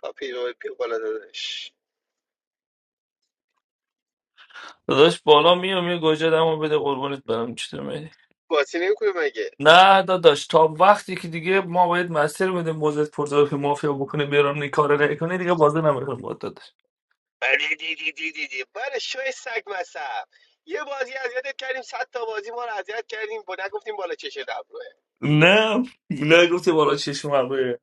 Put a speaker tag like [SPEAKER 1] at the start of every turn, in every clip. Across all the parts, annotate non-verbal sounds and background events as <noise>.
[SPEAKER 1] کاپیرو پیر بالا دادش
[SPEAKER 2] داداش بالا میام یه گوجه دمو بده قربونت برم چطور میدی
[SPEAKER 1] بازی نمیکنه مگه
[SPEAKER 2] نه داداش تا وقتی که دیگه ما باید مسیر بده موزت پرزار که مافیا بکنه بیرون این کار نکنه دیگه بازه نمیکنم با داداش
[SPEAKER 1] بری دی دی دی دی دی بله شوی سگ مصب یه بازی اذیتت کردیم صد تا بازی ما رو اذیت کردیم با نگفتیم بالا چشه دبروه
[SPEAKER 2] نه نه گفتی بالا چشم عقله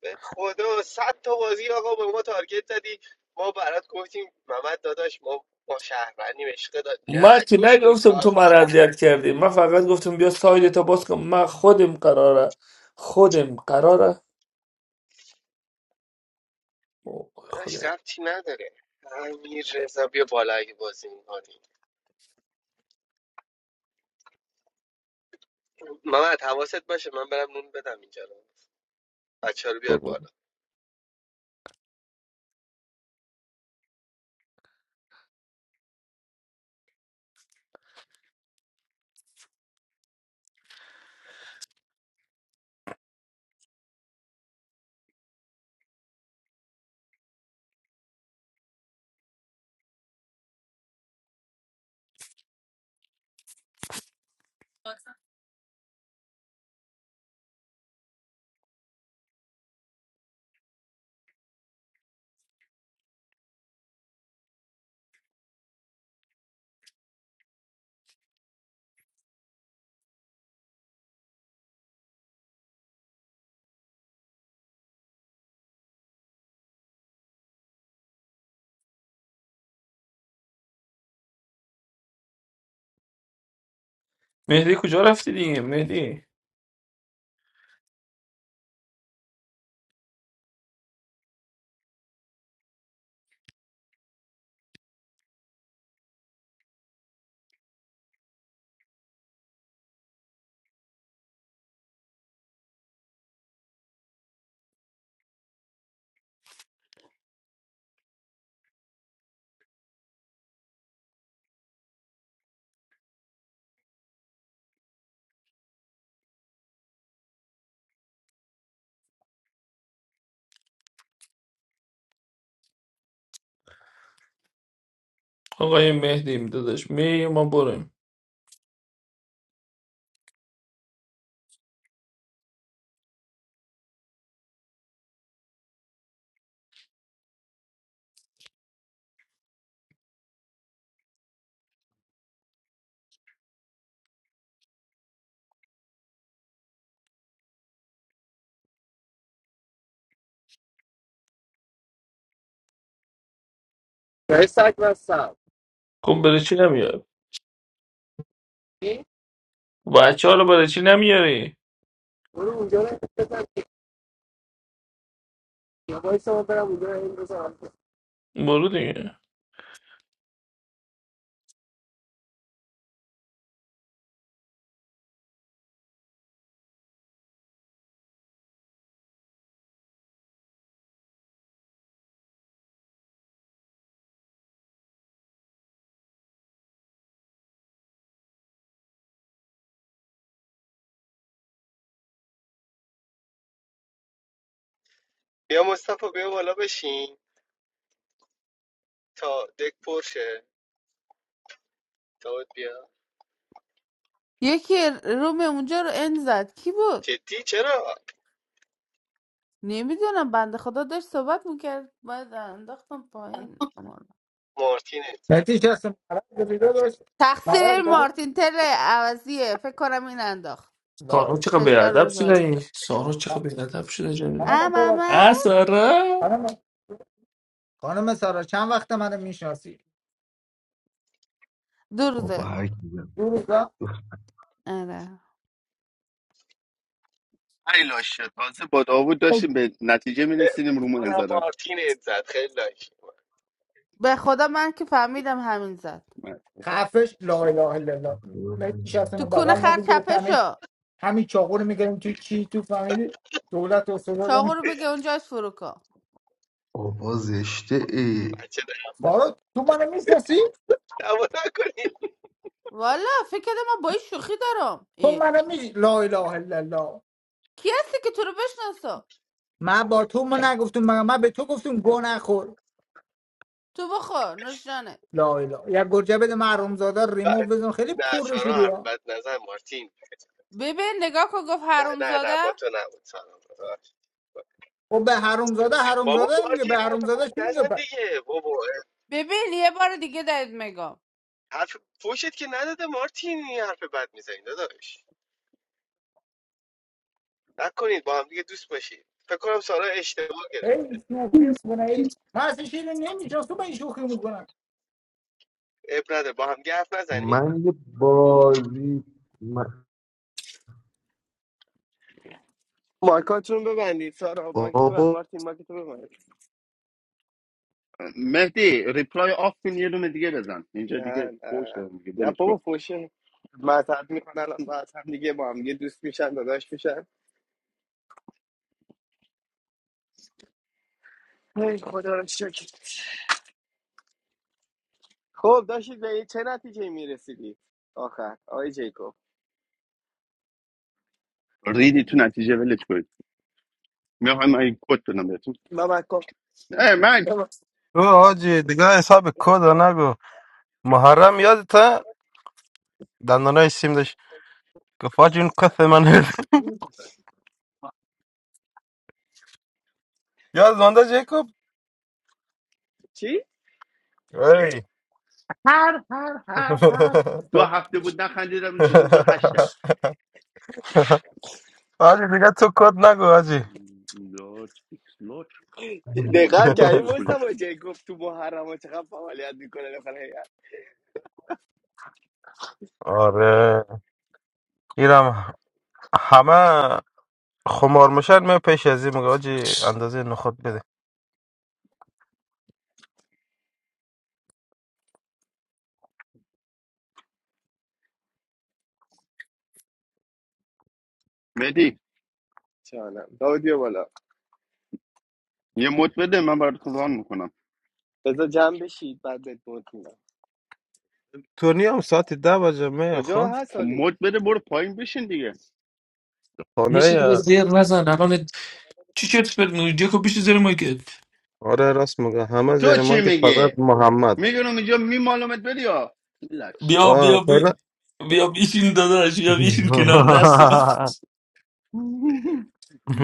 [SPEAKER 1] به خدا صد تا بازی آقا به ما تارگت زدی ما برات گفتیم محمد داداش ما با شهروندیم عشق داد نه
[SPEAKER 2] من که
[SPEAKER 1] تو شوی
[SPEAKER 2] نگفتم
[SPEAKER 1] کار
[SPEAKER 2] تو من
[SPEAKER 1] مادر
[SPEAKER 2] اذیت کردی من فقط گفتم بیا سایت تا باز کن من خودم قراره خودم قراره اوه، خدا
[SPEAKER 1] داداش ربطی نداره امیر رضا بیا بالا اگه بازی میکنی محمد حواست باشه من برم نون بدم اینجا رو بچه رو بیار
[SPEAKER 2] قربون.
[SPEAKER 1] بالا
[SPEAKER 2] مهدی کجا رفتی دیگه مهدی آقای مهدیم داداش می ما بریم
[SPEAKER 1] شاید هستم
[SPEAKER 2] کن بره چی نمیاد بچه حالا برای چی نمیاری
[SPEAKER 1] برو اونجا رو بزن یا وایسا من برم اونجا رو این بزنم
[SPEAKER 2] برو دیگه
[SPEAKER 1] بیا مصطفی بیا بالا بشین تا دک پرشه داد بیا
[SPEAKER 3] یکی روم اونجا رو ان زد کی بود
[SPEAKER 1] جدی چرا
[SPEAKER 3] نمیدونم بنده خدا داشت صحبت میکرد باید انداختم پایین امان.
[SPEAKER 1] مارتین ات زد
[SPEAKER 4] مهدی کسی مرض بیدار داشت
[SPEAKER 3] تقصیر
[SPEAKER 4] مرض داری؟
[SPEAKER 3] مارتین تل عوضیه فکر کنم این انداخت
[SPEAKER 2] سارا
[SPEAKER 4] لا
[SPEAKER 2] چقدر
[SPEAKER 3] فشار به
[SPEAKER 2] بیادب شده
[SPEAKER 3] زارت
[SPEAKER 2] این
[SPEAKER 3] شد
[SPEAKER 2] سارا چقدر بیادب شده جنبه
[SPEAKER 3] ام
[SPEAKER 4] خانم سارا
[SPEAKER 3] اما
[SPEAKER 2] اه سارا
[SPEAKER 4] خانم خانم سارا چند وقت منو میشناسی
[SPEAKER 3] درده
[SPEAKER 4] دو روزا
[SPEAKER 3] آره
[SPEAKER 5] ای لاشه تازه با داوود داشتیم به نتیجه
[SPEAKER 1] ب-
[SPEAKER 5] میرسیدیم رومو
[SPEAKER 1] منم
[SPEAKER 5] انزدن
[SPEAKER 1] مارتین ات زد خیلی لایک کرد.
[SPEAKER 3] به خدا من که فهمیدم همین زد
[SPEAKER 4] خفش لا اله الا الله مهدی کسی
[SPEAKER 3] تو کونه
[SPEAKER 4] بغل ما
[SPEAKER 3] خر
[SPEAKER 4] بود داشت
[SPEAKER 3] چپه
[SPEAKER 4] همین
[SPEAKER 3] شو
[SPEAKER 4] همین چاقو رو میگریم توی چی تو فامیلی دولت و سرور رو
[SPEAKER 3] چاقو
[SPEAKER 4] می-
[SPEAKER 3] رو بگه اونجاش فرو کن
[SPEAKER 1] بچه
[SPEAKER 5] با
[SPEAKER 4] سارا تو منو میشناسی
[SPEAKER 1] نه نبا نکنید
[SPEAKER 3] والا فکر کردم من با این شوخی دارم
[SPEAKER 4] تو
[SPEAKER 3] ای.
[SPEAKER 4] منو می لا اله الا الله
[SPEAKER 3] کی هستی که تو رو بشناسم
[SPEAKER 4] من با تو ما نگفتم مگر من به تو گفتم گو نخور
[SPEAKER 3] تو بخور نوش جانت.
[SPEAKER 4] لا اله یا گرجه بده محروم زاده ریمو
[SPEAKER 1] بد.
[SPEAKER 4] بزن خیلی
[SPEAKER 1] نه
[SPEAKER 4] پر رو
[SPEAKER 1] سارا
[SPEAKER 4] شدی
[SPEAKER 1] حرف بد نزن مارتین
[SPEAKER 3] ببین نگاه کن گفت
[SPEAKER 1] نه
[SPEAKER 3] حروم
[SPEAKER 1] نه نه
[SPEAKER 3] زاده
[SPEAKER 1] با تو نبود سارا ببخش.
[SPEAKER 4] خب به حرومزاده
[SPEAKER 1] بابا
[SPEAKER 4] حرومزاده میگه
[SPEAKER 1] مارتین
[SPEAKER 4] به
[SPEAKER 1] حرف
[SPEAKER 4] حرومزاده
[SPEAKER 1] بد
[SPEAKER 4] چی میگه
[SPEAKER 1] نزن
[SPEAKER 4] پس
[SPEAKER 1] دیگه بابا
[SPEAKER 3] ببین یه بار دیگه بهت میگم
[SPEAKER 1] حرف پوشت که نداده مارتین این حرف بد میزنی داداش نکنید با هم دیگه دوست باشید فکر کنم سارا اشتباه گرفت
[SPEAKER 4] هی شوخی میکنه هی من اصلا شیر نمیشناسم با این شوخی میکنم
[SPEAKER 1] اب نداره با هم دیگه حرف نزنید مایکاتون رو ببندید سارا مایکتو ببند مارتین مایکتو ببند
[SPEAKER 5] مهدی ریپلای آف کن یه دونه دیگه بزن اینجا دیگه
[SPEAKER 1] نه نه
[SPEAKER 5] فوش دارم دیگه
[SPEAKER 1] نه
[SPEAKER 5] ولش کن
[SPEAKER 1] بابا فوشه مذهب میکنن الان مذهب دیگه میگه دوست میشن داداش میشن ای خدا رو شکر خب کی میرسیدی آخر آی جیکوب
[SPEAKER 5] ریدی تو نتیجه ولش کنید میخوام این کد بدم بهتون
[SPEAKER 1] من من کن
[SPEAKER 5] اه، من
[SPEAKER 1] من- من-
[SPEAKER 6] تو حاجی دیگه حساب کد نگو محرم یادته دندانای سیم داشت گفت حاجی اون کف من <laughs> یاد مانده جیکوب
[SPEAKER 1] چی
[SPEAKER 6] ای
[SPEAKER 5] هر هر هر هر دو هفته بود نخندیدم نشون دو هشته
[SPEAKER 6] <laughs> حاجی دیگه تو کد نگو حاجی
[SPEAKER 5] لارج ایکس لارج اون
[SPEAKER 1] دقت
[SPEAKER 5] میلیون
[SPEAKER 1] کردی
[SPEAKER 5] میدونه کجا شد
[SPEAKER 1] مصطفی جیکوب تو محرم ها چقدر فعالیت میکنه داخل هیئت
[SPEAKER 6] آره اینم همه خمار میشن می پیش از این میگه حاجی اندازه نخود بده
[SPEAKER 5] مهدی
[SPEAKER 1] چانم داودی و بالا
[SPEAKER 5] یه مد بده من برات ران میکنم
[SPEAKER 1] بذار جمع بشید بعد بهت مد می‌دم.
[SPEAKER 6] تورنی هم ساعت ده بجه می
[SPEAKER 1] کجا
[SPEAKER 6] خب
[SPEAKER 1] هست
[SPEAKER 5] خب
[SPEAKER 1] حالی
[SPEAKER 5] مد بده برو پایین بشین دیگه
[SPEAKER 2] یه چیز
[SPEAKER 6] خانه
[SPEAKER 2] دیگه زیر نزن الان چی شد فکر نوجه خب بیشی زیر مایکت
[SPEAKER 6] آره راست میگه همه
[SPEAKER 5] تو
[SPEAKER 6] زیر
[SPEAKER 5] چی
[SPEAKER 6] مایکت
[SPEAKER 5] میگی
[SPEAKER 6] فقط محمد
[SPEAKER 5] میدونم اینجا میمالمت بری ها لکشه
[SPEAKER 2] بیا بیا
[SPEAKER 6] آه
[SPEAKER 2] بیا بیا بیشین داداش بیا بیشین کنار دستی من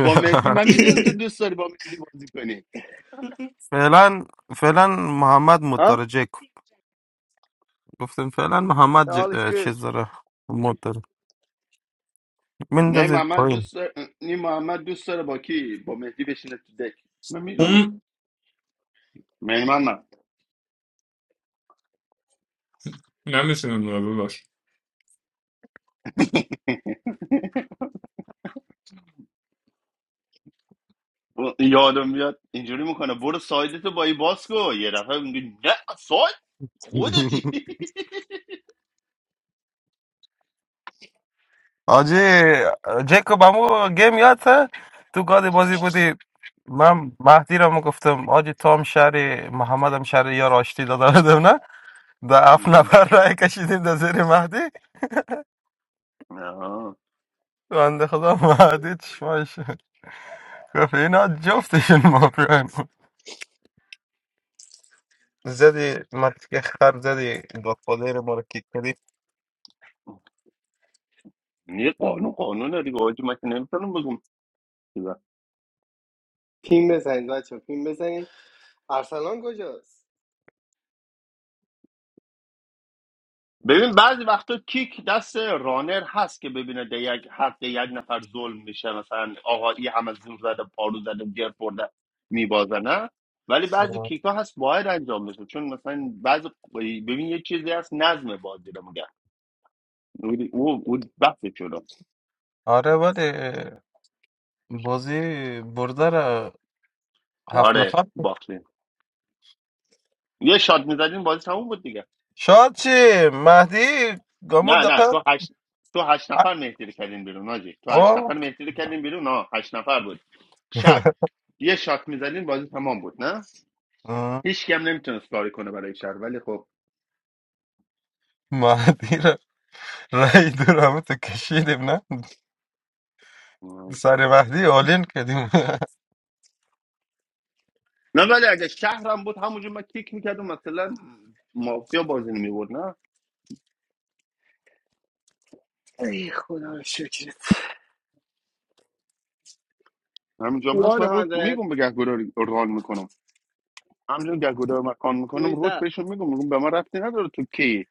[SPEAKER 5] با مهدی من میدونم تو
[SPEAKER 2] <laughs>
[SPEAKER 5] دوست داری با مهدی بازی کنی
[SPEAKER 6] فعلا فعلا محمد
[SPEAKER 1] ها
[SPEAKER 6] مترجه کن گفتم فعلا محمد ج...
[SPEAKER 1] all is
[SPEAKER 6] اه،
[SPEAKER 1] good
[SPEAKER 6] چیز داره متر
[SPEAKER 5] نه
[SPEAKER 6] مندازید
[SPEAKER 5] محمد
[SPEAKER 6] پایین
[SPEAKER 5] دوست داره نه محمد دوست داره با کی با مهدی بشینه تو دک من میدونم
[SPEAKER 2] اون
[SPEAKER 5] من من من
[SPEAKER 2] نمیشونم نوبه باش
[SPEAKER 5] یادم بیاد اینجوری میکنه برو سایدتو با ای باز کن یه دفعه میگه نه ساید خودتی <laughs>
[SPEAKER 6] آجی جیکو بامو گیم یاده تو گادی بازی بودی من مهدی را گفتم آجی تو هم شهری محمد هم شهری یا راشتی دادم نه در هفت نفر رای کشیدیم در زیر مهدی
[SPEAKER 5] نه
[SPEAKER 6] بنده خدا مهدی چشماش گفت اینا جفتشون مافیان زدی مرد که خر زدی گادفادر ما رو کیک کردی
[SPEAKER 5] یه قانون قانون داری که آجی من که نمیتونم بگم
[SPEAKER 1] پیم بزنید بچه پیم بزنید ارسلان کجاست
[SPEAKER 5] ببین بعضی وقتا کیک دست رانر هست که ببینه ده یک حق ده یک نفر ظلم میشه مثلا آقا ای همه زور زده پارو زده گیر خورده میبازه نه ولی بعضی
[SPEAKER 6] آه.
[SPEAKER 5] کیک ها هست باید انجام بشه چون مثلا بعضی ببین یه چیزی هست نظم بازی رو میگن اون او او بحث شده
[SPEAKER 6] آره ولی بازی برده را هفت
[SPEAKER 5] آره
[SPEAKER 6] نفر
[SPEAKER 5] باختین یه شاد میزدین بازی تموم بود دیگه
[SPEAKER 6] شاد چی مهدی گامو
[SPEAKER 5] نه نه
[SPEAKER 6] دقت
[SPEAKER 5] تو هشت تو هشت نفر مهدی رو کردین بیرون آجی تو هشت نفر
[SPEAKER 6] آه
[SPEAKER 5] مهدی رو کردین بیرون نه هشت نفر بود شب
[SPEAKER 6] <laughs>
[SPEAKER 5] یه شات میزدین بازی تمام بود نه
[SPEAKER 6] آه.
[SPEAKER 5] هیچ هم نمیتونست کاری کنه برای شهر ولی خب
[SPEAKER 6] مهدی را رای دورم تو کشیدیم نه سر مهدی آلین کردیم <laughs>
[SPEAKER 5] نه ولی اگه شهرم بود همونجا من کیک میکردم مثلا مافیا بازی نمیبود نه
[SPEAKER 1] ای خدا رو شکر
[SPEAKER 5] همینجا هم هست من روک
[SPEAKER 1] 100
[SPEAKER 5] میگم به گهگودار ران میکنم همینجا گهگودار مکان
[SPEAKER 1] where
[SPEAKER 5] میکنم
[SPEAKER 1] is
[SPEAKER 5] روک
[SPEAKER 1] that
[SPEAKER 5] بهشون میگم میگم به من رفتی نداره تو کی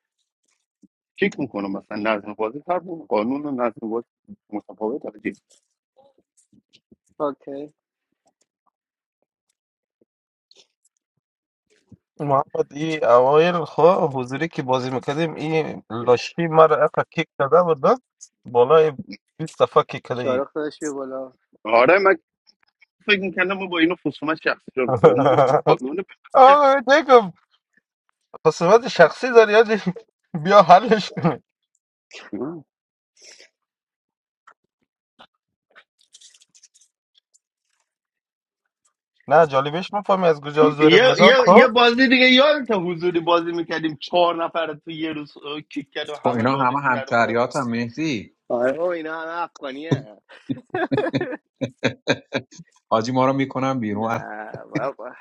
[SPEAKER 5] کیک میکنم مثلا نظم بازی هر بود، قانون و نظم بازی متفاوت
[SPEAKER 1] اوکی
[SPEAKER 6] محمد ای اوایل خو حضوری که بازی میکردیم این لاشی مرا اقا کیک داده بود نه؟ بالای 20 صفحه کیک کرده ای
[SPEAKER 1] شارخ داشت بیا بالا
[SPEAKER 5] آره من فکر میکردم ما با اینو خصومت شخصی رو با اون گفتم
[SPEAKER 6] <laughs>
[SPEAKER 5] قانون بپذیر.
[SPEAKER 6] آقا بهت نگم خصوصات شخصی داری یادی بیا حلش کنی نه جالبش مفهمی از کجا
[SPEAKER 5] یه,
[SPEAKER 6] زور مداد
[SPEAKER 5] یه, یه
[SPEAKER 6] خب
[SPEAKER 5] بازی دیگه یادت حضوری بازی میکردیم چهار نفر تو یه روز اه، کیک کرد و
[SPEAKER 7] خب
[SPEAKER 5] همه
[SPEAKER 7] اینا همه
[SPEAKER 5] دادشون در اومد
[SPEAKER 7] همشهریات هم مهدی
[SPEAKER 1] آره بابا اینا همه افغانیه
[SPEAKER 7] <laughs> حاجی ما رو میکنم بیرون
[SPEAKER 1] نه بابا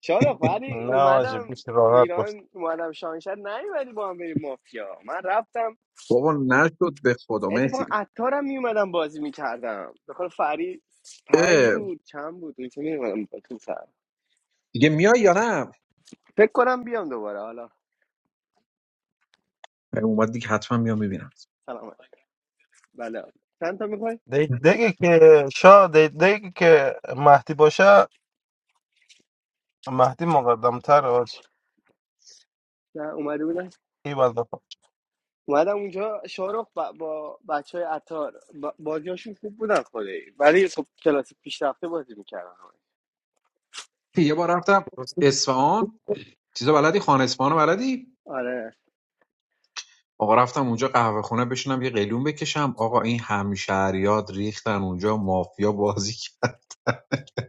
[SPEAKER 1] شارخ
[SPEAKER 7] <laughs>
[SPEAKER 1] ولی
[SPEAKER 6] نه واجب
[SPEAKER 1] اومدم
[SPEAKER 6] بیش راحت باش
[SPEAKER 1] ایران اومدم شانشد نیومدی با هم بریم مافیا من رفتم
[SPEAKER 7] بابا نشد به خدا
[SPEAKER 1] اتفاقا
[SPEAKER 7] مهدی
[SPEAKER 1] عطارم میومدم بازی میکردم بخور فری پنج
[SPEAKER 7] اه،
[SPEAKER 1] بود چند بود اون که میومدم با تو سر
[SPEAKER 7] دیگه میای یا نه
[SPEAKER 1] فکر کنم بیام دوباره
[SPEAKER 7] اه، اومد دیگه حتما میام میبینم
[SPEAKER 1] حالا بله چند تا میخوای؟
[SPEAKER 6] دیگه که شا دیگه که مهدی باشه مهدی مقدم تر آج
[SPEAKER 1] نه اومده بودن
[SPEAKER 6] ای بنده
[SPEAKER 1] اومدم اونجا شارخ با, با بچه های عطار با... بازیاشون خوب بودن خدایی ولی خب کلاس پیشرفته بازی میکردن
[SPEAKER 7] یه بار رفتم
[SPEAKER 6] خدا.
[SPEAKER 7] اصفهان چیزا بلدی خان اصفهان رو بلدی
[SPEAKER 1] آره
[SPEAKER 7] آقا رفتم اونجا قهوه خونه بشینم یه قلیون بکشم آقا این همشهریات ریختن اونجا مافیا بازی <laughs> کرد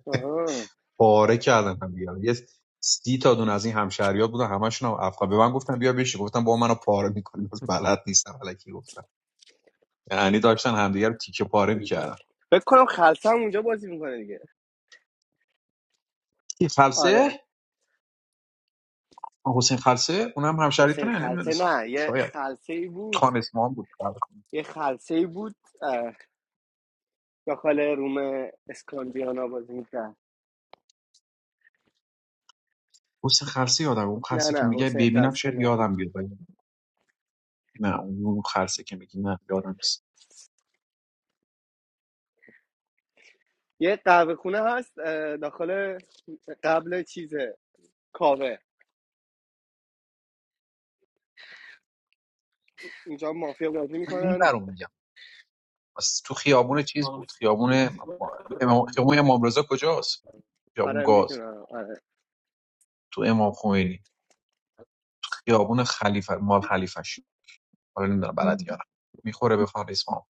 [SPEAKER 1] آها.
[SPEAKER 7] پاره کردن هم دیگه یه سی تا دون از این همشهریات بودن همشون هم افغان به من گفتن بیا بشین گفتم با منو پاره میکنی بس بلد نیستم الکی گفتم یعنی داشتن همدیگه رو تیکه پاره میکردن
[SPEAKER 1] فکر کنم خلصه هم اونجا بازی میکنه دیگه
[SPEAKER 7] این خلسه
[SPEAKER 1] آره
[SPEAKER 7] حسین خلسه اونم هم
[SPEAKER 1] حسین
[SPEAKER 7] همشهریتونه
[SPEAKER 1] خلصه
[SPEAKER 7] نمیدونستم
[SPEAKER 1] نه یه
[SPEAKER 7] شاید
[SPEAKER 1] خلصه ای بود
[SPEAKER 7] خان اسمان بود کارو.
[SPEAKER 1] یه خلصه ای بود اه، داخل روم اسکاندیانا بازی میکرد
[SPEAKER 7] حسین خلسه یادم اون
[SPEAKER 1] نه
[SPEAKER 7] خلسه که
[SPEAKER 1] نه
[SPEAKER 7] میگه
[SPEAKER 1] حسین
[SPEAKER 7] ببینم
[SPEAKER 1] خلصه
[SPEAKER 7] شاید
[SPEAKER 1] نه
[SPEAKER 7] یادم بیاد ولی نه اون خلسه که میگی نه یادم نیست
[SPEAKER 1] یه قهوه خونه هست اه، داخل قبل چیزه کاوه اینجا مافیا بازی
[SPEAKER 7] من این
[SPEAKER 1] میکنن
[SPEAKER 7] برام میگم بس تو خیابون چیز بود خیابون امام- خیابون امام رضا کجاست خیابون
[SPEAKER 1] آره
[SPEAKER 7] گاز
[SPEAKER 1] میدونم آره
[SPEAKER 7] تو امام خمینی خیابون خلیفه مال خلیفش حالا نمیدونم بلد یارم میخوره به فر اسمام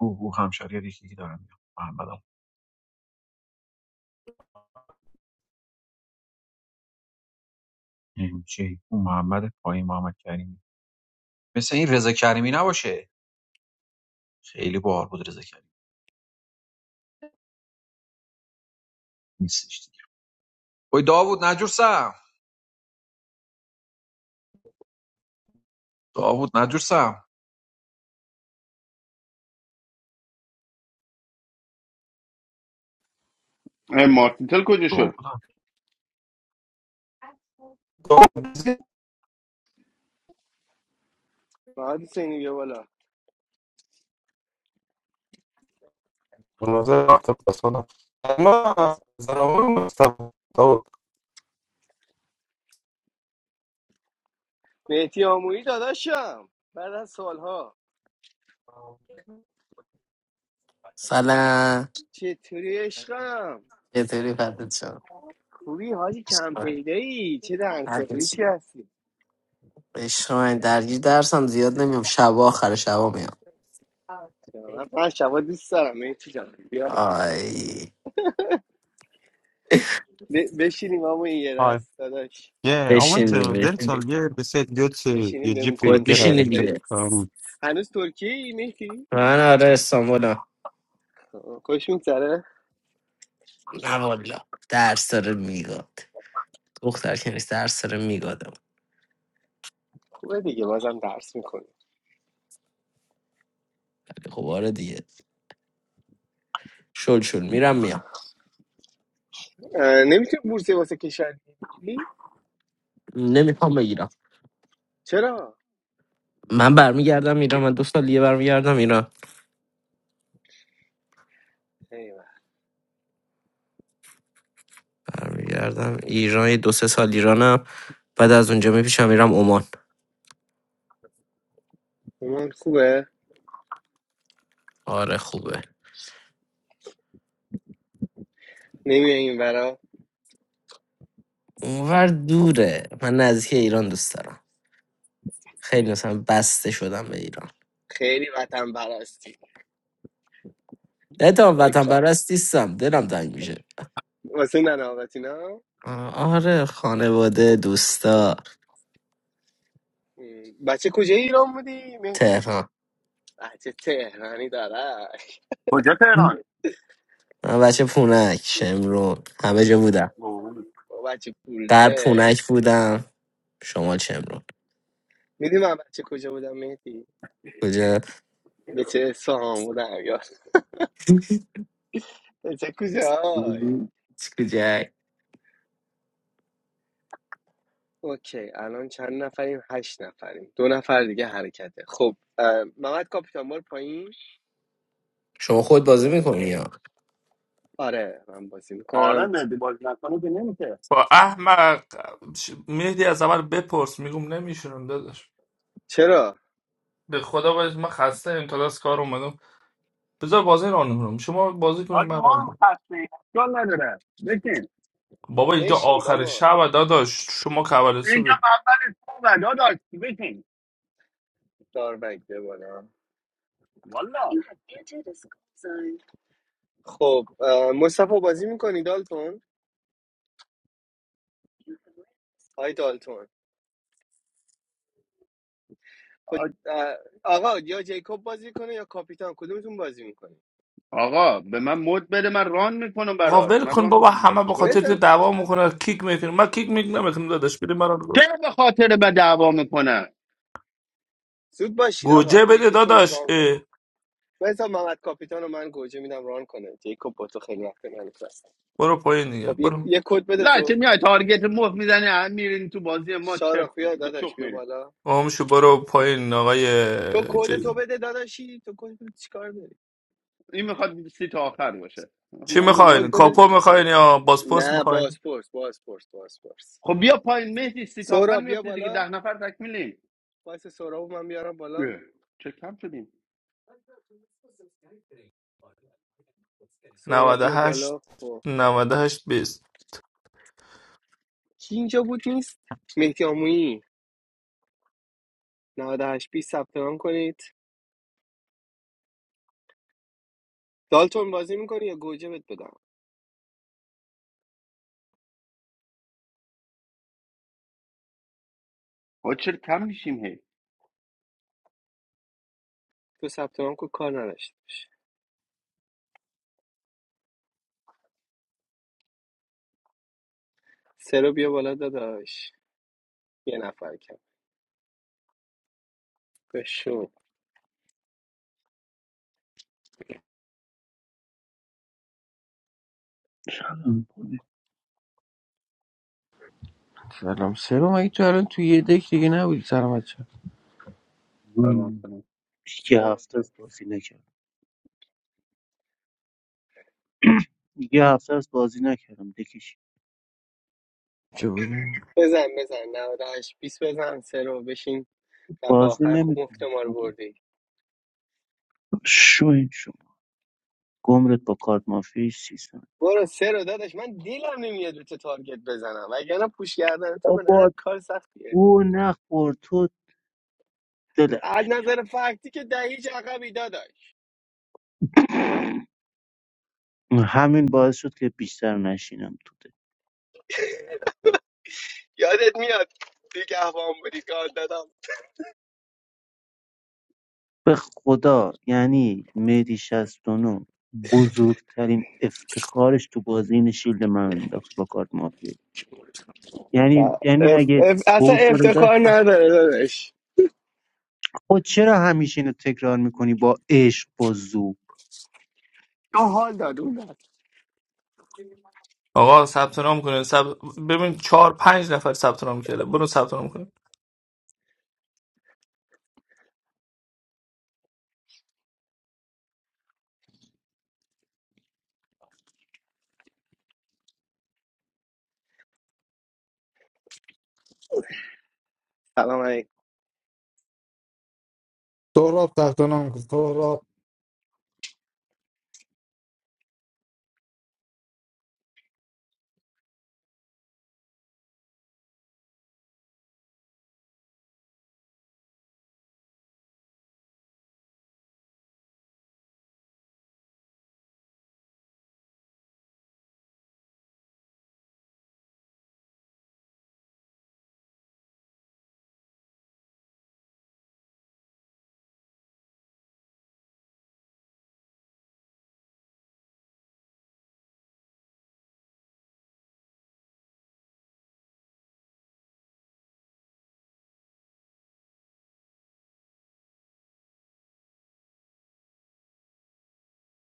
[SPEAKER 7] او او همشهری یکی که دارم میام محمدم این چی اون محمد پایین محمد کریمی مثل این رضا کریمی نباشه خیلی باحال بود رضا کریمی نیستش دیگه اوی داوود نجورسم داوود نجورسم
[SPEAKER 5] اه، مارتینتل کجا شد
[SPEAKER 7] داوودم
[SPEAKER 1] محمد حسینی بیا بالا
[SPEAKER 6] مناظر رفت persona. ما زنوار مستوى طول
[SPEAKER 1] مهدی آمویی داداشم بعد از سالها
[SPEAKER 8] سلام
[SPEAKER 1] چطوری عشقم
[SPEAKER 8] چطوری فردت شم
[SPEAKER 1] خوبی حاجی کم پیده ای چه دهن
[SPEAKER 8] فردت
[SPEAKER 1] سرویسی
[SPEAKER 8] شم
[SPEAKER 1] هستی
[SPEAKER 8] بشنو، درگیر درسم زیاد نمیام شبا آخر شبا میام
[SPEAKER 1] من من شبا دوست دارم مهدی جان بیا
[SPEAKER 8] آی
[SPEAKER 1] ب- بشینیم اما یه
[SPEAKER 6] Hi.
[SPEAKER 1] دست داداش
[SPEAKER 6] Yeah, I went
[SPEAKER 8] بشینی
[SPEAKER 6] to
[SPEAKER 8] بشینی
[SPEAKER 6] dental. Yeah, they said go to
[SPEAKER 1] بشینیم
[SPEAKER 6] your
[SPEAKER 1] بهم
[SPEAKER 6] GP,
[SPEAKER 8] خود
[SPEAKER 1] کنسو
[SPEAKER 6] get a
[SPEAKER 1] بدی
[SPEAKER 8] بشینی
[SPEAKER 6] infect.
[SPEAKER 1] دایی
[SPEAKER 8] دیگه
[SPEAKER 6] Um,
[SPEAKER 1] هنوز ترکیه ای مهدی
[SPEAKER 8] من آره استانبولم
[SPEAKER 1] آه، خوش میگذره
[SPEAKER 8] نه والا درس داره میگاد دختر که نیست درس داره میگادم
[SPEAKER 1] خوبه دیگه بازم درس میکنی
[SPEAKER 8] ولی خب آره دیگه شل شل میرم میام
[SPEAKER 1] نمیتونی بورس واسه کشور بگیری
[SPEAKER 8] نمیخوام بگیرم
[SPEAKER 1] چرا
[SPEAKER 8] من برمیگردم ایران من دو سال دیگه برمیگردم ایران برمیگردم ایران یه دو سه سال ایرانم بعد از اونجا میپیشم میرم عمان
[SPEAKER 1] اومان خوبه؟
[SPEAKER 8] آره خوبه
[SPEAKER 1] نمیای این برا
[SPEAKER 8] اونور دوره من نزدیک ایران دوست دارم خیلی مثلا بسته شدم به ایران
[SPEAKER 1] خیلی وطن برستی
[SPEAKER 8] نتام وطن
[SPEAKER 1] باریکلا
[SPEAKER 8] پرست نیستم دلم تنگ میشه
[SPEAKER 1] واسه ننه آقاتینا
[SPEAKER 8] آه، آره خانواده
[SPEAKER 1] خب خب
[SPEAKER 8] دوستا
[SPEAKER 1] م، بچه کجای ایران بودی مهدی؟
[SPEAKER 8] تهران
[SPEAKER 1] بچه تهرانی داره
[SPEAKER 5] کجا تهران
[SPEAKER 8] من بچه پونک شمرون همه جا بودم
[SPEAKER 5] اوه.
[SPEAKER 1] با بچه پول
[SPEAKER 8] غرب
[SPEAKER 1] داره
[SPEAKER 8] پونک بودم شمال شمرون
[SPEAKER 1] میدی من بچه کجا بودم مهدی؟
[SPEAKER 8] کجا
[SPEAKER 1] به چه سهام بودم یا به چه کجای
[SPEAKER 8] <laughs> کجا
[SPEAKER 1] اوکی الان چند نفریم هشت نفریم دو نفر دیگه حرکته خب اه، محمد کاپیتان بار پایین
[SPEAKER 8] شما خود بازی
[SPEAKER 1] بیارمت
[SPEAKER 8] میکنی یا؟
[SPEAKER 1] بالا آره من بازی
[SPEAKER 5] آره
[SPEAKER 1] میکنم
[SPEAKER 5] مهدی بازی نکنه که نمیشه
[SPEAKER 2] با احمق مهدی از عمل بپرس میگم نمیشونم داداش
[SPEAKER 1] چرا
[SPEAKER 2] به خدا باید من خسته ام تا دست کار اومدم بذار بازی رانم کنم شما بازی کنید
[SPEAKER 5] آگه
[SPEAKER 2] من
[SPEAKER 5] ما
[SPEAKER 2] ران
[SPEAKER 5] هم خسته اشکال نداره بشین
[SPEAKER 2] بابا اینجا
[SPEAKER 1] بشین
[SPEAKER 2] آخر
[SPEAKER 1] بابا
[SPEAKER 2] شب داداش شما کوالی
[SPEAKER 5] اینجا
[SPEAKER 2] صبح
[SPEAKER 5] خوبه داداش بشین
[SPEAKER 1] داروگ بیا بالا
[SPEAKER 5] والا
[SPEAKER 1] خب اه، مصطفی بازی میکنی دالتون های دالتون خود اه، آقا یا جیکوب بازی کنه یا کاپیتان کدومتون بازی میکنی
[SPEAKER 5] آقا به من مد بده من ران میکنم
[SPEAKER 2] آقا
[SPEAKER 5] برات
[SPEAKER 2] ول
[SPEAKER 5] من
[SPEAKER 2] کن
[SPEAKER 5] ران
[SPEAKER 2] بابا
[SPEAKER 5] میکنم
[SPEAKER 2] همه
[SPEAKER 5] برات
[SPEAKER 2] به
[SPEAKER 5] چیکار
[SPEAKER 2] خاطر
[SPEAKER 5] داری
[SPEAKER 2] تو
[SPEAKER 1] بذار
[SPEAKER 5] تو
[SPEAKER 2] دعوا میکنه کیک میکنه من کیک میک نمیکنم داداش بده مرا رو.
[SPEAKER 5] چرا به خاطر به دعوا میکنه
[SPEAKER 1] زود باشید
[SPEAKER 2] گوجه
[SPEAKER 1] آقا
[SPEAKER 2] بده
[SPEAKER 1] یکیتون
[SPEAKER 2] داداش
[SPEAKER 1] ران کنه
[SPEAKER 2] اه،
[SPEAKER 1] بذار محمد کاپیتان رو من گوجه میدم ران کنه جیکوب با تو خیلی وقت ننشست
[SPEAKER 2] برو پایین دیگه
[SPEAKER 1] خب یه,
[SPEAKER 2] برو
[SPEAKER 1] یه کد بده
[SPEAKER 5] لا چه
[SPEAKER 1] تو
[SPEAKER 5] میای تارگت مخ میزنی میرین تو بازی ما
[SPEAKER 1] شارا
[SPEAKER 5] چرت
[SPEAKER 1] خویا
[SPEAKER 5] به
[SPEAKER 1] داداش
[SPEAKER 5] چخ
[SPEAKER 1] بیا
[SPEAKER 5] می‌رین.
[SPEAKER 1] بالا
[SPEAKER 2] آم شو برو پایین
[SPEAKER 1] تو
[SPEAKER 2] آقای
[SPEAKER 1] کد
[SPEAKER 2] چی
[SPEAKER 1] تو بده داداشی تو کد تو چیکار داری
[SPEAKER 5] این میخواد سی تا آخر باشه آخه
[SPEAKER 2] چی
[SPEAKER 5] من
[SPEAKER 1] تو کد
[SPEAKER 5] میدونم
[SPEAKER 2] میخواین
[SPEAKER 5] که
[SPEAKER 1] بده
[SPEAKER 2] کاپو
[SPEAKER 5] این نشده
[SPEAKER 2] میخواین یا باسپورس
[SPEAKER 1] نه
[SPEAKER 2] میخواین
[SPEAKER 1] بازپرس بازپرس بازپرس
[SPEAKER 5] خب بیا پایین مهدی سی تا آخر
[SPEAKER 1] سورا بیا
[SPEAKER 5] میفته دیگه
[SPEAKER 1] بالا
[SPEAKER 5] ده نفر تکمیلیم
[SPEAKER 1] وایس سهراب من بیارم بالا
[SPEAKER 5] اه، چه کم شدیم
[SPEAKER 1] سهراب بیا بالا خب
[SPEAKER 2] 98 هشت بیست
[SPEAKER 1] کی اینجا بود نیست مهدی آمویی 98 20 ثبت نام کنید دالتون بازی میکنی یا گوجه بهت بدم
[SPEAKER 5] آقا چرا کم میشیم هی
[SPEAKER 1] تو ثبت نام کو کار نداشته باش سرو بیا بالا داداش یه نفر کم بشو
[SPEAKER 9] الان کنه.
[SPEAKER 10] سلام سلام اگه تو الان تو یه دک دیگه نبودی سلام بچه
[SPEAKER 5] سلام
[SPEAKER 9] من
[SPEAKER 5] سلام
[SPEAKER 9] یه
[SPEAKER 1] سلام
[SPEAKER 9] هفته است بازی نکردم یه هفته است بازی نکردم دکش
[SPEAKER 10] چه بودی؟
[SPEAKER 1] بزن بزن 98 20 بزن سرو بشین دفعه
[SPEAKER 9] بازی
[SPEAKER 1] آخر خوب مفت
[SPEAKER 9] نمیکنم
[SPEAKER 1] ما رو
[SPEAKER 9] آدم
[SPEAKER 1] بردی
[SPEAKER 9] شو این شو گمرت با کارت مافیای سیستم
[SPEAKER 1] برو سرو داداش من دیلم نمیاد رو تو تارگت بزنم وگرنه پوش کردن تو به نظر
[SPEAKER 9] بابا
[SPEAKER 1] کار سختیه
[SPEAKER 9] او نخور تو دلم
[SPEAKER 1] از
[SPEAKER 9] نمی
[SPEAKER 1] نظر فکتی که دهیج عقبی داداش
[SPEAKER 9] همین باعث شد که بیشتر نشینم تو دل
[SPEAKER 1] یادت میاد نگهبان بودی کار دادم
[SPEAKER 9] به خدا یعنی مهدی 69 بزرگترین افتخارش تو بازی این شیلد من انداخت با کارت مافیایی یعنی
[SPEAKER 1] آه،
[SPEAKER 9] یعنی
[SPEAKER 1] اف...
[SPEAKER 9] اگه
[SPEAKER 1] اف... اصلا
[SPEAKER 9] حوصله
[SPEAKER 1] افتخار
[SPEAKER 9] داشت
[SPEAKER 1] نداره داداش
[SPEAKER 9] خب چرا همیشه اینو تکرار می‌کنی با عشق با ذوق؟
[SPEAKER 1] تو حال داد اون داد.
[SPEAKER 2] آقا ثبت نام کنین ثبت- ببین چهار پنج نفر ثبت نام کرده برو ثبت نام کن
[SPEAKER 1] سلام علیکم
[SPEAKER 4] سهراب تحت نام کن. سهراب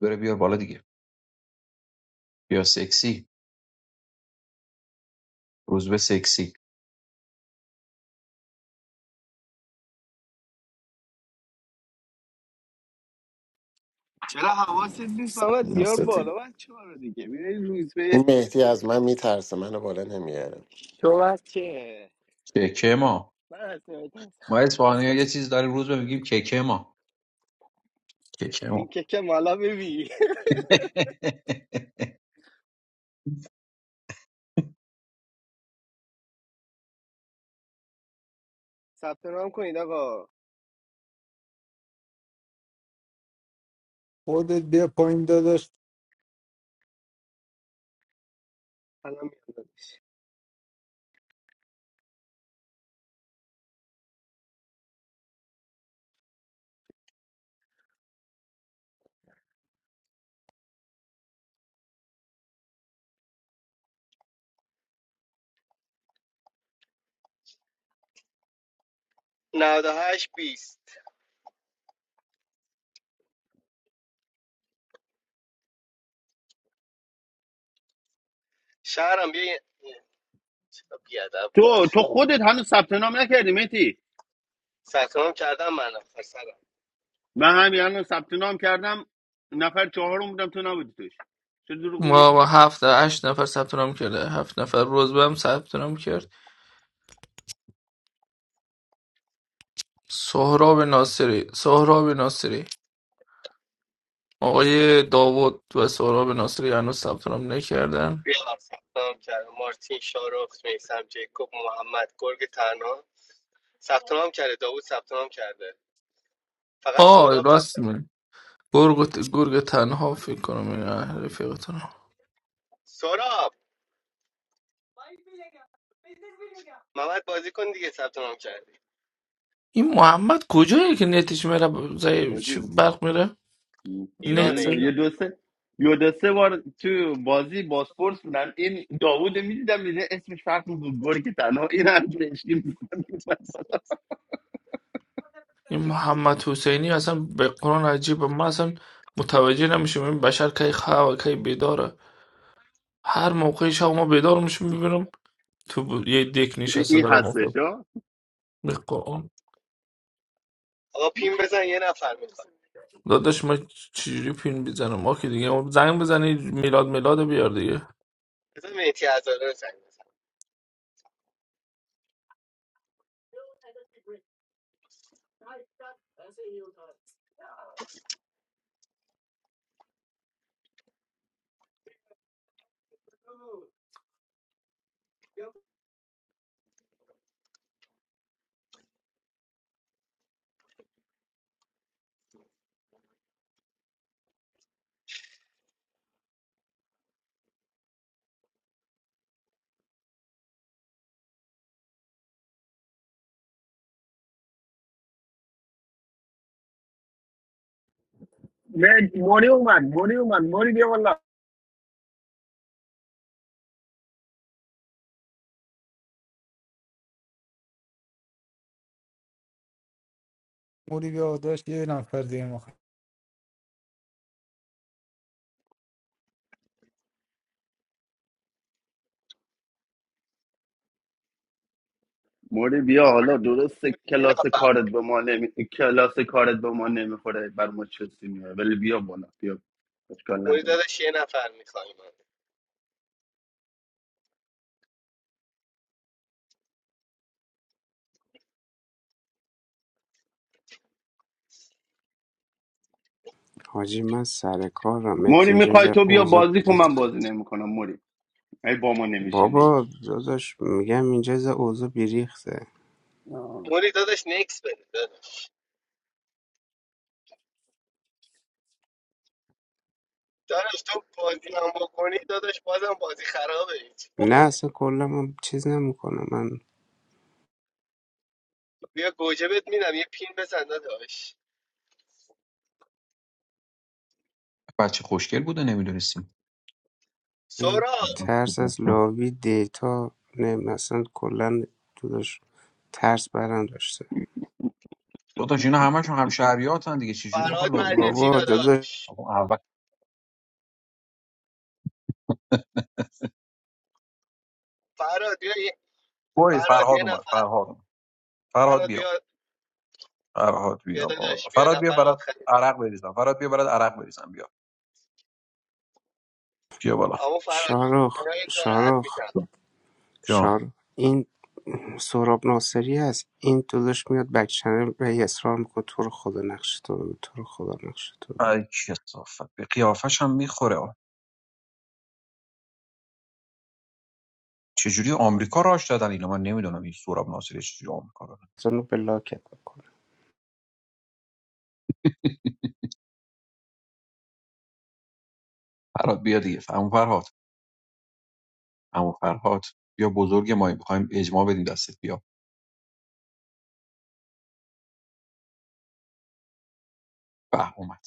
[SPEAKER 7] بره بیار بالا دیگه بیا سکسی روز به سکسی
[SPEAKER 1] چرا حواست نیست محمد بیار
[SPEAKER 11] نساتی
[SPEAKER 1] بالا بچه ها رو دیگه بیاری روز به
[SPEAKER 11] این مهدی از من میترسه منو بالا نمیاره
[SPEAKER 1] تو بچه
[SPEAKER 7] ککه ما
[SPEAKER 1] من هستم
[SPEAKER 7] ما اسپانیا یه چیز داریم روز به میگیم ککه ما ککه
[SPEAKER 1] این
[SPEAKER 7] ما <laughs>
[SPEAKER 1] که که مالا ببین ثبت نام کنید آقا
[SPEAKER 4] خودت بیا پایین داداش
[SPEAKER 1] الان میاد. 98 20 شهرم بیا یه- یه، چرا بیادب بود
[SPEAKER 5] تو تو خودت هنوز ثبت نام نکردی مهدی
[SPEAKER 1] ثبت نام کردم منم
[SPEAKER 5] من همین الان ثبت نام کردم نفر چهارم بودم تو نبودی توش چه دروغ میگی
[SPEAKER 2] ما با هفت هشت نفر ثبت نام کرده هفت نفر روزبه هم ثبت نام کرد سهراب ناصری سهراب ناصری آقای داوود و سهراب ناصری هنوز ثبت نام نکردن
[SPEAKER 1] بیام ثبتنام کرده مارتین شارخ میسم جیکوب محمد گرگ تنها ثبتنام کرده داوود ثبتنام کرده فقط
[SPEAKER 2] آه
[SPEAKER 1] سهراب ثبت
[SPEAKER 2] راست می گرگ, گرگ تنها فکر کنم این رفیقتون
[SPEAKER 1] سهراب محمد بازی کن دیگه ثبتنام کردی
[SPEAKER 2] این محمد کجایی که نتش میره ب- زی چی برق میره نت
[SPEAKER 1] ایرانه
[SPEAKER 5] نمیدونم
[SPEAKER 2] زی؟
[SPEAKER 5] یه
[SPEAKER 1] ایران
[SPEAKER 5] دو سه یه دو سه بار تو بازی باسپورس بودن این داوود میدیدم میده اسمش فرق میکنه گوری که تنها این هم
[SPEAKER 2] این محمد حسینی اصلا به قرآن عجیبه من اصلا متوجه نمیشم این بشر کی خواه و کی بیداره هر موقع شب ما بیدار میشم میبینم تو ب- یه دک نشسته
[SPEAKER 5] این
[SPEAKER 2] دارم
[SPEAKER 5] هستش
[SPEAKER 2] افتاد
[SPEAKER 5] ها
[SPEAKER 2] به قرآن
[SPEAKER 1] آقا پین بزن یه نفر میخواد
[SPEAKER 2] داداش ما چجوری فیلم بزنم ما که دیگه زنگ بزنی میلاد میلاد بیار دیگه
[SPEAKER 1] بزن میتی ازاده بزن
[SPEAKER 5] نه موری اومد موری اومد موری بیا والا
[SPEAKER 4] موری بیا داشت یه نفر دیگه مخ
[SPEAKER 5] موری بیا حالا درسته
[SPEAKER 1] یه
[SPEAKER 5] کلاس
[SPEAKER 1] نفر
[SPEAKER 5] کارت به ما نمی... کلاس کارت به ما نمیخوره بر ما چسی میاره ولی بیا بالا بیا اشکال
[SPEAKER 1] موری
[SPEAKER 5] نداره
[SPEAKER 1] داداش یه نفر میخوای من
[SPEAKER 12] حاجی من سر کارم مت
[SPEAKER 5] موری
[SPEAKER 12] اینجا یه
[SPEAKER 5] میخوای
[SPEAKER 12] ذره
[SPEAKER 5] تو بیا
[SPEAKER 12] اوضاع
[SPEAKER 5] بازی کن من
[SPEAKER 12] بریخته
[SPEAKER 5] بازی نمیکنم موری ای با ما نمیشینی
[SPEAKER 12] بابا داداش میگم اینجا یه ذره اوضاع بریخته
[SPEAKER 5] آه.
[SPEAKER 1] موری داداش نکس بده داداش داداش تو بازی هم بکنی داداش بازم بازی خرابه هیچ
[SPEAKER 12] نه اصلا کلا من چیز نمیکنم من
[SPEAKER 1] بیا گوجه بهت میدم یه پین بزن داداش
[SPEAKER 7] بچه خوشگل بوده نمیدونستیم
[SPEAKER 12] ای،
[SPEAKER 1] سهراب
[SPEAKER 12] ترس از لاوی دیتا نه مثلا کلا داداش ترس برم داشته
[SPEAKER 7] داداش اینا همشون هم شهریاتن دیگه چجوری میخوان
[SPEAKER 1] فراد
[SPEAKER 7] لابی
[SPEAKER 1] مجلسی
[SPEAKER 7] کنن
[SPEAKER 12] بابا داداش
[SPEAKER 1] داداش
[SPEAKER 7] آقا اول
[SPEAKER 1] فراد بیا یه-
[SPEAKER 7] وای
[SPEAKER 1] فراد
[SPEAKER 7] فرهاد
[SPEAKER 1] یه
[SPEAKER 7] اومد
[SPEAKER 1] نفر
[SPEAKER 7] فرهاد اومد. فرهاد
[SPEAKER 1] فراد
[SPEAKER 7] بیا
[SPEAKER 1] بیا
[SPEAKER 7] فرهاد
[SPEAKER 1] بیا
[SPEAKER 7] بیا بالا
[SPEAKER 1] داداش بیا
[SPEAKER 7] فرهاد بیا
[SPEAKER 1] نفر
[SPEAKER 7] برات
[SPEAKER 1] آخری بیا
[SPEAKER 7] عرق بریزم فرهاد بیا برات عرق بریزم بیا بیا بالا
[SPEAKER 1] اما فراد
[SPEAKER 12] شارخ
[SPEAKER 1] برای ناراحت
[SPEAKER 12] شارخ
[SPEAKER 1] میشم
[SPEAKER 7] جان
[SPEAKER 12] شارخ این سهراب ناصری هست این داداش میاد بک چنل به اصرار میکنه تو رو خدا نقش تو بگو، تو رو خدا نقش تو بگو.
[SPEAKER 7] ای کسافت به قیافش هم میخوره آه. چجوری آمریکا راش دادن اینا من نمیدونم این سوراب ناصری چجوری آمریکا را دادن.
[SPEAKER 12] منو بلاکت بکنه.
[SPEAKER 7] فرهاد بیا دیگه عمو فرهاد عمو فرهاد بیا بزرگ ما میخوایم اجماع بدیم دستت بیا به اومد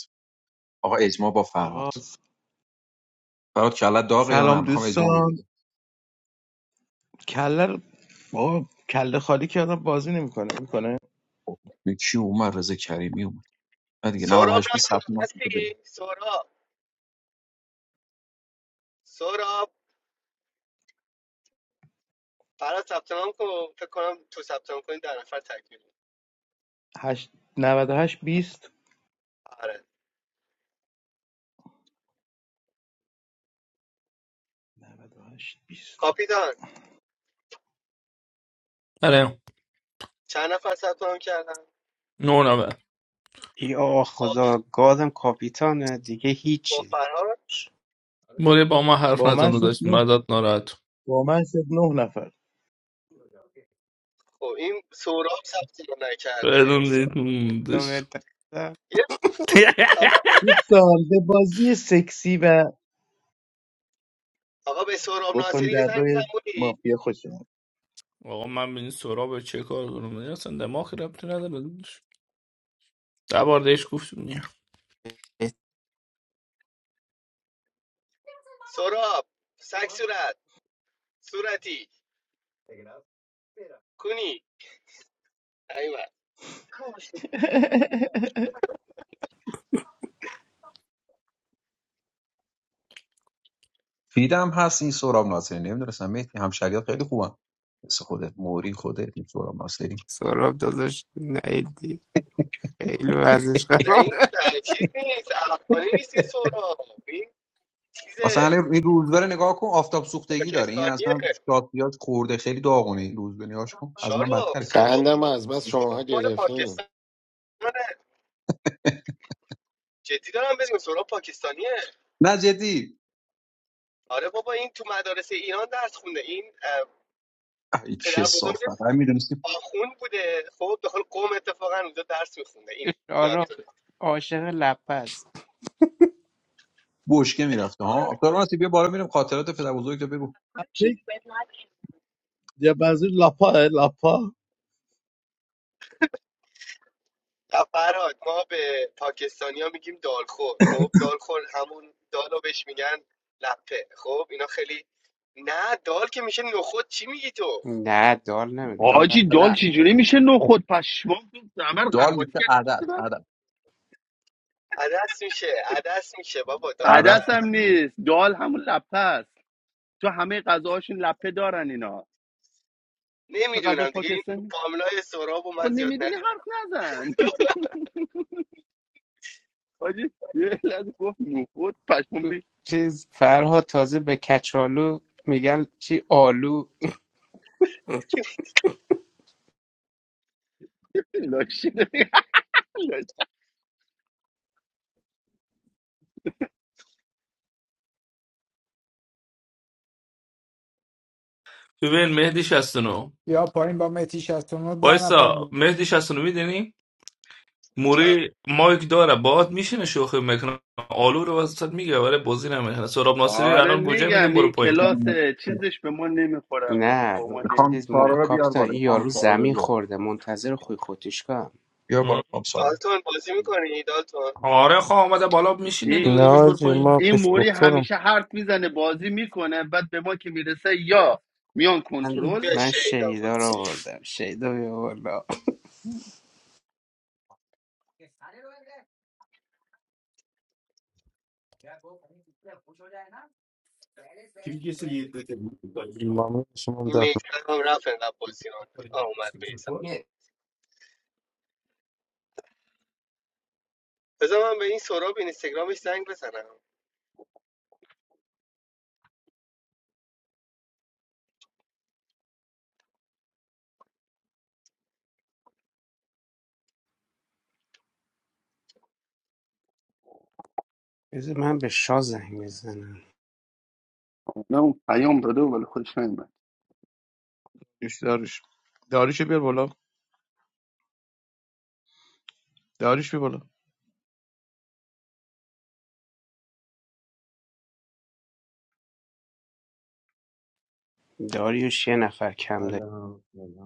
[SPEAKER 7] آقا اجماع با
[SPEAKER 13] آقا
[SPEAKER 7] فرهاد فرهاد کلت داغ یا نه
[SPEAKER 13] سلام
[SPEAKER 7] میخوام اجماع بدیم
[SPEAKER 13] دوستان کله رو- آقا کله خالی کردم بازی نمیکنه میکنه
[SPEAKER 7] خب دیگه کی اومد رضا کریمی اومد نه دیگه
[SPEAKER 1] سهراب
[SPEAKER 7] 98 20
[SPEAKER 1] راست
[SPEAKER 7] ثبت نام کرده.
[SPEAKER 1] هستی سهراب سهراب فراد ثبت نام کن فکر کنم تو ثبت نام کنی در نفر تکمیل
[SPEAKER 13] 8 98 20
[SPEAKER 1] آره
[SPEAKER 13] هشت بیست
[SPEAKER 1] کاپیتان
[SPEAKER 2] آره
[SPEAKER 1] چند نفر ثبت نام کردن
[SPEAKER 2] نو نوه
[SPEAKER 12] یا
[SPEAKER 1] با,
[SPEAKER 12] خدا گادم کاپیتانه دیگه
[SPEAKER 1] با
[SPEAKER 12] هیچی دیگه.
[SPEAKER 1] فراد
[SPEAKER 2] بوری با ما حرف
[SPEAKER 13] با
[SPEAKER 2] نزن
[SPEAKER 13] من شد
[SPEAKER 2] داداش
[SPEAKER 13] نه
[SPEAKER 2] مدد ناراحت
[SPEAKER 13] با من شد نه نفر
[SPEAKER 1] خب این سهراب ثبت نام نکرده این
[SPEAKER 2] بدون
[SPEAKER 1] سهراب
[SPEAKER 2] دیدون
[SPEAKER 12] تو
[SPEAKER 2] داداش
[SPEAKER 12] به دست
[SPEAKER 1] یه-
[SPEAKER 2] <laughs>
[SPEAKER 1] آقا به
[SPEAKER 13] دوستان به بازی سکسی و
[SPEAKER 1] آقا به سهراب
[SPEAKER 13] بکن
[SPEAKER 1] ناصری یه
[SPEAKER 13] در
[SPEAKER 1] زنگ بزن
[SPEAKER 13] روی
[SPEAKER 1] بودی
[SPEAKER 13] مافیا خوش اومد
[SPEAKER 2] آقا من به این سراب چه کار کنم این اصلا دماغی ربطی نداره داداش ده بار دیش گفتیم دیگه
[SPEAKER 1] سهراب سگ صورت صورتی کنی ایوه
[SPEAKER 13] <laughs>
[SPEAKER 7] فیدم هست این سهراب ناصری نمیدونستم مهدی همشریات خیلی خوبن مثل خودت موری خودت این سهراب ناصری
[SPEAKER 12] سراب داداش نهیدی خیلی وزش
[SPEAKER 1] نه این
[SPEAKER 12] خرابه
[SPEAKER 1] نه چیز نیست افغانی نیست این سوراب این
[SPEAKER 7] مثلا
[SPEAKER 1] چیزه
[SPEAKER 7] الان این روزبر نگاه کن آفتاب سوختگی داره این
[SPEAKER 1] پاکستانیه
[SPEAKER 7] اصلا شاتیات خورده خیلی داغونه این روزبه نگاهش کن از من
[SPEAKER 1] شارو
[SPEAKER 7] بدتره
[SPEAKER 1] سوراب
[SPEAKER 11] قندم رو از بس شماها
[SPEAKER 1] سوراب مال
[SPEAKER 11] گرفتین
[SPEAKER 1] پاکستان من
[SPEAKER 7] <laughs>
[SPEAKER 1] جدی دارم بدون سوراب پاکستانیه
[SPEAKER 7] نه جدی
[SPEAKER 1] آره بابا این تو مدارس ایران درس خونده این اه،
[SPEAKER 7] ای چه
[SPEAKER 1] پدر بزرگ
[SPEAKER 7] صافت هم میدونستی
[SPEAKER 1] آخوند بوده خب داخل قوم اتفاقا اونجا درس میخونده این
[SPEAKER 12] شارا
[SPEAKER 1] یادتونه
[SPEAKER 12] عاشق لپه است
[SPEAKER 7] بشکه میرفته
[SPEAKER 1] آره.
[SPEAKER 7] ها سهراب ناصری بیا بالا میریم خاطرات پدر بزرگ تو بگو
[SPEAKER 13] یا بازی لاپا لاپا
[SPEAKER 1] نه فرهاد ما به پاکستانی ها میگیم دالخور خب دالخور همون دالو بهش میگن لپه خب اینا خیلی نه دال که میشه نخود چی میگی تو
[SPEAKER 12] نه دال نمی دال
[SPEAKER 5] حاجی دال
[SPEAKER 7] عدد
[SPEAKER 5] چجوری میشه نو خود پشمام تو زمر
[SPEAKER 7] دال میشه
[SPEAKER 5] قرقاتی
[SPEAKER 7] عدد
[SPEAKER 5] کرد
[SPEAKER 7] عدد
[SPEAKER 1] عدس میشه عدس میشه بابا دال میشه
[SPEAKER 7] عدد
[SPEAKER 5] عدس
[SPEAKER 1] عدس.
[SPEAKER 7] پیش
[SPEAKER 5] هم
[SPEAKER 7] <laughs>
[SPEAKER 5] نیست دال همون لپه است تو همه غذاهاشون لپه دارن اینا چه غذا
[SPEAKER 1] نمیدونم دیگه این
[SPEAKER 5] پاکستانی
[SPEAKER 1] فامیلای سراب و
[SPEAKER 5] خود
[SPEAKER 1] من زیاد
[SPEAKER 5] نمیدونی
[SPEAKER 1] ندید
[SPEAKER 5] حرف نزن <laughs> حاجی یه لحظه گفت نخود پشمام ریخت
[SPEAKER 12] چیز فرها تازه به کچالو میگن چی آلو
[SPEAKER 5] <laughs> لاشی داری.
[SPEAKER 2] ببین مهدی 69
[SPEAKER 4] یا پایین با متی 69 ده
[SPEAKER 2] وایسا
[SPEAKER 4] نفر
[SPEAKER 2] مهدی 69 میدونی
[SPEAKER 1] چند
[SPEAKER 2] موری مایک داره باهات میشینه شوخی میکنه آلو رو وسط میگه ولی بازی نمیکنه سراب ناصری
[SPEAKER 5] آره
[SPEAKER 2] الان گوجه میدم
[SPEAKER 5] میگم
[SPEAKER 2] برو
[SPEAKER 5] این
[SPEAKER 2] پایین
[SPEAKER 5] کلاس
[SPEAKER 7] برو.
[SPEAKER 5] چیزش به ما نمیخورم این
[SPEAKER 12] نه
[SPEAKER 5] با ما
[SPEAKER 7] خانم
[SPEAKER 12] چیز ما...
[SPEAKER 5] نمیشینه
[SPEAKER 7] سارا رو
[SPEAKER 5] دقت
[SPEAKER 7] بیار
[SPEAKER 12] کاپیتان
[SPEAKER 5] کن.
[SPEAKER 7] بالا
[SPEAKER 12] این یارو
[SPEAKER 7] خانم سارا رو
[SPEAKER 12] زمین
[SPEAKER 7] بیار
[SPEAKER 12] خورده منتظر خوی خودش کنم
[SPEAKER 7] بیا بالا خانم سارا
[SPEAKER 1] دالتون بازی میکنی دالتون
[SPEAKER 2] آره خواه آمده بالا میشینه دیگه
[SPEAKER 5] این
[SPEAKER 2] داداش
[SPEAKER 6] no,
[SPEAKER 2] برو
[SPEAKER 6] it's your
[SPEAKER 2] پایین
[SPEAKER 6] mouth
[SPEAKER 5] این موری
[SPEAKER 6] doctor.
[SPEAKER 5] همیشه حرف میزنه بازی میکنه بعد به ما که میرسه یا میان
[SPEAKER 12] من
[SPEAKER 5] کنترل
[SPEAKER 1] بیا
[SPEAKER 12] من
[SPEAKER 1] شهید
[SPEAKER 12] شیدا
[SPEAKER 1] آمد
[SPEAKER 12] رو
[SPEAKER 1] شهید.
[SPEAKER 12] آوردم شیدا بیا بالا
[SPEAKER 6] Bilmem
[SPEAKER 1] این میگذر هم رفت انقدر بازی آن آه، اومد بیسم بذار من به این سراب اینستاگرامش زنگ بزنم
[SPEAKER 12] بذار من به شاه زنگ بزنم
[SPEAKER 5] نه اون پیام داده ولی خودش نیومد.
[SPEAKER 13] دوش داروش داروش بیار بالا داریش بیار بالا
[SPEAKER 12] داریوش یه نفر کم داری
[SPEAKER 14] سلام سلام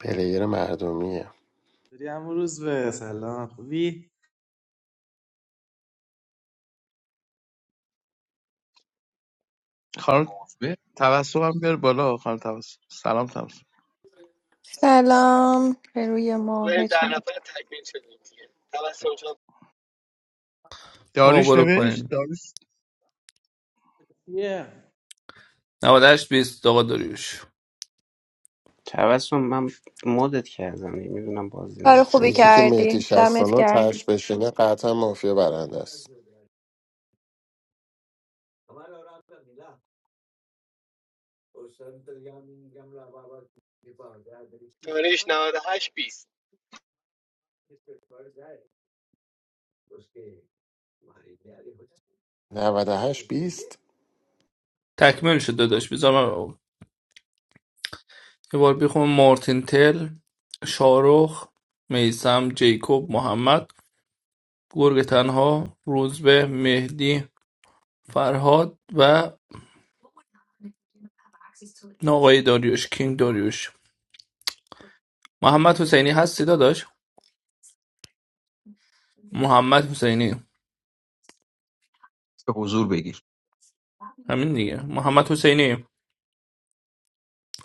[SPEAKER 11] پلیر مردمیه
[SPEAKER 14] سلام روز به سلام خوبی
[SPEAKER 13] خانم
[SPEAKER 7] عضوه
[SPEAKER 13] توسط هم بیار بالا خانم توسط سلام توسط
[SPEAKER 15] Assalamu alaikum. How are you, Mah
[SPEAKER 1] بریم در
[SPEAKER 15] toon?
[SPEAKER 1] نفر تکمیل شدیم دیگه توسل جان
[SPEAKER 2] آقا
[SPEAKER 13] داریش
[SPEAKER 2] برو
[SPEAKER 13] نوشت
[SPEAKER 2] پایین
[SPEAKER 13] داریش
[SPEAKER 14] یه
[SPEAKER 2] 98 بیست آقا داریوش
[SPEAKER 12] توسم من مدت کردم میدونم بازی
[SPEAKER 15] Very
[SPEAKER 11] یکی
[SPEAKER 12] نمیکنیم
[SPEAKER 11] که
[SPEAKER 15] good. Did
[SPEAKER 11] مهدی
[SPEAKER 15] you do
[SPEAKER 11] شستانا
[SPEAKER 15] well?
[SPEAKER 11] ترش بشینه قطعا مافیا برنده است
[SPEAKER 1] دانش 98 20
[SPEAKER 11] 98 20
[SPEAKER 2] تکمیل شد داداش بذار من یه بار بخونم مارتین تل شارخ میسم جیکوب محمد گرگ تنها روزبه مهدی فرهاد و آقای داریوش کینگ داریوش محمد حسینی هستی داداش محمد حسینی
[SPEAKER 7] به حضور بگیر
[SPEAKER 2] همین دیگه محمد حسینی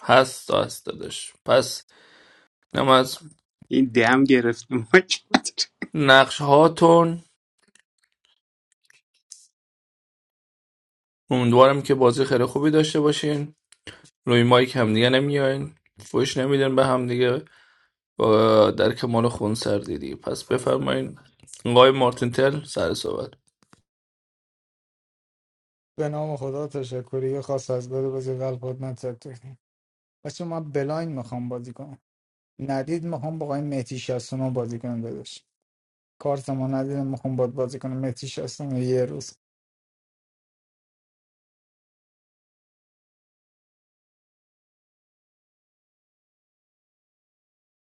[SPEAKER 2] هست هست داداش پس نم از
[SPEAKER 12] این دم گرفت ما کرد
[SPEAKER 2] نقش هاتون امیدوارم که بازی خیلی خوبی داشته باشین روی مایک همدیگه نمیاین فوش نمیدن به همدیگه و در کمال خون سر دیدی پس بفرمایین آقای مارتین تل سر صحبت
[SPEAKER 4] به نام خدا تشکری یه خاص از داره بازی قلب خود من سر تکنیم بچه ما بلایند میخوام بازی کنم ندید میخوام با این متی 69 بازی کنم داداش کارت ما ندیدم میخوام باد بازی کنم متی 69 یه روز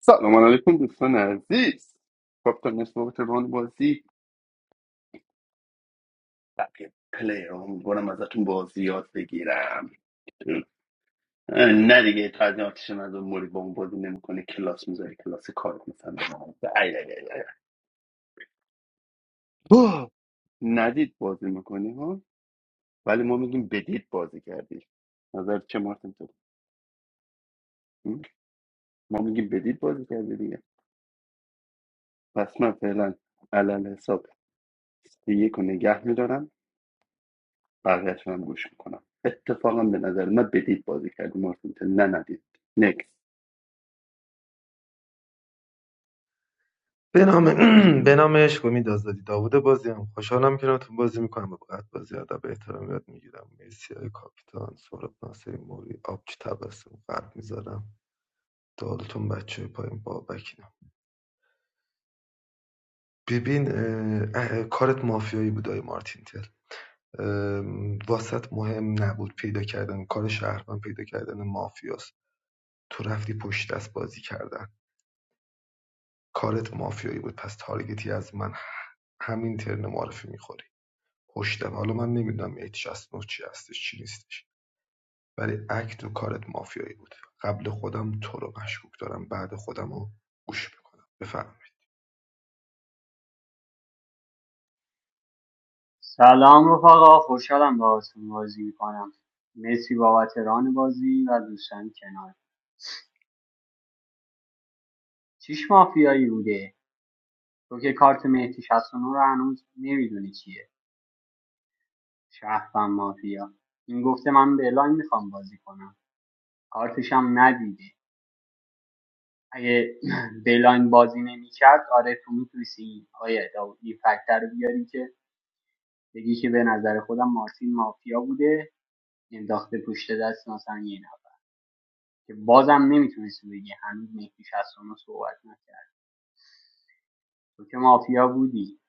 [SPEAKER 5] سلام علیکم دوستان عزیز خب تا نصف وقت روان بازی بقیه پلیر هم برم ازتون بازی یاد بگیرم اه، نه دیگه تجرباتشون از اون موری با اون بازی نمیکنه کلاس میذاری کلاس کار مثلا به ما. ای، ای، ای، ای. اوه، ندید بازی میکنی ولی ما میگیم بدید بازی کردی نظر چه مارتین تو م؟ ما میگیم بدید بازی کردی دیگه پس من فعلا علل حساب سی یک رو نگه میدارم بقیهش هم گوش میکنم اتفاقا به نظر من بدید بازی کردی مارتین تو نه ندید نکس
[SPEAKER 16] سلام رفقا خوشحالم باهاتون بازی میکنم مرسی بابت ران بازی و دوستان کنار چیش مافیایی بوده تو که کارت مهدی 69 رو هنوز نمیدونی چیه شهروند مافیا این گفته من بلاین میخوام بازی کنم کارتش هم ندیده اگه <clears throat> بلاین بازی نمیکرد آره تو میتونستی آیه این فکتر رو بیاری که بگی که به نظر خودم مارتین مافیا بوده انداخته پشت دست مثلا یه نفر که بازم نمیتونستی بگی هنوز مهدی 69 صحبت نکرد تو که مافیا بودی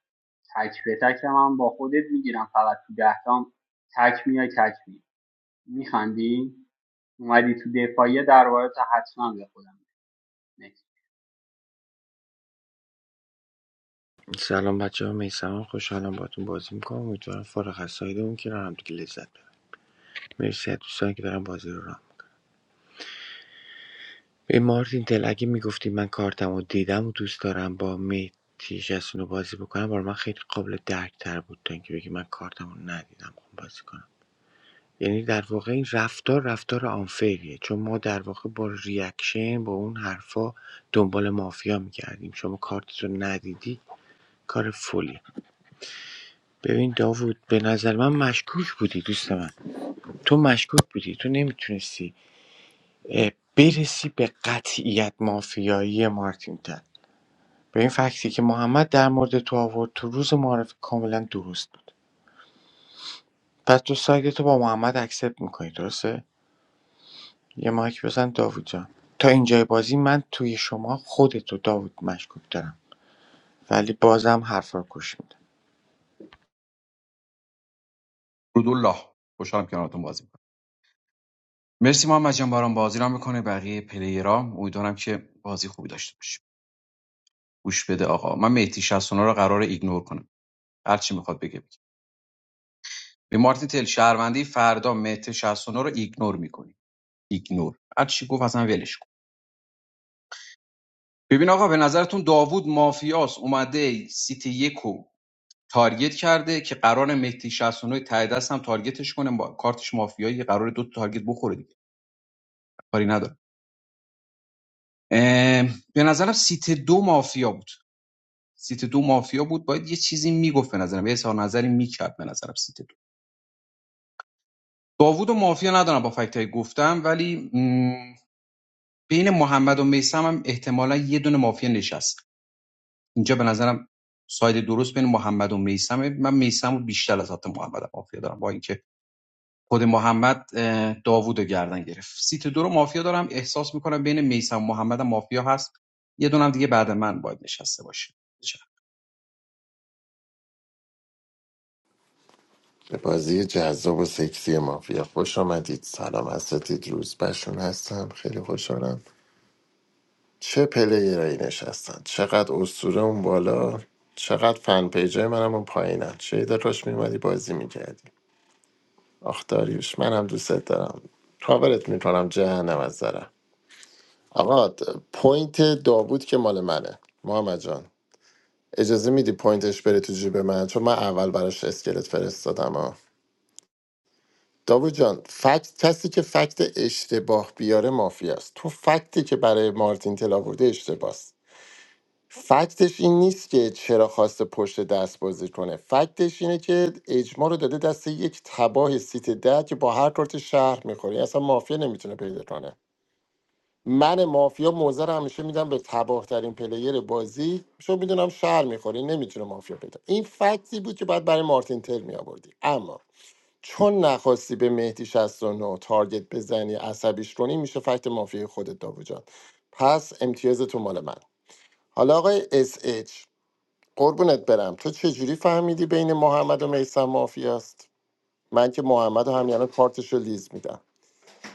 [SPEAKER 16] تک به تک من با خودت میگیرم فقط تو دهتام تک میای تک میای میخندی اومدی تو دفاعیه در واقع تا حتما به خودم نکس
[SPEAKER 10] سلام بچه ها میسم خوشحالم باتون بازی میکنم امیدوارم فارغ از سایده اون که رو هم دیگه لذت ببرم مرسی از دوستان که دارم بازی رو رام به مارتین تل اگه میگفتی من کارتم و دیدم و دوست دارم با میتی رو بازی بکنم برای من خیلی قابل درک تر بود تا اینکه بگی من کارتم رو ندیدم خب بازی کنم یعنی در واقع این رفتار رفتار آنفیریه چون ما در واقع با ریاکشن با اون حرفا دنبال مافیا میگردیم شما کارت رو ندیدی کار فولی ببین داوود به نظر من مشکوک بودی دوست من تو مشکوک بودی تو نمیتونستی برسی به قطعیت مافیایی مارتین تن به این فکتی که محمد در مورد تو آورد تو روز معرف کاملا درست بود پس تو سایت تو با محمد اکسپت میکنی درسته یه مایک بزن داوود جان تا اینجای بازی من توی شما خودتو داوود مشکوک دارم ولی بازم حرفا گوش میدم
[SPEAKER 7] رودالله خوشحالم کنارتون بازی میکنم مرسی محمد جان برام بازی را میکنه بقیه پلیرا امیدوارم که بازی خوبی داشته باشیم گوش بده آقا من مهدی 69 رو قرار ایگنور کنم هر چی میخواد بگه بگه به مارتین تل شهروندی فردا مهدی 69 رو ایگنور میکنی ایگنور هر چی گفت اصلا ولش کن ببین آقا به نظرتون داوود مافیاس اومده سیتی یک تارگت کرده که قرار مهدی 69 ته دست هم تارگتش کنه با کارتش مافیایی قرار دو تا تارگت بخوره دیگه کاری نداره اه، به نظرم سیت دو مافیا بود سیت دو مافیا بود باید یه چیزی میگفت به نظرم یه اظهار نظری میکرد به نظرم سیت دو داوود و مافیا ندارم با فکتای گفتم ولی م، بین محمد و میسم هم احتمالا یه دونه مافیا نشست اینجا به نظرم ساید درست بین محمد و میسمه من میسم رو بیشتر از حتی محمد مافیا دارم با اینکه خود محمد اه، داوود رو گردن گرفت سیت دو رو مافیا دارم احساس میکنم بین میسم و محمد هم مافیا هست یه دونم دیگه بعد من باید نشسته باشه چه.
[SPEAKER 11] به بازی جذاب و سکسی مافیا خوش آمدید سلام اساتید روز بشون هستم خیلی خوشحالم چه پلیرایی نشستن چقدر اسطوره اون بالا چقدر فن پیجای منم اون پایینن چه داشت میومدی بازی میکردی آخ داریوش من هم دوست دارم کاورت میکنم جهنم از ذرم آقا د- پوینت داوود که مال منه محمد جان اجازه میدی پوینتش بره تو جیب من چون من اول براش اسکلت فرستادم ها داوود جان فکت کسی که فکت اشتباه بیاره مافیاست تو فکتی که برای مارتین تل آورده اشتباهه فکتش این نیست که چرا خواسته پشت دست بازی کنه فکتش اینه که اجماع رو داده دست یک تباه سیت ده که با هر کارت شهر میخوره اصلا مافیا نمیتونه پیدا کنه من مافیا موزه رو همیشه میدم به تباه ترین پلیر بازی چون میدونم شهر میخوری نمیتونه مافیا پیدا این فکتی بود که باید برای مارتین تل میآوردی اما چون نخواستی به مهدی 69 تارگت بزنی عصبیش کنی میشه فکت مافیا خودت داوود جان. پس امتیاز تو مال من حالا آقای اس قربونت برم تو چجوری فهمیدی بین محمد و میسم مافیاست من که محمد و همین الان کارتشو لیز میدم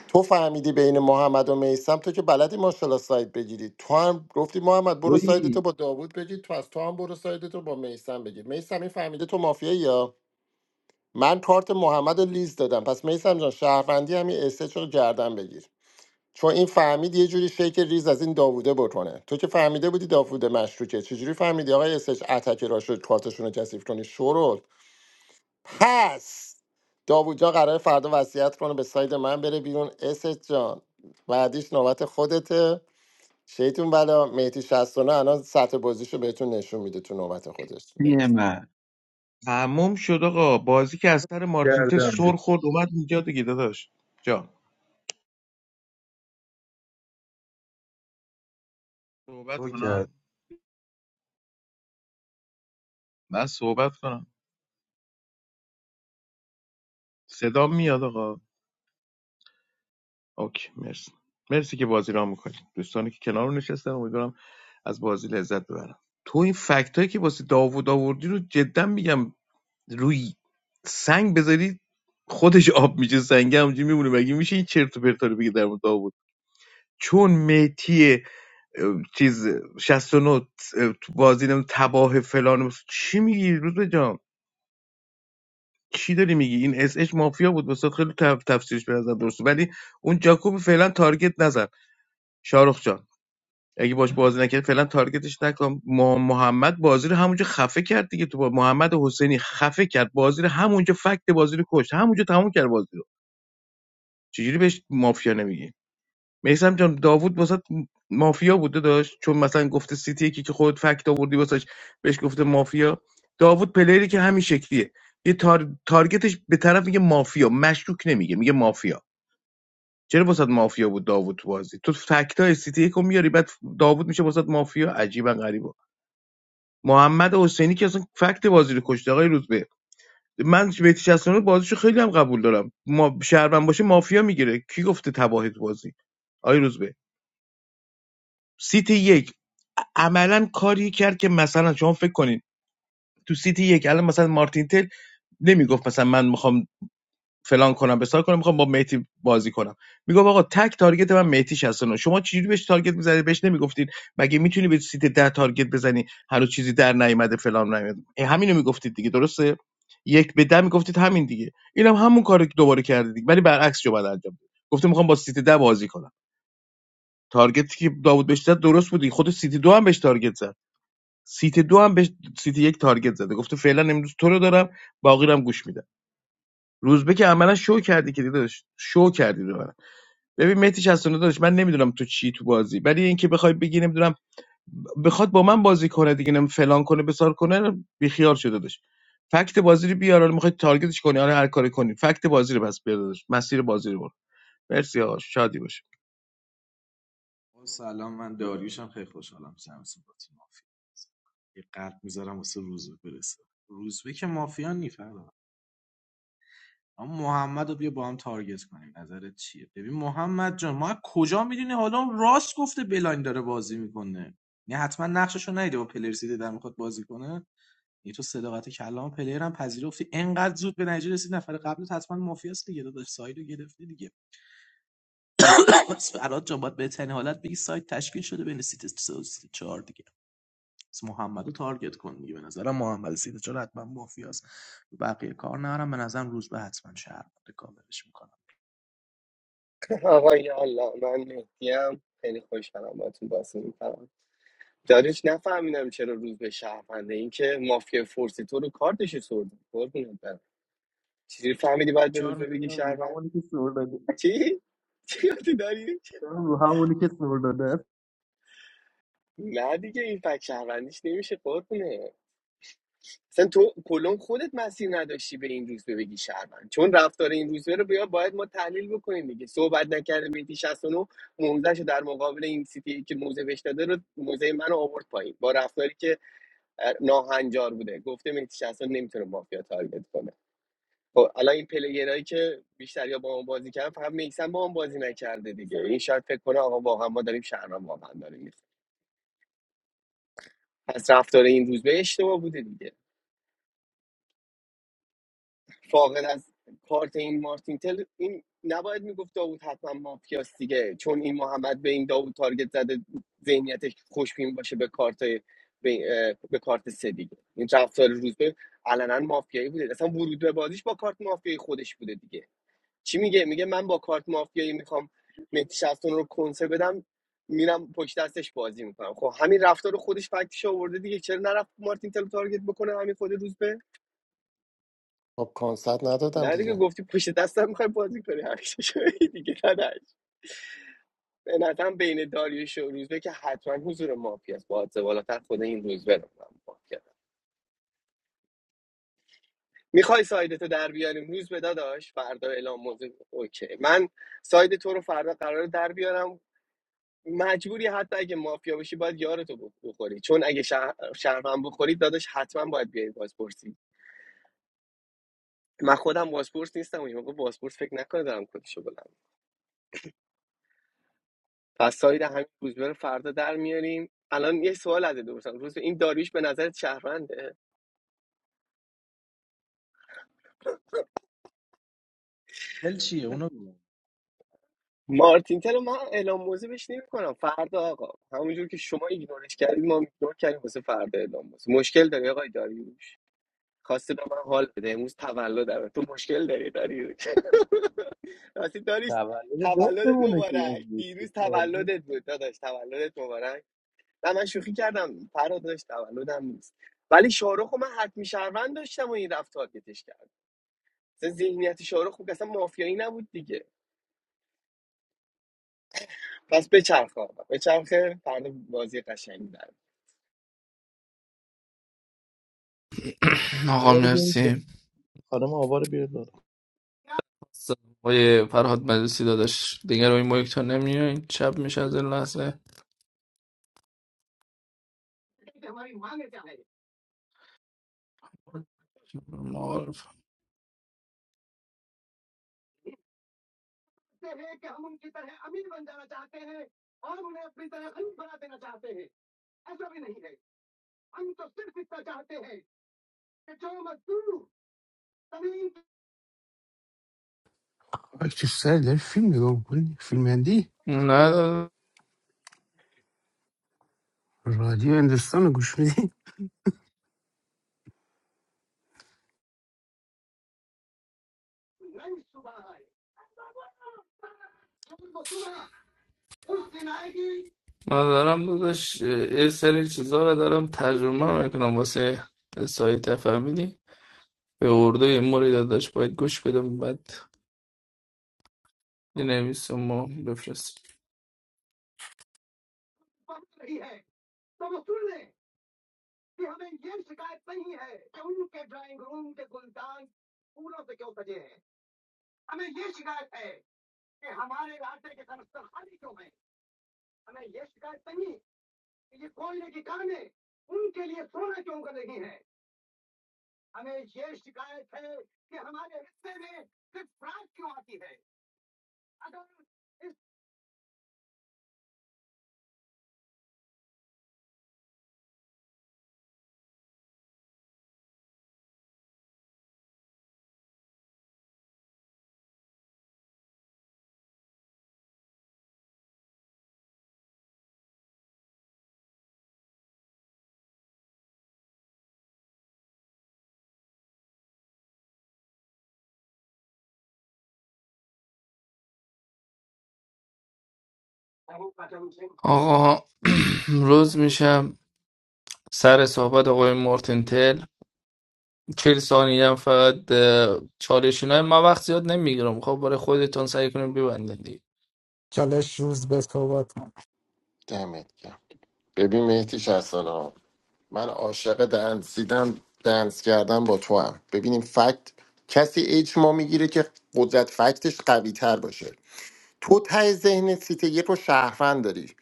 [SPEAKER 11] تو فهمیدی بین محمد و میسم تو که بلدی ماشاءالله ساید بگیری تو هم گفتی محمد برو سایدتو با داوود بگیر تو از تو هم برو سایدتو با میسم بگیر میسم این فهمیده تو مافیایی یا من کارت محمد رو لیز دادم پس میسم جان شهروندی همین اسه رو گردن بگیر چون این فهمید یه جوری شیک ریز از این داووده بکنه تو که فهمیده بودی داوود مشروکه چجوری فهمیدی آقای اسش اتک را شد کارتشون رو کثیف کنی شرول پس داوود جان قرار فردا وصیت کنه به ساید من بره بیرون اسش جان بعدیش نوبت خودته شیطون بلا مهدی شستونه الان سطح بازیشو بهتون نشون میده تو نوبت خودش
[SPEAKER 7] یه
[SPEAKER 11] نیست
[SPEAKER 7] من
[SPEAKER 13] تموم شد آقا بازی که از سر مارتین تل سر خورد اومد اینجا دیگه داداش جان صحبت کنم من صحبت کنم صدا میاد آقا اوکی مرسی مرسی که بازی را میکنی دوستانی که کنار نشستن امیدوارم از بازی لذت ببرم تو این فکت هایی که واسه داوود آوردی رو جدا میگم روی سنگ بذاری خودش آب میشه سنگ همونجوری میمونه مگه میشه این چرت و پرتا رو بگی در مورد داوود چون میتی چیز 69 اه، تو بازی نم تباه فلان چی میگی روز جام چی داری میگی این اس اچ مافیا بود وسط خیلی تف... تفسیرش به نظر درسته ولی اون جاکوب فعلا تارگت نزن شارخ جان اگه باش بازی نکرد فعلا تارگتش نکن مح- محمد بازی رو همونجا خفه کرد دیگه تو با محمد حسینی خفه کرد بازی رو همونجا فکت بازی رو کشت همونجا تموم کرد بازی رو چجوری بهش مافیا نمیگی میسم جان داوود واسه مافیا بوده داشت چون مثلا گفته سیتی یکی که خود فکت آوردی واسش بهش گفته مافیا داوود پلیری که همین شکلیه یه تار... تارگتش به طرف میگه مافیا مشکوک نمیگه میگه مافیا چرا واسه مافیا بود داوود تو بازی تو فکتای های سیتی یکو میاری بعد داوود میشه واسه مافیا عجیبا غریبه. محمد حسینی که اصلا فکت بازی رو کشته آقای روزبه من بهتی 69 بازیشو خیلی هم قبول دارم ما شهروند باشه مافیا میگیره کی گفته تباهی بازی آقای روزبه سیت یک عملا کاری کرد که مثلا شما فکر کنین تو سیتی یک الان مثلا مارتین تل نمیگفت مثلا من میخوام فلان کنم بسار کنم میخوام با میتی بازی کنم میگفت آقا تک تارگت من میتی 69 شما چجوری بهش تارگت میزنی بهش نمیگفتید مگه میتونی به سیت ده تارگت بزنی هنوز چیزی در نیومده فلان نیومده همینو میگفتید دیگه درسته یک به ده میگفتید همین دیگه اینم هم همون کارو که دوباره کرده دیگه ولی برعکس جو بعد انجام داد گفته میخوام با سیتی ده بازی کنم تارگتی که داوود بهش زد درست بود خود سیتی دو هم بهش تارگت زد سیت دو هم به سیت یک تارگت زده گفته فعلا امروز تو رو دارم باقی رو هم گوش میدم روزبه که عملا شو کردی که داداش شو کردی رو من ببین مهدی 69 داداش من نمیدونم تو چی تو بازی ولی اینکه بخوای بگی نمیدونم بخواد با من بازی کنه دیگه نم فلان کنه بسار کنه بیخیال شده داداش فکت بازی رو بیار حالا میخوای تارگتش کنی حالا هر کاری کنی فکت بازی رو پس بیار داداش مسیر بازی رو برو مرسی آقا شادی باشه
[SPEAKER 14] او سلام من داریوشم خیلی خوشحالم جمعتون با تیم مافیا بازی می‌کنم. یه قلب میذارم واسه روزبه برسه روزبه که مافیا نیفردا اما محمد رو بیا با هم تارگت کنیم نظرت چیه ببین محمد جان ما از کجا میدونی حالا اون راست گفته بلاین داره بازی میکنه نه حتما نقششو ندیده با پلر سیده در میخواد بازی کنه یه تو صداقت کلام پلیر هم پذیرفتی انقدر زود به نتیجه رسید نفر قبلت حتما مافیاست دیگه داداش سایدو گرفتی دیگه پس فراد جان باید بهترین حالت بگی سایت تشکیل شده بین سیت 3 و سیت 4 دیگه پس محمد رو تارگت کن دیگه به نظرم محمد سیت 4 حتما مافیاست بقیه کار نرم به نظرم روز به حتما شهر بوده کاملش میکنم
[SPEAKER 1] آقای الله من مهدیم خیلی خوشحالم باتون بازی میکنم دانش نفهمیدم چرا روز به شهرونده این که مافیا فورسی تو رو کارتش سرد قربونت برم چجوری فهمیدی باید به روز
[SPEAKER 14] چهار
[SPEAKER 1] به بگی
[SPEAKER 14] میلیون رو
[SPEAKER 1] شهروند
[SPEAKER 14] همونی که سر
[SPEAKER 1] چی چی یادی داری
[SPEAKER 14] رو همونی که سر داده
[SPEAKER 1] نه دیگه این فک شهروندیش نمیشه قربونه اصلا تو کلون خودت مسیر نداشتی به این روزبه بگی شهروند چون رفتار این روزبه رو بیا باید ما تحلیل بکنیم دیگه صحبت نکرده میتی 69 موزهش در مقابل این سیتی که موزه بهش داده رو موزه منو آورد پایین با رفتاری که اه، ناهنجار بوده گفته میتی 69 نمیتونه مافیا تارگت کنه خب الان این پلیرایی که بیشتر یا با ما بازی کردن فقط میکسن با ما بازی نکرده دیگه این شاید فکر کنه آقا واقعا ما داریم شهروند واقعا داریم می‌خوریم. پس رفتار این روزبه اشتباه بوده دیگه فاقد از کارت این مارتین تل این نباید میگفت داوود حتما مافیاست دیگه چون این محمد به این داوود تارگت زده ذهنیتش خوشبین باشه به کارت به, اه، به کارت سه دیگه این رفتار روزبه علنا مافیایی بوده اصلا ورود به بازیش با کارت مافیایی خودش بوده دیگه چی میگه میگه من با کارت مافیایی میخوام مهدی شفتون رو کنسه بدم میرم پشت دستش بازی میکنم خب همین رفتار خودش فکتش آورده دیگه چرا نرفت مارتین تل رو تارگت بکنه همین خود روزبه
[SPEAKER 11] خب کنسرت ندادم
[SPEAKER 1] نه دیگه
[SPEAKER 11] دیگه
[SPEAKER 1] گفتی پشت دستم میخوای بازی کنی همیشه شوی دیگه داداش به نظرم بین داریوش و روزبه که حتما حضور مافی است با حادثه بالاتر خود این روزبه رو من مافیا دارم. میخوای سایدتو در بیاریم روزبه داداش فردا اعلام موضوع اوکی من ساید تو رو فردا قراره در بیارم مجبوری حتی اگه مافیا باشی باید یارتو بخوری چون اگه شهر شهروند بخوری داداش حتما باید بیای بازپرسی من خودم بازپرس نیستم و این موقع بازپرس فکر نکنه دارم کدشو بلند پس ساید همین روزبه رو فردا در میاریم الان یه سوال ازت بپرسم روزبه این داریوش به نظر شهرونده
[SPEAKER 14] دل چیه اونو بگو.
[SPEAKER 1] مارتین تل رو من اعلام موضوع بهش نمیکنم فردا آقا همونجور که شما ایگنورش کردید ما ایگنور کردیم واسه فردا اعلام موضوع مشکل داری آقای داریوش خواسته به من حال بده امروز تولد تو مشکل داری داریوش <laughs> راستی داریوش
[SPEAKER 14] تولد
[SPEAKER 1] تولدت
[SPEAKER 14] جفتمونه که این
[SPEAKER 1] مبارک
[SPEAKER 14] دوستی
[SPEAKER 1] دیروز
[SPEAKER 14] که
[SPEAKER 1] تولدت بود داداش تولدت مبارک نه من شوخی کردم فردا داشت تولدم نیست ولی شاهرخ رو من حتمی شهروند داشتم و این رفت تارگتش کردم. اصلا ذهنیت شاهرخ خوب اصلا مافیایی نبود دیگه پس بچرخ آقا بچرخه فردا بازی قشنگی داره
[SPEAKER 2] <clears throat> آقا
[SPEAKER 13] آوار بیارید بالا.
[SPEAKER 2] مرسی
[SPEAKER 13] خانم آوار بیارید
[SPEAKER 2] آقای فرهاد مجلسی داداش دیگه روی مایک تا نمیاین شب میشه از این لحظه معارف
[SPEAKER 12] دی
[SPEAKER 2] نه داداش.
[SPEAKER 12] رادیو هندوستان رو گوش میدی
[SPEAKER 2] من دارم داداش یه سری چیزا رو دارم ترجمه میکنم واسه سایت فهمیدی به ارده موری داداش باید گوش بدم بعد بنویسم و بفرستم. آقا <clears throat> روز میشم سر صحبت آقای مارتین تل چهل ثانیه هم فقط اه، چالشین های من وقت زیاد نمیگیرم خب برای خودتون سعی کنیم ببندید دیگه
[SPEAKER 4] چالش روز به صحبت
[SPEAKER 11] دمت گرم ببین مهدی شستونه من عاشق دنسیدم دنس کردن با تو هم ببینیم فکت کسی اجماع میگیره که قدرت فکتش قوی تر باشه تو ته ذهن سیت یک رو شهروند داری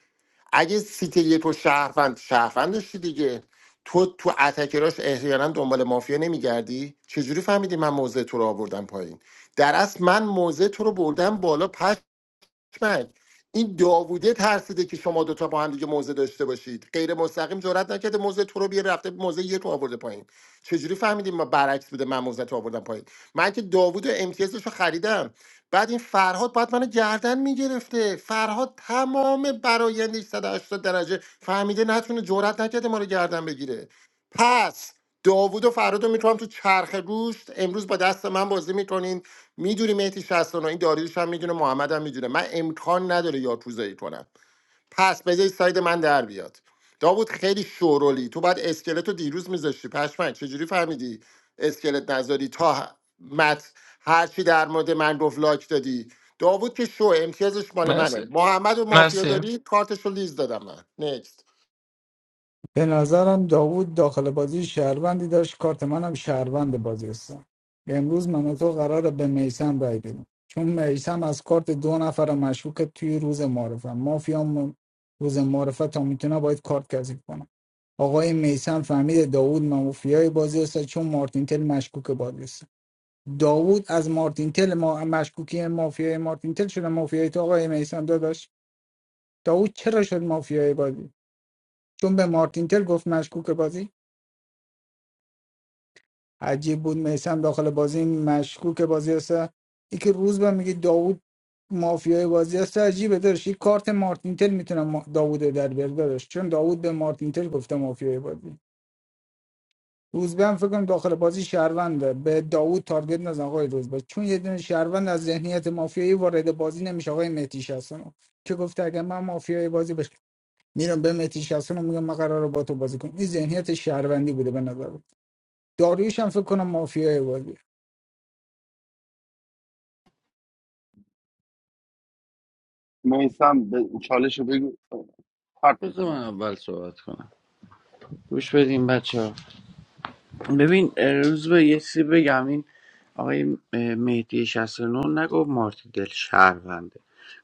[SPEAKER 11] اگه سیت یک رو شهروند شهروند داشتی دیگه تو تو اتکراش احیانا دنبال مافیا نمیگردی چجوری فهمیدی من موضع تو رو آوردم پایین در اصل من موضع تو رو بردم بالا من این داووده ترسیده که شما دوتا با هم دیگه موزه داشته باشید غیر مستقیم جرئت نکرده موزه تو رو بیه رفته موزه یک رو آورده پایین چجوری فهمیدیم ما برعکس بوده من موزه تو آوردم پایین من که داوود امتیازش رو خریدم بعد این فرهاد باید منو گردن میگرفته فرهاد تمام برایندش 180 درجه فهمیده نتونه جرئت نکرده ما رو گردن بگیره پس داوود و فراد رو میکنم تو چرخ گوشت امروز با دست من بازی میکنین میدونی مهدی 69 این داریوش هم میدونه محمد هم میدونه من امکان نداره یاکوزایی کنم پس بذارید ساید من در بیاد داوود خیلی شورولی تو باید اسکلت رو دیروز میذاشتی پشمک چجوری فهمیدی اسکلت نذاری تا ه- مت هرچی در مورد من گفت لایک دادی داوود که شو امتیازش مال منه
[SPEAKER 2] مرسی
[SPEAKER 11] محمد و مافیا
[SPEAKER 2] مرسی
[SPEAKER 11] داری کارتش رو لیز دادم من Next.
[SPEAKER 4] به نظرم داوود داخل بازی شهروندی داشت کارت منم شهروند بازی هستم امروز من و تو قراره به میسم رای بدیم چون میسم از کارت دو نفر مشکوک توی روز معرفه مافیا م- روز معرفه تا میتونه باید کارت کذیف کنم آقای میسم فهمید داوود مافیای بازی است چون مارتین تل مشکوک بازی است داوود از مارتین تل ما مشکوکی مافیای مارتین تل شده مافیای تو آقای میسم داداش داوود چرا شد مافیای بازی چون به مارتین تل گفت مشکوک بازی عجیب بود میسم داخل بازی مشکوک بازی است ای که روز به میگه داوود مافیای بازی است عجیبه داشت یک کارت مارتینتل میتونم داوود رو در بیار داشت چون داوود به مارتینتل گفته مافیای بازی روز به هم فکر کنم داخل بازی شهرونده به داوود تارگت نزن آقای روز به چون یه دونه شهروند از ذهنیت مافیایی وارد بازی نمیشه آقای مهدی شستانو که گفته اگر من مافیای بازی بش میرم به مهدی شستانو میگم من قراره با تو بازی کنم این ذهنیت شهروندی بوده به نظر داریوش هم فکر کنم مافیای بازی
[SPEAKER 5] میسم به چالش رو بگو حرف
[SPEAKER 10] بذار
[SPEAKER 5] بزن.
[SPEAKER 10] من اول صحبت کنم گوش بدیم بچه ببین روز به یه چیزی بگم این آقای اه، مهدی 69 نگفت مارتی دل شهرونده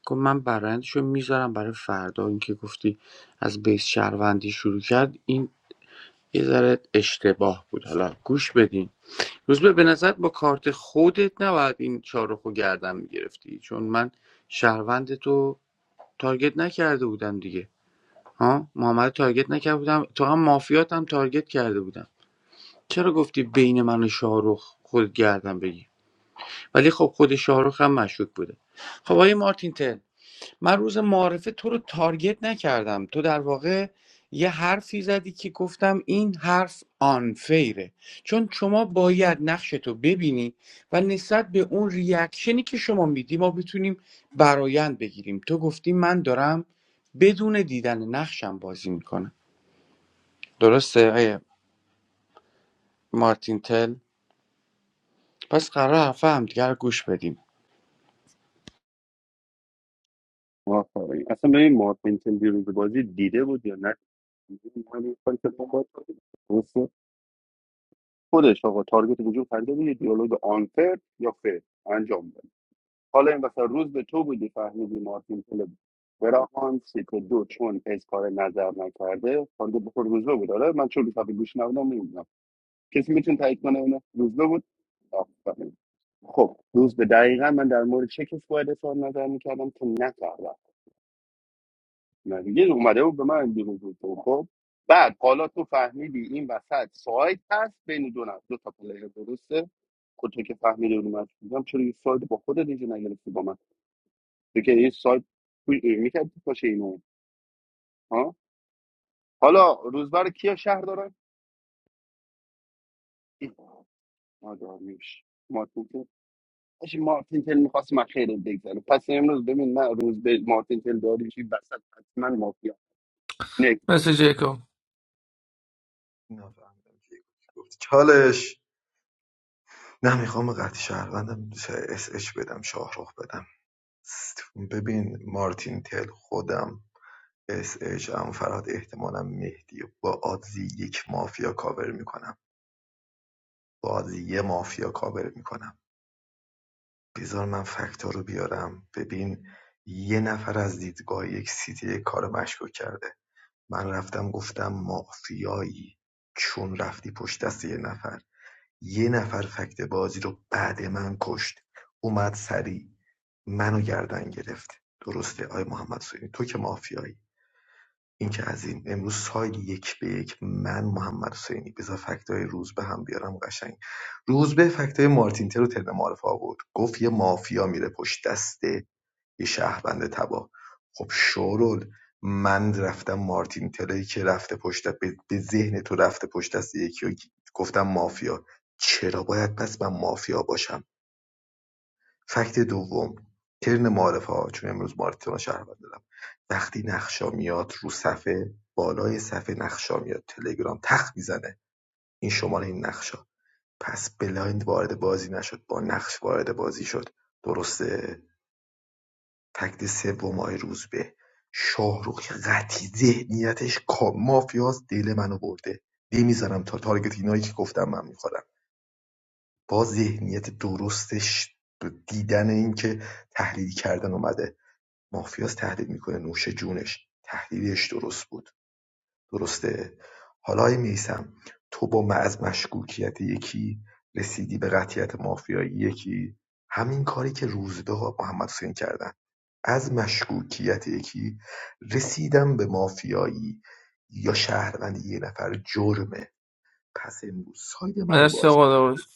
[SPEAKER 10] گفت من برندشو میذارم برای فردا این که گفتی از بیس شهروندی شروع کرد این یه ذره اشتباه بود حالا گوش بدین روزبه به نظر با کارت خودت نباید این چهار رو گردن میگرفتی چون من شهروند تو تارگت نکرده بودم دیگه ها محمد تارگت نکرده بودم تو هم مافیات هم تارگت کرده بودم چرا گفتی بین من و شاهرخ خود گردن بگی ولی خب خود شاهرخ هم مشکوک بوده خب آقای مارتین تل من روز معارفه تو رو تارگت نکردم تو در واقع یه حرفی زدی که گفتم این حرف آنفیره چون شما باید نقشتو ببینی و نسبت به اون ریاکشنی که شما میدی ما بتونیم برایند بگیریم تو گفتی من دارم بدون دیدن نقشم بازی میکنم درسته آیه مارتین تل پس قرار حرف همدیگه رو گوش بدیم
[SPEAKER 5] آفرین. اصلا ببین مارتین تن دیروز بازی دیده بود یا نه من کاری که با ما باید کنیم. درسته؟ خودش آقا تارگت وجود خریده بود یه دیالوگ آنفر یا فر انجام داد حالا این مثلا روز به تو بودی فهمیدی مارتین پل براهان سیت دو چون اظهار نظر نکرده خانده بخور روزبه بود آره من چون روزبه گوش نبودم نمیدونم کسی میتونه تایید کنه اینو روزبه بود آفرین. خب روز به دقیقا من در مورد چه کسی باید اظهار نظر میکردم که نکردم نه دیگه اومده بود به من دیروز بود خب بعد حالا تو فهمیدی این وسط سایت هست بین دو نفر دو تا پلیر درسته خود تو که فهمیدی اون من بودم، چرا یه سایت با خودت دیگه نگرفتی با من دیگه این سال میکرد باشه اینو ها حالا روزبر کیا شهر دارن این. ما داریوش مارتین تل آجی مارتین تل میخواست من خیلی بگذره پس امروز ببین من روز به مارتین تل داریوشی بسط حتما مافیا نه
[SPEAKER 2] مرسی جیکوب مرسی قدوس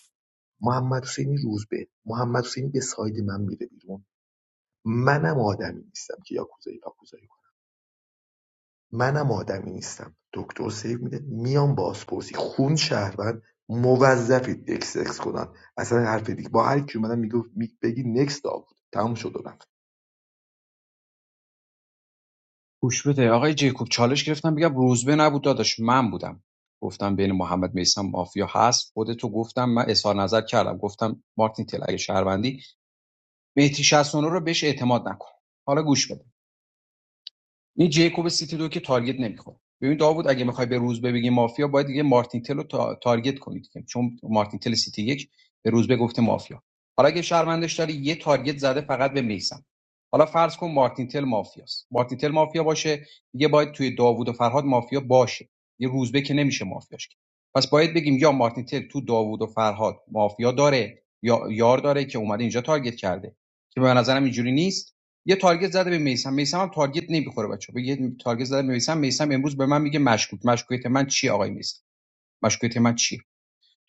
[SPEAKER 7] گوش بده آقای جیکوب چالش گرفتم بگم روزبه نبود داداش من بودم گفتم بین محمد میسم مافیا هست خودتو گفتم من اظهار نظر کردم گفتم مارتین تل اگه شهروندی مهدی ۶۹ رو بهش اعتماد نکن حالا گوش بده این جیکوب سیتی دو که تارگت نمیخوره ببین داوود اگه میخوای به روزبه بگی مافیا باید دیگه مارتین رو تا- تارگت کنید که چون مارتین سیتی یک به روزبه گفته مافیا حالا اگه شرمندش داری یه تارگت زده فقط به میسم حالا فرض کن مارتین مافیاست مارتین مافیا باشه دیگه باید توی داوود و فرهاد مافیا باشه یه روزبه که نمیشه مافیاش کرد. پس باید بگیم یا مارتین تو داوود و فرهاد مافیا داره یا یار داره که اومده اینجا تارگت کرده که به نظرم اینجوری نیست یه تارگت زده به میسم میسم هم تارگت نمیخوره بچه به یه تارگت زده به میسم میسم امروز به من میگه مشکوک مشکوکیت من چی آقای میسم مشکوکیت من چی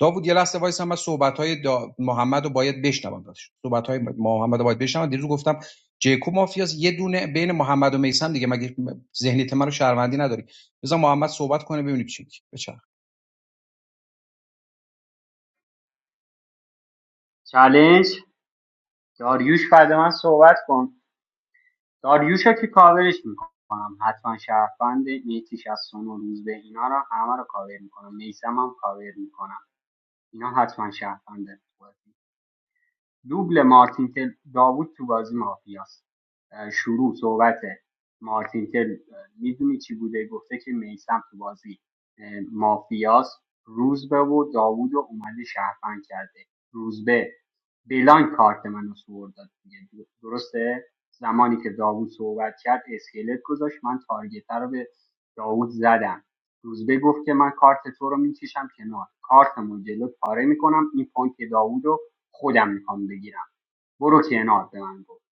[SPEAKER 7] داوود یه لحظه وایس من صحبت های دا... محمد باید بشنوم داشت صحبت محمدو محمد رو باید بشنوم دیروز گفتم جیکو مافیاس یه دونه بین محمد و میسم دیگه مگه ذهنیت من رو شهروندی نداری بذار محمد صحبت کنه ببینیم چی میگه بچرخ
[SPEAKER 16] چالش داریوش بعد من صحبت کن داریوش که کاورش میکنم حتما شرفند مهدی 69 روز به اینا رو همه رو کاور میکنم میسم هم کاور میکنم اینا حتما شرفنده دوبل مارتینتل داوود تو بازی مافیاست شروع صحبت مارتینتل میدونی چی بوده گفته که میسم تو بازی اه، مافیاست روزبه و داوود رو اومده شهروند کرده روزبه بلان کارت منو سور داد دیگه. درسته زمانی که داوود صحبت کرد اسکلت گذاشت من تارگت رو به داوود زدم روزبه گفت که من کارت تو رو میکشم کنار کارتمو جلو پاره میکنم این پانک داوود رو خودم میخوام بگیرم برو کنار به من گفت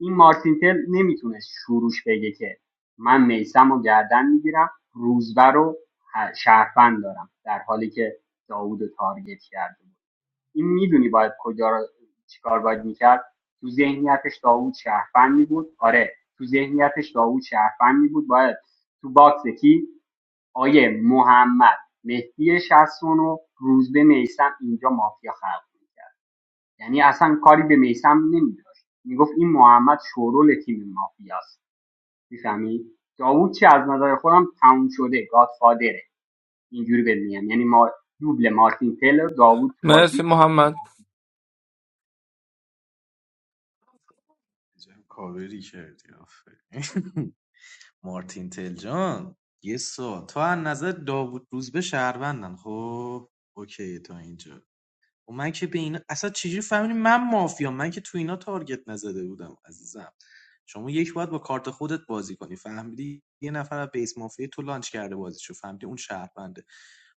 [SPEAKER 16] این مارتینتل نمیتونست شروعش بگه که من میسم و گردن میگیرم روزبه رو ه- شهروند دارم در حالی که داوود رو تارگت کرده بود این میدونی باید کجا رو چیکار باید میکرد تو ذهنیتش داوود شهروند می بود آره تو ذهنیتش داوود شهروند می بود باید تو باکس کی آیه محمد مهدی شصتونو روز به میسم اینجا مافیا خلق میکرد یعنی اصلا کاری به میسم نمیداشت میگفت این محمد شورول تیم مافیاست میفهمی داوود چی از نظر خودم تموم شده گادفادره اینجوری بهت میگم یعنی ما دوبل مارتین تلر داوود تو
[SPEAKER 2] مرسی
[SPEAKER 16] بازی
[SPEAKER 2] محمد
[SPEAKER 14] عجب کاوری کردی آفرین. <laughs> مارتین تلجان یه سوال تو از نظر داوود روزبه شهروندن خب اوکی تا اینجا و من که به اینا اصلا چجوری فهمیدی من مافیا من که تو اینا تارگت نزده بودم عزیزم شما یک باید با کارت خودت بازی کنی فهمیدی یه نفر از بیس مافیا تو لانچ کرده بازیشو فهمیدی اون شهربنده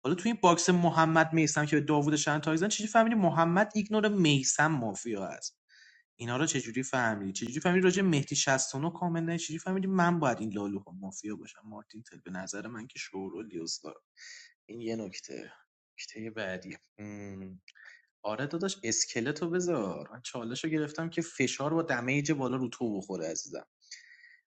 [SPEAKER 14] حالا تو این باکس محمد میسم که به داوود شهر تایزن چجوری فهمیدی محمد ایگنور میسم مافیا هست اینا رو چجوری فهمیدی چجوری فهمیدی راجع به مهدی 69 کامل نه چجوری فهمیدی من باید این لالوها مافیا باشم مارتین تل به نظر من که شعور و لیوستار این یه نکته نکته بعدی مم. آره داداش اسکلتو بذار من چالشو گرفتم که فشار با دمیج بالا رو تو بخوره عزیزم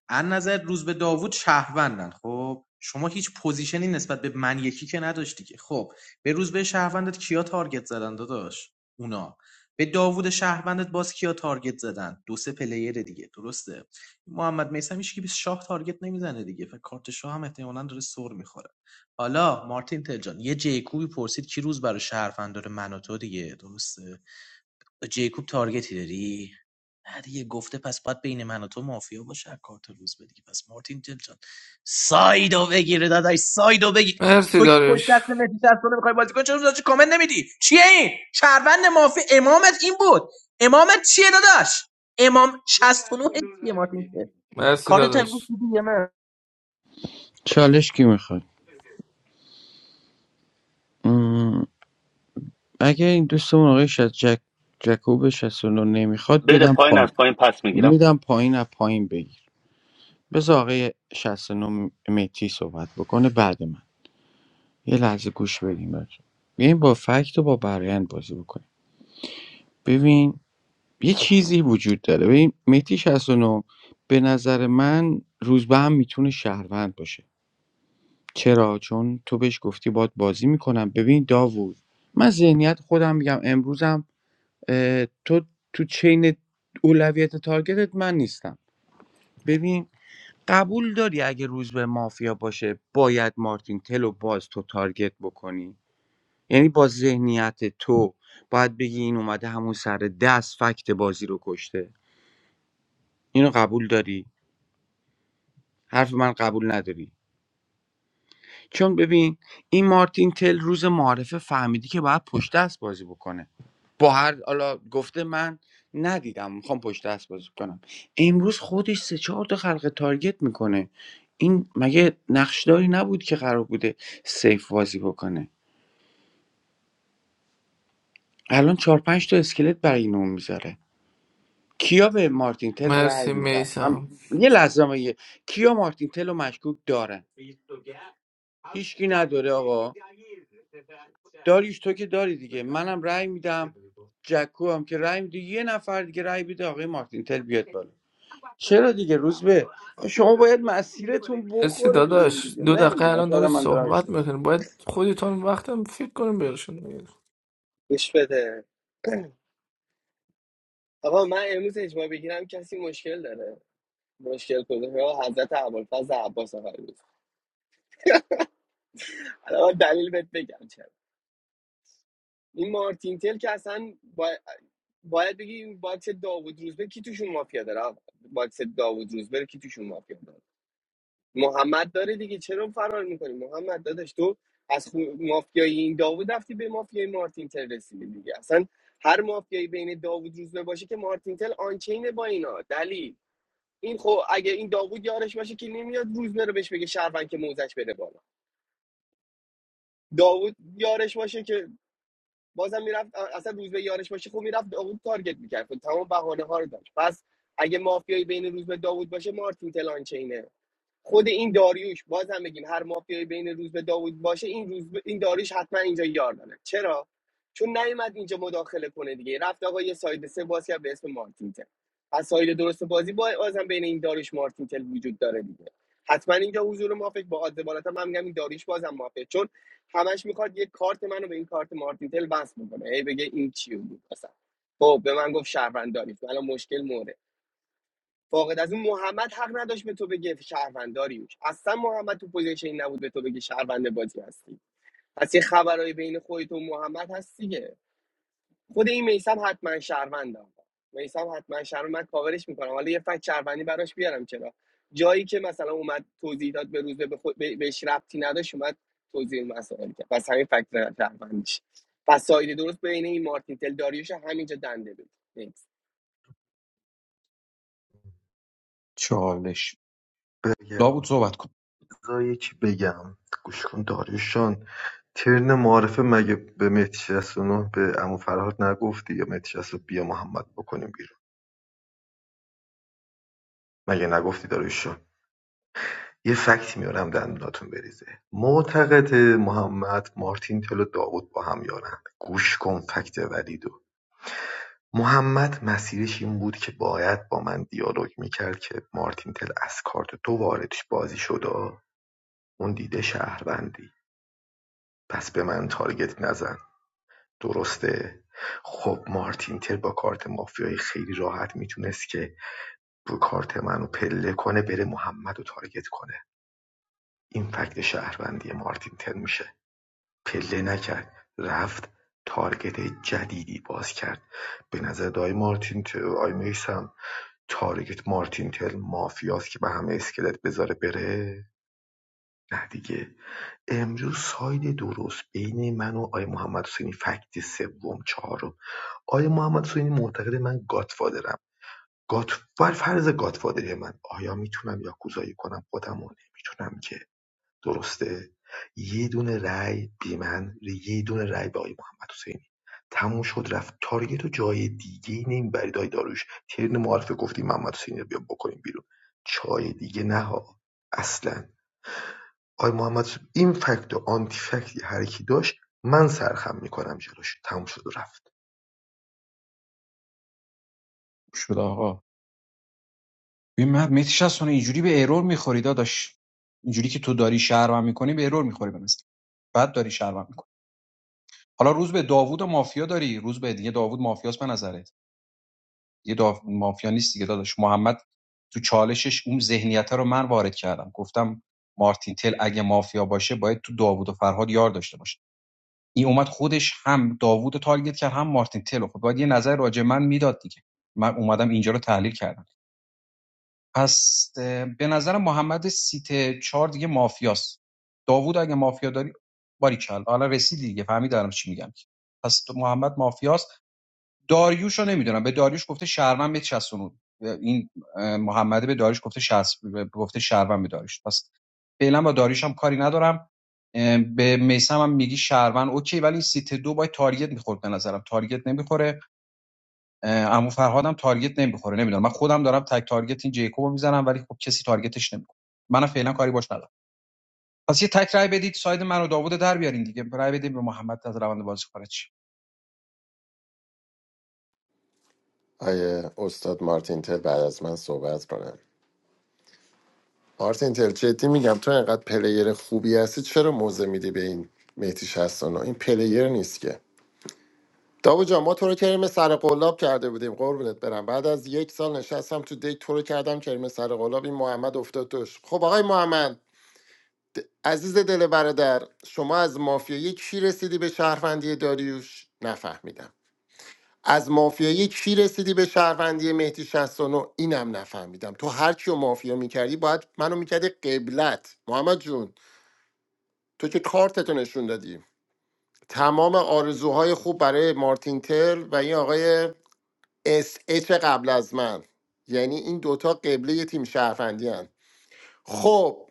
[SPEAKER 14] ان نظر روز به داوود شهروندن خب شما هیچ پوزیشنی نسبت به من یکی که نداشتی که خب به روز به شهروندت کیا تارگت زدن داداش اونا به داوود شهروندت باز کیا تارگت زدن دو سه پلیر دیگه درسته محمد میسم هیچ که به شاه تارگت نمیزنه دیگه و کارت شاه هم احتمالاً داره سر میخوره حالا مارتین تلجان یه جیکوبی پرسید کی روز برای شهروند داره من و تو دیگه درسته به جیکوب تارگتی داری؟ نه دیگه گفته پس باید بین من و تو مافیا باشه کارت روز به پس مارتین جلجان سایدو بگیره داداش سایدو بگیر
[SPEAKER 2] مرسی
[SPEAKER 14] تو که پشت
[SPEAKER 2] داریش
[SPEAKER 14] دست مهدی سرسونه میخوای بازی کنی چرا داداش کامل نمیدی چیه این شهروند مافیا امامت این بود امامت چیه داداش امام 69 چیه مارتین که
[SPEAKER 2] مرسی
[SPEAKER 14] کارت امروز
[SPEAKER 2] داداش
[SPEAKER 14] دیدی یا نه
[SPEAKER 10] چالش کی میخواد اگه این دوستمون آقای شد جک جکوب 69 نمیخواد
[SPEAKER 5] بره
[SPEAKER 10] بدم
[SPEAKER 5] پایین
[SPEAKER 10] پایین
[SPEAKER 5] از پایین پس میگیرم
[SPEAKER 10] میدم پایین از پایین بگیر بذار آقای 69 متی صحبت بکنه بعد من یه لحظه گوش بدیم بچه بیایم با فکت و با برایند بازی بکنیم ببین یه چیزی وجود داره ببین متی 69 به نظر من روزبه هم میتونه شهروند باشه چرا چون تو بهش گفتی باید بازی میکنم ببین داوود من ذهنیت خودم میگم امروزم اه، تو تو چین اولویت تارگتت من نیستم ببین قبول داری اگه روز به مافیا باشه باید مارتین تلو باز تو تارگت بکنی یعنی با ذهنیت تو باید بگی این اومده همون سر دست فکت بازی رو کشته اینو قبول داری حرف من قبول نداری چون ببین این مارتین تل روز معارفه فهمیدی که باید پشت دست بازی بکنه با هر حالا گفته من ندیدم میخوام پشت دست بازی کنم امروز خودش سه چهار تا خلق تارگت میکنه این مگه نقشداری نبود که قرار بوده سیف بازی بکنه الان چهار پنج تا اسکلت برای این اون میذاره کیا به مارتین تل رأی
[SPEAKER 2] مرسی
[SPEAKER 10] میدن من-
[SPEAKER 2] میسم
[SPEAKER 10] یه لحظه من یه- کیا مارتین تل رو مشکوک دارن هیچکی نداره آقا داریش تو که داری دیگه منم رأی میدم جکو هم که رأی میده یه نفر دیگه رأی بده آقای مارتین تل بیاد بالا چرا دیگه روز به شما باید مسیرتون
[SPEAKER 2] مرسی
[SPEAKER 10] بخوره به این
[SPEAKER 2] داداش
[SPEAKER 10] دیگه
[SPEAKER 2] دو دقیقه
[SPEAKER 10] نمیدونم
[SPEAKER 2] الان
[SPEAKER 10] شاید
[SPEAKER 2] داره
[SPEAKER 10] هم من دارم
[SPEAKER 2] صحبت
[SPEAKER 10] اشتباه
[SPEAKER 2] میکنیم باید خودتون وقتم فکر کنیم بیرشون
[SPEAKER 1] گوش بده آقا من امروز اجماع بگیرم کسی مشکل داره مشکل کده ها حضرت ابوالفضل عباس آقای بود الان من دلیل بهت بگم چرا این مارتین تل که اصلا با... باید بگی این باکس داوود روزبه کی توشون مافیا داره آقا باکس داوود روزبه رو کی توشون مافیا داره محمد داره دیگه چرا فرار میکنی محمد داداش تو از خو... مافیای این داوود رفتی به مافیای مارتین تل رسیدی دیگه اصلا هر مافیایی بین داوود روزبه باشه که مارتین تل آنچینه با اینا دلیل این خب اگه این داوود یارش باشه که نمیاد روزبه رو بهش بگه شهروند که موزش بده بالا داوود یارش باشه که بازم میرفت اصلا روزبه یارش باشه خب میرفت داوود تارگت میکرد خب تمام بهانه ها رو داشت پس اگه مافیایی بین روزبه داوود باشه مارتین تل آنچینه خود این داریوش باز هم بگیم هر مافیایی بین روز به داوود باشه این روز به- این داریوش حتما اینجا یار داره چرا چون نیومد اینجا مداخله کنه دیگه رفت آقا یه ساید سه باز کرد به اسم مارتینتل پس ساید درست بازی با بازم بین این داریوش مارتینتل وجود داره دیگه حتما اینجا حضور مافک با عادل بالاتر من میگم این داریوش بازم مافک چون همش میخواد یه کارت منو به این کارت مارتینتل بس بکنه هی بگه این چی بود اصلا خب به من گفت شهروند داریوش الان مشکل مورد فاقد از اون محمد حق نداشت به تو بگه شهروند اصلا محمد تو پوزیشن نبود به تو بگه شهروند بازی هستی پس یه خبرای بین خودت و محمد هست دیگه خود این میسم حتما شهروند میسم حتما شهروند من کاورش میکنم حالا یه فکت شهروندی براش بیارم چرا جایی که مثلا اومد توضیح داد به روز به خود به- بهش ربطی نداشت اومد توضیح مسائل کرد پس همین فکت شهروندیش پس سایده درست بین این مارتین تل داریوش همینجا دنده بود
[SPEAKER 7] چالش داوود صحبت کن شد آقا ببین من متیش اینجوری به ارور میخوری داداش اینجوری که تو داری شهر میکنی به ارور میخوری بنظر بعد داری شرمم میکنی حالا روز به داوود و مافیا داری روز به دیگه داوود مافیاست به نظرت دیگه داو... مافیا نیست دیگه داداش محمد تو چالشش اون ذهنیت رو من وارد کردم گفتم مارتین تل اگه مافیا باشه باید تو داوود و فرهاد یار داشته باشه این اومد خودش هم داوود رو تارگت کرد هم مارتین تل خب باید یه نظر راجع من میداد دیگه من اومدم اینجا رو تحلیل کردم پس به نظر محمد سیت چهار دیگه مافیاست داوود اگه مافیا داری باریکلا حالا رسیدی دیگه فهمیدی الان چی میگم پس تو محمد مافیاست داریوش رو نمیدونم به داریوش گفته شهروند به 69 این اه، محمد به داریوش گفته شهس گفته شهروند به داریوش پس فعلا با داریوش هم کاری ندارم به میسم هم میگی شهروند اوکی ولی سیت دو باید تارگت میخورد به نظرم تارگت نمیخوره عمو فرهادم تارگت نمیخوره نمیدونم من خودم دارم تک تارگت این جیکوبو میزنم ولی خب کسی تارگتش نمیکنه منم فعلا کاری باش ندارم پس یه تک رای بدید ساید من و داوود در بیارین دیگه رای بدید به محمد از روند بازی خارج شه.
[SPEAKER 11] آیه استاد مارتین تل بعد از من صحبت کنم مارتین تل جدی میگم تو انقدر پلیر خوبی هستی چرا موزه میدی به این مهدی شستانو این پلیر نیست که داو جان ما تو رو کریم سر قلاب کرده بودیم قربونت برم بعد از یک سال نشستم تو دیک تو رو کردم کریم سر قلاب این محمد افتاد توش خب آقای محمد عزیز دل برادر شما از مافیایی کی رسیدی به شهروندی داریوش نفهمیدم از مافیایی کی رسیدی به شهروندی مهدی 69 اینم نفهمیدم تو هر کیو مافیا میکردی باید منو میکردی قبلت محمد جون تو که کارتتو نشون دادی تمام آرزوهای خوب برای مارتین تل و این آقای اس اچ قبل از من یعنی این دوتا قبله یه تیم شهروندی هن. خب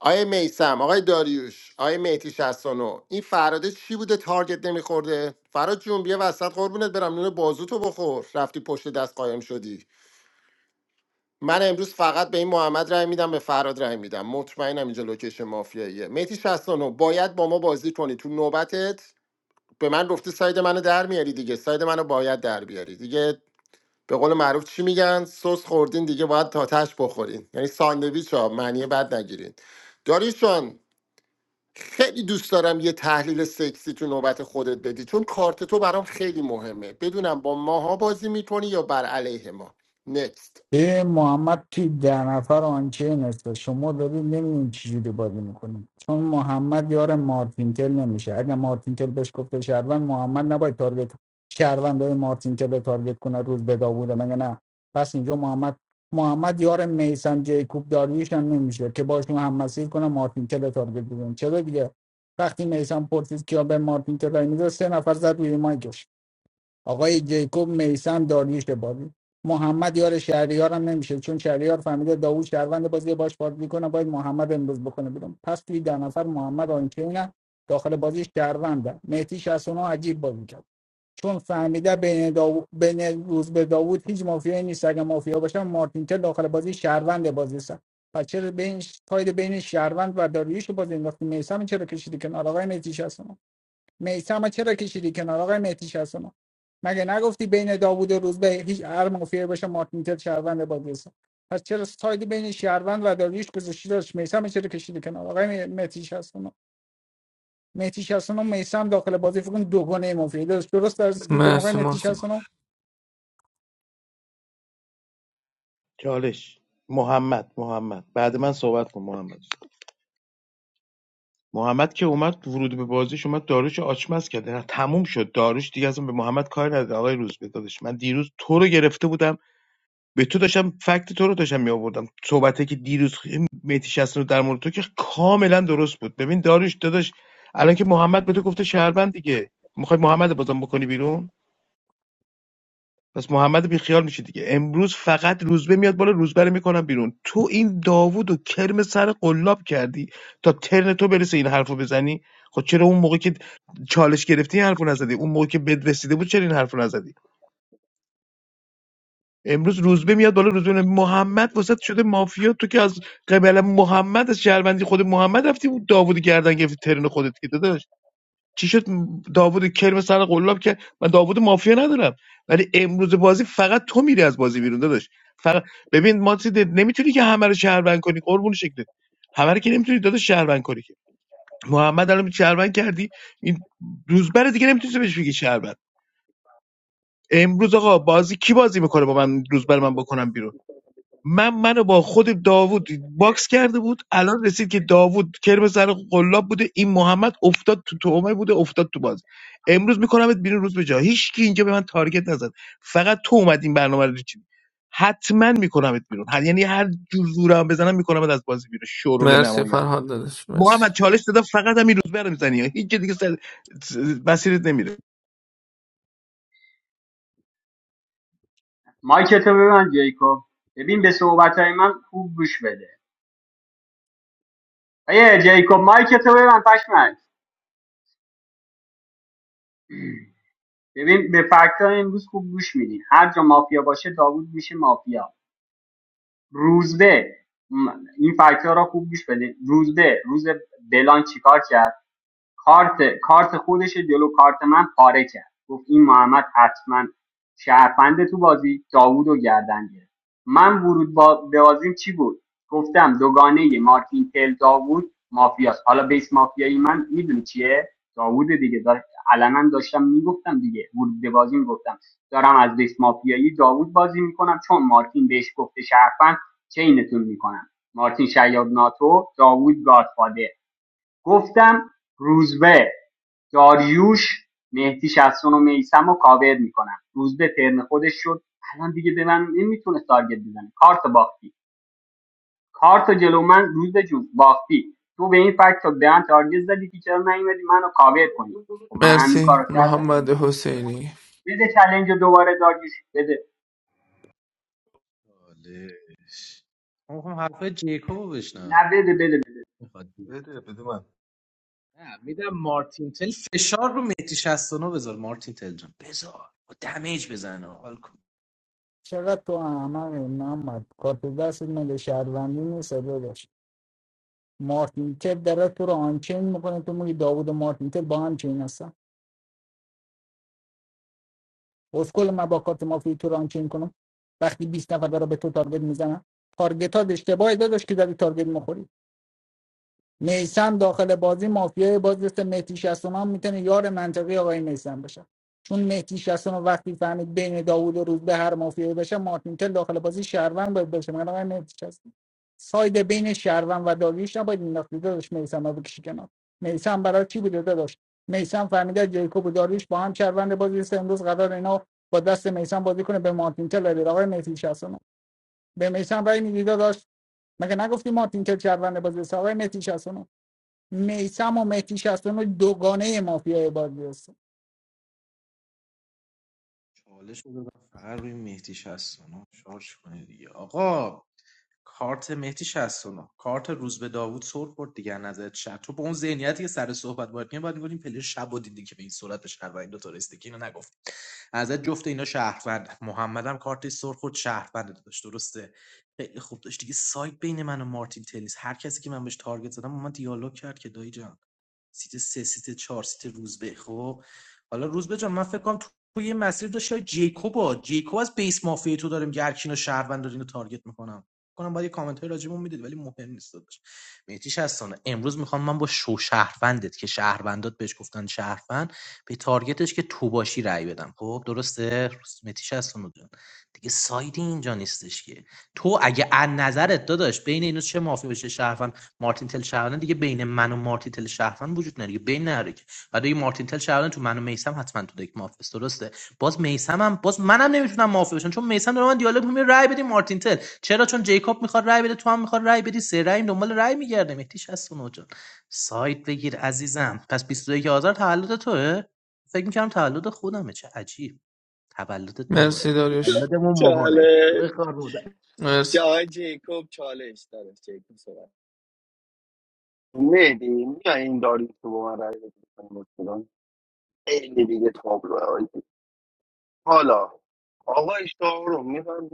[SPEAKER 11] آقای میسم آقای داریوش آقای مهدی 69 این فراده چی بوده تارگت نمیخورده فراد جون بیا وسط قربونت برم نون بازوتو بخور رفتی پشت دست قایم شدی من امروز فقط به این محمد رای میدم به فراد رای میدم مطمئنم اینجا لوکیشن مافیاییه میتی 69 باید با ما بازی کنی تو نوبتت به من گفتی ساید منو در میاری دیگه ساید منو باید در بیاری دیگه به قول معروف چی میگن سس خوردین دیگه باید تاتش بخورین یعنی ساندویچ ها معنی بد نگیرین داریوش جان خیلی دوست دارم یه تحلیل سکسی تو نوبت خودت بدی چون کارت تو برام خیلی مهمه بدونم با ماها بازی میکنی یا بر علیه ما نکست
[SPEAKER 4] یه محمد توی ده نفر آنچین هست شما دارید نمیدونید چجوری بازی میکنید چون محمد یار مارتینتل نمیشه اگر مارتینتل بهش گفته شهروند محمد نباید تارگت شهروند های مارتینتل رو تارگت کنه روز به داوده مگه نه پس اینجا محمد محمد یار میسم جیکوب دارویش هم نمیشه که باشون هم مسیر کنه مارتینتل رو تارگت بزنه چرا دیگه وقتی میسم پرسید کیا به مارتینتل رای میده سه نفر زد روی مایکش آقای جیکوب میسم داریوش بازی محمد یار شهریار هم نمیشه چون شهریار فهمیده داوود شهروند بازی باش بازی میکنه باید محمد امروز بکنه بیرون پس توی ده نفر محمد آنچینه داخل بازی شهرونده مهدی 69 عجیب بازی کرد چون فهمیده بین, داو... بین روز به داوود هیچ مافیایی نیست اگه مافیا باشه مارتین تل داخل بازی شهروند بازی است پس چرا بین تاید بین شهروند و داریوش بازی انداختی میسم چرا کشیدی کنار آقای مهدی شصت و نه؟ میسم چرا کشیدی کنار آقای مهدی شصتونو مگه نگفتی بین داوود و روزبه هیچ هر مافیایی باشه مارتینتل شهروند با دوستان پس چرا سایدی بین شهروند و داریوش گذاشتی داشت میسم چرا کشیدی کنار آقای مهدی شصتونو مهدی شصتونو میسم داخل بازی فکر کن دوگانه مافیایی داشت درست در اسکیل کردم آقای
[SPEAKER 2] مرسی
[SPEAKER 4] مهدی
[SPEAKER 2] مرسی
[SPEAKER 4] شصتونو
[SPEAKER 13] چالش محمد محمد بعد من صحبت کن محمد محمد که اومد ورود به بازیش اومد داروش رو آچمز کرد نه تموم شد داروش دیگه اصلا به محمد کاری نداره آقای روز داداش من دیروز تو رو گرفته بودم به تو داشتم فکت تو رو داشتم می آوردم صحبته که دیروز میتی رو در مورد تو که کاملا درست بود ببین داروش داداش الان که محمد به تو گفته شهروند دیگه میخوای محمد رو بازم بکنی بیرون پس محمد بیخیال میشه دیگه امروز فقط روزبه میاد بالا روزبه رو میکنم بیرون تو این داوود و کرم سر قلاب کردی تا ترن تو برسه این حرفو بزنی خب چرا اون موقع که چالش گرفتی این حرفو نزدی اون موقع که بد رسیده بود چرا این حرفو نزدی امروز روزبه میاد بالا روزبه میاد. محمد واسط شده مافیا تو که از قبل محمد از شهروندی خود محمد رفتی بود داوود گردن گرفتی ترن خودت که داداش چی شد داوود کلم سر قلاب که من داوود مافیا ندارم ولی امروز بازی فقط تو میری از بازی بیرون داداش فقط ببین ماتید چیزی- نمیتونی که همه رو شهروند کنی قربون شکلت همه رو که نمیتونی داداش شهروند کنی که محمد الان شهروند کردی این روزبر دیگه نمیتونی بهش بگی شهروند امروز آقا بازی کی بازی میکنه با من روزبر من بکنم بیرون من منو با خود داوود باکس کرده بود الان رسید که داوود کرم سر قلاب بوده این محمد افتاد تو تومه بوده افتاد تو باز امروز میکنمت بیرون روز به جا هیچ کی اینجا به من تارگت نزد فقط تو اومد این برنامه رو چیدی حتما میکنمت بیرون هر یعنی هر جور زورم بزنم میکنمت از بازی بیرون شورول
[SPEAKER 2] مرسی
[SPEAKER 13] نمایان
[SPEAKER 2] فرهاد داداش مرسی
[SPEAKER 13] محمد چالش دادم فقط همین روز برم میزنی هیچ جای دیگه سر س- مسیرت نمیره
[SPEAKER 16] مایکتو ببند جیکوب ببین به صحبت من خوب گوش بده آیه جیکوب مایکتو ببند پشمک ببین به فکت امروز خوب گوش میدین هر جا مافیا باشه داوود میشه مافیا روزبه م، این فکت را خوب گوش بده روزبه روز بلان چیکار کرد کارت کارت خودش رو جلو کارت من پاره کرد گفت این محمد حتما شهرفنده تو بازی داوود و گردن گرفت من ورود با به بازیم چی بود گفتم دوگانه مارتین تل داوود مافیاست حالا بیس مافیایی من میدونی چیه داوود دیگه داره علنا داشتم میگفتم دیگه ورود به بازیم گفتم دارم از بیس مافیایی داوود بازی میکنم چون مارتین بهش گفته شهرفند چینتون میکنم مارتین شیاد ناتو داوود گادفادر گفتم روزبه داریوش مهدی شستون و میسم و کاور میکنم روزبه ترن خودش شد الان دیگه به من نمیتونه تارگت بزنه کارت باختی کارت جلو من روزبه جون باختی تو به این فکت به من تارگت زدی که چرا نیومدی منو کاور کنی خب من همین کارو
[SPEAKER 2] مرسی
[SPEAKER 16] کردم
[SPEAKER 2] محمد حسینی
[SPEAKER 16] بده چلنج رو دوباره داریوش بده
[SPEAKER 14] چالش من میخوام حرفای جیکوب رو بشنوم
[SPEAKER 16] نه بده بده بده
[SPEAKER 14] نه میدم مارتین تل فشار رو مهدی 69 بذار مارتین تل جان بذار با دمیج بزنه حال کن
[SPEAKER 4] چقدر تو احمق محمد کارت دست مگه شهروندی نیست داشت مارتینتل داره تو رو آنچین میکنه تو میگی داوود و مارتینتل با هم چین هستن اسکل من با کارت مافی تو رانچین کنم وقتی بیست نفر برای به تو تارگت میزنن تارگت ها اشتباهی داداش که زدی تارگت میخوری. میسم داخل بازی مافیای بازی مثل مهدی 69 میتونه یار منطقی آقای میسم باشه چون مهدی 69 وقتی فهمید بین داوود و روز به هر مافیایی بشه مارتین تل داخل بازی شهروند باید باشه من آقای مهدی 69 ساید بین شهروند و داریوش نباید مینداخت داداش میسم رو بکشی کنار میسم برای چی بوده داداش میسم فهمیده جیکوب و داریوش با هم شهروند بازی است امروز قرار اینا با دست میسم بازی کنه به مارتین تل رای بده. آقای مهدی 69 به میسم رای میدی داداش مگه نگفتی مارتین تل شهروند بازی است آقای مهدی 69 میسم و مهدی شستان دوگانه مافیای بازی هستن
[SPEAKER 14] چالش رو دادم فقط روی مهدی 69 شارژ کنه دیگه آقا کارت مهدی 69 کارت روز به داوود سر خورد دیگه از نظرت شد تو به اون ذهنیتی که سر صحبت باید میگم باید میگفتیم پلیر شب دیدی که به این صورت به این دو تا رسیده که اینو نگفت ازت جفت اینا شهروند محمد هم کارت سر خورد شهروند داشت درسته خیلی خوب داشت دیگه سایت بین من و مارتین تنیس هر کسی که من بهش تارگت زدم با من دیالوگ کرد که دایی جان سیت سه سیت چهار سیت روزبه خب حالا روزبه جان من فکر کنم تو تو یه مسیر داشت شاید جیکوبا جیکوب از بیس مافیا تو داره میگه هر کینو شهروند داره اینو تارگت میکنم کنم باید یه کامنت های راجبمون میدید ولی مهم نیست داداش مهدی شستانه امروز میخوام من با شو شهروندت که شهروندات بهش گفتن شهروند به تارگتش که تو باشی رأی بدم خب درسته مهدی شستانه جان دیگه سایدی اینجا نیستش که تو اگه از نظرت داداش بین اینو چه مافی بشه شهروند مارتین تل شهروند دیگه بین من و مارتین تل شهروند وجود نداره دیگه بین نره که بعد اگه مارتین تل شهروند تو من و میسم حتما تو دک مافی است. درسته باز میسمم باز منم نمیتونم معافی بشم چون میسم داره من دیالوگ میگه رای بدیم مارتین تل چرا چون جیکوب میخواد رای بده تو هم میخواد رای بدی سه رای دنبال رای میگرده مهدی 69 جان سایت بگیر عزیزم پس 21 آذر تولد توه فکر میکنم تولد خودمه چه عجیب تولدت
[SPEAKER 2] مرسی
[SPEAKER 14] مبارک
[SPEAKER 2] داریش
[SPEAKER 14] تولدمون مبارک
[SPEAKER 1] چاله
[SPEAKER 14] تو کار بودم
[SPEAKER 1] جا
[SPEAKER 2] مرسی
[SPEAKER 1] آقای جیکوب چالش دادش جیکوب صحبت
[SPEAKER 5] مهدی میای این داری تو با من رای بده خیلی دیگه تابلوه حالا آقا اشتها رو میفهمی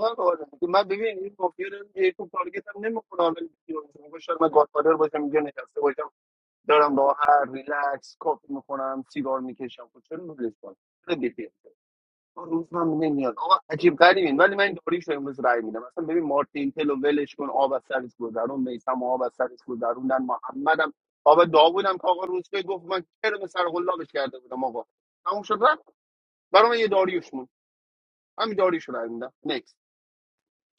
[SPEAKER 5] آقا رو میگه من ببین این مافیا رو یه تو تارگت هم نمیکنه حالا میگه شاید من گادفادر باشم اینجا نشسته باشم دارم با هر ریلکس کافی میخونم سیگار میکشم خب چرا نوبلش کنم چرا بیخیال شم؟ آقا روز من نمیاد آقا عجیب غریبین ولی من داریش رو امروز رای میدم اصلا ببین مارتین تلو ولش کن آب از سرش گذرون میسم آب از سرش گذروندن محمدم آب داوودم که آقا روز به گفت من کرم سر قلابش کرده بودم آقا تموم شد رفت برام یه داریوش همین داریشو رای میدم نکس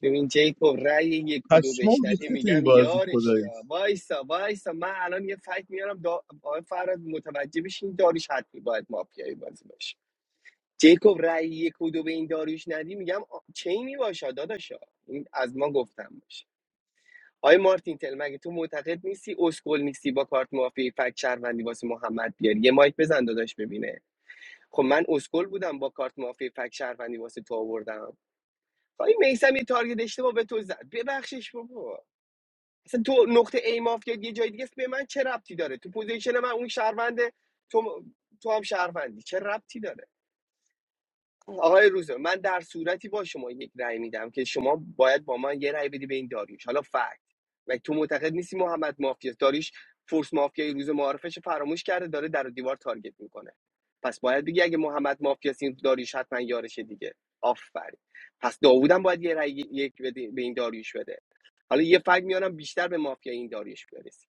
[SPEAKER 1] ببین جیکوب رأی یک و دو
[SPEAKER 13] پشمام
[SPEAKER 1] بشنوی
[SPEAKER 13] ریخته تو این
[SPEAKER 1] میگم
[SPEAKER 13] بازی
[SPEAKER 1] یارش
[SPEAKER 13] خدایی
[SPEAKER 1] یا وایسا وایسا من الان یه فکت میارم دا... آقای فراد متوجه بشین داریش حتمی باید مافیایی بازی باشه جیکوب رأی یک و دو به این داریوش ندی میگم آ- چینی باشه داداشا این از ما گفتم باشه آقای مارتین تل مگه تو معتقد نیستی اسکل نیستی با کارت مافیایی فکت شهروندی واسه محمد بیاری یه مایک بزن داداش ببینه خب من اسکل بودم با کارت مافیایی فکت شهروندی واسه تو آوردم تا این میسم یه تارگت اشتباه به تو زد ببخشش بابا اصلا تو نقطه ای مافیا یه جای دیگه است به من چه ربطی داره تو پوزیشن من اون شهروند تو تو هم شهروندی چه ربطی داره آقای روزه من در صورتی با شما یک رأی میدم که شما باید با من یه رأی بدی به این داریوش حالا فکت و تو معتقد نیستی محمد مافیاست داریوش فورس مافیای روز معارفش فراموش کرده داره در و دیوار تارگت میکنه پس باید بگی اگه محمد مافیاست این داریوش حتما یارشه دیگه آفرین پس داوودم باید یه رأی یک بده- به این داریوش بده حالا یه فکت میارم بیشتر به مافیا این داریوش برسیم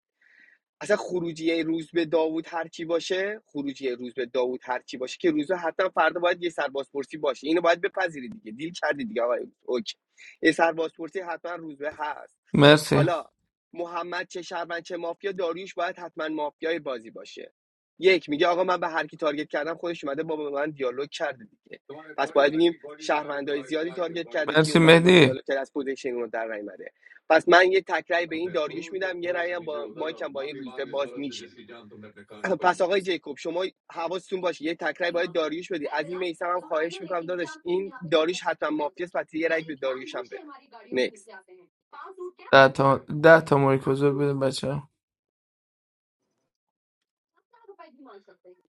[SPEAKER 1] اصلا خروجی روز به داوود هر کی باشه خروجی روز به داوود هر کی باشه که روزا حتما فردا باید یه سربازپرسی باشه اینو باید بپذیرید دیگه دیل کردی دیگه آقای اوکی یه سربازپرسی حتما روز به هست
[SPEAKER 2] مرسی
[SPEAKER 1] حالا محمد چه شهروند چه مافیا داریوش باید حتما مافیای بازی باشه یک میگه آقا من به هر کی تارگت کردم خودش اومده با با من دیالوگ کرده دیگه پس باید بگیم شهروندای زیادی تارگت کرده کی
[SPEAKER 2] مرسی
[SPEAKER 1] اومده باش
[SPEAKER 2] مهدی
[SPEAKER 1] دیالوگ کرده از پوزیشن اون در نیومده پس من یه تکرای به این داریوش میدم یه رأی هم با مایکم با این روزبه باز میشه <clears throat> پس آقای جیکوب شما حواستون باشه یه تکرای باید داریوش بدی از این میسم هم خواهش میکنم داداش این داریوش حتما مافیاس پس یه رأی به داریوش هم بده نکست
[SPEAKER 2] ده تا ده تا مایک حضور بده بچه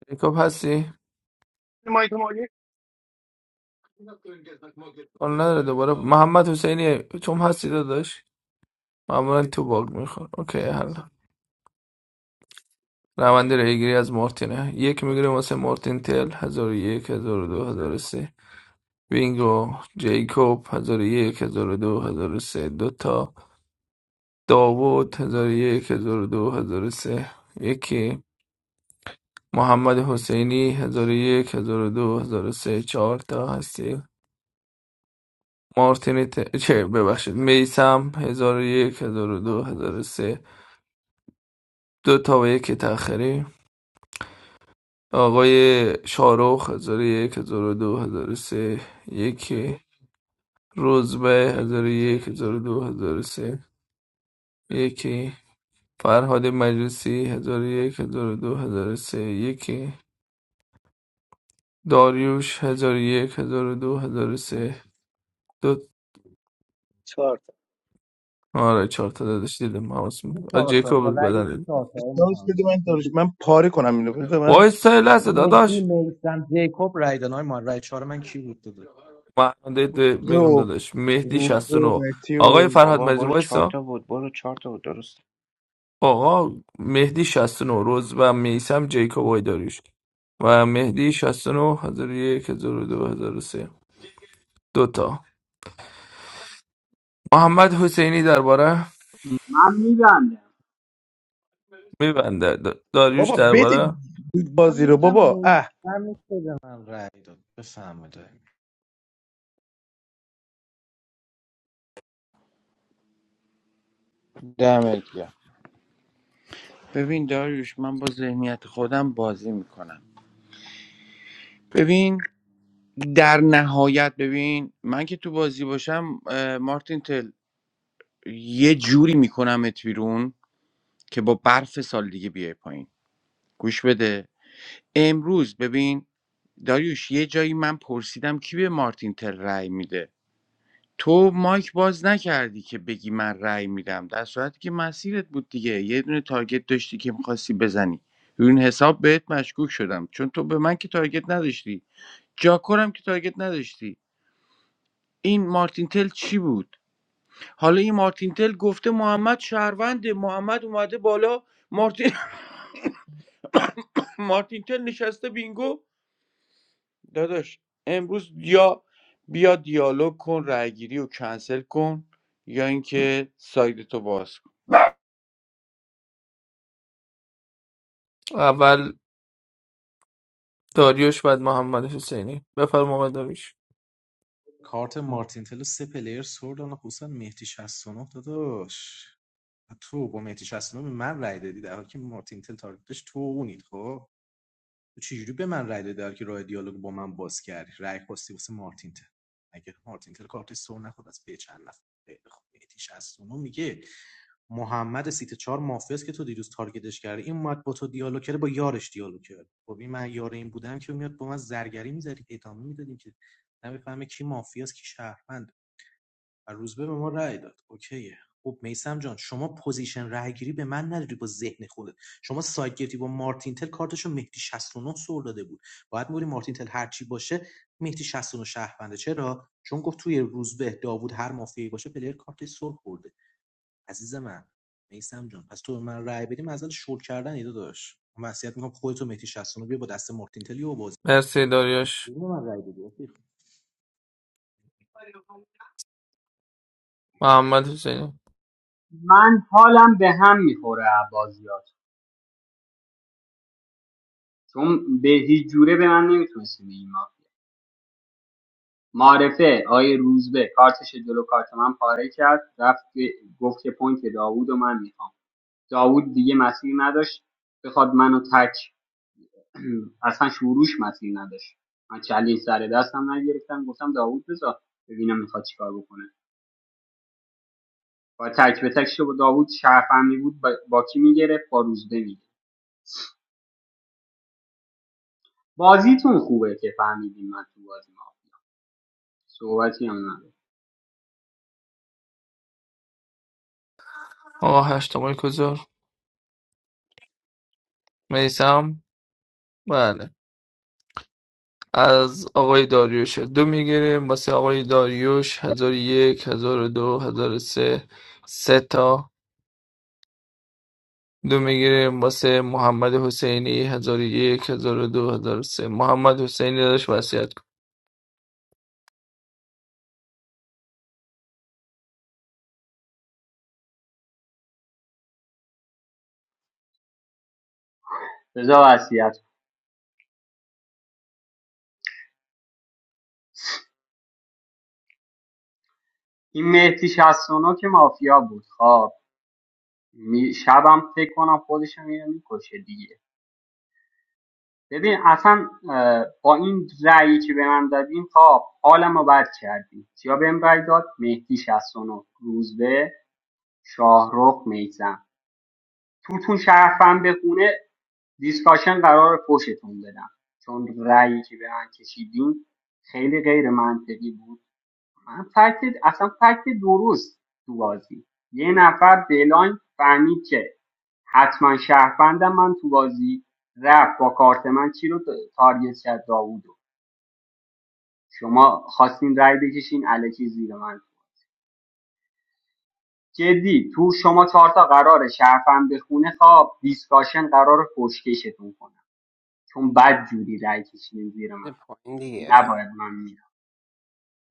[SPEAKER 2] پیکاپ هستی؟
[SPEAKER 5] مایک مالی
[SPEAKER 2] حال نداره دوباره محمد حسینی چون هستی داداش معمولا تو باگ میخور اوکی حل روند ریگیری از مارتینه یک میگیره واسه مارتین تل هزار و یک هزار و دو هزار و سه بینگو جیکوب هزار و یک هزار و دو هزار و سه دوتا داوود هزار و یک هزار و دو هزار و سه یکی محمد حسینی هزار و یک هزار و دو هزار و سه چهار تا هستی مارتین ت... چه ببخشید میسم هزار و یک هزار و دو هزار و سه دو تا و یک تأخیری آقای شارخ 1001 1002 سه، یکی روزبه 1001 1002 سه، یکی فرهاد مجلسی 1001 1002 سه، یکی داریوش 1001 1002 1003 دو هزار و سه دو.
[SPEAKER 1] چهار
[SPEAKER 2] آره چهار تا داداش دیدم حواس
[SPEAKER 14] دیدی
[SPEAKER 2] میگم
[SPEAKER 14] چهار تا با
[SPEAKER 2] جیکوب
[SPEAKER 14] رأی کی
[SPEAKER 2] بدن
[SPEAKER 14] چهار تا
[SPEAKER 13] چالش بده
[SPEAKER 14] محمد
[SPEAKER 13] من دارش من پاره کنم اینو بده من
[SPEAKER 2] وایستا یه لحظه
[SPEAKER 14] مهدی
[SPEAKER 2] داداش
[SPEAKER 14] میسم جیکوب رای دادن آقای ما رأی چهار من کی بود داده
[SPEAKER 2] من ده- میگم
[SPEAKER 13] رو
[SPEAKER 2] داداش مهدی
[SPEAKER 13] روزه و
[SPEAKER 2] 69
[SPEAKER 13] مهدی و
[SPEAKER 2] آقای فرهاد
[SPEAKER 12] بابا
[SPEAKER 2] مجلسی
[SPEAKER 12] برو چهار
[SPEAKER 2] وایسا
[SPEAKER 12] تا بود برو چهار تا بود درست
[SPEAKER 2] آقا مهدی 69 روز و میسم جیکوب آقای داریوش و مهدی 69 1001 1002 1003 دو تا محمد حسینی درباره
[SPEAKER 16] من میبندم
[SPEAKER 2] میبنده داریوش
[SPEAKER 13] بابا بده
[SPEAKER 2] درباره
[SPEAKER 14] من
[SPEAKER 13] بازی رو
[SPEAKER 14] میدم
[SPEAKER 13] بابا اه
[SPEAKER 14] میسم که به من رأی داد بفهمه
[SPEAKER 10] می‌کنم. دمت گرم ببین داریوش من با ذهنیت خودم بازی میکنم ببین در نهایت ببین من که تو بازی باشم اه، مارتین تل یه جوری میکنمت بیرون که با برف سال دیگه بیای پایین گوش بده امروز ببین داریوش یه جایی من پرسیدم کی به مارتین تل رأی میده تو مایک باز نکردی که بگی من رأی میدم در صورتی که مسیرت بود دیگه یه دونه تارگت داشتی که میخواستی بزنی روی این حساب بهت مشکوک شدم چون تو به من که تارگت نداشتی جاکورم که تارگت نداشتی این مارتین تل چی بود حالا این مارتین تل گفته محمد شهروند محمد اومده بالا مارتین <laughs> مارتین تل نشسته بینگو داداش امروز یا بیا دیالوگ کن رأیگیری رو کنسل کن یا اینکه ساید تو باز کن
[SPEAKER 2] اول داریوش بعد محمد حسینی بفرما آقای داریوش
[SPEAKER 14] کارت مارتینتلو سه پلیر سر دادن خصوصا مهدی 69 داداش تو با مهدی 69 به من رای دادی در حالی که مارتینتل تارگتش تو و اونید خب تو چجوری به من رای دادی در که راه دیالوگ با من باز کردی رای خواستی واسه مارتین تل اگه مارتین تل کارت سر نخورد از به چند نفر خیلی خوب میتیش از اونو میگه محمد سیت چهار مافیاس که تو دیروز تارگتش کردی این اومد با تو دیالوگ کرده با یارش دیالوگ کرد خب این من یار این بودم که میاد با من زرگری میذاری ادامه میدادیم که نمیفهمه کی مافیاس کی شهروند و روزبه به ما رأی داد اوکیه خب میسم جان شما پوزیشن رأیگیری به من نداری با ذهن خودت شما سایت گرفتی با مارتین تل کارتشو مهدی 69 سر داده بود باید موری مارتین تل هر چی باشه مهدی 69 شهرونده چرا چون گفت توی روزبه داوود هر مافیایی باشه پلیر کارتش سر خورده عزیز من میسم جان پس تو به من رأی بدیم از اول شل کردن ایده داشت وصیت میکنم خودتو مهدی 69 بیا با دست مارتین تلی و بازی
[SPEAKER 2] مرسی داریوش
[SPEAKER 14] بدون من رأی بدی
[SPEAKER 2] محمد حسینی
[SPEAKER 16] من حالم به هم میخوره بازیات چون به هیچ جوره به من نمیتونستی بگی معرفه آقای روزبه کارتش جلو کارت من پاره کرد رفت که- گفت که پوینت داوود و من میخوام داوود دیگه مسیر نداشت بخواد منو تک <clears throat> اصلا شروعش مسیر نداشت من چلین سر دستم نگرفتم گفتم داوود بذار ببینم میخواد چیکار بکنه با تک به تک شد داوود شرفمی بود با, با کی میگرفت با روزبه میگرفت بازیتون خوبه که فهمیدیم من تو بازی ما صحبتی هم نداره
[SPEAKER 2] آقا هشتمال کجا؟ میسم؟ بله از آقای داریوش دو میگیریم واسه آقای داریوش هزار و یک هزار و دو هزار و سه سه تا دو میگیریم واسه محمد حسینی هزار و یک هزار و دو هزار و سه محمد حسینی داشت وصیت کن
[SPEAKER 16] رضا وصیت کن. این مهدی 69 که مافیا بود خب می شبم فکر کنم خودشو میره میکشه دیگه ببین اصلا اه، با این رأیی که به من دادین تا حالم رو بد کردین یا بهم رأی داد مهدی 69 روزبه شاهرخ میزم تون شرفم به خونه دیسکاشن قرار پشتون بدم چون رأیی که به من کشیدین خیلی غیر منطقی بود من فکت اصلا فکت درست تو بازی یه نفر بلاین فهمید که حتما شهروندم من تو بازی رفت با کارت من چی رو تا- تارگت کرد داوودو شما خواستین رای بکشین الکی زیر من جدی تو شما چهار تا قرار شرفم بخونه خواب دیسکاشن قرار پشکشتون کنم چون بد جوری رای کشیدین زیر
[SPEAKER 12] بده
[SPEAKER 16] من
[SPEAKER 12] پایین دیگه
[SPEAKER 16] نباید من میرم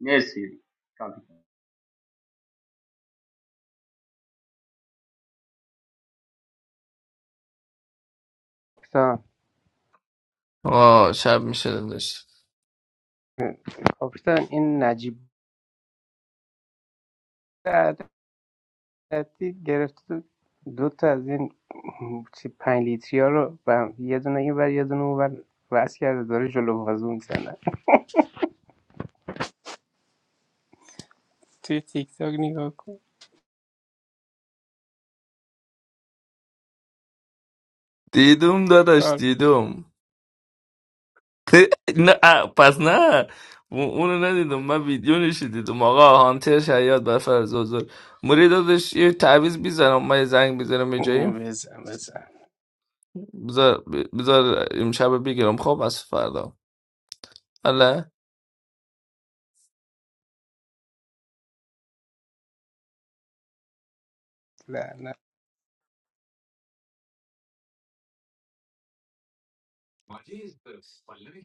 [SPEAKER 16] مرسی
[SPEAKER 12] کاپیتان
[SPEAKER 2] آه شب میشه داداش
[SPEAKER 12] کاپیتان این نجیب عدتی گرفته دو دو تا از این چی پنج لیتری ها رو به هم- یه دونه این ور یه دونه اون ور وصل کرده داره جلو بازو میزنه توی تیک تاک نگاه کن
[SPEAKER 2] دیدم داداش دیدم <laughs> نه اه، پس نه اون- اونو ندیدم من ویدیو نشی دیدم آقا هانتر شیاد بفر زوزور موری داداش یه تعویض بیزنم من یه زنگ بیزنم یه جایی
[SPEAKER 12] بزن بزن
[SPEAKER 2] بذار بذار امشب بگیرم خب از فردا حالا
[SPEAKER 12] لعنت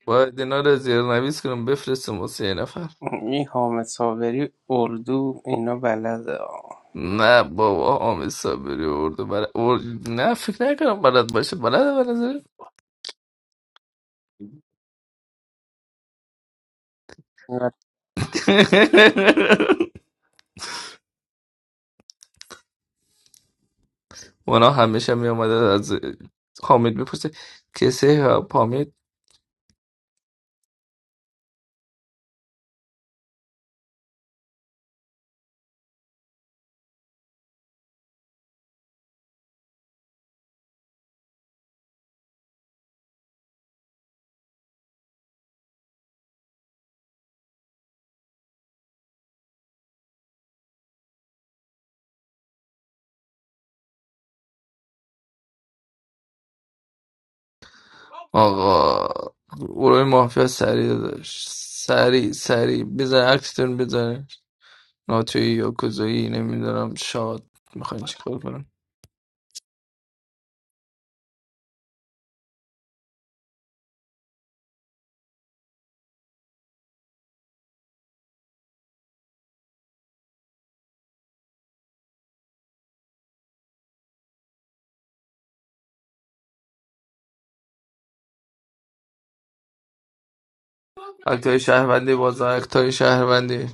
[SPEAKER 2] باید اینا رو زیر نویز کنم بفرستم واسه یه نفر
[SPEAKER 12] این حامد صابری اردو اینا بلده آه.
[SPEAKER 2] نه بابا حامد صابری اردو برا... ار... نه فکر نکنم بلد باشه بلد به
[SPEAKER 12] اینا
[SPEAKER 2] <laughs> مونا همیشه می آمده از حامد میپرسه کسی حامد آقا گروه مافیا سریع داشت سریع سریع بزن اکتتون بزن ناتوی یا کوزایی نمیدونم شاد میخواین چیکار کنین اکتای شهروندی بازا اکتای شهروندی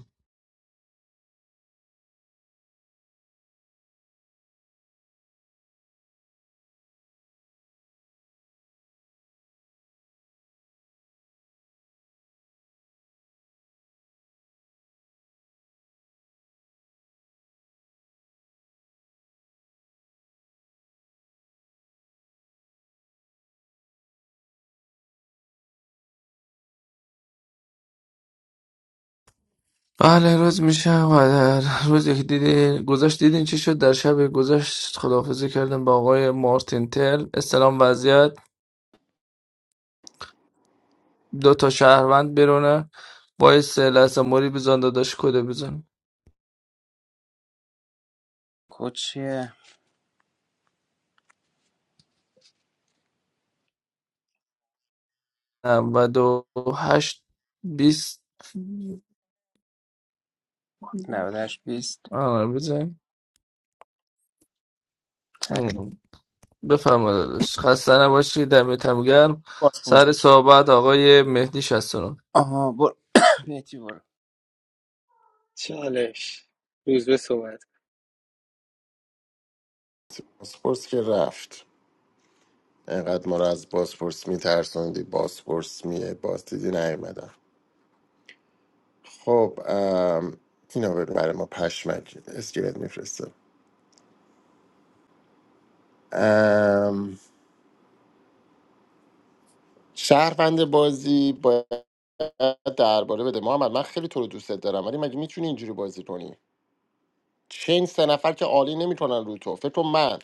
[SPEAKER 2] بله روز میشه و روز یک که دیدین گذاشت دیدین چی شد در شب گذشت خداحافظی کردن با آقای مارتین تل استلام وضعیت دو تا شهروند برونه باعث لحظه موری بزن داداش کده بزن
[SPEAKER 12] کوچه
[SPEAKER 2] نود و دو هشت بیست
[SPEAKER 12] 98 20
[SPEAKER 2] آره بزن
[SPEAKER 12] تک
[SPEAKER 2] بفرما داداش خسته نباشید دمتم گرم
[SPEAKER 12] پاسپورت
[SPEAKER 2] سر صحبت آقای مهدی 69
[SPEAKER 12] آها برو <coughs> میتی برو
[SPEAKER 1] چالش روز به صحبت
[SPEAKER 11] اسپورس که رفت انقدر ما رو از باسپورس میترسوندی باسپورس میه باز دیدی نیومدن خب ام، اینو بگو برای ما پشمک اسکلت میفرسته شهروند بازی باید درباره بده محمد من خیلی تو رو دوست دارم ولی مگه میتونی اینجوری بازی کنی چین سه نفر که عالی نمیتونن رو تو فکر کن من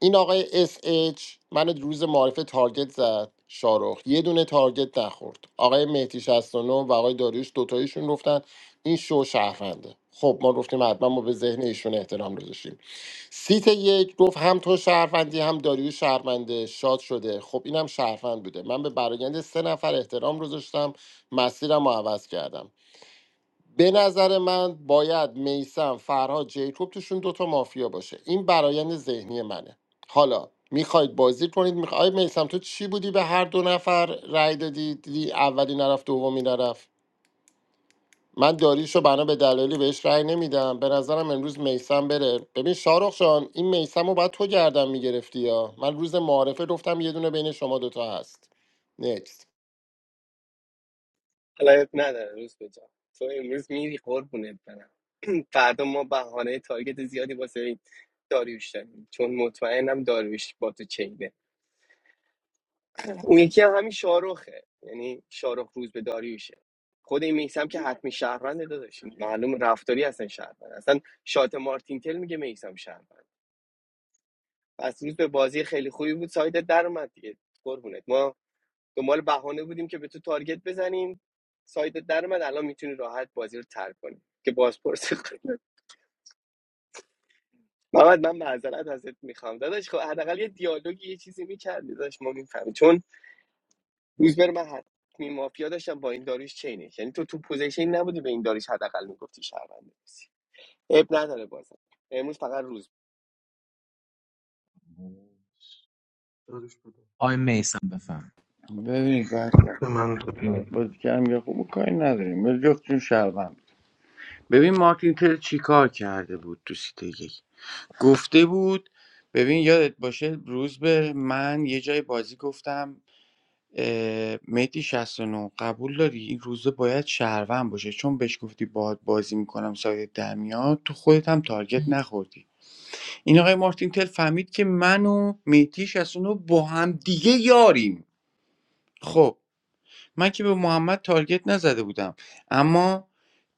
[SPEAKER 11] این آقای اس اچ من روز معارفه تارگت زد شارخ یه دونه تارگت نخورد آقای مهدی 69 و نه و آقای داریوش دوتایشون گفتن این شو شهرونده خب ما گفتیم حتما ما به ذهن ایشون احترام گذاشتیم سیت یک گفت هم تو شهروندی هم داریوش شهرونده شاد شده خب اینم شهروند بوده من به برایند سه نفر احترام گذاشتم مسیرم رو عوض کردم به نظر من باید میسم فرهاد جیکوب توشون دوتا مافیا باشه این برایند ذهنی منه حالا میخواید بازی کنید میخواید میسم تو چی بودی به هر دو نفر رأی دادی دیدی اولی نرفت دومی نرفت من داریشو بنا به دلایلی بهش رأی نمیدم به نظرم امروز میسم بره ببین شارخ جان این میسم رو باید تو گردم میگرفتی یا من روز معارفه گفتم یه دونه بین شما دوتا هست نکست
[SPEAKER 1] حالا عیب نداره روز به جان. تو امروز میری قربونت برم فردا ما بهانه تارگت زیادی واسه این داریوش داریم چون مطمئنم داریوش با تو چینه اون یکی هم همین شاروخه یعنی شاروخ روز به داریوشه خود این میسم که حتمی شهروند داداش معلوم رفتاری اصلا شهروند اصلا شات مارتین تل میگه میسم شهروند پس روز به بازی خیلی خوبی بود سایدت در اومد دیگه قربونت ما دنبال بهانه بودیم که به تو تارگت بزنیم سایدت در اومد الان میتونی راحت بازی رو ترک کنی که بازپرس کنی. محمد من معذرت ازت میخوام داداش خب حداقل یه دیالوگی یه چیزی میکردی داداش ما میفهمیم چون روز بر من حتمی مافیا داشتم با این داریش چینش یعنی تو تو پوزیشن نبودی به این داریش حداقل میگفتی شهرونده بسی اب نداره بازم امروز فقط روز
[SPEAKER 14] آی میسم بفهم
[SPEAKER 10] ببین بعد بعد بازی کردم یا خوب کاری نداریم ولی جفتشون شهروند ببین مارتین تل چی کرده بود تو سیته یک گفته بود ببین یادت باشه روز به من یه جای بازی گفتم میتی 69 قبول داری این روزه باید شهروند باشه چون بهش گفتی باهات بازی میکنم سایت در میاد تو خودت هم تارگت نخوردی این آقای مارتین تل فهمید که من و مهدی 69 با هم دیگه یاریم خب من که به محمد تارگت نزده بودم اما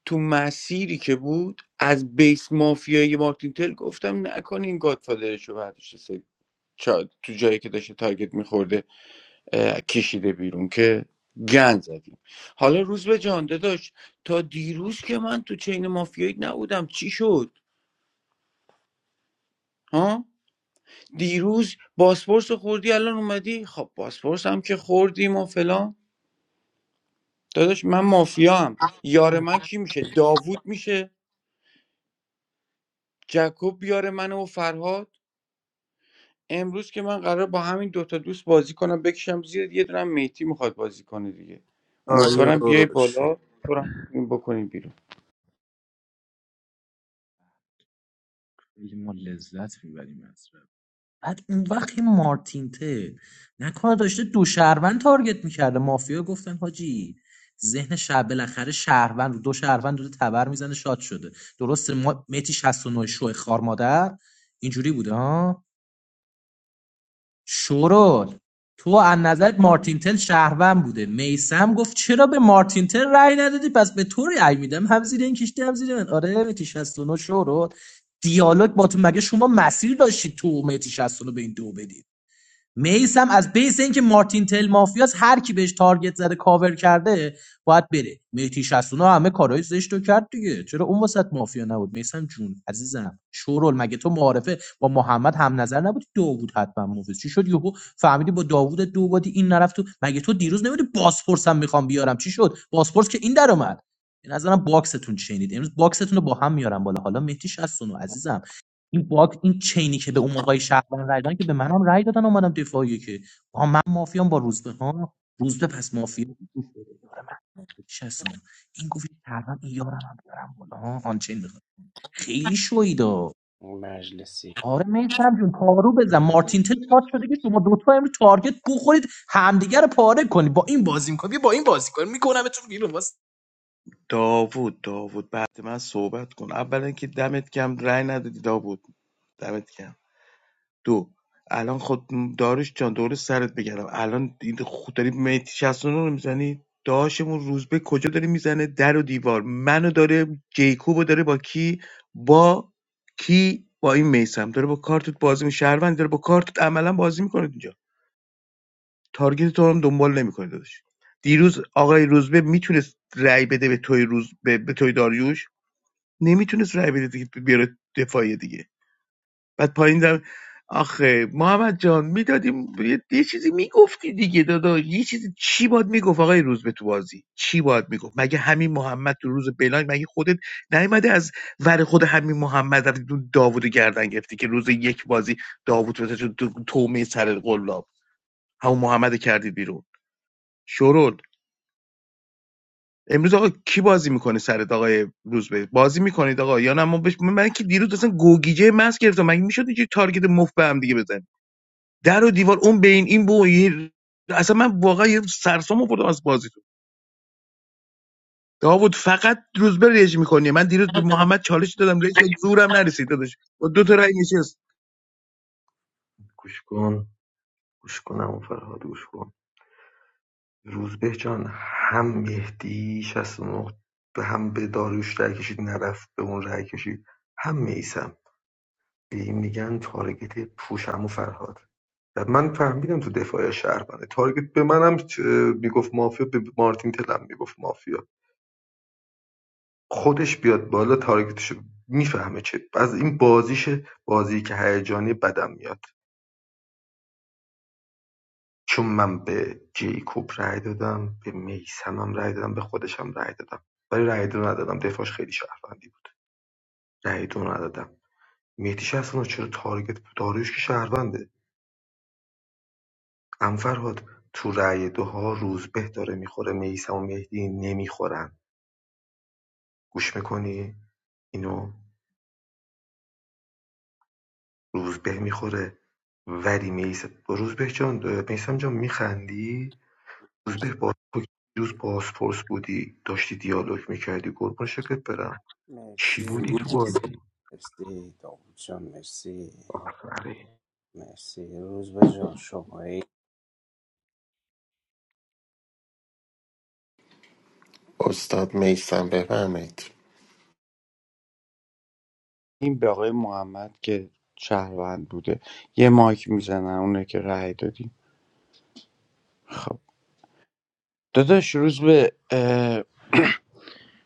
[SPEAKER 10] تو مسیری که بود از بیس مافیای مارتین تل گفتم نکنین این گادفادرش رو برداشته سه- چا- تو جایی که داشته تارگت میخورده کشیده بیرون که گن زدیم حالا روز به جان داشت تا دیروز که من تو چین مافیایی نبودم چی شد ها دیروز باسپورس رو خوردی الان اومدی خب باسپورس هم که خوردیم و فلان داداش من مافیا هم یار من کی میشه داوود میشه جکوب یار منه و فرهاد امروز که من قرار با همین دوتا دوست بازی کنم بکشم زیر یه دونم میتی میخواد بازی کنه دیگه امیدوارم بیای
[SPEAKER 12] آیوش
[SPEAKER 10] بالا تو رو هم بتونیم بکنیم بیرون
[SPEAKER 14] ما لذت میبریم بعد اون وقت این مارتین ته نکنه داشته دو شهروند تارگت میکرده مافیا گفتن حاجی ذهن شب بالاخره شهروند رو دو شهروند دو تبر میزنه شاد شده درسته ما متی 69 شو خار مادر اینجوری بوده ها شورول تو از نظر مارتین تل شهروند بوده میسم گفت چرا به مارتین تل رأی ندادی پس به تو رأی میدم هم زیر این کشتی هم زیر این آره متی 69 شورول دیالوگ با تو مگه شما مسیر داشتی تو متی 69 به این دو بدی میس هم از بیس اینکه مارتین تل مافیاس هر کی بهش تارگت زده کاور کرده باید بره میتی 69 همه کارهای زشت رو کرد دیگه چرا اون وسط مافیا نبود میسم جون عزیزم شورول مگه تو معارفه با محمد هم نظر نبودی داوود حتما موفیس چی شد یهو فهمیدی با داوود دو بادی این نرفت تو مگه تو دیروز نمیدی باسپورس هم میخوام بیارم چی شد باسپورس که این در اومد به نظرم باکستون شنید امروز باکستون رو با هم میارم بالا حالا مهدی 69 عزیزم این باگ این چینی که به اون موقعی شهروند رای دادن که به منم رای دادن اومدم دفاعی که آها من مافیام با روزبه ها روزبه پس مافیا بود. گوش بده یار من بود. شستونه. این گفت شهروند این یارم هم بیارم بالا ها آنچین میخواد خیلی شویدا
[SPEAKER 12] مجلسی
[SPEAKER 14] آره میسم جون پارو بزن مارتین
[SPEAKER 13] داوود
[SPEAKER 14] تل تاچ شده که شما دوتا امروز تارگت بخورید همدیگه رو پاره کنید با این بازی میکنی با این بازی کنی میکنم تو بیرون واسه
[SPEAKER 13] داوود داوود بعد من صحبت کن اولا که دمت کم رأی ندادی داوود دمت کم دو الان خود داریش جان دور سرت بگردم الان این خود داری میتی 69 رو میزنی داشمون روزبه کجا داره میزنه در و دیوار منو داره جیکوبو داره با کی با کی با این میسم داره با کارتت بازی می شهروند داره با کارتت عملا بازی میکنه اینجا. تارگت تو هم دنبال نمیکنه داداش دیروز آقای روزبه میتونست رأی بده به توی روز به, به توی داریوش نمیتونست رأی بده دیگه بیاره دفاعیه دیگه بعد پایین دم آخه محمد جان میدادیم یه یه چیزی میگفتی دیگه داداش یه چیزی چی باید میگفت آقای روزبه تو بازی چی باید میگفت مگه همین محمد تو روز بلاین مگه خودت نیومده از ور خود همین محمد رفتی تو داوودو رو گردن گرفتی که روز یک بازی داوود بتاشه تو تومه سر قلاب همون محمد کردی بیرون شورول امروز آقا کی بازی میکنه سرت آقای روزبه بازی میکنید آقا یا نه ما بش... من که دیروز اصلا گوگیجه مس گرفتم مگه میشد اینجوری تارگت مفت به هم دیگه بزن در و دیوار اون بین این بو یه- اصلا من واقعا یه سرسام آوردم از بازیتون داوود فقط روزبه رژ میکنی من دیروز به محمد چالش دادم رژ زورم نرسید داداش با دو تا رای نشست
[SPEAKER 12] مرسی مرسی داود جان مرسی مرسی روز به جان شمایی
[SPEAKER 11] استاد میسم بفرمایید
[SPEAKER 10] این به آقای محمد که شهروند بوده یه مایک میزنن اونه که رأی دادیم خب داداش روز به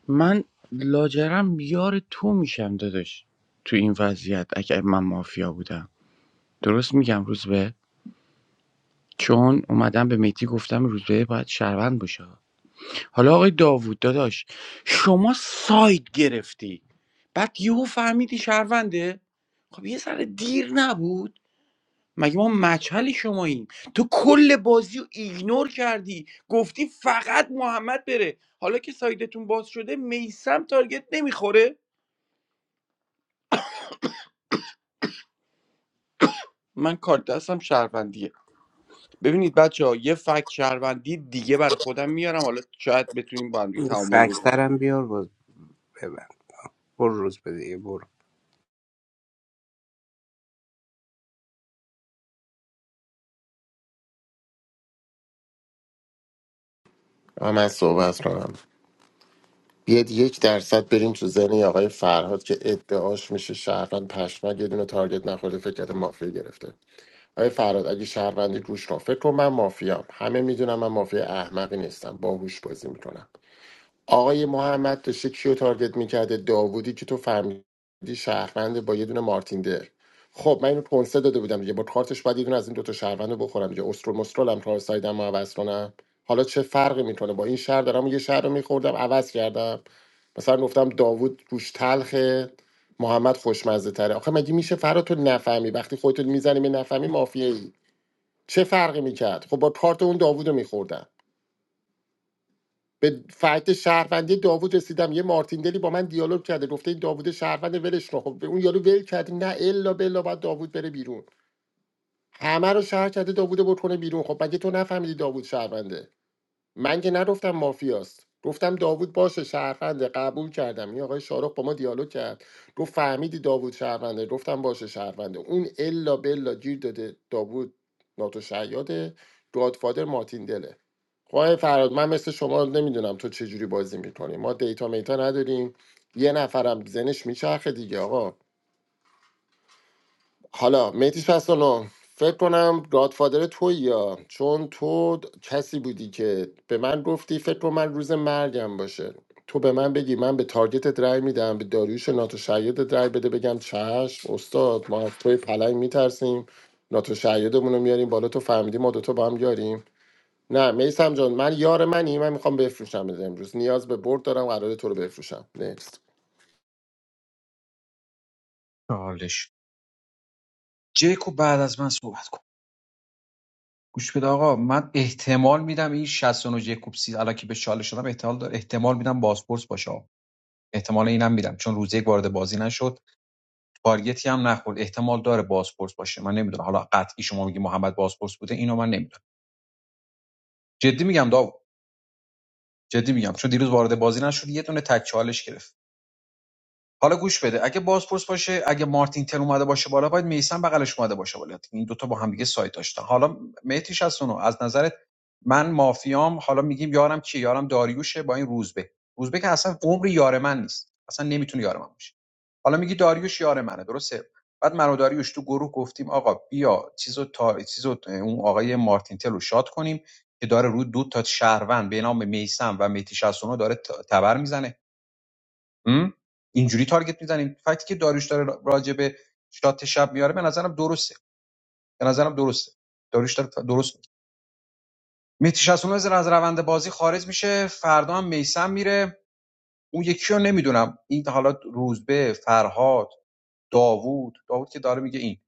[SPEAKER 10] من لاجرم یار تو میشم داداش تو این وضعیت اگر من مافیا بودم درست میگم روزبه چون اومدم به میتی گفتم روزبه باید شهروند باشه حالا آقای داوود داداش شما ساید گرفتی بعد یهو فهمیدی شهرونده خب یه ذره دیر نبود مگه ما مچل شماییم تو کل بازی رو ایگنور کردی گفتی فقط محمد بره حالا که سایدتون باز شده میسم تارگت نمیخوره من کارت دستم شهروندیه ببینید بچه ها یه فکت شهروندی دیگه بر خودم میارم حالا شاید بتونیم با هم دیگه تعامل بکنیم
[SPEAKER 12] فکترم بیار باز ببن برو روز به دیگه برو
[SPEAKER 11] آ، من صحبت کنم بیاد یک درصد بریم تو ذهن یه آقای فرهاد که ادعاش میشه شهروند پشمک یه دونه تارگت نخورده فکر کرده مافیا گرفته آقای فرهاد اگه شهروندی گوش کن فکر کن من مافیام همه میدونم من مافیا احمقی نیستم باهوش بازی میکنم آقای محمد داشته کیو تارگت میکرده داوودی که تو فهمیدی شهروند با یه دونه مارتین در خب من اینو کنسه داده بودم دیگه با کارتش باید یه دونه از این دوتا شهروند رو بخورم دیگه استرول مسترول هم کار سایدم و عوض کنم حالا چه فرقی میکنه با این شهر دارم یه شهر رو میخوردم عوض کردم مثلا گفتم داوود گوش تلخه محمد خوشمزه تره آخه مگه میشه فرا تو نفهمی وقتی خودتو میزنی به نفهمی مافیایی چه فرقی میکرد خب با کارت اون داوود رو میخوردم به فکت شهروندی داوود رسیدم یه مارتیندلی با من دیالوگ کرده گفته این داوود شهروند ولش کن خب به اون یارو ول کرده نه الا بلا باید داوود بره بیرون همه رو شهر کرده داوود رو بیرون خب مگه تو نفهمیدی داوود شهرونده من که نگفتم مافیاست گفتم داوود باشه شهرونده قبول کردم این آقای شارخ با ما دیالوگ کرد گفت فهمیدی داوود شهرونده گفتم باشه شهرونده اون الا بلا گیر داده داوود ناتو شیاده گادفادر مارتیندله خب آقای فراد من مثل شما نمیدونم تو چه جوری بازی میکنی ما دیتا میتا نداریم یه نفرم زنش میچرخه دیگه آقا حالا میتی 69 فکر کنم گادفادر توی یا چون تو کسی بودی که به من گفتی فکر کن من روز مرگم باشه تو به من بگی من به تارگتت رای میدم به داریوش ناتو شیادت رای بده بگم چشم استاد ما از توی پلنگ میترسیم ناتو شیادمون رو میاریم بالا تو فهمیدی ما دوتا با هم یاریم نه میسم جان من یار منی من میخوام بفروشم از امروز نیاز به برد دارم قرار تو رو بفروشم نیست
[SPEAKER 7] چالش جیکوب بعد از من صحبت کن گوش بده آقا من احتمال میدم این 69 جیکوب سی الکی که به چالش شدم احتمال داره احتمال میدم بازپرس باشه احتمال اینم میدم چون روز یک وارد بازی نشد تارگتی هم نخورد احتمال داره بازپرس باشه من نمیدونم حالا قطعی شما میگی محمد بازپرس بوده اینو من نمیدونم جدی میگم داوود جدی میگم چون دیروز وارد بازی نشد یه دونه تک چالش گرفت حالا گوش بده اگه بازپرس باشه اگه مارتین تن اومده باشه بالا باید میسان بغلش اومده باشه بالا این دوتا با هم دیگه سایت داشتن حالا مهدیش از اونو از نظرت من مافیام حالا میگیم یارم کی یارم داریوشه با این روزبه روزبه که اصلا عمر یار من نیست اصلا نمیتونه یار من باشه حالا میگی داریوش یار منه درسته بعد من و داریوش تو گروه گفتیم آقا بیا چیزو تا چیزو اون آقای مارتین تل رو شاد کنیم که داره رو دو تا شهروند به نام میسم و میتی 69 داره تبر میزنه م؟ اینجوری تارگت میزنیم فکتی که داریوش داره راجع به شات شب میاره به نظرم درسته به نظرم درسته داریوش داره درست میگه مهدی 69 از روند بازی خارج میشه فردا هم میسم میره اون یکی رو نمیدونم این حالا روزبه فرهاد داوود داوود که داره میگه این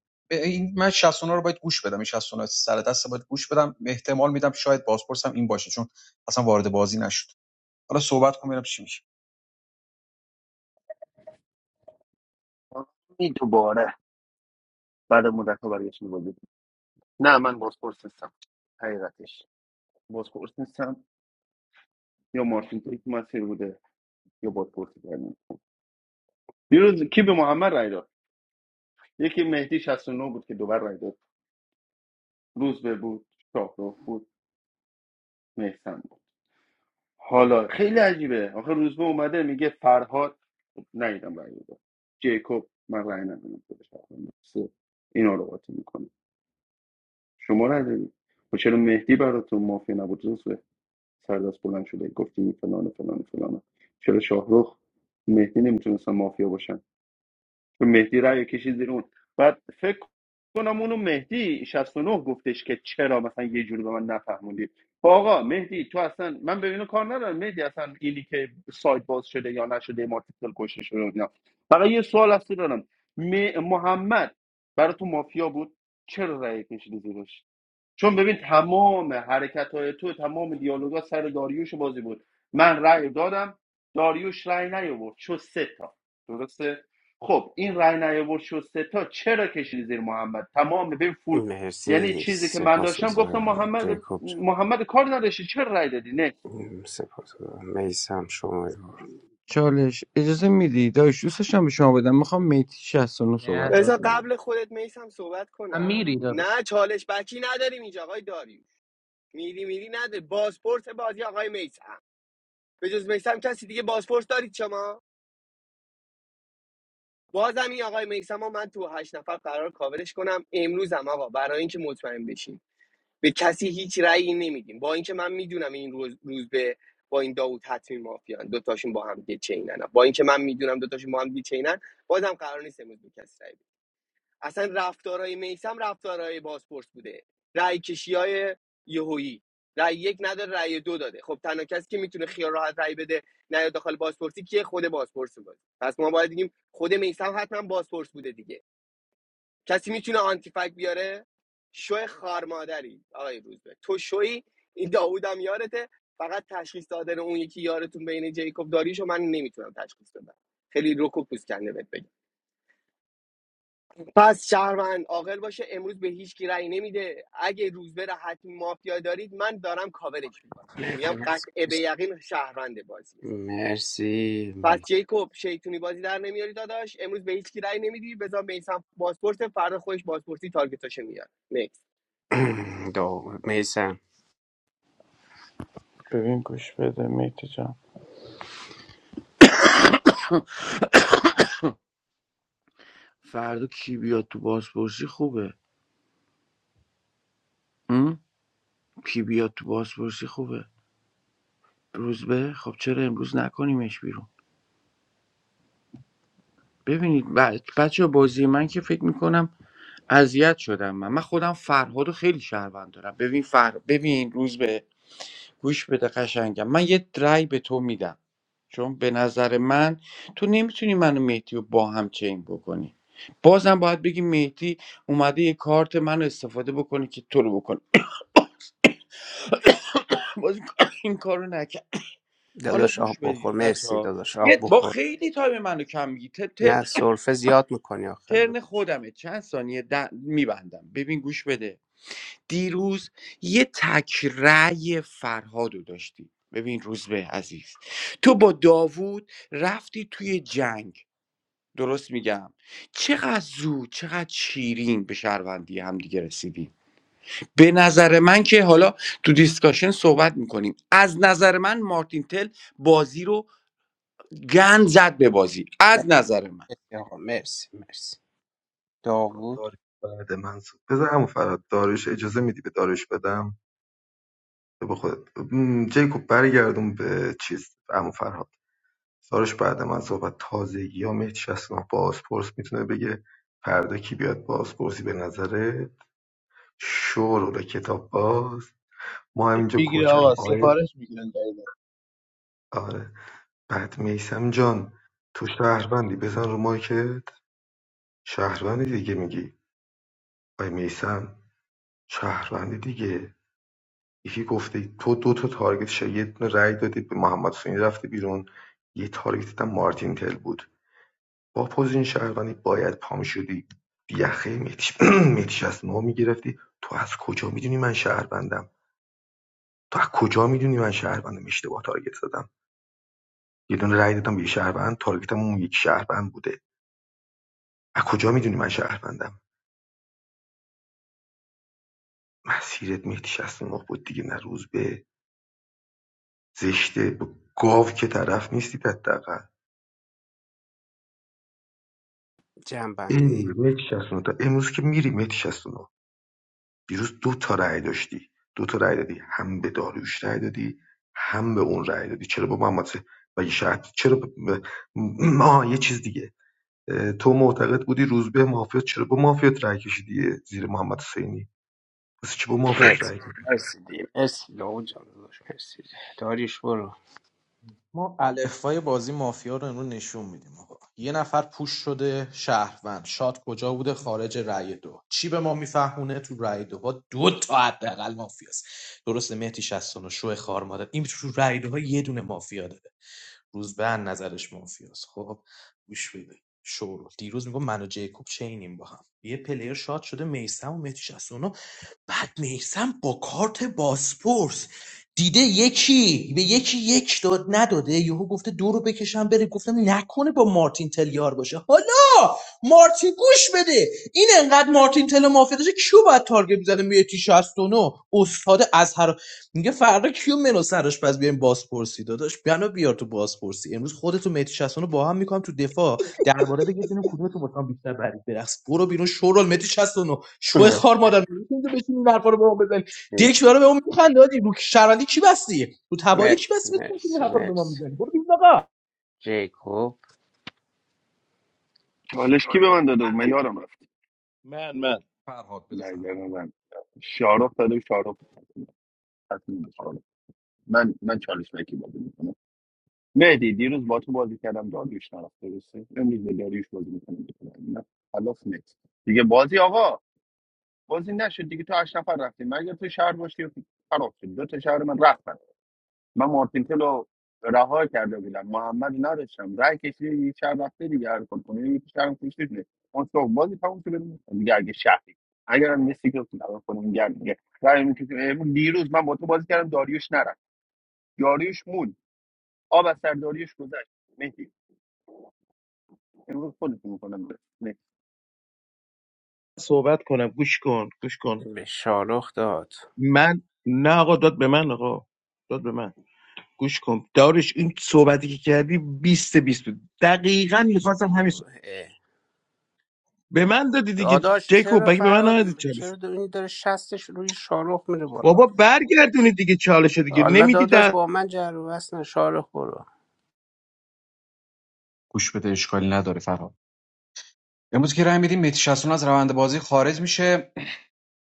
[SPEAKER 7] این من 69 رو باید گوش بدم این 69 سر دست باید گوش بدم احتمال میدم شاید بازپرسم این باشه چون اصلا وارد بازی نشد حالا صحبت کنم ببینم چی میشه
[SPEAKER 5] این دوباره بعد مدت ها برگشت میبودی نه من بازپرس نیستم حقیقتش بازپرس نیستم یا مارتین که مسیر بوده یا بازپرسی کردن دیروز کی به محمد رای داد یکی مهدی 69 بود که دوبار رای داد روزبه بود شاهروخ بود محسن بود حالا خیلی عجیبه آخه روزبه اومده میگه فرهاد نیدم رای داد جیکوب من رای ندادم خودش رای داد. سه. اینا رو قاطی می‌کنه. شما نداری و چرا مهدی براتون مافیا نبود روزه سردست بلند شده گفتی فلان و فلان و فلان چرا شاهرخ مهدی نمیتونستن مافیا باشن چون مهدی رأی کشید زیر اون بعد فکر کنم اونو مهدی 69 گفتش که چرا مثلا یه جوری به من نفهموندی آقا مهدی تو اصلا من به کار ندارم مهدی اصلا اینی که سایت باز شده یا نشده مارتیکل کشته شده و اینا فقط یه سوال هستی دارم م- محمد برای تو مافیا بود چرا رأی کشیدی زیرش چون ببین تمام حرکت های تو تمام دیالوگا سر داریوش بازی بود من رأی دادم داریوش رأی نیاورد شد سه تا درسته خب این رأی نیاورد شد سه تا چرا کشیدی زیر محمد تمام ببین فول یعنی
[SPEAKER 12] مرسی
[SPEAKER 5] چیزی که من
[SPEAKER 12] سپاس
[SPEAKER 5] داشتم گفتم
[SPEAKER 12] گذارم
[SPEAKER 5] محمد
[SPEAKER 12] جیکوب
[SPEAKER 5] محمد کار نداشتی چرا رأی دادی نه
[SPEAKER 12] سپاس میسم شما رو
[SPEAKER 10] چالش اجازه میدی داش دوستش هم به شما بدم میخوام میتی 69 صحبت
[SPEAKER 14] نه
[SPEAKER 1] بذار
[SPEAKER 10] کنه
[SPEAKER 14] داداش
[SPEAKER 1] قبل خودت میسم صحبت
[SPEAKER 14] من
[SPEAKER 1] کنم
[SPEAKER 14] میری
[SPEAKER 1] نه چالش بکی نداریم اینجا آقای داری میری میری نداری بازپرس بازی آقای میسم به جز میسم کسی دیگه بازپرس دارید شما بازم این آقای میسم من تو هشت نفر قرار کاورش کنم امروز هم آقا برای اینکه مطمئن بشیم به کسی هیچ رأیی نمیدیم با اینکه من میدونم این روز, روز به با این داوود حتمی مافیان دوتاشون با هم دیگه چینن با اینکه من میدونم دوتاشون با هم دیگه چینن بازم قرار نیست امروز به کسی رأی بدیم. اصلا رفتارهای میسم رفتارهای بازپرس بوده رأی کشی های یهویی رأی یک نداره رأی دو داده خب تنها کسی که میتونه خیال راحت رأی بده نه داخل بازپرسی کیه خود بازپرس بوده پس ما باید بگیم خود میسم حتما بازپرس بوده دیگه کسی میتونه آنتی فک بیاره شو خار مادری آقای روزبه تو شوی این داوودم یارته فقط تشخیص دادن اون یکی یارتون بین جیکوب داریشو من نمیتونم تشخیص بدم خیلی رک و پوست کنده بهت بگم. پس شهروند عاقل باشه امروز به هیچ کی رأی نمیده اگه روز بره حتمی مافیا دارید من دارم کاورش میکنم میگم قطع به یقین شهروند بازیه
[SPEAKER 12] مرسی می...
[SPEAKER 1] پس جیکوب شیطونی بازی در نمیاری داداش امروز به هیچ کی رأی نمیدی بذار میسم بازپرس فردا خودش بازپرسی تارگتاشو میاد نیکس
[SPEAKER 12] <clears throat> دا... میسم
[SPEAKER 10] ببین گوش بده میتی جان فردا کی بیاد تو بازپرسی خوبه م؟ کی بیاد تو بازپرسی خوبه روزبه خب چرا امروز نکنیمش بیرون ببینید بچه بازی من که فکر میکنم اذیت شدم من من خودم فرهاد رو خیلی شهروند دارم ببین فر... ببین روز به گوش بده قشنگم من یه رأی به تو میدم چون به نظر من تو نمیتونی منو مهدی رو با هم چین بکنی بازم باید بگی مهدی اومده یه کارت من استفاده بکنه که تو رو بکنه باز این کار- این کارو نکرد حالا
[SPEAKER 12] داداش آب
[SPEAKER 10] گوش
[SPEAKER 12] بخور
[SPEAKER 10] بدید بچه
[SPEAKER 12] مرسی
[SPEAKER 10] ها
[SPEAKER 12] داداش آب
[SPEAKER 10] یه با
[SPEAKER 12] بخور
[SPEAKER 10] خیلی تایم منو کم میگی ترن
[SPEAKER 12] نه سرفه زیاد میکنی آخه دو.
[SPEAKER 10] ترن خودمه چند ثانیه میبندم ببین گوش بده دیروز یه تک رأی فرهاد رو داشتی ببین روزبه عزیز تو با داوود رفتی توی جنگ درست میگم چقدر زود چقدر شیرین به شهروندی هم دیگه رسیدیم به نظر من که حالا تو دیسکاشن صحبت میکنیم از نظر من مارتین تل بازی رو گند زد به بازی از نظر من
[SPEAKER 12] مرسی آقا مرسی مرسی داوود جنبندی مرسی مرسی دی مرسی داوود جان داداش مرسی داریش برو
[SPEAKER 14] ما الفبای بازی مافیا رو امروز نشون میدیم آقا یه نفر پوش شده شهروند شاد کجا بوده خارج رأی دو چی به ما میفهمونه تو رأی دو ها دو تا حداقل مافیاست درسته مهدی 69 شو خار مادر این تو رأی دو ها یه دونه مافیا داره روز به نظرش مافیاست خب گوش بده شورو دیروز میگم من و جیکوب چینیم با هم یه پلیر شاد شده میسم و مهدی شصت‌ونو بعد میسم با کارت باسپورس دیده یکی به یکی یک داد نداده یهو گفته دو رو بکشم بره گفتم نکنه با مارتین تل یار باشه حالا مارتین گوش بده این انقدر مارتین تل مافیا داشته کیو باید تارگت میزنه میه تی شصت و نه استاد از هر میگه فردا کیو منو سرش پس بیایم بازپرسی داداش بنا بیار تو بازپرسی امروز خودتو میتی شصت و نه با هم میکنم تو دفاع درباره بگید ببینیم کدومتون واسه من بیشتر برید برقص برو بیرون شورال متی 69 شو خار مادر میتونید بشین این حرفا رو به ما بزنی
[SPEAKER 12] مرسی
[SPEAKER 14] دیک داره به اون میخنده آجی رو شرندی کی بستی رو تبایی کی
[SPEAKER 12] مرسی
[SPEAKER 14] بستی بتونید این
[SPEAKER 12] مرسی
[SPEAKER 14] حرفا رو به ما
[SPEAKER 12] مرسی
[SPEAKER 14] میزنی برو بیرون آقا
[SPEAKER 12] جیکوب
[SPEAKER 5] چالش کی به من داده بود؟ من یادم رفت
[SPEAKER 13] من من
[SPEAKER 7] فرهاد بده
[SPEAKER 5] نه
[SPEAKER 7] فرهاد
[SPEAKER 5] نه، نه، من شارخ داده بود، تصمیم بود، من من چالش نکی بود. مهدی دیروز با تو بازی کردم داریوش نرفت درسته امروز به داریوش بازی میکنم نه خلاص نکس دیگه بازی آقا بازی نشد دیگه تو هشت نفر رفتیم مگر تو شهر باشی خراب شد دو تا شهر من رفتن من مارتین تلو رها کرده بودم محمد نداشتم رای کشیده یه شهر رفته دیگه هر کار کنه یه شهر کشید نه اون تو بازی تموم شد بریم. دیگه اگه شهری اگر هم نیستی که خدا کنم گرم دیگه رای می‌کشی. امروز دیروز من با تو بازی کردم داریوش نرفت داریوش مون آب از سر داریوش گذشت مهدی امروز خودتون میکنم
[SPEAKER 13] صحبت کنم گوش کن گوش کن
[SPEAKER 12] به شالخ داد
[SPEAKER 13] من نه آقا داد به من آقا داد به من گوش کن دارش این صحبتی که کردی 20 بیست بود دقیقا میخواستم همین صح- به من دادی دیگه
[SPEAKER 12] داداش چرا
[SPEAKER 13] جیکوب بگی به من
[SPEAKER 12] فراد
[SPEAKER 13] ندادی چالش
[SPEAKER 12] چرا دو- این داره شستش روی شارخ میره بالا
[SPEAKER 13] بابا برگردونید دیگه چالش دیگه
[SPEAKER 12] حالا
[SPEAKER 13] نمیدی
[SPEAKER 12] داداش
[SPEAKER 13] در
[SPEAKER 12] با من جر و بحث نه شارخ برو
[SPEAKER 7] گوش بده اشکالی نداره فرهاد امروز که رای میدیم مهدی 61 از روند بازی خارج میشه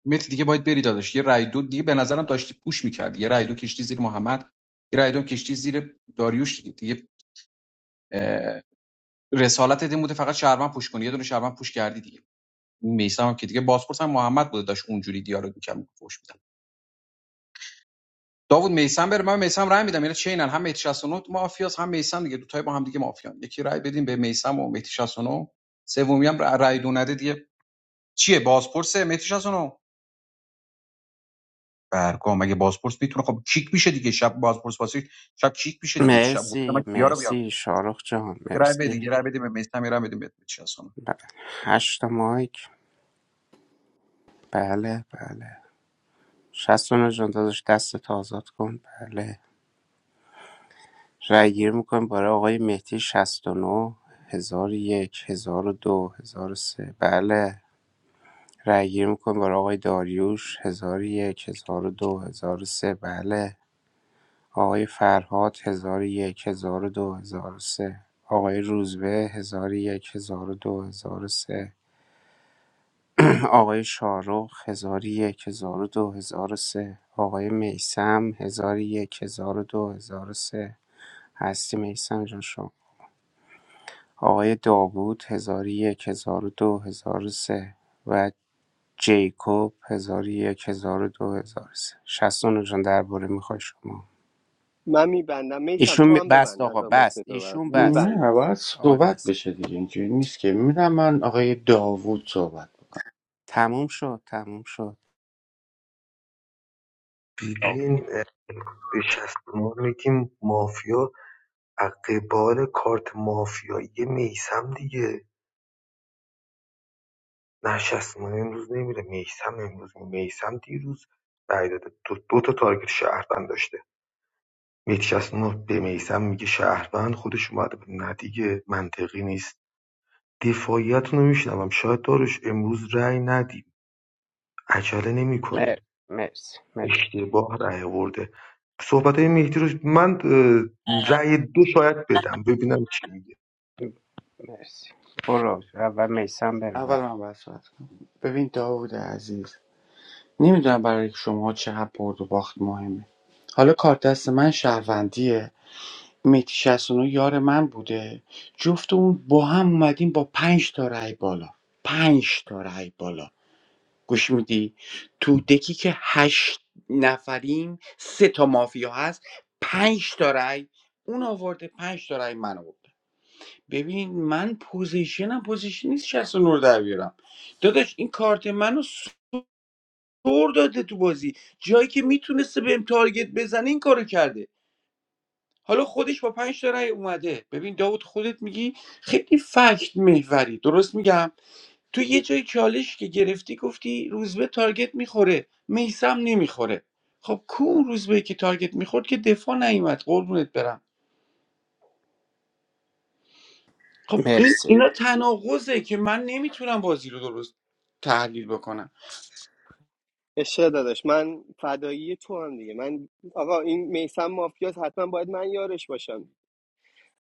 [SPEAKER 7] مهدی دیگه باید بری داداش یه رای دو دیگه به نظرم داشتی پوش میکردی. یه رای دو کشتی زیر محمد یه رای دو کشتی زیر داریوش دیگه دیگه رسالت این بوده فقط شهروند پوش کنی یه دونه شهروند پوش کردی دیگه میسم هم که دیگه بازپرس هم محمد بوده داشت اونجوری دیالوگ میکرد پوش میدم داوود میسم بره من میسم رای میدم یعنی چینن هم مهدی 69 مافیاس هم میسم دیگه دو تای با هم دیگه مافیان یکی رای بدیم به میسم و مهدی 69 سومی هم رای دو نده دیگه چیه بازپرس مهدی 69 برگام اگه بازپرس میتونه خب کیک میشه دیگه شب بازپرس باشه شب کیک میشه دیگه شب گفتم من
[SPEAKER 12] مرسی
[SPEAKER 7] کیا رو بیار
[SPEAKER 12] مرسی شارخ جان
[SPEAKER 7] یه رای بده
[SPEAKER 12] مرسی
[SPEAKER 7] یه رای بده به میثم، یه رای بده به چسون
[SPEAKER 12] هشت مایک بله بله شستانو جان داداش دست آزاد کن بله رای گیر میکنیم برای آقای مهدی 69 هزار و یک هزار و دو هزار و سه بله رای گیر میکنیم برای آقای داریوش هزار و یک هزار و دو هزار و سه بله آقای فرهاد ۱۰۰۱ ۱۰۰۲ ۱۰۰۳ آقای روزبه ۱۰۰۱ ۱۰۰۲ ۱۰۰۳ آقای شارخ ۱۰۰۱ ۱۰۰۲ ۱۰۰۳ آقای میثم ۱۰۰۱ ۱۰۰۲ ۱۰۰۳ هستی میثم جان شما آقای داوود ۱۰۰۱ ۱۰۰۲ ۱۰۰۳ و دو، هزار و سه و جیکوب ۱۰۰۱ ۱۰۰۲ ۱۰۰۳ شصتونو جان درباره میخوای شما
[SPEAKER 1] من میبندم میسم
[SPEAKER 12] ایشون
[SPEAKER 1] تو
[SPEAKER 12] می-
[SPEAKER 1] هم
[SPEAKER 12] بست
[SPEAKER 1] ببند
[SPEAKER 12] آقا
[SPEAKER 1] نظر مفت
[SPEAKER 12] بست
[SPEAKER 1] تو
[SPEAKER 12] ایشون بست
[SPEAKER 1] میبندم
[SPEAKER 10] نه باید
[SPEAKER 12] آقای
[SPEAKER 10] صحبت
[SPEAKER 12] میثم.
[SPEAKER 10] بشه دیگه اینجوری نیست که میدم من آقای داوود صحبت کنه.
[SPEAKER 12] تموم شد تموم شد مر- مرسی مرسی مرسی برو اول میسم بره
[SPEAKER 10] اول
[SPEAKER 12] بعد.
[SPEAKER 10] من باید صحبت کنم. ببین داوود عزیز نمیدونم برای شما چقدر برد و باخت مهمه حالا کارت دست من شهروندیه میتی 69 یار من بوده جفتمون با هم اومدیم با پنج تا رای بالا پنج تا رای بالا گوش میدی تو دکی که هشت نفریم سه تا مافیا هست پنج تا رای اون آورده پنج تا رای من آورده ببین من پوزیشنم پوزیشن نیست 69 رو در بیارم داداش این کارت منو دور داده تو بازی جایی که میتونسته بهم تارگت بزنه این کارو کرده حالا خودش با پنج تا رأی اومده ببین داوود خودت میگی خیلی فکت محوری درست میگم تو یه جای چالش که گرفتی گفتی روزبه تارگت میخوره میسم نمیخوره خب کو اون روزبه که تارگت میخورد که دفاع نیومد قربونت برم خب این
[SPEAKER 12] مرسی
[SPEAKER 10] اینا تناقضه که من نمیتونم بازی رو درست تحلیل بکنم
[SPEAKER 1] عشق داداش من فدایی تو هم دیگه من آقا این میسم مافیاس حتما باید من یارش باشم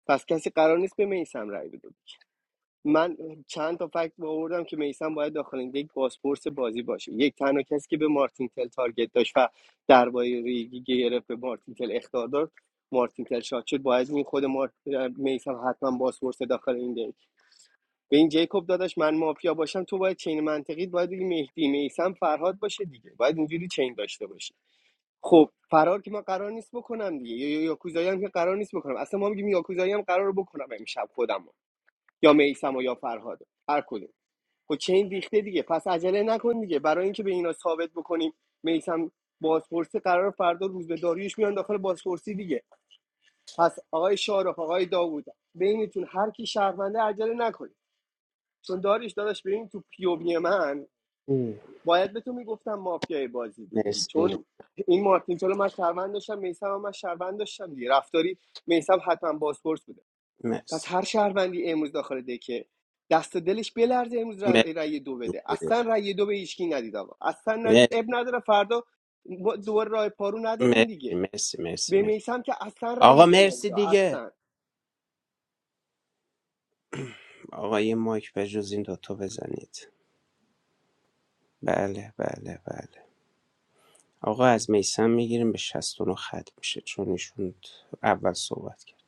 [SPEAKER 1] پس کسی قرار نیست به میسم رأی بده من چند تا فکت آوردم که میسم باید داخل این یک پاسپورت بازی باشه یک تنها کسی که به مارتین تل تارگت داشت و درباره ریگی گرفت به مارتین تل اخطار داد مارتین تل شاد شد باید این خود مارت... میسم حتما پاسپورت داخل این دیگه به این جیکوب داداش من مافیا باشم تو باید چین منطقی باید دیگه مهدی میسم فرهاد باشه دیگه باید اینجوری چین داشته باشه خب فرار که من قرار نیست بکنم دیگه یا یا- یاکوزایی هم که قرار نیست بکنم اصلا ما میگیم یاکوزایی هم قرار رو بکنم امشب خودم رو. یا میسم یا فرهاد هر کدوم. خب چین ریخته دیگه پس عجله نکن دیگه برای اینکه به اینا ثابت بکنیم میسم بازپرسی قرار فردا روز به داریوش میان داخل بازپرسی دیگه پس آقای شارخ آقای داوود بینتون هر کی شهرونده عجله نکنید چون داریش داداش ببین تو پیووی من
[SPEAKER 12] مرسی
[SPEAKER 1] باید به تو میگفتم مافیای بازی دیگه
[SPEAKER 12] مرسی
[SPEAKER 1] چون این مارتین چلو من شهروند داشتم میسم من شهروند داشتم دیگه رفتاری میسم حتما بازپرس بوده پس
[SPEAKER 12] مرسی
[SPEAKER 1] هر شهروندی امروز داخل دکه دست دلش بلرزه امروز
[SPEAKER 12] مرسی
[SPEAKER 1] ر- رأی دو بده اصلا رأی دو به هیچکی ندید آقا اصلا ندید اب نداره فردا ما دوباره راه پارو نداریم
[SPEAKER 12] مرسی
[SPEAKER 1] دیگه
[SPEAKER 12] مرسی مرسی
[SPEAKER 1] به میسم که اصلا
[SPEAKER 12] آقا
[SPEAKER 1] رأی دو
[SPEAKER 12] مرسی
[SPEAKER 1] ندید آقا.
[SPEAKER 12] دیگه
[SPEAKER 1] اصلا
[SPEAKER 12] آقا یه مایک به جز این دوتا بزنید بله بله بله آقا از میسم میگیریم به 69 خط میشه چون ایشون اول صحبت کرد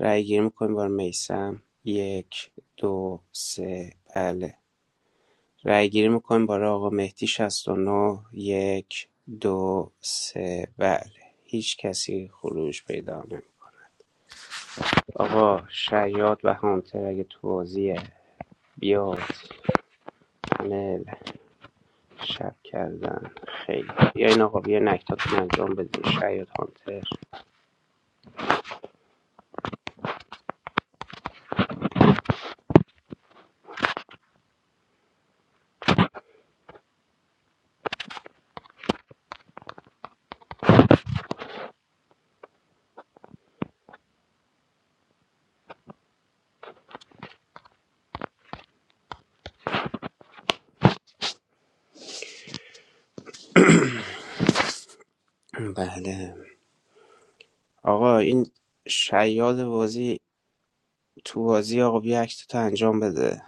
[SPEAKER 12] رأی گیری میکنیم بار میسم یک دو سه بله رایگیری میکنیم برای آقا مهدی شصت و نه یک دو سه بله هیچ کسی خروج پیدا نمیکنه آقا شیاد و هانتر اگه تو بازیه بیاد پنل شب کردن خیلی یا این آقا بیا نکتاتون انجام بدیم شیاد هانتر بله آقا این شیاد بازی تو بازی آقا بیا اکتتو انجام بده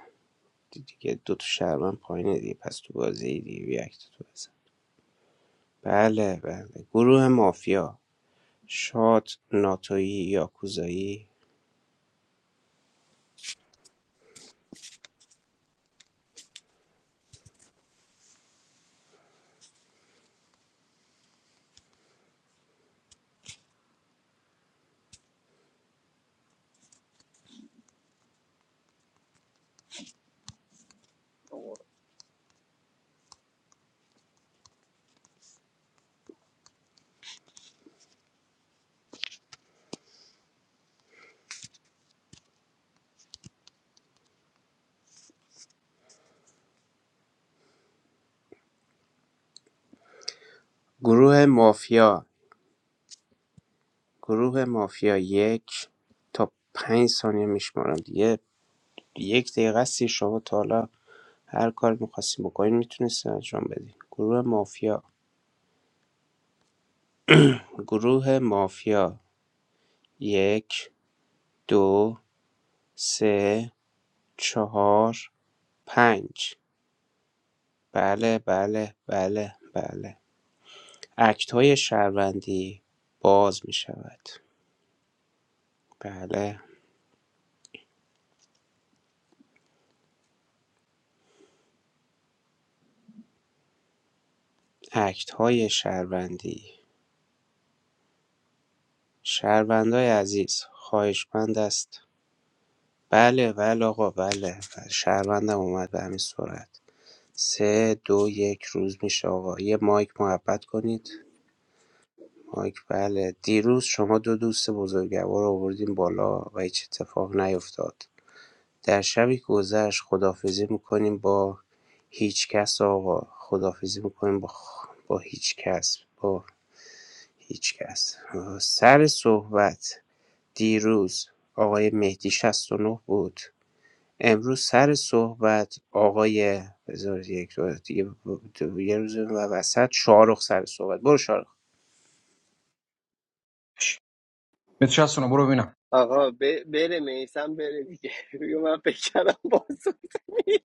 [SPEAKER 12] دیگه دو تا شهروند پایینه دیگه پس تو بازی دیگه بیا اکتتو بزن بله بله گروه مافیا شاد ناتویی یاکوزایی گروه مافیا گروه مافیا یک تا پنج ثانیه میشمارم دیگه یک دقیقه است شما تا حالا هر کار میخواستیم بکنین میتونستین انجام بدین گروه مافیا گروه مافیا یک دو سه چهار پنج بله بله بله بله اکت های شهروندی باز می شود بله اکت‌های شهروندی شهروندای عزیز خواهشمند است بله بله آقا بله, بله. شهروندم اومد به همین سرعت سه دو یک روز میشه آقا یه مایک محبت کنید مایک بله دیروز شما دو دوست بزرگوار رو آوردیم بالا و هیچ اتفاق نیفتاد در شبی که گذشت خدافزی میکنیم با هیچ کس آقا خدافزی میکنیم با, خ... با هیچ کس با هیچکس سر صحبت دیروز آقای مهدی 69 بود امروز سر صحبت آقای بذار یک دو- دیگه یه روز و وسط شارخ سر صحبت برو شارخ
[SPEAKER 7] به چسون برو ببینم
[SPEAKER 1] آقا ب- بره میسم بره دیگه <laughs> بگو من فکر کردم بازپرسی نیست.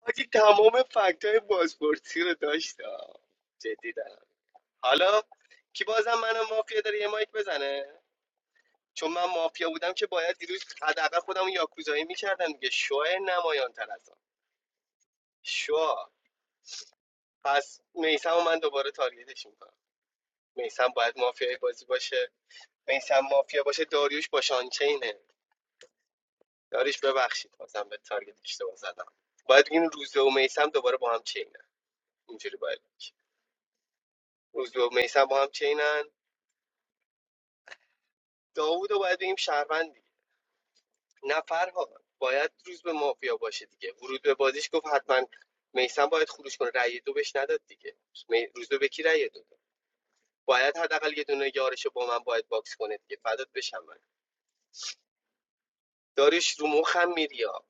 [SPEAKER 1] حاجی تمام فکت های بازپرسی رو داشت آه. جدی دارم حالا کی بازم منو مافیا داره یه مایک بزنه چون من مافیا بودم که باید دیروز حداقل خودم رو یاکوزایی میکردم دیگه شو نمایان تر از آن شو پس میسم من دوباره تارگتش میکنم میسم باید مافیای بازی باشه میسم مافیا باشه داریوش با شانچینه داریوش ببخشید بازم به تارگت اشتباه زدم باید این روزه و میسم دوباره با هم چینه اینجوری باید بگی. و میسم با هم چینن داوود رو باید بگیم شهروند نه فرها باید روز به مافیا باشه دیگه ورود به بازیش گفت حتما میسم باید خروج کنه رأی دو بهش نداد دیگه می- روز به به کی رأی دو داد باید حداقل یه دونه یارشو با من باید باکس کنه دیگه فدات بشم من داریش رو مخم میری ها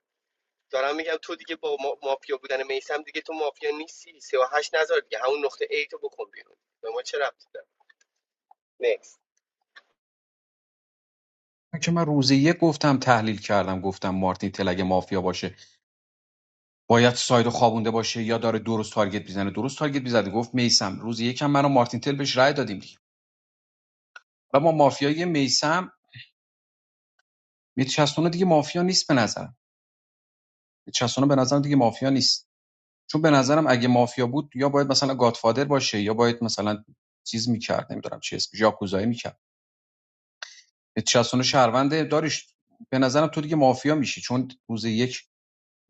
[SPEAKER 1] دارم میگم تو دیگه با ما- مافیا بودن میسم دیگه تو مافیا نیستی سه و هشت نذار دیگه همون نقطه ای تو بکن بیرون به ما چه ربطی داره نیکس
[SPEAKER 7] من که من روز یک گفتم تحلیل کردم گفتم مارتین تل اگه مافیا باشه باید سایدو خوابونده باشه یا داره درست تارگت میزنه درست تارگت میزنه گفت میسم روز یکم منو مارتین تل بهش رای دادیم دیگه و ما مافیای میسم میتچسونه دیگه مافیا نیست به نظرم میتچسونه به نظرم دیگه مافیا نیست چون به نظرم اگه مافیا بود یا باید مثلا گادفادر باشه یا باید مثلا چیز میکرد نمیدونم چی اسمش یاکوزایی میکرد متی 69 شهرونده داریش به نظرم تو دیگه مافیا میشی چون روز یک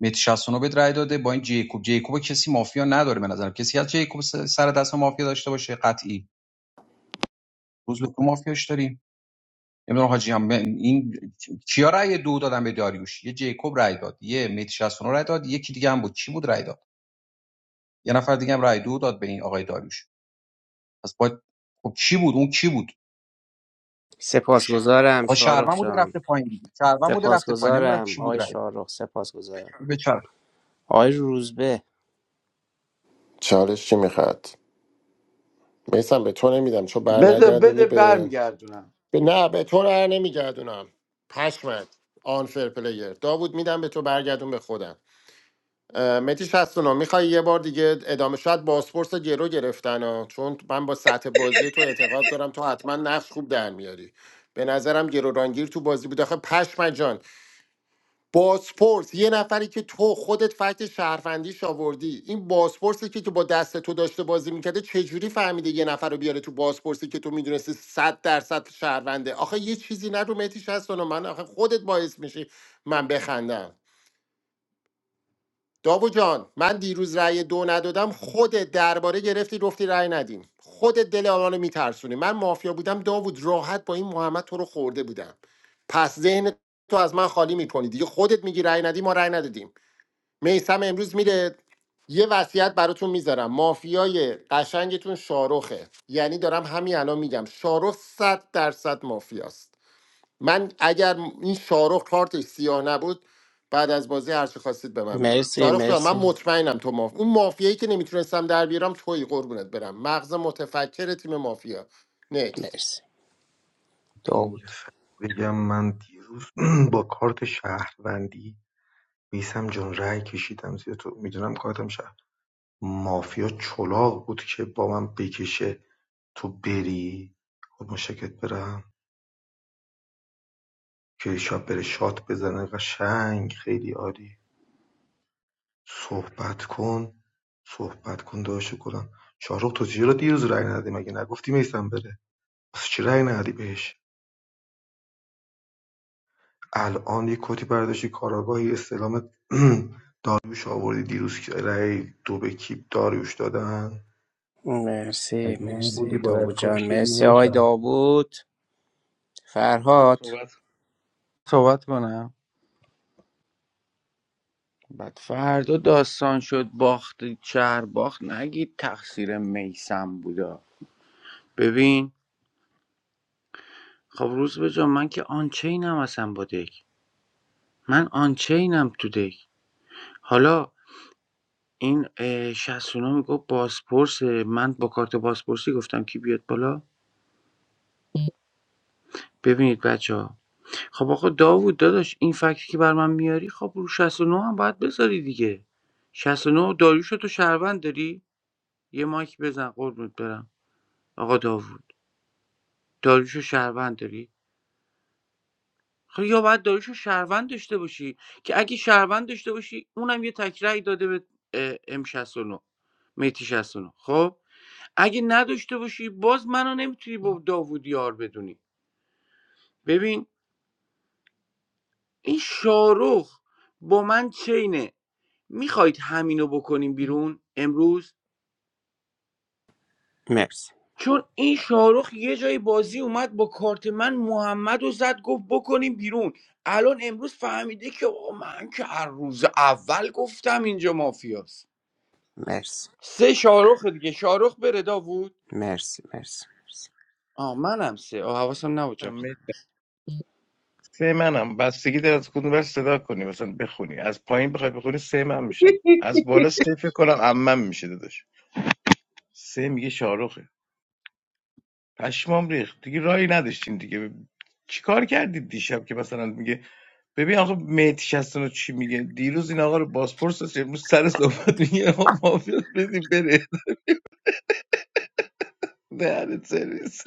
[SPEAKER 7] متی 69 بهت رای داده با این جیکوب جیکوب کسی مافیا نداره به نظرم کسی از جیکوب س- سر دست مافیا داشته باشه قطعی روز به تو مافیاش داریم نمیدونم حاجی هم این کیا رای دو دادن به داریوش یه جیکوب رای داد یه متی 69 رای داد یکی دیگه هم بود کی بود رای داد یه نفر دیگه هم رای دو داد به این آقای داریوش پس باید خب کی بود اون کی بود
[SPEAKER 12] سپاسگزارم
[SPEAKER 7] آقا
[SPEAKER 12] شارخ
[SPEAKER 7] شهروند بوده
[SPEAKER 12] جان
[SPEAKER 7] رفته پایین دیگه شهروند بوده رفته پایین نمیدونم
[SPEAKER 12] سپاسگزارم
[SPEAKER 7] کی بود
[SPEAKER 12] آقای
[SPEAKER 7] رای داده
[SPEAKER 12] شارخ سپاسگزارم
[SPEAKER 7] به چرخ
[SPEAKER 12] آقای روزبه
[SPEAKER 11] چالش چی میخواد میسم به تو نمیدم چون بر
[SPEAKER 10] بده
[SPEAKER 11] نگردونی
[SPEAKER 10] بده
[SPEAKER 11] به...
[SPEAKER 10] برمیگردونم
[SPEAKER 11] به نه به تو بر نمیگردونم پشمت آنفر پلیر داوود میدم به تو برگردون به خودم اه، متی 69 میخوای یه بار دیگه ادامه شاید بازپرس گرو گرفتن ها چون من با سطح بازی تو اعتقاد دارم تو حتما نقش خوب در میاری به نظرم گرورانگیر تو بازی بود آخه پشمت جان بازپرس یه نفری که تو خودت فکت شهروندیش آوردی این بازپرسی که تو با دست تو داشته بازی میکرده چجوری فهمیده یه نفر رو بیاره تو بازپرسی که تو میدونستی صد درصد شهرونده آخه یه چیزی نگو مهدی شصت و نه، من آخه خودت باعث میشی من بخندم داو جان من دیروز رأی دو ندادم خودت درباره گرفتی گفتی رأی ندیم خودت دل آنانو میترسونی من مافیا بودم داوود راحت با این محمد تو رو خورده بودم پس ذهن تو از من خالی میکنی دیگه خودت میگی رأی ندی ما رأی ندادیم میسم امروز میره یه وصیت براتون میذارم مافیای قشنگتون شاروخه یعنی دارم همین الان میگم شاروخ صد درصد مافیاست من اگر این شاروخ کارتش سیاه نبود بعد از بازی هر چی خواستید به من بگید
[SPEAKER 12] مرسی
[SPEAKER 11] شاروخ جان من
[SPEAKER 12] مرسی
[SPEAKER 11] مطمئنم تو مافیا اون مافیایی که نمیتونستم در بیارم توی قربونت برم مغز متفکر تیم مافیا نکست
[SPEAKER 12] مرسی داوود مرسی مرسی داوود جان مرسی آقای داوود فرهاد
[SPEAKER 13] صحبت
[SPEAKER 10] صحبت کنم بعد فردا داستان شد باخت شهر باخت نگید تقصیر میسم بودا ببین خب روز به جان، من که آنچینم اصلا با دک من آنچینم تو دک حالا این اه، شستونا میگفت بازپرس من با کارت بازپرسی گفتم کی بیاد بالا ببینید بچه ها خب آقا داوود داداش این فکتی که بر من میاری خب رو 69 هم باید بذاری دیگه 69 داریوشو تو شهروند داری یه مایک بزن قربونت برم آقا داوود داریوشو شهروند داری خب یا باید داریوشو شهروند داشته باشی که اگه شهروند داشته باشی اونم یه تکرای داده به ام 69 میتی 69 خب اگه نداشته باشی باز منو نمیتونی با داوود یار بدونی ببین این شاروخ با من چینه میخواید همینو بکنیم بیرون امروز
[SPEAKER 12] مرسی
[SPEAKER 10] چون این شاهرخ یه جای بازی اومد با کارت من محمد و زد گفت بکنیم بیرون الان امروز فهمیده که آقا من که هر روز اول گفتم اینجا مافیاست
[SPEAKER 12] مرسی
[SPEAKER 10] سه شاهرخ دیگه شاهرخ بره داوود
[SPEAKER 12] مرسی مرسی مرسی
[SPEAKER 10] آه منم سه آه حواسم نبود
[SPEAKER 13] کنم
[SPEAKER 10] جکو
[SPEAKER 13] سه منم بستگی داره از کدوم بر صدا کنی مثلا بخونی از پایین بخوای بخونی سه من میشم از بالا سه فکر کنم عمم میشه داداش سه میگه شاروخه پشمام ریخت دیگه راهی نداشتین دیگه چیکار کردید دیشب که مثلا میگه ببین آقا مهدی رو چی میگه دیروز این آقا رو بازپرس داشت امروز سر صحبت میگه آقا مافیاس بدیم بره دهنت سرویس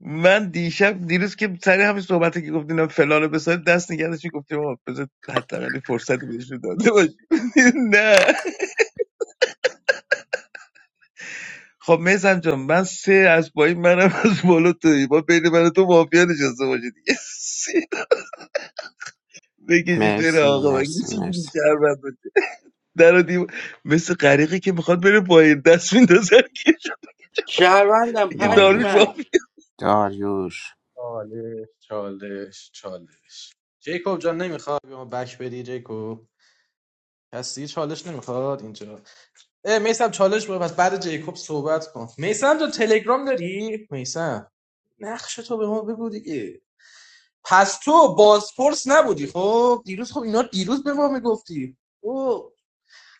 [SPEAKER 13] من دیشب دیروز که سر همین صحبتی که گفتین فلانو بسار دست نگردش گفتیم آقا بذار حداقل یه فرصتی بهش داده باشیم <laughs> نه خب میزم جان من سه از پایین منم از بالا توی با بین من و تو مافیا نشسته باشه دیگه <laughs> سه بکشید بره
[SPEAKER 12] مرسی
[SPEAKER 13] آقا مگه
[SPEAKER 12] مرسی
[SPEAKER 13] میشه دیگه
[SPEAKER 12] مرسی
[SPEAKER 13] شهر بند باشه. در و دیوار- مثل غریقی که میخواد بره پایین دست میندازه
[SPEAKER 10] شهروندم
[SPEAKER 13] دیگه داروش
[SPEAKER 12] داریوش
[SPEAKER 13] با
[SPEAKER 10] پشمک
[SPEAKER 12] داریوش
[SPEAKER 14] چالش چالش چالش جیکوب جان نمیخواد به ما بک بدی جیکوب هستی چالش نمیخواد اینجا اه میسم چالش بود پس بعد جیکوب صحبت کن میسم تو تلگرام داری میسم نقش تو به ما بگو دیگه پس تو بازپرس نبودی خب دیروز خب اینا دیروز به ما میگفتی او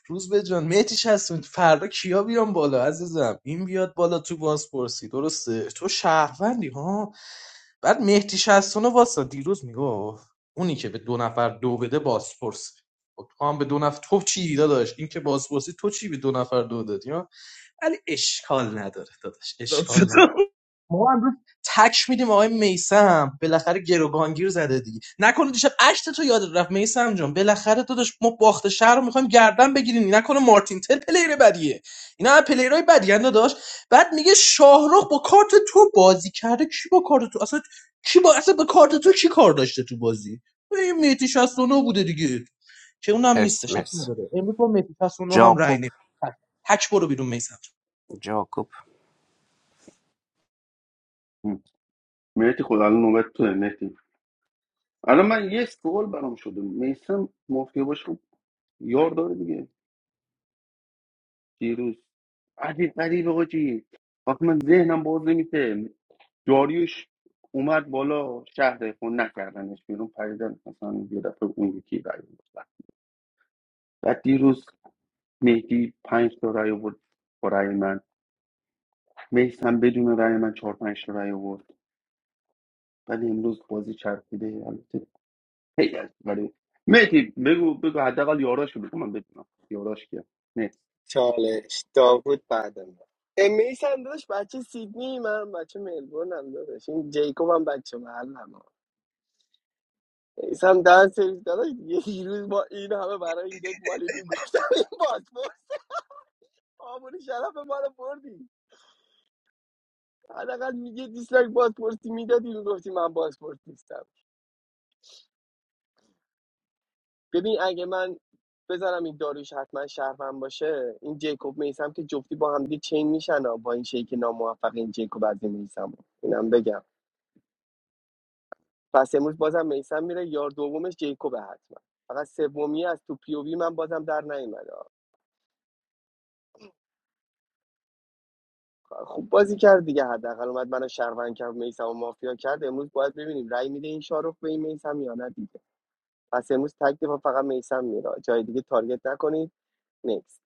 [SPEAKER 14] روز به جان مهدیش هستون فردا کیا بیان بالا عزیزم این بیاد بالا تو بازپرسی درسته تو شهروندی ها بعد مهدی هستون واسه دیروز میگفت اونی که به دو نفر دو بده بازپرسه خب تو هم به دو نفر تو چی داشت این که بازپرسی تو چی به دو نفر دو دادی ها ولی اشکال نداره داداش اشکال نداره
[SPEAKER 13] صدا
[SPEAKER 14] ما امروز تک میدیم آقای میسم بالاخره گروگانگیر زده دیگه نکنه دیشب اشت تو یادت رفت میسم جان بالاخره تو داشت ما باخت شهر رو میخوایم گردن بگیریم نکنه مارتین تل پلیر بدیه اینا هم پلیرای بدی اند داشت بعد میگه شاهرخ با کارت تو بازی کرده کی با کارت تو اصلا کی با اصلا با کارت تو چی کار داشته تو بازی این میتی 69 بوده دیگه که اونم
[SPEAKER 12] مرسی
[SPEAKER 14] نیستش اب
[SPEAKER 12] مرسی
[SPEAKER 14] نداره امروز با میتی 69 هم رای
[SPEAKER 12] جاقوب
[SPEAKER 14] نمی‌دیم. تک تک برو بیرون میسم
[SPEAKER 12] جاقوب
[SPEAKER 5] مرتی خدا الان نوبت تو مرتی الان من یه سوال برام شده میسم مافیا باشه خب یار داره دیگه دیروز عجیب غریب آجی وقتی من ذهنم باز نمیشه داریوش اومد بالا شهر خون نکردنش بیرون پریدن مثلا یه دفعه اون یکی رای آورد. بعد دیروز مهدی پنج تا رای آورد با رای من میسم بدون رای من چهار پنج تا رای آورد ولی امروز بازی چرخیده هی از ولی مهدی بگو بگو حداقل یاراش که بگو من بدونم یاراش کیه نه
[SPEAKER 1] چالش داوود بعد ما میسم داداش بچه سیدنی من بچه ملبورنم داداش این جیکوب هم بچه محلم ایسم دهن سرویس داداش یه دیروز ما این همه برای این دک مالیدیم گفتم این بازپرس آمون شرف ما رو بردی حداقل میگه دیسلایک بازپرسی میدادی میگفتی من بازپرس نیستم ببین اگه من بذارم این داریش حتما شهرمن باشه این جیکوب میسم که جفتی با هم دیگه چین میشن ها. با این شیک ناموفق این جیکوب از این میسم اینم بگم پس امروز بازم میسم میره یار دومش جیکوب حتما فقط سومی از تو پی او وی من بازم در نیومد خوب بازی کرد دیگه حداقل اومد منو شهروند کرد میسم و مافیا کرد امروز باید ببینیم رأی میده این شاروخ به این میسم یا نه دیگه پس امروز تک دفاع فقط میسم میره جای دیگه تارگت نکنید نیکس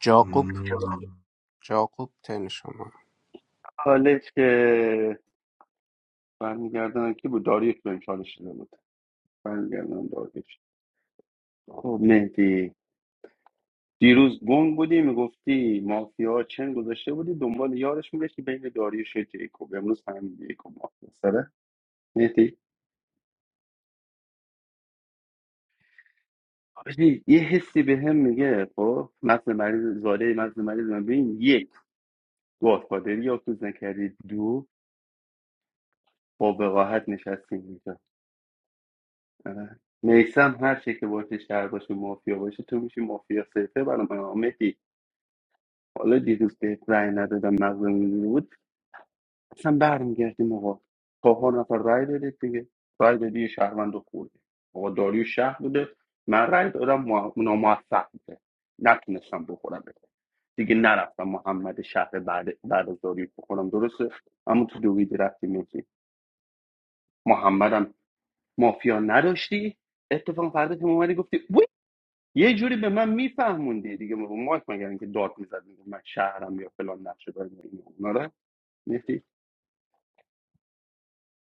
[SPEAKER 12] جاقوب جاقوب تن شما
[SPEAKER 5] حالش که برمیگردن کی بود داریوش بهم چالش شده بود برمیگردن داریوش خب مهدی دیروز گنگ بودی میگفتی مافیا چند گذاشته بودی دنبال یارش میگشتی بین داریوش و جیکوب امروز فهمیدی جیکوب مافیا سره مهدی حاجی، یه حسی به هم میگه خب مثل مریض زاده مثل مریض من ببین یک گادفادری یا تو نکردی دو با وقاحت نشستیم آره. میسم هر چی که باشه شهر باشه مافیا باشه تو میشی مافیا سیفه برای من آه، مهدی حالا دیروز بهت رأی ندادم مغزم اینجوری بود اصلا برمیگردیم آقا چهار نفر رأی دادید دیگه رأی دادی یه شهروند رو خوردی آقا داریو شهر بوده من رأی دادم مو- ناموفق بوده نتونستم بخورم بده دیگه نرفتم محمد شهر بعد بعد از داریوش بخورم درسته اما تو دویدی رفتی میگی محمدم مافیا نداشتی اتفاق فردا که اومدی گفتی یه جوری به من میفهموندی دیگه رو مایک مگر اینکه داد میزد میگفت من شهرم یا فلان نقشه دارم آره میگفتی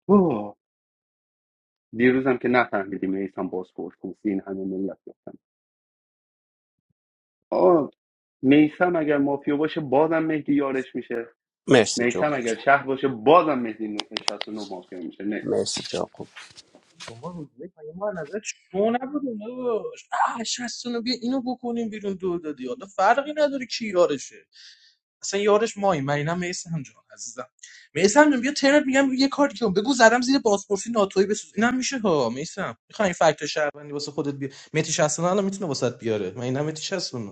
[SPEAKER 5] اوه دیروزم که نفهمیدی میسم بازپورت نیست این همه ملت گفتم آه میسم اگر مافیا باشه بازم مهدی یارش میشه
[SPEAKER 12] مرسی
[SPEAKER 5] میسم
[SPEAKER 12] جاقوب
[SPEAKER 5] اگر
[SPEAKER 12] جان
[SPEAKER 5] شهر باشه بازم مهدی نو- 69 مافیا میشه نه
[SPEAKER 12] مرسی جاقوب
[SPEAKER 14] با ما روز یک مگه ما از نظر شما نبودیم داداش آه شستونو بیا اینو بکنیم بیرون دو دادی حالا فرقی نداره کی یارشه اصلا یارش مایی من اینم میسم جان عزیزم میسم جان بیا ترنت میگم یه کاری کن بگو زدم زیر بازپرسی ناتوی بسوز اینم میشه ها میسم میخوام این فکت شهروندی واسه خودت بیا متی شستونو الان میتونه واسات بیاره من اینم متی شستونو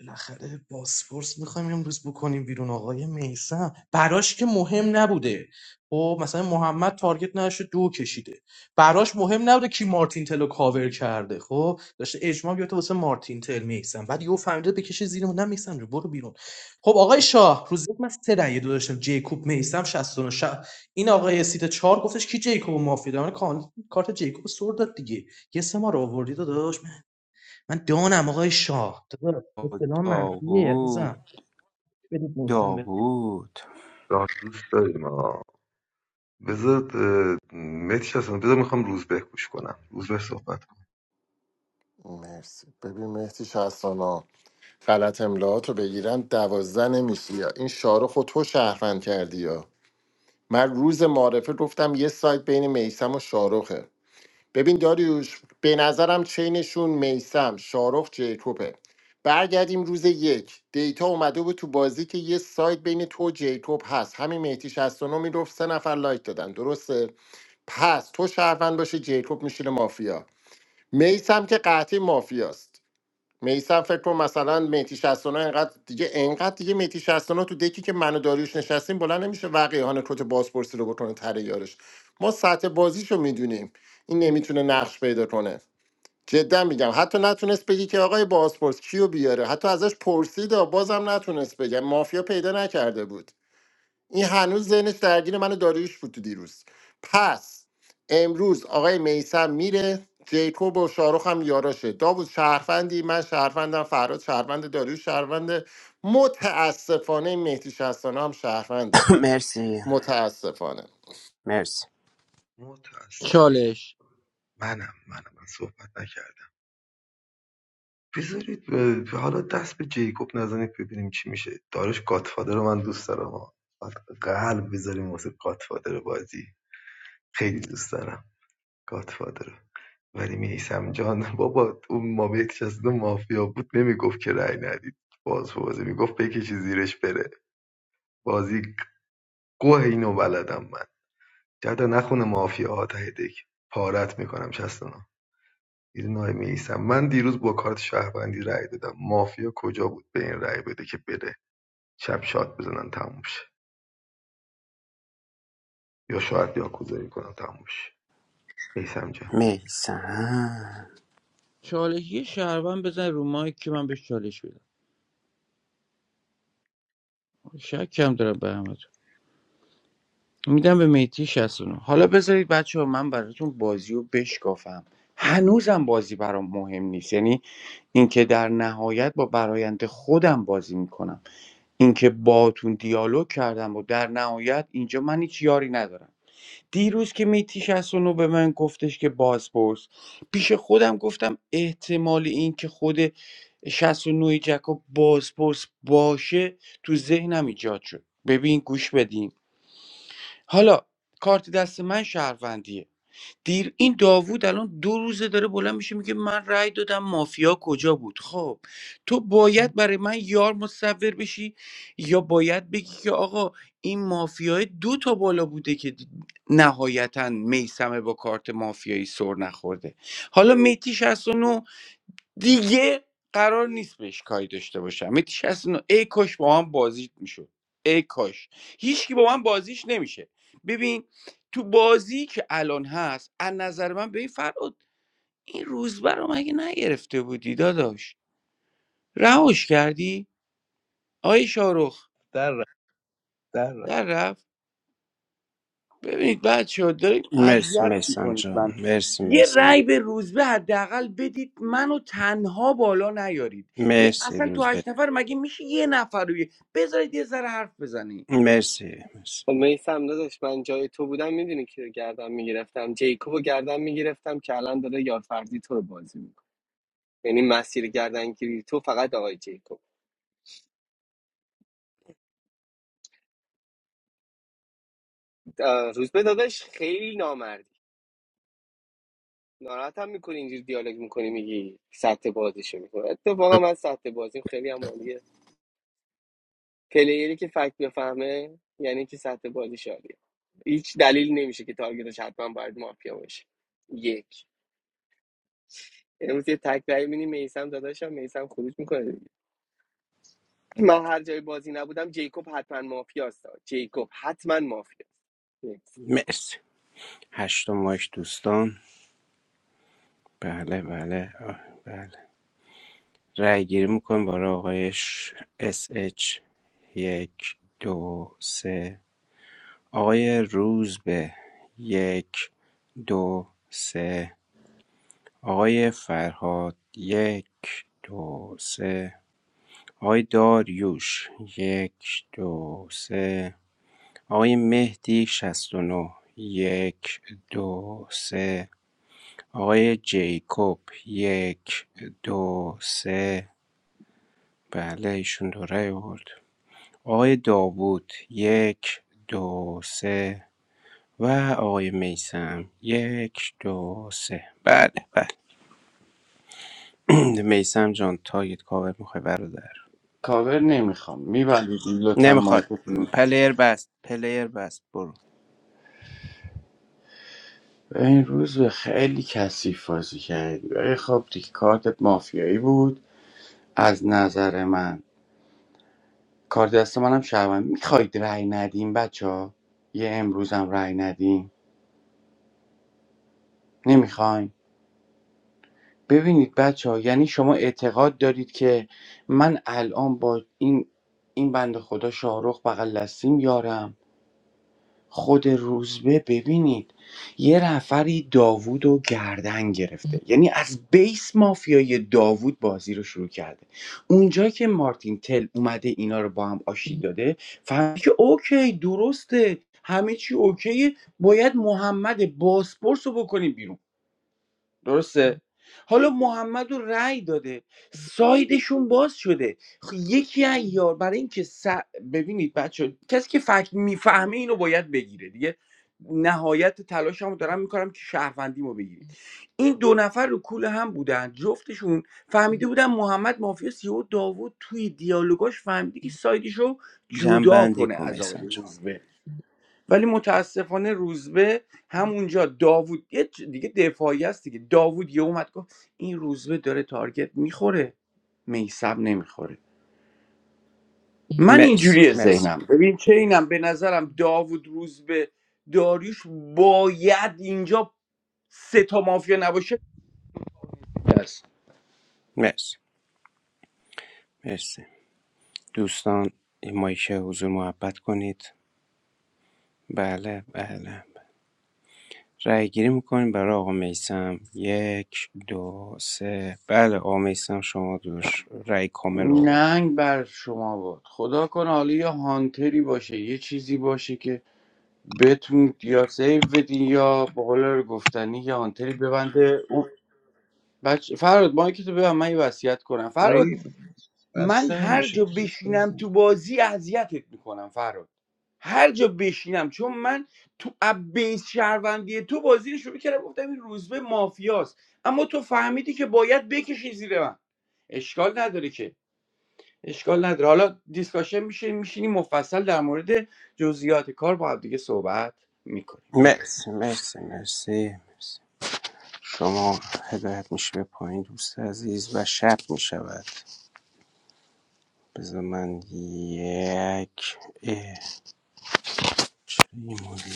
[SPEAKER 14] بالاخره باسپورس میخوایم امروز بکنیم بیرون آقای میسم براش که مهم نبوده خب مثلا محمد تارگت نشه دو کشیده براش مهم نبوده کی مارتین تلو کاور کرده خب داشته اجماع بیاته واسه مارتین تل میسم بعد یهو فهمیده بکشه زیرمون نه میسم جو برو بیرون خب آقای شاه روز یک من سه رأی دو داشتم جیکوب میسم 69 شه این آقای سیت 4 گفتش کی جیکوب مافیا من کان... کارت جیکوب سر داد دیگه یه سه ما رو آوردی داداش من دانم آقای شاه داداش اصطلاح منفیه عزیزم
[SPEAKER 12] داوود
[SPEAKER 14] بدید نیستم به
[SPEAKER 12] داوود
[SPEAKER 11] مرسی ببین مهدی شهستانا غلط املاهات رو بگیرم دوازده نمیشی یا این شاروخ رو تو شهروند کردی یا من روز معارفه گفتم یه سایت بین میسم و شاروخه ببین داریوش به نظرم چینشون میسم شاروخ جیکوبه برگردیم روز یک دیتا اومده بود تو بازی که یه سایت بین تو و جیکوب هست همین مهدی 69 میگفت سه نفر لایک دادن درسته پس تو شهروند باشه جیکوب میشینه مافیا میسم که قطعی مافیاست میسم فکر کن مثلا میتی 69 اینقدر دیگه اینقدر دیگه میتی 69 تو دکی که منو داریوش نشستیم بلند نمیشه وقیهان کت بازپرسی رو بکنه تره یارش ما سطح بازیشو میدونیم این نمیتونه نقش پیدا کنه جدا میگم حتی نتونست بگی که آقای بازپرس کیو بیاره حتی ازش پرسید بازم نتونست بگه مافیا پیدا نکرده بود این هنوز ذهنش درگیر من و داریوش بود تو دیروز پس امروز آقای میسم میره جیکوب و شاروخ هم یاراشه داوود شهروندی من شهروندم فراد شهروند داریوش شهرونده متاسفانه این مهدی شهستانه هم
[SPEAKER 12] <coughs>
[SPEAKER 11] شهرونده
[SPEAKER 12] مرسی
[SPEAKER 11] متاسفانه
[SPEAKER 12] مرسی
[SPEAKER 10] چالش
[SPEAKER 12] میسم
[SPEAKER 10] چالش یه شهروند بزن رو مایک که من بهش چالش بدم شک کم دارم به همتون. میدم به میتی 69 حالا بذارید بچه ها من براتون بازی رو بشکافم هنوزم بازی برام مهم نیست یعنی اینکه در نهایت با برایند خودم بازی میکنم اینکه باتون دیالوگ کردم و در نهایت اینجا من هیچ یاری ندارم دیروز که میتی 69 به من گفتش که بازپرس پیش خودم گفتم احتمال اینکه خود 69 جکا بازپرس باشه تو ذهنم ایجاد شد ببین گوش بدین حالا کارت دست من شهروندیه دیر این داوود الان دو روزه داره بلند میشه میگه من رأی دادم مافیا کجا بود خب تو باید برای من یار متصور بشی یا باید بگی که آقا این مافیای دو تا بالا بوده که نهایتا میسمه با کارت مافیایی سر نخورده حالا میتی 69 دیگه قرار نیست بهش کاری داشته باشم متیش اصلا ای کاش با من بازیت میشد ای کاش هیچکی با من بازیش نمیشه ببین تو بازی که الان هست از نظر من به این فراد این روزبه رو مگه نگرفته بودی داداش رهاش کردی آی شارخ
[SPEAKER 13] در رفت در رفت
[SPEAKER 10] در رفت ببینید بچه ها داریم
[SPEAKER 12] مرسی
[SPEAKER 10] اذیت
[SPEAKER 12] میسم
[SPEAKER 10] میکنید
[SPEAKER 12] جان
[SPEAKER 10] من
[SPEAKER 12] مرسی
[SPEAKER 10] یه
[SPEAKER 12] میسم
[SPEAKER 10] رأی به روزبه حداقل بدید منو تنها بالا نیارید به
[SPEAKER 12] مرسی
[SPEAKER 10] اصلا تو
[SPEAKER 12] روز به
[SPEAKER 10] هشت نفر مگه میشه یه نفر رو یه- بذارید یه ذره حرف بزنی
[SPEAKER 12] مرسی مرسی
[SPEAKER 1] میسم داداش من جای تو بودم میدونی کی رو گردم میگرفتم جیکوب رو گردم میگرفتم که الان داره یار فرضی تو رو بازی میکنه یعنی مسیر گردنگیری تو فقط آقای جیکوب اه، روزبه داداش خیلی نامردی ناراحت هم میکنی اینجوری دیالوگ میکنی میگی سطح بازیشو میکنه اتفاقا من سطح بازیم خیلی هم عالیه. پلیری که فکت بفهمه یعنی که سطح بازی عالیه هیچ دلیل نمیشه که تارگتش حتما باید مافیا باشه یک امروز یه تک رای می‌بینی میسم داداشم میسم خروج میکنه دیگه. من هر جای بازی نبودم جیکوب حتما مافیاست جیکوب حتما مافیاست Yes.
[SPEAKER 12] مرسی هشت ماش دوستان بله بله آه، بله رأی گیری میکنیم برای آقای ش... SH یک دو سه آقای روزبه یک دو سه آقای فرهاد یک دو سه آقای داریوش یک دو سه آقای مهدی 69 یک دو سه آقای جیکوب یک دو سه بله ایشون دوره آورد آقای داوود یک دو سه و آقای میسم یک دو سه بله بله <clears throat> میسم جان تارگت کاور میخوای برادر
[SPEAKER 10] کاور نمیخوام میبندید لطفا
[SPEAKER 12] نمیخواد
[SPEAKER 10] مایکتون
[SPEAKER 12] پلیر بست پلیر بست برو
[SPEAKER 10] این روز به خیلی کثیف بازی کردی ولی خب دیگه کارتت مافیایی بود از نظر من کار دست منم شهروند میخواید رأی ندیم بچه ها یه امروزم رأی ندیم نمیخواین ببینید بچه‌ها یعنی شما اعتقاد دارید که من الان با این این بنده خدا شاهرخ بغل دستیم یارم خود روزبه ببینید یه رفری داوود و گردن گرفته یعنی از بیس مافیای داوود بازی رو شروع کرده اونجا که مارتین تل اومده اینا رو با هم آشتی داده فهمید که اوکی درسته همه چی اوکیه باید محمد باسپورس رو بکنیم بیرون درسته حالا محمد رو رأی داده سایدشون باز شده خب یکی از یار برای اینکه س... ببینید بچه کسی که فکر میفهمه اینو باید بگیره دیگه نهایت تلاشمو دارم میکنم که شهروندیمو بگیرید این دو نفر رو کول هم بودن جفتشون فهمیده بودن محمد مافیا سیو داوود توی دیالوگاش فهمیده که سایدش
[SPEAKER 12] جمع
[SPEAKER 10] جدا
[SPEAKER 12] بندی
[SPEAKER 10] کنه
[SPEAKER 12] کن
[SPEAKER 10] از
[SPEAKER 12] میسم
[SPEAKER 10] آقای
[SPEAKER 12] جان
[SPEAKER 10] روزبه ولی متاسفانه روزبه همونجا داوود یه چ- دیگه دفاعی است دیگه داوود یه اومد گفت این روزبه داره تارگت میخوره میسم نمیخوره من
[SPEAKER 12] مرسی
[SPEAKER 10] اینجوری
[SPEAKER 12] مرسی
[SPEAKER 10] ذهنم ببین چه اینم به نظرم داوود روزبه داریوش باید اینجا سه تا مافیا نباشه است
[SPEAKER 12] مرسی مرسی دوستان مایک حضور محبت کنید بله بله رای‌گیری می‌کنیم برای آقا میثم ۱ ۲ ۳ بله آقا میثم شما داداش رای کامل آورد
[SPEAKER 10] ننگ بر شما باد خدا کنه حالا یه هانتری باشه یه چیزی باشه که بتون یا سیو بدین یا به قول گفتنی یه هانتری ببنده بچه فراد مایکتو ببن من یه وصیت کنم فراد
[SPEAKER 13] ری
[SPEAKER 10] من
[SPEAKER 13] بسته
[SPEAKER 10] هر
[SPEAKER 13] نمیشه
[SPEAKER 10] جا بشینم تو بازی اذیتت میکنم فراد هر جا بشینم چون من تو بیس شهروندی تو بازی رو شروع کردم گفتم این روزبه مافیاست اما تو فهمیدی که باید بکشی زیر من اشکال نداره که اشکال نداره حالا دیسکاشن میشه میشینی مفصل در مورد جزئیات کار با همدیگه صحبت میکنیم
[SPEAKER 12] مرسی مرسی مرسی مرسی شما هدایت میشه به پایین دوست عزیز و شب میشود بذار من یک اه، ریمولیک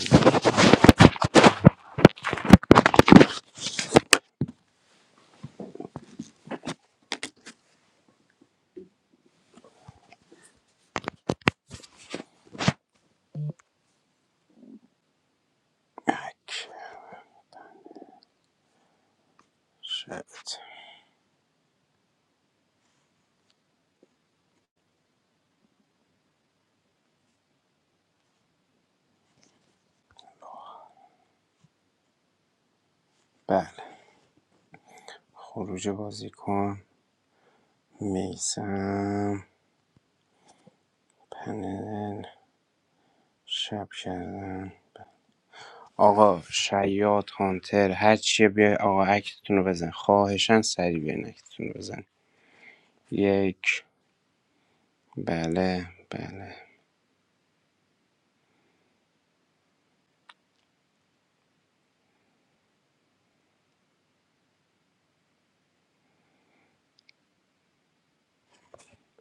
[SPEAKER 12] شد بله خروج بازی کن میسم پنل شب کردن آقا شیاد هانتر هر چیه بیای آقا اکتتون رو بزن خواهشن سری بیاین اکتتون رو بزن یک بله بله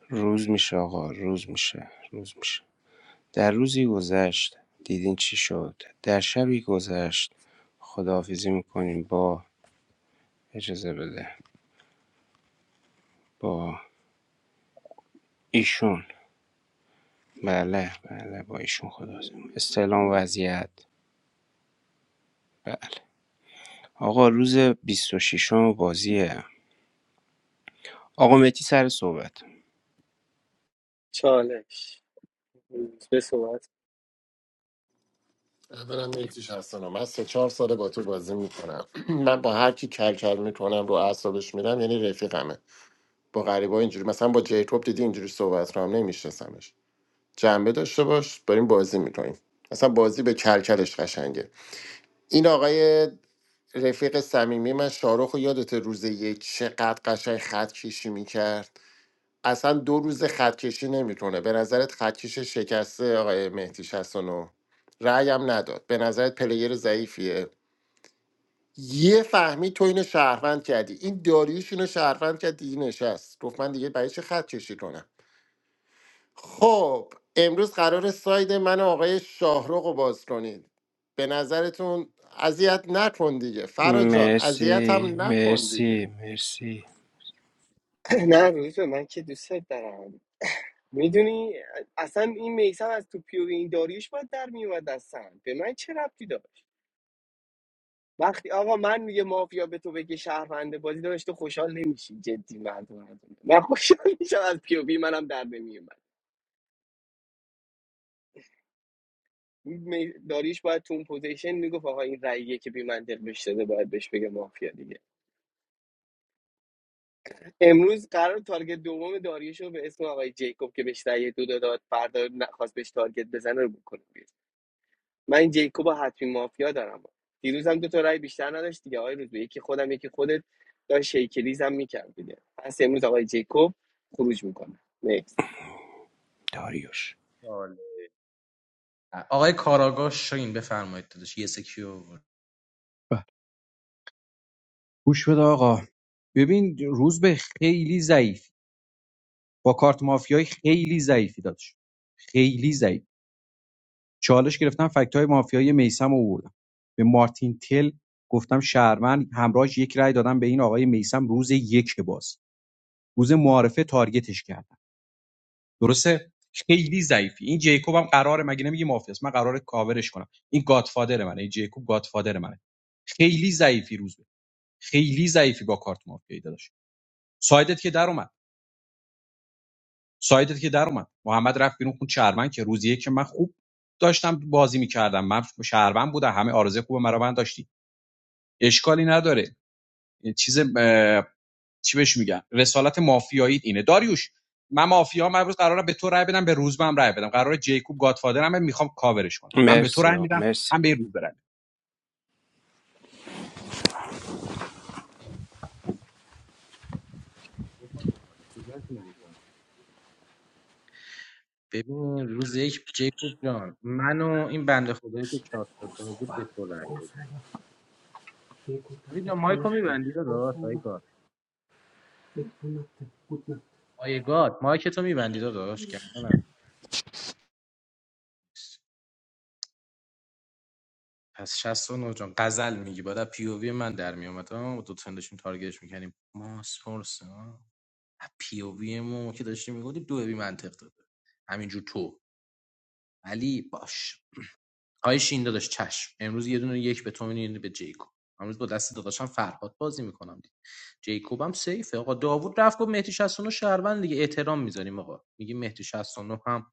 [SPEAKER 12] روز میشه آقا روز میشه روز میشه در روزی گذشت دیدین چی شد در شبی گذشت خداحافظی میکنیم با اجازه بده با ایشون بله بله با ایشون خداحافظی می‌کنیم. استعلام وضعیت بله آقا روز 26 بازیه آقا متی سر صحبت
[SPEAKER 1] چالش روز به صحبت
[SPEAKER 11] برم مهدی شهستانه من سه چهار ساله با تو بازی میکنم <clears throat> من با هر کی کل کل میکنم رو اعصابش میرم یعنی رفیقمه با غریبا اینجوری مثلا با جیکوب دیدی اینجوری صحبت رو هم جنبه داشته باش داریم بازی میکنیم اصلا بازی به کلکلش قشنگه این آقای رفیق صمیمی من شاروخ رو یادت روز یک چقدر قشنگ خط کشی میکرد اصلا دو روز خط کشی نمیکنه به نظرت خط کش شکسته آقای مهدی 69 رأی هم نداد به نظرت پلیر ضعیفیه یه فهمی تو اینو شهروند کردی این داریوش اینو شهروند کرد دیگه نشست گفت من دیگه برای چه خط کشی کنم خب امروز قرار ساید من و آقای شاهروغ رو باز کنید به نظرتون اذیت نکن دیگه فرا جان اذیت
[SPEAKER 12] مرسی
[SPEAKER 11] هم نکن دیگه
[SPEAKER 12] مرسی مرسی
[SPEAKER 1] <clears throat> نه روز به من که دوستت دارم میدونی اصلا این میسم از تو پیوی این داریوش باید در میومد اصلا به من چه ربطی داشت وقتی آقا من یه مافیا به تو بگه شهرونده بازی داشت تو خوشحال نمیشی جدی مردم من خوشحال میشم از پی بی منم در نمیومد می- داریش باید تو اون پوزیشن میگفت آقا این رأیه که بی منطق بهش داده باید بهش بگه مافیا دیگه امروز قرار تارگت دوم داریوش رو به اسم آقای جیکوب که بهش رأی دو داد فردا نخواست بهش تارگت بزنه رو بکنه بیرون. من این جیکوب حتمی مافیا دارم دیروز هم دو تا رای بیشتر نداشت دیگه آقای روزبه یکی خودم یکی خودت داشت شیکلیز هم میکرد دیگه پس امروز آقای جیکوب خروج میکنه نیکس
[SPEAKER 12] داریوش
[SPEAKER 14] سوال. آقای کاراگاه شاین بفرمایید داداش یه سکی آورد.
[SPEAKER 7] بله. گوش بده آقا ببین روز به خیلی ضعیف با کارت مافیایی خیلی ضعیفی دادش خیلی ضعیف چالش گرفتم فکت های مافیایی میسم آوردم به مارتین تل گفتم شهرمن همراهش یک رأی دادم به این آقای میسم روز یک باز روز معارفه تارگتش کرد درسته خیلی ضعیفی این جیکوب هم قراره مگه نمیگه مافیاست من قراره کاورش کنم این گادفادر منه این جیکوب گادفادر منه خیلی ضعیفی روز به خیلی ضعیفی با کارت مافیایی داداش سایدت که در اومد سایدت که در اومد محمد رفت بیرون خون شهروند که روزیه که من خوب داشتم بازی میکردم من شهروند بودم همه آرزه خوب مرا من داشتی اشکالی نداره چیز چی بهش میگن رسالت مافیایی اینه داریوش من مافیا من امروز قرارم به تو رای بدم به روز هم رای بدم قرار جیکوب گادفادرم هم میخوام کاورش کنم هم به تو
[SPEAKER 12] مرسی
[SPEAKER 7] رای
[SPEAKER 12] آقا
[SPEAKER 7] میدم
[SPEAKER 12] مرسی
[SPEAKER 7] هم به روز برم
[SPEAKER 14] ببین روز یک جیکوب جان من و این بنده خدایی که شاد شد بود به تو رای دادیم آقای جان مایکو میبندی داداش آقای گاد آقای گاد مایک تو میبندی داداش گردنم نیست. پس 69 جان غزل میگی بعد پی او وی من در میومد آه، دو تندشون تارگتش میکنیم ماس فورس پی او وی ما که داشتیم میگفتیم دو بی منطق داده همینجور تو ولی باش آی شین داداش چشم امروز یه دونه یک به تو میدین به جیکوب امروز با دست داداشم فرهاد بازی میکنم دید جیکوب هم سیفه آقا داوود رفت گفت مهدی 69 شهروند دیگه احترام میذاریم آقا میگیم مهدی 69 هم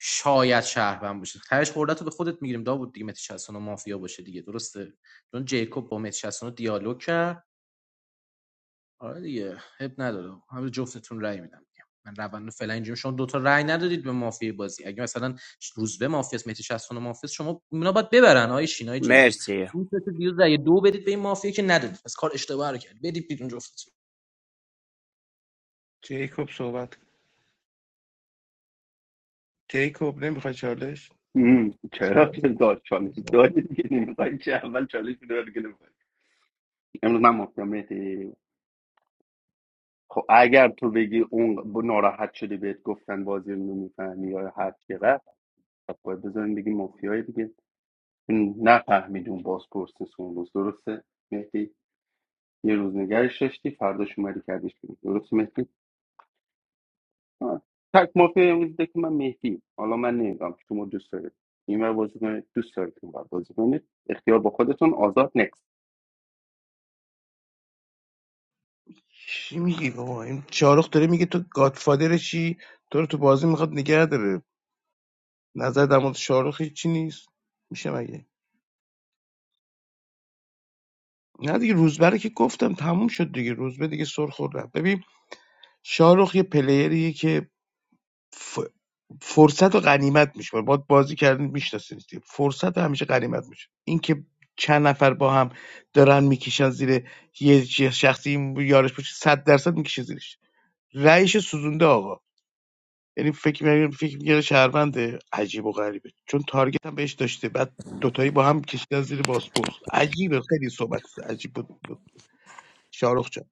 [SPEAKER 14] شاید شهروند باشه تهش خورده به خودت میگیریم داوود دیگه مهدی 69 مافیا باشه دیگه درسته چون جیکوب با مهدی 69 دیالوگ کرد آره دیگه اب نداره همه جفتتون رأی میدم دیگه. من روند رو فعلا اینجوری شما دوتا رأی ندادید به مافیای بازی اگه مثلا روزبه مافیاس مهدی 60 مافیاس شما اونا باید ببرن آیه شینای جیکوب
[SPEAKER 12] مرسی
[SPEAKER 14] اون سه تا دیروز رأی دو بدید به این مافیا که ندادید پس کار اشتباه رو کرد بدید بیرون جفتتون
[SPEAKER 13] جیکوب صحبت کن. جیکوب نمیخوای چالش
[SPEAKER 5] مم، چرا
[SPEAKER 13] صحبت
[SPEAKER 5] که داد چالش دادی دیگه نمیخوای چه اول چالش میدادی که نمیخوای امروز من مافیا مهدی خب اگر تو بگی اون ب- ناراحت شدی بهت گفتن بازی رو نمیفهمی یا هر چی رفت خب باید بذاریم بگیم مافیای دیگه نفهمید اون باز اون روز درسته مهدی یه روز نگرش داشتی فرداش اومدی کردیش بیرون درسته مهدی آه. تک مافیا امروز که من مهدی حالا من نمیدونم شما دوست دارید این ور بازی کنید دوست دارید اون ور بازی کنید اختیار با خودتون آزاد نکس
[SPEAKER 13] چی میگی بابا این شاروخ داره میگه تو گادفادر چی تو رو تو بازی میخواد نگه داره نظر در مورد شاروخ چی نیست میشه مگه نه دیگه روزبره که گفتم تموم شد دیگه روزبه دیگه سر خوردم ببین شاروخ یه پلیریه که ف... فرصت و غنیمت میشه باید بازی کردن میشناسین فرصت همیشه غنیمت میشه اینکه چند نفر با هم دارن میکشن زیر یه چی- شخصی یارش باشه صد درصد میکشه زیرش رأیش سوزونده آقا یعنی فکر میگه فکر میگه شهروند عجیب و غریبه چون تارگت هم بهش داشته بعد دوتایی با هم کشیدن زیر باسپورس عجیبه خیلی صحبت عجیب بود, بود. شاروخ جان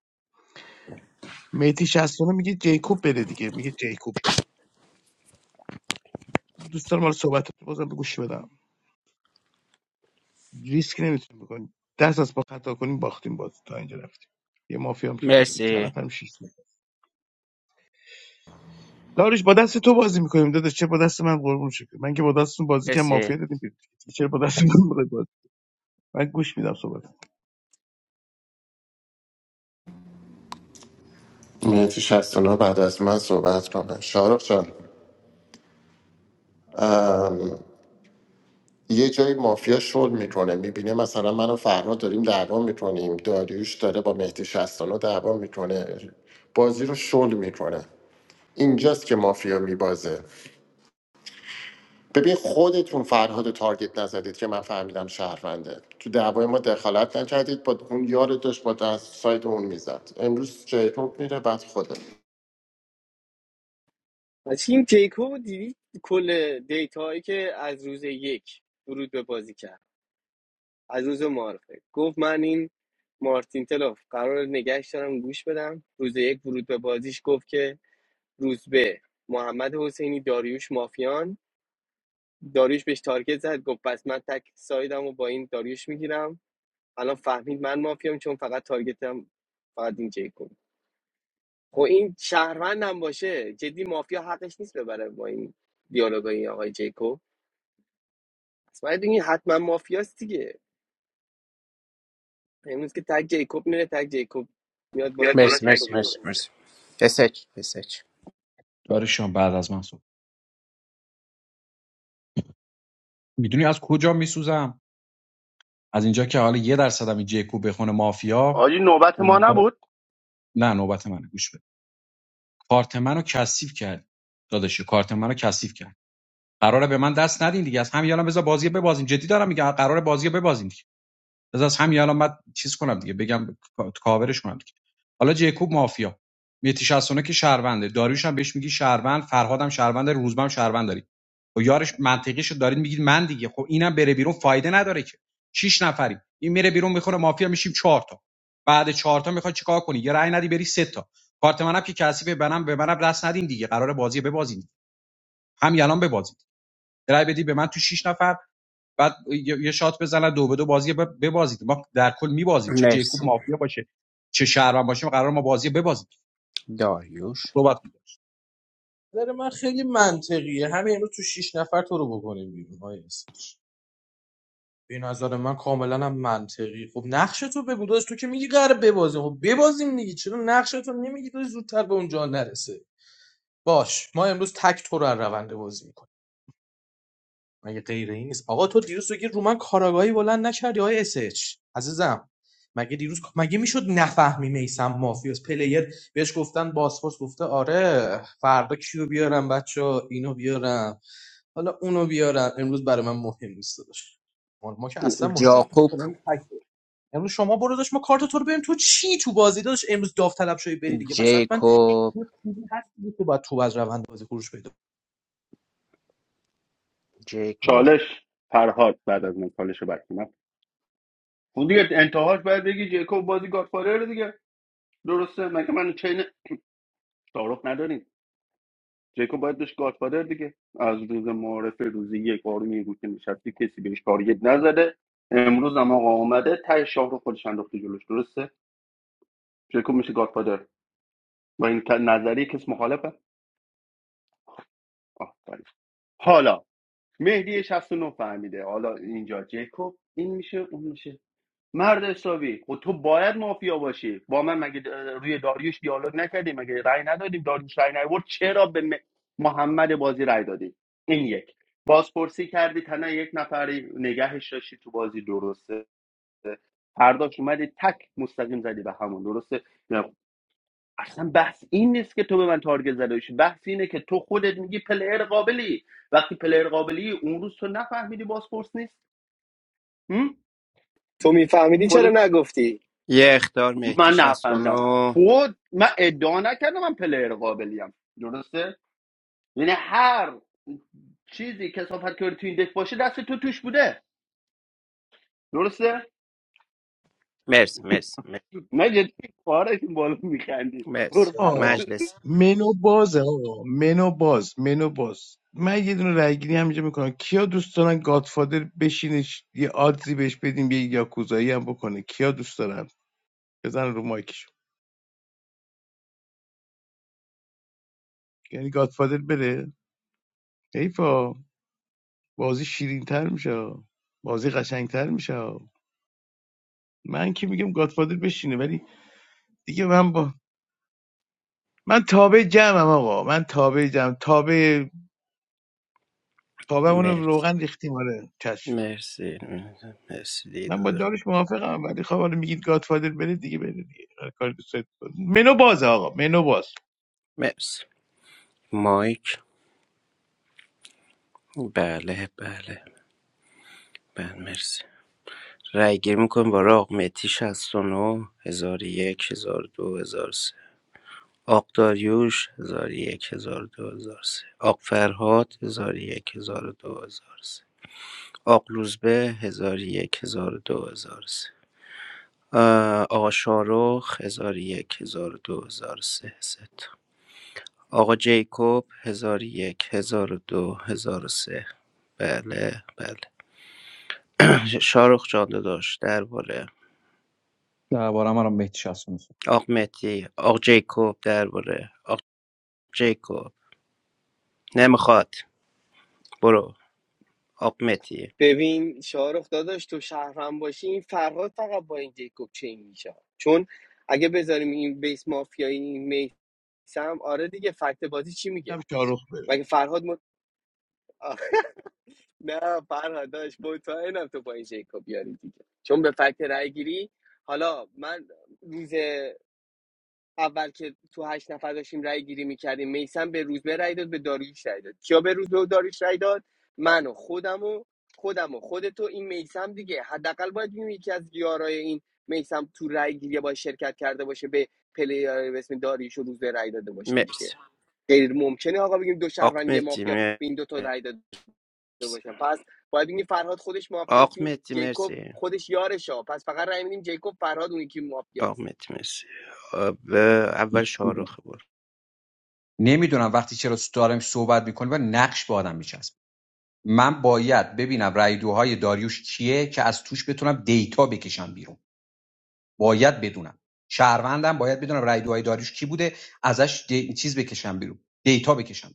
[SPEAKER 13] میتی شستانه میگه جیکوب بره دیگه میگه جیکوب بره دوستان مال صحبت بازم به گوش بدم ریسک نمیتونیم بکنیم دست از پا خطا کنیم باختیم بازی تا اینجا رفتیم یه مافیا هم که بیرونه چند
[SPEAKER 12] مرسی
[SPEAKER 13] نفرم شیش نفر داروش با دست تو بازی میکنیم داداش چه با دست من قربون شکل من که با دستتون بازی کردم
[SPEAKER 12] مرسی
[SPEAKER 13] مافیا دادیم بیرون چرا با دست من می‌خوای بازی من گوش میدم صحبت
[SPEAKER 11] مهدی 69 بعد از من صحبت کنه شارق جان یه جایی مافیا شل میکنه میبینه مثلا من و فرها داریم دعوا میکنیم داریوش داره با مهدی 69 دعوا میکنه بازی رو شل میکنه اینجاست که مافیا میبازه ببین خودتون فرهاد رو تارگت نزدید که من فهمیدم شهرونده تو دعوای ما دخالت نکردید با اون یار داشت با دست سایت اون میزد امروز جیکوب میره بعد خوده
[SPEAKER 1] پس این جیکوب دیدی کل دیتا که از روز یک ورود به بازی کرد از روز معارفه گفت من این مارتین تلوف قرار نگهش دارم گوش بدم روز یک ورود به بازیش گفت که روزبه محمد حسینی داریوش مافیان داریوش بهش تارگت زد گفت پس من تک سایدم با این داریوش میگیرم الان فهمید من مافیام چون فقط تارگتم فقط این جیکوب خب این شهروندم باشه جدی مافیا حقش نیست ببره با این دیالوگای آقای جیکوب پس باید بگین حتما مافیاست دیگه امروز که تک جیکوب میره تک جیکوب میاد بالا
[SPEAKER 12] بیاید
[SPEAKER 1] تک
[SPEAKER 12] بالا مرسی
[SPEAKER 1] جیکوب
[SPEAKER 12] مرسی
[SPEAKER 1] میره
[SPEAKER 12] تکمیل مرسی کنیم مرسی اسچ اسچ
[SPEAKER 7] داریوشم بعد از من صحبت میدونی از کجا میسوزم از اینجا که حالا یه درصدم این جیکوب بخونه مافیا
[SPEAKER 5] آجی نوبت ما
[SPEAKER 7] اونها-
[SPEAKER 5] نبود
[SPEAKER 7] نه نوبت منه گوش بده کارت منو کثیف کرد داداشی کارت منو کثیف کرد قراره به من دست ندین دیگه از همین الان بذار بازی ببازیم جدی دارم میگم قراره بازی رو ببازیم دیگه. از از همین الان من چیز کنم دیگه بگم کا- کاورش کنم دیگه حالا جیکوب مافیا میتی 69 که شهرونده داریوش هم بهش میگی شهروند فرهادم شهروند روزبم هم شهروند داری و یارش منطقیشو دارید میگید من دیگه خب اینم بره بیرون فایده نداره که شیش نفری این میره بیرون میخوره مافیا میشیم چهار تا بعد چهار تا میخواد چیکار کنی یه رأی ندی بری سه تا کارت منم که کسی به منم به منم دست ندین دیگه قرار بازی ببازین همین الان ببازید رأی بدی به من تو شیش نفر بعد یه یه شات بزنن دو به دو بازی ب- ببازید ما در کل میبازیم چه
[SPEAKER 12] مرسی
[SPEAKER 7] جیکوب مافیا باشه چه شهروند باشه قرار ما بازی ببازیم
[SPEAKER 12] داریوش
[SPEAKER 7] صحبت
[SPEAKER 14] نظر من خیلی منطقیه همین امروز تو شیش نفر تو رو بکنیم بیرون های اسمش به نظر من کاملا هم منطقی خب نقش تو بگو داشت تو که میگی قراره ببازیم خب ببازیم دیگه چرا نقش تو نمیگی تو زودتر به اونجا نرسه باش ما امروز تک تو رو از روند بازی میکنیم مگه غیر این نیست آقا تو دیروز تو که رو من کاراگاهی بلند نکردی آقای اس اچ عزیزم مگه دیروز مگه میشد نفهمی میسم مافیاس پلیر بهش گفتن باسپورس گفته آره فردا کیو بیارم بچه اینو بیارم حالا اونو بیارم امروز برای من مهم نیست داشت ما ما که اصلا مهم نیست
[SPEAKER 12] جاکوب
[SPEAKER 14] مثلا تک تو. امروز شما برو داشت ما کارت تو رو بریم تو چی تو بازی داشت امروز داوطلب شوی بری دیگه پس حتما
[SPEAKER 12] جیکوب
[SPEAKER 14] یه چیزی هست دیگه که باید تو از روند بازی خروج پیدا
[SPEAKER 12] جیکوب
[SPEAKER 5] چالش فرهاد بعد از من چالش رو بک اون دیگه انتهاش باید بگی جیکوب بازی گادفادر دیگه درسته مگه من چین تعارف نداریم جیکوب باید بهش گادفادر دیگه از روز معارف روزی یک آروم یه گوشه نشستی کسی بهش تارگت نزده امروز هم آقا آمده تای شاه رو خودش انداخته جلوش درسته جیکوب میشه گادفادر با این نظری کس مخالفه آفرین. حالا مهدی 69 فهمیده حالا اینجا جیکوب این میشه اون میشه مرد حسابی خب تو باید مافیا باشی با من مگه روی داریوش دیالوگ نکردیم مگه رأی ندادیم داریوش رأی نیورد چرا به م- محمد بازی رأی دادی این یک بازپرسی کردی تنها یک نفری نگهش داشتی تو بازی درسته فرداش اومدی تک مستقیم زدی به همون درسته اصلا بحث این نیست که تو به من تارگت زده باشی بحث اینه که تو خودت میگی پلیر قابلی وقتی پلیر قابلی اون روز تو نفهمیدی بازپرس نیست هم؟
[SPEAKER 1] تو میفهمیدی چرا نگفتی
[SPEAKER 12] یه اختار مهدی
[SPEAKER 5] من نفهمیدم
[SPEAKER 12] 69
[SPEAKER 5] خود من ادعا نکردم من پلیر قابلیم درسته یعنی هر چیزی کسافت که صحبت کردی تو این دک باشه دست تو توش بوده درسته
[SPEAKER 12] مرسی مرسی مرسی
[SPEAKER 5] من جدی پاره این بالا میخندی برو
[SPEAKER 12] مرسی.
[SPEAKER 5] برات
[SPEAKER 13] آه
[SPEAKER 12] مجلس
[SPEAKER 13] منو باز آقا منو باز منو باز من یه دونه رای گیری همینجا میکنم کیا دوست دارن گادفادر بشینش یه آدزی بهش بدیم یه یاکوزایی هم بکنه کیا دوست دارن بزن رو مایکشون یعنی گادفادر بره حیفا بازی شیرین تر میشه بازی قشنگ تر میشه من که میگم گادفادر بشینه ولی دیگه من با من تابع جمعم آقا من تابع جمع تابع تابع رو
[SPEAKER 12] مرسی
[SPEAKER 13] روغن ریختیم آره چشم
[SPEAKER 12] مرسی مرسی
[SPEAKER 13] من با
[SPEAKER 12] دیدو
[SPEAKER 13] دارش موافقم ولی خب حالا میگید گادفادر بره دیگه بره دیگه هر کاری دوست دارید منو باز آقا منو باز
[SPEAKER 12] مرسی مایک بله بله بله مرسی رأی‌گیری می‌کنیم برای آق مهدی 69 1001 1002 1003 آق داریوش 1001 1002 1003 آق فرهاد 1001 1002 1003 آق روزبه 1001 1002 1003 آ، آقا شارخ 1001 1002 1003 سه تا. آقا جیکوب 1001 1002 1003 بله بله <clears throat> شارخ جان داشت درباره آق متی آق جیکوب درباره آق جیکوب نمیخواد برو آق متی
[SPEAKER 1] ببین شاهرخ داداش تو شهرم باشی این فرهاد فقط با این جیکوب چین میشه چون اگه بذاریم این بیس مافیایی سم آره دیگه فکت بازی چی
[SPEAKER 13] هم
[SPEAKER 1] میگه
[SPEAKER 13] شاروخ بره
[SPEAKER 1] مگه فرهاد مت... آخ، نه فرهاد داشت مطمئنم تو با این جیکو بیاری دیگه چون به فکت رای گیری حالا من روز اول که تو هشت نفر داشتیم رای گیری میکردیم میسم به روزبه رای داد به داریوش رای داد کیا به روزبه و داریوش رای داد من و خودم و خودم و خودتو این میسم دیگه حداقل باید بیم یکی از یارای این میسم تو رای گیری باید شرکت کرده باشه به پلیر به اسم داریوش و روزبه رای داده باشه دیگه
[SPEAKER 12] مرسی
[SPEAKER 1] غیر ممکنه آقا بگیم دو
[SPEAKER 12] آق
[SPEAKER 1] شهروند یه
[SPEAKER 12] متی
[SPEAKER 1] مافیا
[SPEAKER 12] مرسی
[SPEAKER 1] به این دو تا رأی داده باشن پس باید بگیم فرهاد خودش مافیاست
[SPEAKER 12] آق
[SPEAKER 1] این
[SPEAKER 12] متی
[SPEAKER 1] جیکوب
[SPEAKER 12] مرسی
[SPEAKER 1] خودش یارشه پس فقط رأی میدیم جیکوب فرهاد اون یکی
[SPEAKER 12] آق
[SPEAKER 1] مافیاست
[SPEAKER 12] متی مرسی آب- اول
[SPEAKER 7] می‌کنم،
[SPEAKER 12] شاروخ برو
[SPEAKER 7] نمیدونم وقتی چرا دارم صحبت میکنه و نقش به آدم میچسب من باید ببینم رای دوهای داریوش کیه که از توش بتونم دیتا بکشم بیرون باید بدونم شهروندم باید بدونم رای دوهای داریوش کی بوده ازش دی... چیز بکشم بیرون دیتا بکشم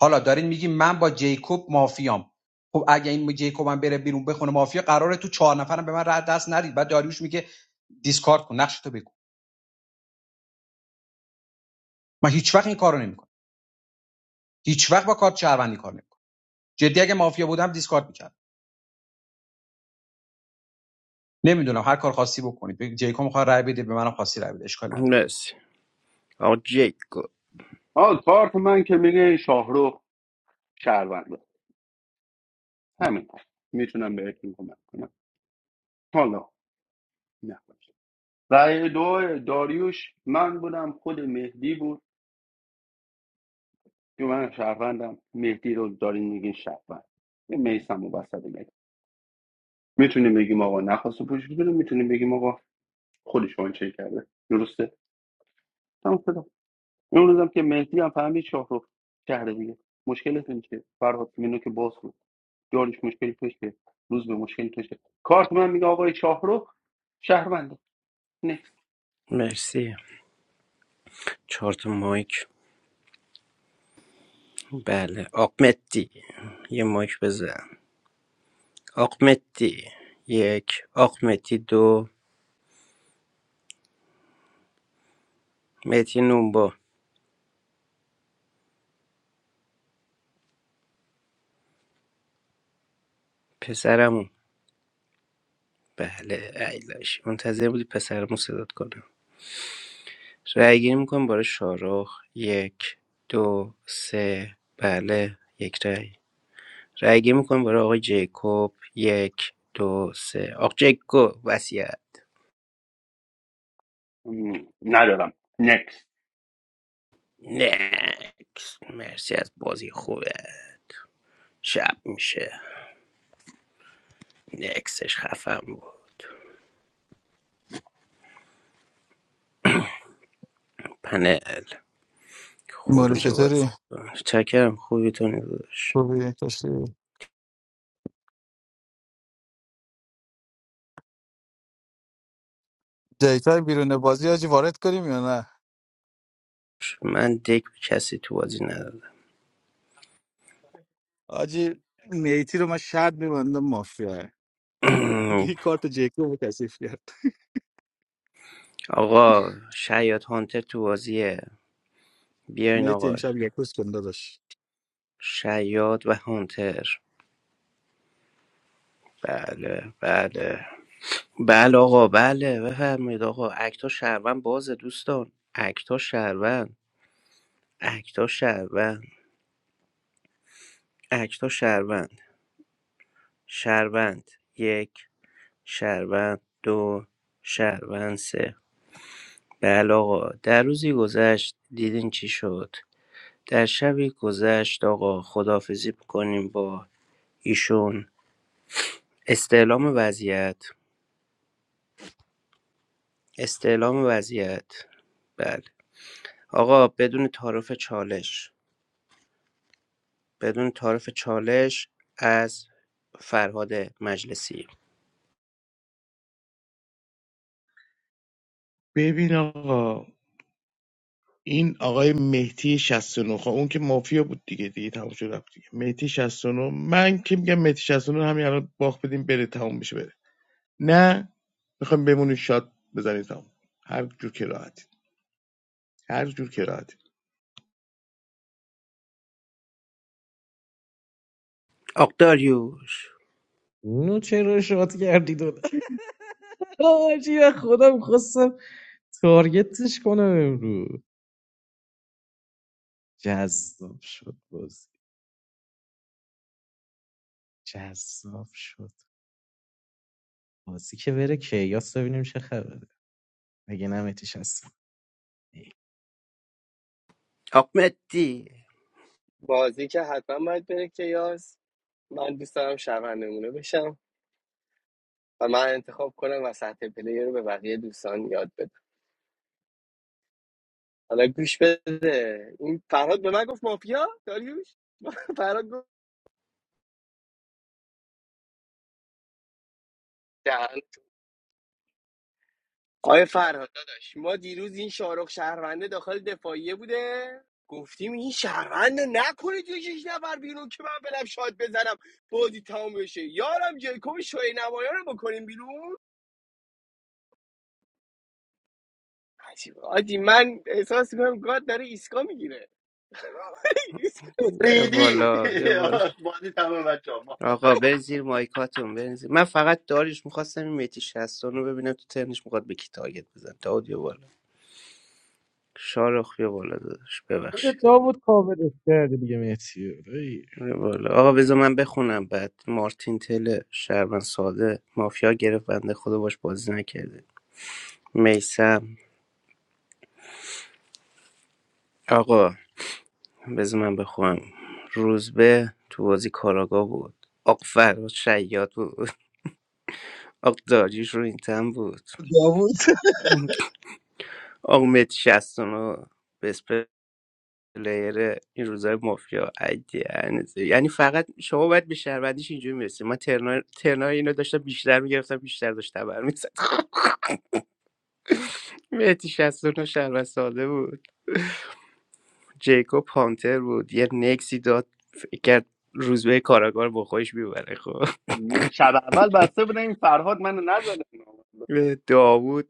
[SPEAKER 7] حالا دارین میگین من با جیکوب مافیام خب اگه این جیکوب هم بره بیرون بخونه مافیا قراره تو چهار نفرم به من رد دست ندید بعد داریوش میگه دیسکارد کن نقش تو بگو من هیچ وقت این کارو نمیکنم هیچ وقت با کارت شهروندی کار نمیکنم جدی اگه مافیا بودم دیسکارد میکردم نمیدونم هر کار خاصی بکنید جیکوب میخواد رای بده به منم خاصی رای بده اشکال نداره
[SPEAKER 12] مرسی آق جیکوب
[SPEAKER 5] آه کارت من که میگه شاهرخ شهرونده همین میتونم بهتون کمک کنم حالا نه رأی دو داریوش من بودم خود مهدی بود که من شهروندم مهدی رو دارین میگین شهروند یه میسم و وسط میتونیم بگیم آقا نخواسته پوشش بده میتونیم بگیم آقا خودش آنچه کرده درسته تمام شد اون روزم که مهدی هم فهمید شاه شهر دیگه مشکلتون چیه فرهاد اینو که باز بود دارش مشکلی توشه روز به مشکلی توشه کارت من میگه آقای شاه رو شهرونده نکس
[SPEAKER 12] مرسی چهار تا مایک بله آق متی یه مایک بزن آق متی یک آق متی دو متی نونبا پسرمون بله ایزش منتظر بودی پسرمو صدات کنم رأی گیری میکنم برای شاروخ یک دو سه بله یک رأی رأی گیری میکنم برای آقای جیکوب یک دو سه آقا جیکوب وسیعت
[SPEAKER 5] ندارم نکس
[SPEAKER 12] نکس مرسی از بازی خوبه شب میشه نکسش خفم بود پنل
[SPEAKER 17] موری
[SPEAKER 12] خروج بازی
[SPEAKER 17] چطوری؟
[SPEAKER 12] چکرم خوبی تو نگذاش
[SPEAKER 17] خوبی؟ کشتی؟ دیتا بیرون بازی آجی وارد کنیم یا نه؟
[SPEAKER 12] من دک به کسی تو بازی ندادم
[SPEAKER 17] آجی نیتی رو من شرط میبندم مافیا <laughs>
[SPEAKER 12] <clears throat>
[SPEAKER 17] این کارت جیکو رو کسیف کرد
[SPEAKER 12] آقا شیاد هانتر تو بازیه بیاین
[SPEAKER 17] نیتی
[SPEAKER 12] آقا
[SPEAKER 17] امشب یکوز کن داداش
[SPEAKER 12] شیاد و هانتر بله بله بله آقا بله بفرمایید آقا اکتا شهروند بازه دوستان اکتا شهروند اکتا شهروند اکتا شهروند شهروند یک شهروند دو شهروند سه بله آقا در روزی گذشت دیدین چی شد در شبی گذشت آقا خدافزی کنیم با ایشون استعلام وضعیت استعلام وضعیت بله آقا بدون تعارف چالش بدون تعارف چالش از فرهاد مجلسی
[SPEAKER 13] ببین آقا این آقای مهدی 69 خب اون که مافیا بود دیگه دیگه تموم شد رفت دیگه مهدی 69 من که میگم مهدی 69 همین الان باخت بدیم بره تموم بشه بره نه میخوایم بمونید شاد بزنید هم هر جور که راحتید هر جور که راحتید
[SPEAKER 12] آق داریوش
[SPEAKER 14] اونو چرا شاد کردید آجی خودم خواستم تارگتش کنم امروز جذاب شد بازی جذاب شد بازی که بره کیاس ببینیم چه خبره مگه نه متیش هست
[SPEAKER 12] آق مدی
[SPEAKER 1] بازی که حتما باید بره کیاس من دوست دارم شهروند نمونه بشم و من انتخاب کنم و سطح پلی رو به بقیه دوستان یاد بدم حالا گوش بده این فرهاد به من گفت مافیا داریوش <laughs> فرهاد گفت دهن آیا فرهاد داداش ما دیروز این شارخ شهرونده داخل دفاعیه بوده گفتیم این شهرونده نکنید یه شش نفر بیرون که من برم شاد بزنم بازی تمام بشه یارم جیکوب شوی نمایان رو بکنیم بیرون عجیب آجی من احساس میکنم گاد داره ایسکا میگیره <laughs> ایسکا ایسکا
[SPEAKER 12] یه
[SPEAKER 5] ریدی <laughs>
[SPEAKER 12] بالا یه بالا
[SPEAKER 5] بازی تمام بچه ما
[SPEAKER 12] آقا برین زیر مایکاتون برین زیر من فقط داریوش میخواستم این میتی شستان رو ببینم تو ترنش میخواد به کی تارگت بزن داود یه بالا شارخ یه بالا داداش ببخشید
[SPEAKER 14] خودت داوود کاورش کردی دیگه مهتی رو. ای.
[SPEAKER 12] آره والا آقا بذار من بخونم بعد مارتین تل شهروند ساده مافیا گرفت بنده خدا باش بازی نکرده میسم آقا بذار من بخونم روزبه تو بازی کاراگا بود آق فراد شیاد بود آق داریش رو این تن بود
[SPEAKER 13] داوود
[SPEAKER 12] آق مت شستونو بسپلیر این روزای مافیا عجیانه یعنی فقط شما باید به شهروندیش اینجوری میرسید من ترنا ترنا اینو داشتم بیشتر میگرفتم بیشتر داشت تبر مهدی 69 شهروند ساده بود جیکوب پانتر بود یه نکسی داد فکر کرد روزبه کاراگار با خودش میبره خب
[SPEAKER 5] نه، شب اول بسته بودن این فرهاد منو نزده
[SPEAKER 12] داوود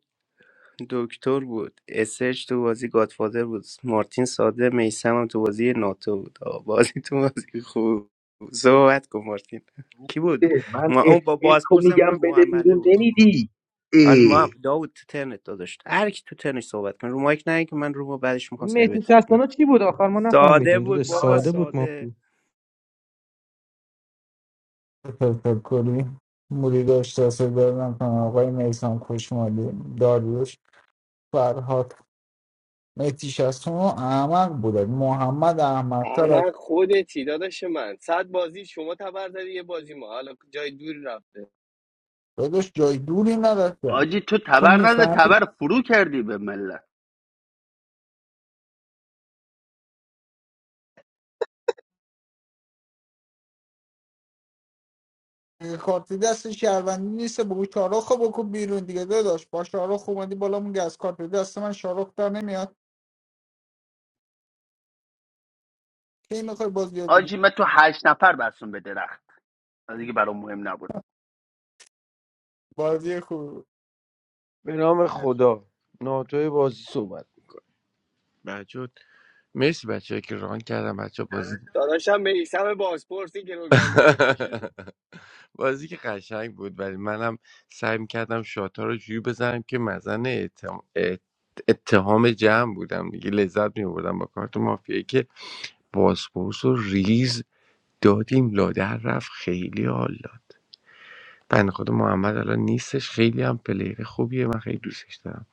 [SPEAKER 12] دکتر بود اسش تو بازی گادفادر بود مارتین ساده میسم هم تو بازی ناتو بود آقا بازی تو بازی خوب صحبت کن مارتین کی بود ما اون با بازپرسمون محمده بود حالا ما داوود تو ترنت داداشت هر کی تو ترنش صحبت کن رو مایک نه که من رو بعدش میخوام
[SPEAKER 14] اون مهتی
[SPEAKER 12] سرویت کنم
[SPEAKER 14] چستانا چی بود آخر ما
[SPEAKER 12] ساده
[SPEAKER 14] نفهمیدیم
[SPEAKER 12] بود
[SPEAKER 14] داداش
[SPEAKER 12] بابا
[SPEAKER 14] ساده بود ما
[SPEAKER 12] ساده
[SPEAKER 14] خوب
[SPEAKER 4] تفکری موری داشت دست دادم کنم آقای میسان خوشمالی داریوش فرهاد مهدیش از تو احمق بودن محمد احمقتر از
[SPEAKER 1] من خودتی داداش من صد بازی شما تبر زدی یه بازی ما حالا جای دوری رفته
[SPEAKER 4] داداش جای دوری نداشتن
[SPEAKER 5] آجی تو
[SPEAKER 4] تو
[SPEAKER 5] تبر نزد
[SPEAKER 4] میفهمی
[SPEAKER 5] تبر فرو کردی به ملت
[SPEAKER 4] کارت دست شهروندی نیست بگو شارخ رو بکن بیرون دیگه داداش با شارخ اومدی بالا میگه از کارت دست من شارخ در نمیاد کی میخوای بازی یاد بگیری
[SPEAKER 5] آجی من تو هشت نفر بستم به درخت دیگه برام مهم نبود
[SPEAKER 4] بازی خوب
[SPEAKER 10] به نام خدا ناتوی بازی صحبت بچه مرسی بچه‌ای که ران کردم بچه بازی
[SPEAKER 1] داداشم میسم بازپرسی گروگان گرفته
[SPEAKER 10] <laughs>
[SPEAKER 1] شده
[SPEAKER 10] بازی که قشنگ بود ولی منم سعی کردم شاتا رو جوری بزنم که مزن اتهام, ات- اتهام جمع بودم دیگه لذت میبردم با کارت مافیایی که بازپرس و ریز دادیم لادر رفت خیلی حال داد بنده خود محمد الان نیستش خیلی هم پلیر خوبیه من خیلی دوستش دارم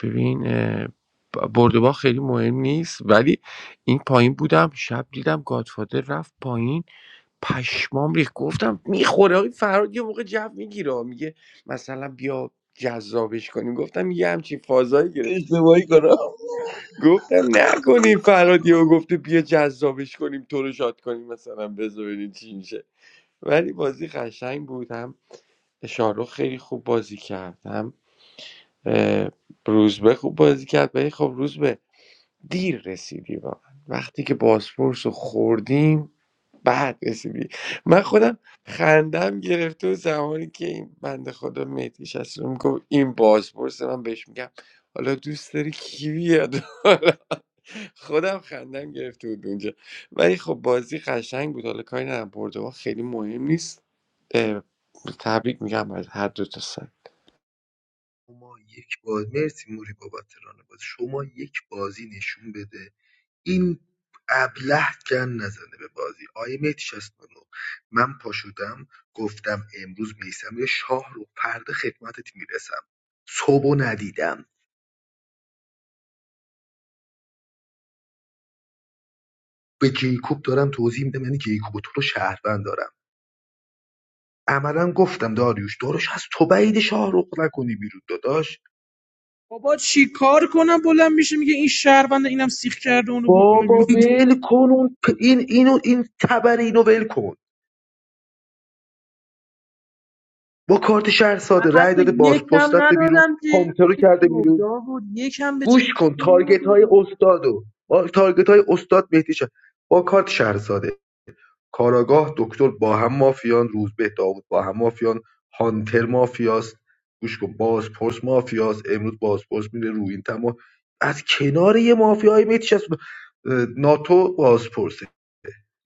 [SPEAKER 10] ببین اه، ب- برد و باخت خیلی مهم نیست ولی این پایین بودم شب دیدم گادفادر رفت پایین پشمام ریخت گفتم میخوره آقای فراد یه موقع جو میگیره میگه مثلا بیا جذابش کنیم گفتم یه همچین فازایی
[SPEAKER 13] <laughs>
[SPEAKER 10] گرفت
[SPEAKER 13] اشتباهی کنم
[SPEAKER 10] گفتم نکنیم فراد یهو گفته بیا جذابش کنیم تو رو شاد کنیم مثلا بذار ببینیم چی میشه ولی بازی قشنگ بود هم شاهرخ خیلی خوب بازی کرد هم اه، روزبه خوب بازی کرد ولی خب روزبه دیر رسیدی واقعا وقتی که باسپورس رو خوردیم بعد رسیدی من خودم خندم گرفته و زمانی که این بنده خدا مهدی شست رو میگفت این بازپرس من بهش میگم حالا دوست داری کی بیاد <laughs> خودم خندم گرفته بود اونجا ولی خب بازی قشنگ بود حالا کاری ندارم برده ها خیلی مهم نیست اه، تبریک میگم از هر دو تا سایت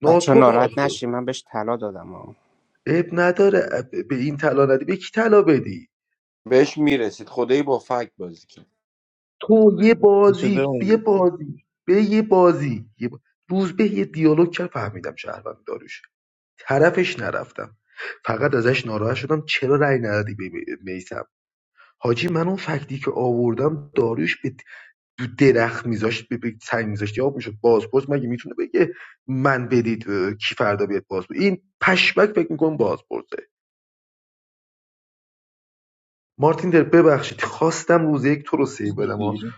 [SPEAKER 12] بچه ها ناراحت نشین من بهش طلا دادم ها
[SPEAKER 10] بهش میرسید خدایی با فکت بازی کرد
[SPEAKER 13] شده اون بود. دیگه.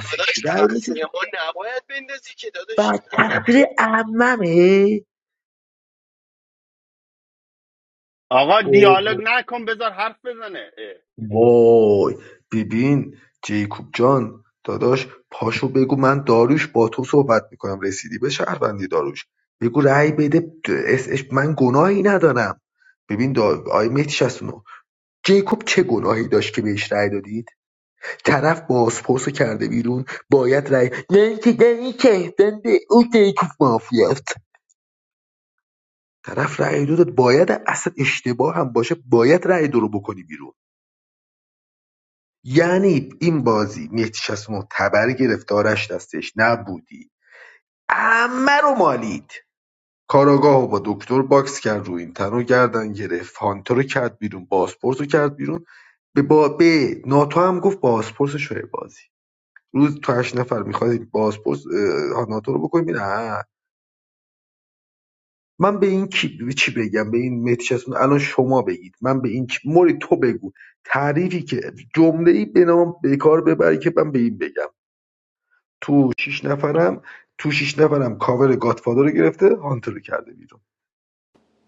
[SPEAKER 1] داداش تقصیر ما نباید بندازی که داداشی اصلا تقصیر ما نیست.
[SPEAKER 5] آقا دیالوگ نکن بذار حرف بزنه اه.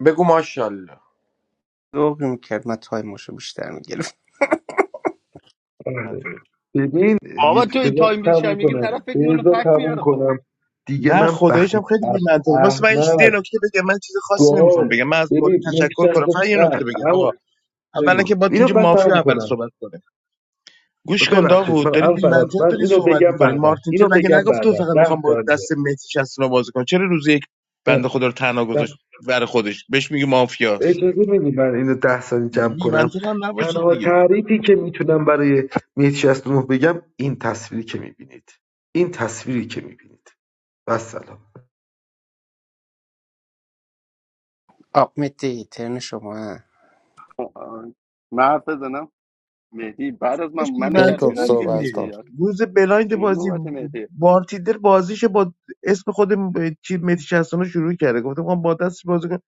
[SPEAKER 10] بگو ماشاءالله
[SPEAKER 12] ذوقی میکرد من تایمشو بیشتر میگرفت <laughs>
[SPEAKER 18] بله.
[SPEAKER 13] منطقی.
[SPEAKER 18] ببین
[SPEAKER 5] بابا
[SPEAKER 18] یک
[SPEAKER 5] تو این
[SPEAKER 18] بذار
[SPEAKER 5] تایم بیشتر
[SPEAKER 18] تموم
[SPEAKER 5] میگیری
[SPEAKER 18] کنم
[SPEAKER 5] طرف فکر میکنه
[SPEAKER 18] بذار
[SPEAKER 5] فکر
[SPEAKER 18] تموم
[SPEAKER 5] میاره خب
[SPEAKER 18] کنم
[SPEAKER 13] نه خداییش هم خیلی بی
[SPEAKER 18] اه-
[SPEAKER 13] منطقی واسه من یه
[SPEAKER 18] احمد
[SPEAKER 13] نکته بگم من چیز خاصی
[SPEAKER 18] گاو
[SPEAKER 13] نمیخوام بگم من از مولی
[SPEAKER 18] ببین
[SPEAKER 13] تشکر
[SPEAKER 18] مکسر
[SPEAKER 13] کنم
[SPEAKER 18] رو-
[SPEAKER 13] فقط یه
[SPEAKER 18] نه
[SPEAKER 13] نکته بگم
[SPEAKER 18] اما
[SPEAKER 13] آقا اولا
[SPEAKER 18] بگو
[SPEAKER 13] که با
[SPEAKER 18] اینو
[SPEAKER 13] اینجا
[SPEAKER 18] من
[SPEAKER 13] مافیا
[SPEAKER 18] تموم
[SPEAKER 13] اول
[SPEAKER 18] کنم
[SPEAKER 13] صحبت کنه گوش کن
[SPEAKER 18] ببخشید
[SPEAKER 13] داوود
[SPEAKER 18] من
[SPEAKER 13] دارید
[SPEAKER 18] اما
[SPEAKER 13] بی
[SPEAKER 18] فراد
[SPEAKER 13] منطق
[SPEAKER 18] من
[SPEAKER 13] دارید
[SPEAKER 18] اینو
[SPEAKER 13] صحبت
[SPEAKER 18] بگم
[SPEAKER 13] میکنید
[SPEAKER 18] بعدا
[SPEAKER 13] مارتین تل
[SPEAKER 18] اینو
[SPEAKER 13] مگه
[SPEAKER 18] بگم
[SPEAKER 13] نگفت تو
[SPEAKER 18] بعدا
[SPEAKER 13] فقط
[SPEAKER 18] ده
[SPEAKER 13] میخوام با
[SPEAKER 18] ثانیه
[SPEAKER 13] دست مسی 69 بازی کنم چرا روز یک بنده
[SPEAKER 18] ده
[SPEAKER 13] خدا رو تنها
[SPEAKER 18] ده.
[SPEAKER 13] گذاشت بر خودش بهش میگه مافیاست
[SPEAKER 18] اجازه میدی من اینو ده ثانیه جمع
[SPEAKER 13] بی
[SPEAKER 18] کنم
[SPEAKER 13] منطق هم نباشید دیگه
[SPEAKER 12] آقمتی ترن شما
[SPEAKER 5] آه. من حرف بزنم مهدی بعد از من
[SPEAKER 13] داداش بی
[SPEAKER 5] منو کرد
[SPEAKER 11] جیکوب
[SPEAKER 13] منطق
[SPEAKER 5] بیرون
[SPEAKER 13] هم
[SPEAKER 5] دیگه
[SPEAKER 13] دیگه
[SPEAKER 11] صحبت کن
[SPEAKER 5] مهدی
[SPEAKER 13] روز بلایند
[SPEAKER 5] چجوری
[SPEAKER 13] بازی
[SPEAKER 5] نوبت مهدی
[SPEAKER 13] مارتیدر بازیش با اسم خود م- چی متی 69 شروع کرده گفتم میخوام با دستش بازی کنم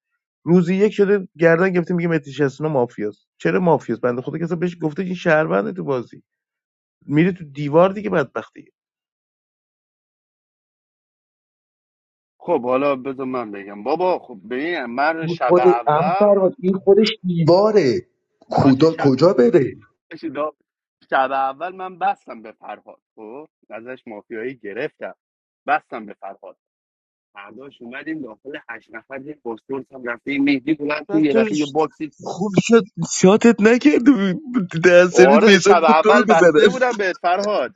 [SPEAKER 13] روز یک شده گردن گرفته میگه متی 69 مافیاست چرا مافیاست بنده خدا کسا بهش گفته این شهرونده تو بازی میره تو دیوار دیگه بدبختی
[SPEAKER 5] خب حالا بذار من بگم بابا خب ببین من
[SPEAKER 18] این-
[SPEAKER 5] شب
[SPEAKER 18] اما
[SPEAKER 5] اول
[SPEAKER 18] فراد این خودش دیواره
[SPEAKER 5] باشه شب باشه دا- شب اول من بستم به فرهاد خب ازش مافیایی گرفتم بستم به فرهاد فرداش اومدیم داخل هشت نفر یه پرسپولیس هم رفتیم مهدی بلند شد،
[SPEAKER 13] بعد
[SPEAKER 5] یه
[SPEAKER 13] تو
[SPEAKER 5] دفعه یه
[SPEAKER 13] ش-
[SPEAKER 5] باکسی
[SPEAKER 13] خوب شد شاتت نکرد در سرویس
[SPEAKER 5] آره
[SPEAKER 13] میسان
[SPEAKER 5] شب
[SPEAKER 13] میگفت تو رو
[SPEAKER 5] اول بسته
[SPEAKER 13] بزنه
[SPEAKER 5] بودم بهت فرهاد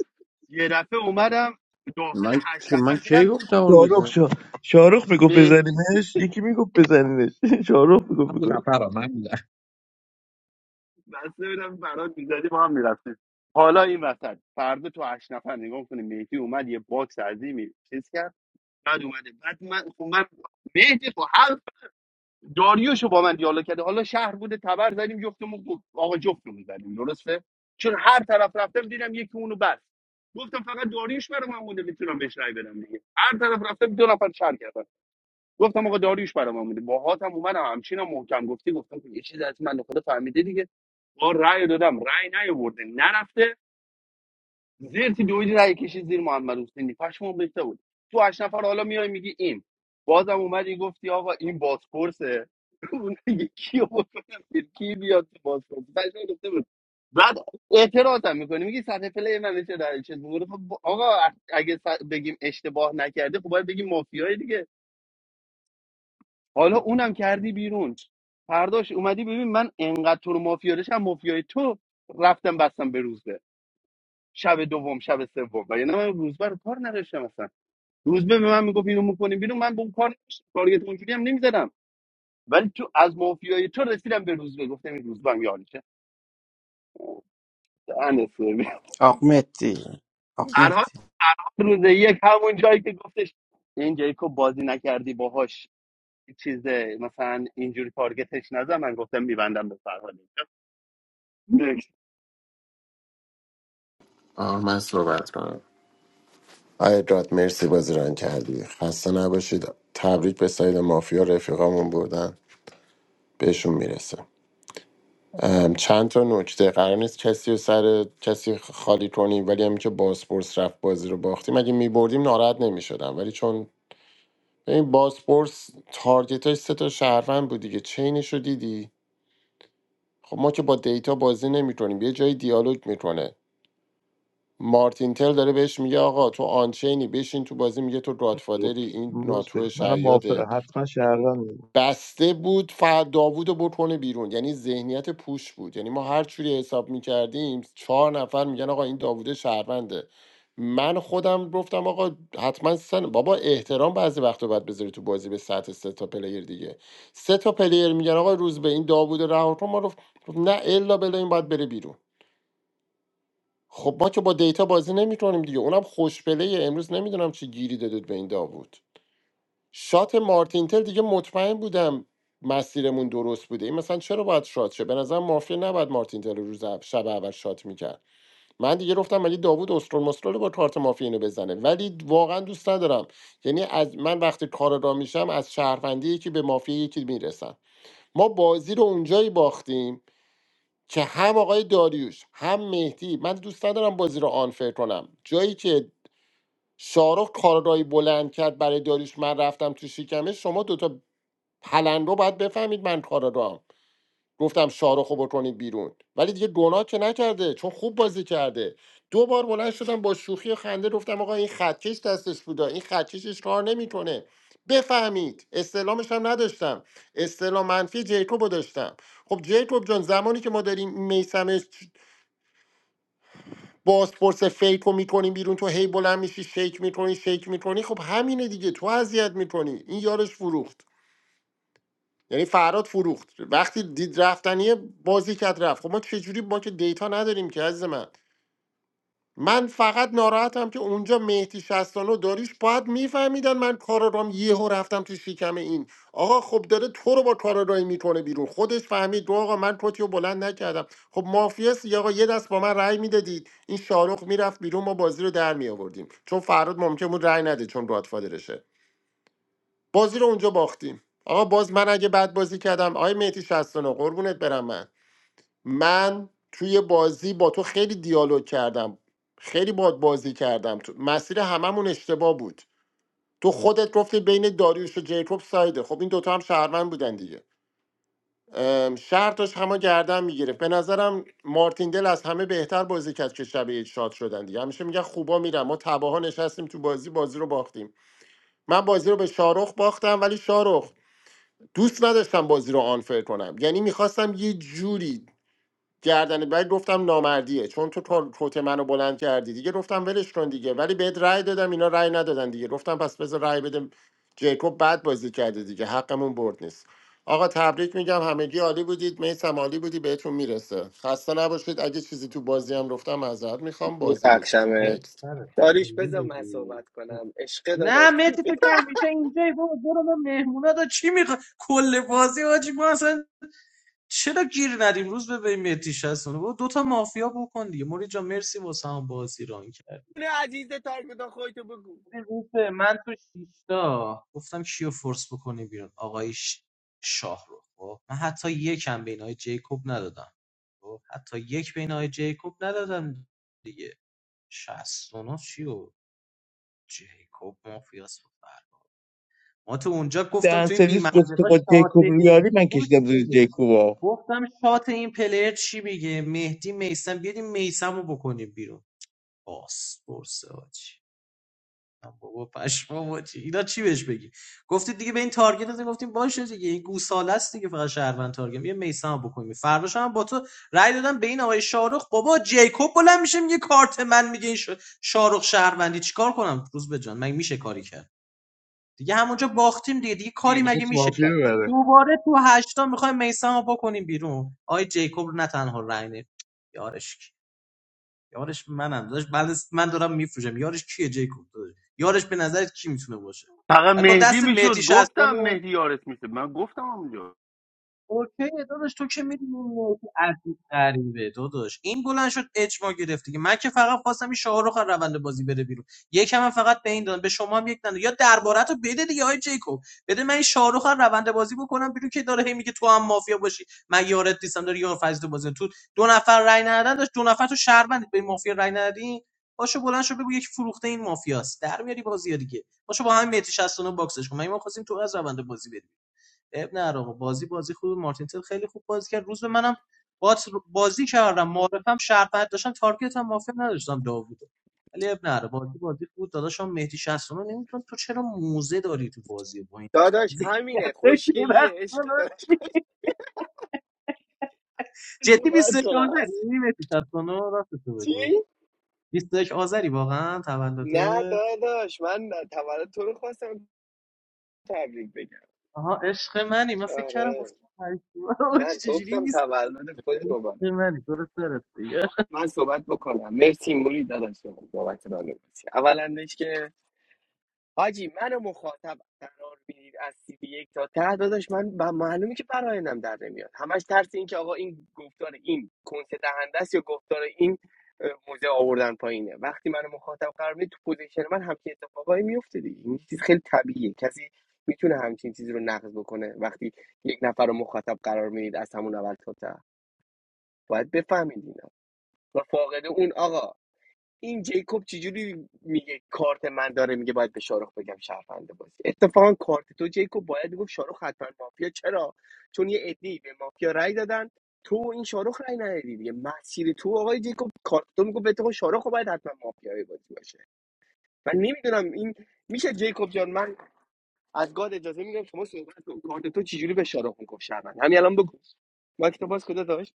[SPEAKER 5] یه دفعه اومدم داخل
[SPEAKER 10] من
[SPEAKER 5] هشت
[SPEAKER 10] من
[SPEAKER 5] نفر
[SPEAKER 10] کی
[SPEAKER 5] دیدم
[SPEAKER 10] گفتم اون
[SPEAKER 13] شاروخ
[SPEAKER 10] روز
[SPEAKER 13] شا... شارخ میگفت
[SPEAKER 5] مه
[SPEAKER 13] بزنیمش یکی میگفت بزنیمش <laughs> شاروخ
[SPEAKER 7] من
[SPEAKER 13] میگفت
[SPEAKER 7] بودم فرا من بودم
[SPEAKER 5] بسته بودم برات میزدی با هم میرفتیم حالا این وسط فردا تو هشت نفر نگاه کنیم مهدی اومد یه باکس عظیمی چیز کرد بعد اومده بعد من خب من مهدی خب داریوشو با من دیالوگ کرده حالا شهر بوده تبر زدیم جفتمون گفت- آقا جفتمون زدیم درسته چون هر طرف رفتم دیدم یکی اونو بست گفتم فقط داریوش برای من مونده میتونم بهش رای بدم دیگه هر طرف رفتم دو نفر شهر کردن گفتم آقا داریوش برای من مونده با هاتم اومدم همچینم محکم گفتی گفتم که یه چیز از من خدا فهمیده دیگه با رای دادم رای نیاورده نرفته زرتی دویدی رای کشید زیر محمد حسینی پشمام ریخته بود تو هشت نفر حالا میای میگی این بازم اومدی گفتی آقا این بازپرسه <laughs> اون میگه کیو بکنم بیرون؟ کی بیاد تو بازپرس پشمام ریخته بود بعد اعتراض هم میکنی میگی سطح پلی من چه در چه میگه خب با- آقا اگه س- بگیم اشتباه نکرده خب باید بگیم مافیای دیگه حالا اونم کردی بیرون فرداش اومدی ببین من انقدر تو رو مافیا داشتم مافیای تو رفتم بستم به روزبه شب دوم شب سوم و یعنی من روزبه رو کار نداشتم اصلا روزبه به من میگفت اینو میکنیم بیرون من به اون کار نداشتم تارگت اونجوری هم نمیزدم ولی تو از مافیای تو رسیدم به روزبه گفتم این روزبه هم یارشه اوه، دهن سرویس.
[SPEAKER 12] آقمتی
[SPEAKER 5] هر حال روز یک همون جایی که گفتش این جیکوب بازی نکردی باهاش چیز مثلا اینجوری تارگتش نزن من گفتم میبندم به فرهاد
[SPEAKER 11] آه من صحبت کنم آی راد مرسی بازی ران کردی خسته نباشید تبریک به ساید مافیا رفیقامون بودن بهشون میرسه ام، چند تا نکته قرار نیست کسی رو سر کسی خالی کنیم ولی همین که بازپرس رفت بازی رو باختیم اگه میبردیم ناراحت نمیشدم ولی چون این باسپورس تارگتاش سه تا شهروند بود دیگه چینش رو دیدی خب ما که با دیتا بازی نمیکنیم یه جایی دیالوگ میکنه مارتین تل داره بهش میگه آقا تو آنچینی بشین تو بازی میگه تو گادفادری این
[SPEAKER 13] روز به
[SPEAKER 11] ناتو
[SPEAKER 13] منم موافقه
[SPEAKER 11] شیاده
[SPEAKER 13] حتما شهروند بود.
[SPEAKER 11] بسته بود فقط داوود رو بکنه بیرون یعنی ذهنیت پوش بود یعنی ما هر چوری حساب میکردیم چهار نفر میگن آقا این داوود شهرونده من خودم گفتم آقا حتما سن بابا احترام بعضی وقتا باید بذاری تو بازی به سطح سه تا پلیر دیگه سه تا پلیر میگن آقا روز به این داوود رها کن ما رو نه الا بلا این باید بره بیرون خب ما که با دیتا بازی نمیکنیم دیگه اونم خوش پلیه امروز نمیدونم چی گیری دادید به این داوود شات مارتینتل دیگه مطمئن بودم مسیرمون درست بوده این مثلا چرا باید شات شه به نظر مافیا نباید مارتینتل رو روز اول- شب اول شات میکرد من دیگه گفتم ولی داوود استرول مسترول با کارت مافیا اینو بزنه ولی واقعا دوست ندارم یعنی از من وقتی کار را میشم از شهروندی یکی به مافیا یکی میرسم ما بازی رو اونجایی باختیم که هم آقای داریوش هم مهدی من دوست ندارم بازی رو آنفر کنم جایی که شارخ کارگاهی بلند کرد برای داریوش من رفتم تو شکمه شما دوتا پلنگو باید بفهمید من کارا دارم. گفتم شاروخو بکنید بیرون ولی دیگه گناه که نکرده چون خوب بازی کرده دو بار بلند شدم با شوخی و خنده گفتم آقا این خطکش دستش بودا این خطکشش کار نمیکنه بفهمید استعلامش هم نداشتم استعلام منفی جیکوبو داشتم خب جیکوب جان زمانی که ما داریم میسمش بازپرس فیکو میکنیم بیرون تو هی بلند میشی شیک میکنی شیک میکنی خب همینه دیگه تو اذیت میکنی این یارش فروخت یعنی فراد فروخت وقتی دید رفتنیه بازی کرد رفت خب ما چجوری ما که دیتا نداریم که عزیز من من فقط ناراحتم که اونجا مهدی شستانو داریش باید میفهمیدن من کارارام یهو رفتم تو شکم این آقا خب داره تو رو با کارارایی میکنه بیرون خودش فهمید رو آقا من کتی رو بلند نکردم خب مافیاس یا آقا یه دست با من رأی میدادید این شاروخ میرفت بیرون ما بازی رو در میآوردیم چون فراد ممکن بود رأی نده چون گادفادرشه بازی رو اونجا باختیم آقا باز من اگه بد بازی کردم آقای مهدی 69 قربونت برم من من توی بازی با تو خیلی دیالوگ کردم خیلی باد بازی کردم تو مسیر هممون اشتباه بود تو خودت گفتی بین داریوش و جیکوب سایده خب این دوتا هم شهروند بودن دیگه ام، شهر داشت همه گردن میگرفت به نظرم مارتین دل از همه بهتر بازی کرد که شب یک شاد شدن دیگه همیشه میگن خوبا میرن ما تباها نشستیم تو بازی بازی رو باختیم من بازی رو به شارخ باختم ولی شارخ دوست نداشتم بازی رو آنفر کنم یعنی میخواستم یه جوری گردن بعد گفتم نامردیه چون تو تو- توت منو بلند کردی دیگه گفتم ولش کن دیگه ولی بهت رأی دادم اینا رأی ندادن دیگه گفتم پس بذار رأی بدم جیکوب بعد بازی کرده دیگه حقمون برد نیست آقا تبریک میگم همگی عالی بودید میسم عالی بودی بهتون میرسه خسته نباشید اگه چیزی تو بازی هم گفتم معذرت میخوام بازی بود خب
[SPEAKER 1] میبخشمه
[SPEAKER 11] نکست
[SPEAKER 14] سر
[SPEAKER 1] داریش
[SPEAKER 14] سالی
[SPEAKER 1] بذار من
[SPEAKER 14] بودی
[SPEAKER 1] صحبت کنم عشق
[SPEAKER 14] نه
[SPEAKER 1] داداش <laughs>
[SPEAKER 14] مهتی تو که همیشه اینجایی بابا برو ما مهمونا دا چی میخوا کل بازی آجی ما اصلا چرا گیر ندیم روز به این مهدی شستونه برو دوتا مافیا بکن دیگه موری جان مرسی واسه هم بازی ران کرد
[SPEAKER 1] نه عزیز تارگتا خودتو بگو
[SPEAKER 14] ببین روز من تو شیشتا گفتم کیو فورس بکنی بیرون آقای ش- شاه رو خب من حتی یکم بین آقای جیکوب ندادم خب حتی یک بین آقای جیکوب ندادم دیگه شستونه چی و جیکوب مافیاس ما تو اونجا گفتم
[SPEAKER 13] در
[SPEAKER 14] تو این
[SPEAKER 13] سرویس گفته
[SPEAKER 14] بیمندقاش
[SPEAKER 13] با جیکوب
[SPEAKER 14] قاتلی
[SPEAKER 13] ریالی من
[SPEAKER 14] گوش
[SPEAKER 13] کشیدم زیر
[SPEAKER 14] بده
[SPEAKER 13] جیکوبا
[SPEAKER 14] گفتم شات این پلیر چی میگه مهدی میسم بیاد این میسم رو بکنیم بیرون باس برسه آجی من بابا پشمام آجی اینا چی بهش بگی گفتید دیگه به این تارگت دادیم گفتیم باشه دیگه این گوساله است دیگه فقط شهروند تارگت یه میسم رو بکنیم فرداش هم با تو رأی دادم به این آقای شارخ بابا جیکوب بلند میشه میگه کارت من میگه این ش- شارخ شهروندی چیکار کنم روز به جان من میشه کاری کرد دیگه همونجا باختیم دیگه دیگه
[SPEAKER 13] دیگه
[SPEAKER 14] کاری مگه
[SPEAKER 13] میخواست
[SPEAKER 14] میشه
[SPEAKER 13] مافیا
[SPEAKER 14] کرد
[SPEAKER 13] ببره
[SPEAKER 14] دوباره تو هشتا میخوایم میسم رو بکنیم بیرون آی جیکوب رو نه تنها رنگ نمی- یارش کی یارش منم داشت بعد من دارم میفروشم یارش کیه جیکوب داداش؟ یارش به نظرت کی میتونه باشه
[SPEAKER 5] فقط
[SPEAKER 14] بعد با
[SPEAKER 5] مهدی
[SPEAKER 14] دست مهدی
[SPEAKER 5] میشد گفتم
[SPEAKER 14] 60
[SPEAKER 5] مهدی یارت میشه من گفتم اونجا
[SPEAKER 14] اوکی داداش تو که میدونی عجیب غریبه داداش این بلند شد اجماع گرفت دیگه من که فقط خواستم این شاهرخ از روند بازی بره بیرون یکم هم فقط به این دادم به شما هم یک دادم یا درباره تو بده دیگه های جیکوب بده من این شاهرخ از روند بازی بکنم بیرون که داره هی میگه تو هم مافیا باشی من یارت نیستم داری یار فضل بازی تو دو نفر رای ندادن داشت دو نفر تو شهروند به این مافیا رای ندادین باشو بلند شو بگو یکی فروخته این مافیاست در میاری بازی دیگه باشو با همین مهدی 69 باکسش کن من ما خواستیم تو از روند بازی بری. اب نه آقا بازی بازی خوب مارتینتل خیلی خوب بازی کرد روز به منم بات بازی کردم معرفم شربت داشتم تارگت هم موافق نداشتم داوودو ولی اب نه بازی بازی خوب بود داداشم مهدی 60 نمیدونم تو چرا موزه داری تو بازی با این
[SPEAKER 1] داداش همینه
[SPEAKER 14] <laughs>
[SPEAKER 1] خوشگلیه عشق داداش خودت
[SPEAKER 14] جدی
[SPEAKER 1] صحبت
[SPEAKER 14] 21
[SPEAKER 1] کنم
[SPEAKER 14] آذری مهدی 69 راست تو
[SPEAKER 1] چی؟
[SPEAKER 14] بگو 21 آذری واقعا
[SPEAKER 1] نه
[SPEAKER 14] تولدته
[SPEAKER 1] داداش من تولد تو رو خواستم تبریک بگم
[SPEAKER 14] آها عشق منی من فکر کردم
[SPEAKER 1] آره
[SPEAKER 14] گفتم هشتم. <laughs> چه
[SPEAKER 1] من
[SPEAKER 14] چجوری
[SPEAKER 1] گفتم
[SPEAKER 14] 21
[SPEAKER 1] تولد خودت دوباره
[SPEAKER 14] منی درست درست دیگه.
[SPEAKER 1] من صحبت بکنم مرسی موری داداش بابت راهنمایی اولندش که حاجی منو مخاطب قرار میدید از سی بی یک تا ته داداش من ب- معلومه که برایندم در نمیاد همش ترس این که آقا این گفتار این کنس دهنده است یا گفتار این اه، موزه آوردن پایینه وقتی منو مخاطب قرار میدید تو پوزیشن من همچین اتفاقایی میفته دیگه این چیز خیلی طبیعیه کسی میتونه همچین چیزی رو نقد بکنه وقتی یک نفر رو مخاطب قرار میدید از همون اول تا ته باید بفهمید اینا و فاقد اون آقا این جیکوب چجوری میگه کارت من داره میگه باید به شاروخ بگم شهرونده بازی اتفاقا کارت تو جیکوب باید گفت شاروخ حتما مافیا چرا چون یه عده‌ای به مافیا رأی دادن تو و این شاروخ رأی ندادی دیگه مسیر تو آقای جیکوب کارت تو میگه به تو شاروخ باید حتما مافیای بازی باشه من نمیدونم این میشه جیکوب جان من از گاد اجازه میگم شما صحبت کن کارت تو چجوری به شاروخ میگفت شهروند همین الان بگو مایک تو باز کجا داشت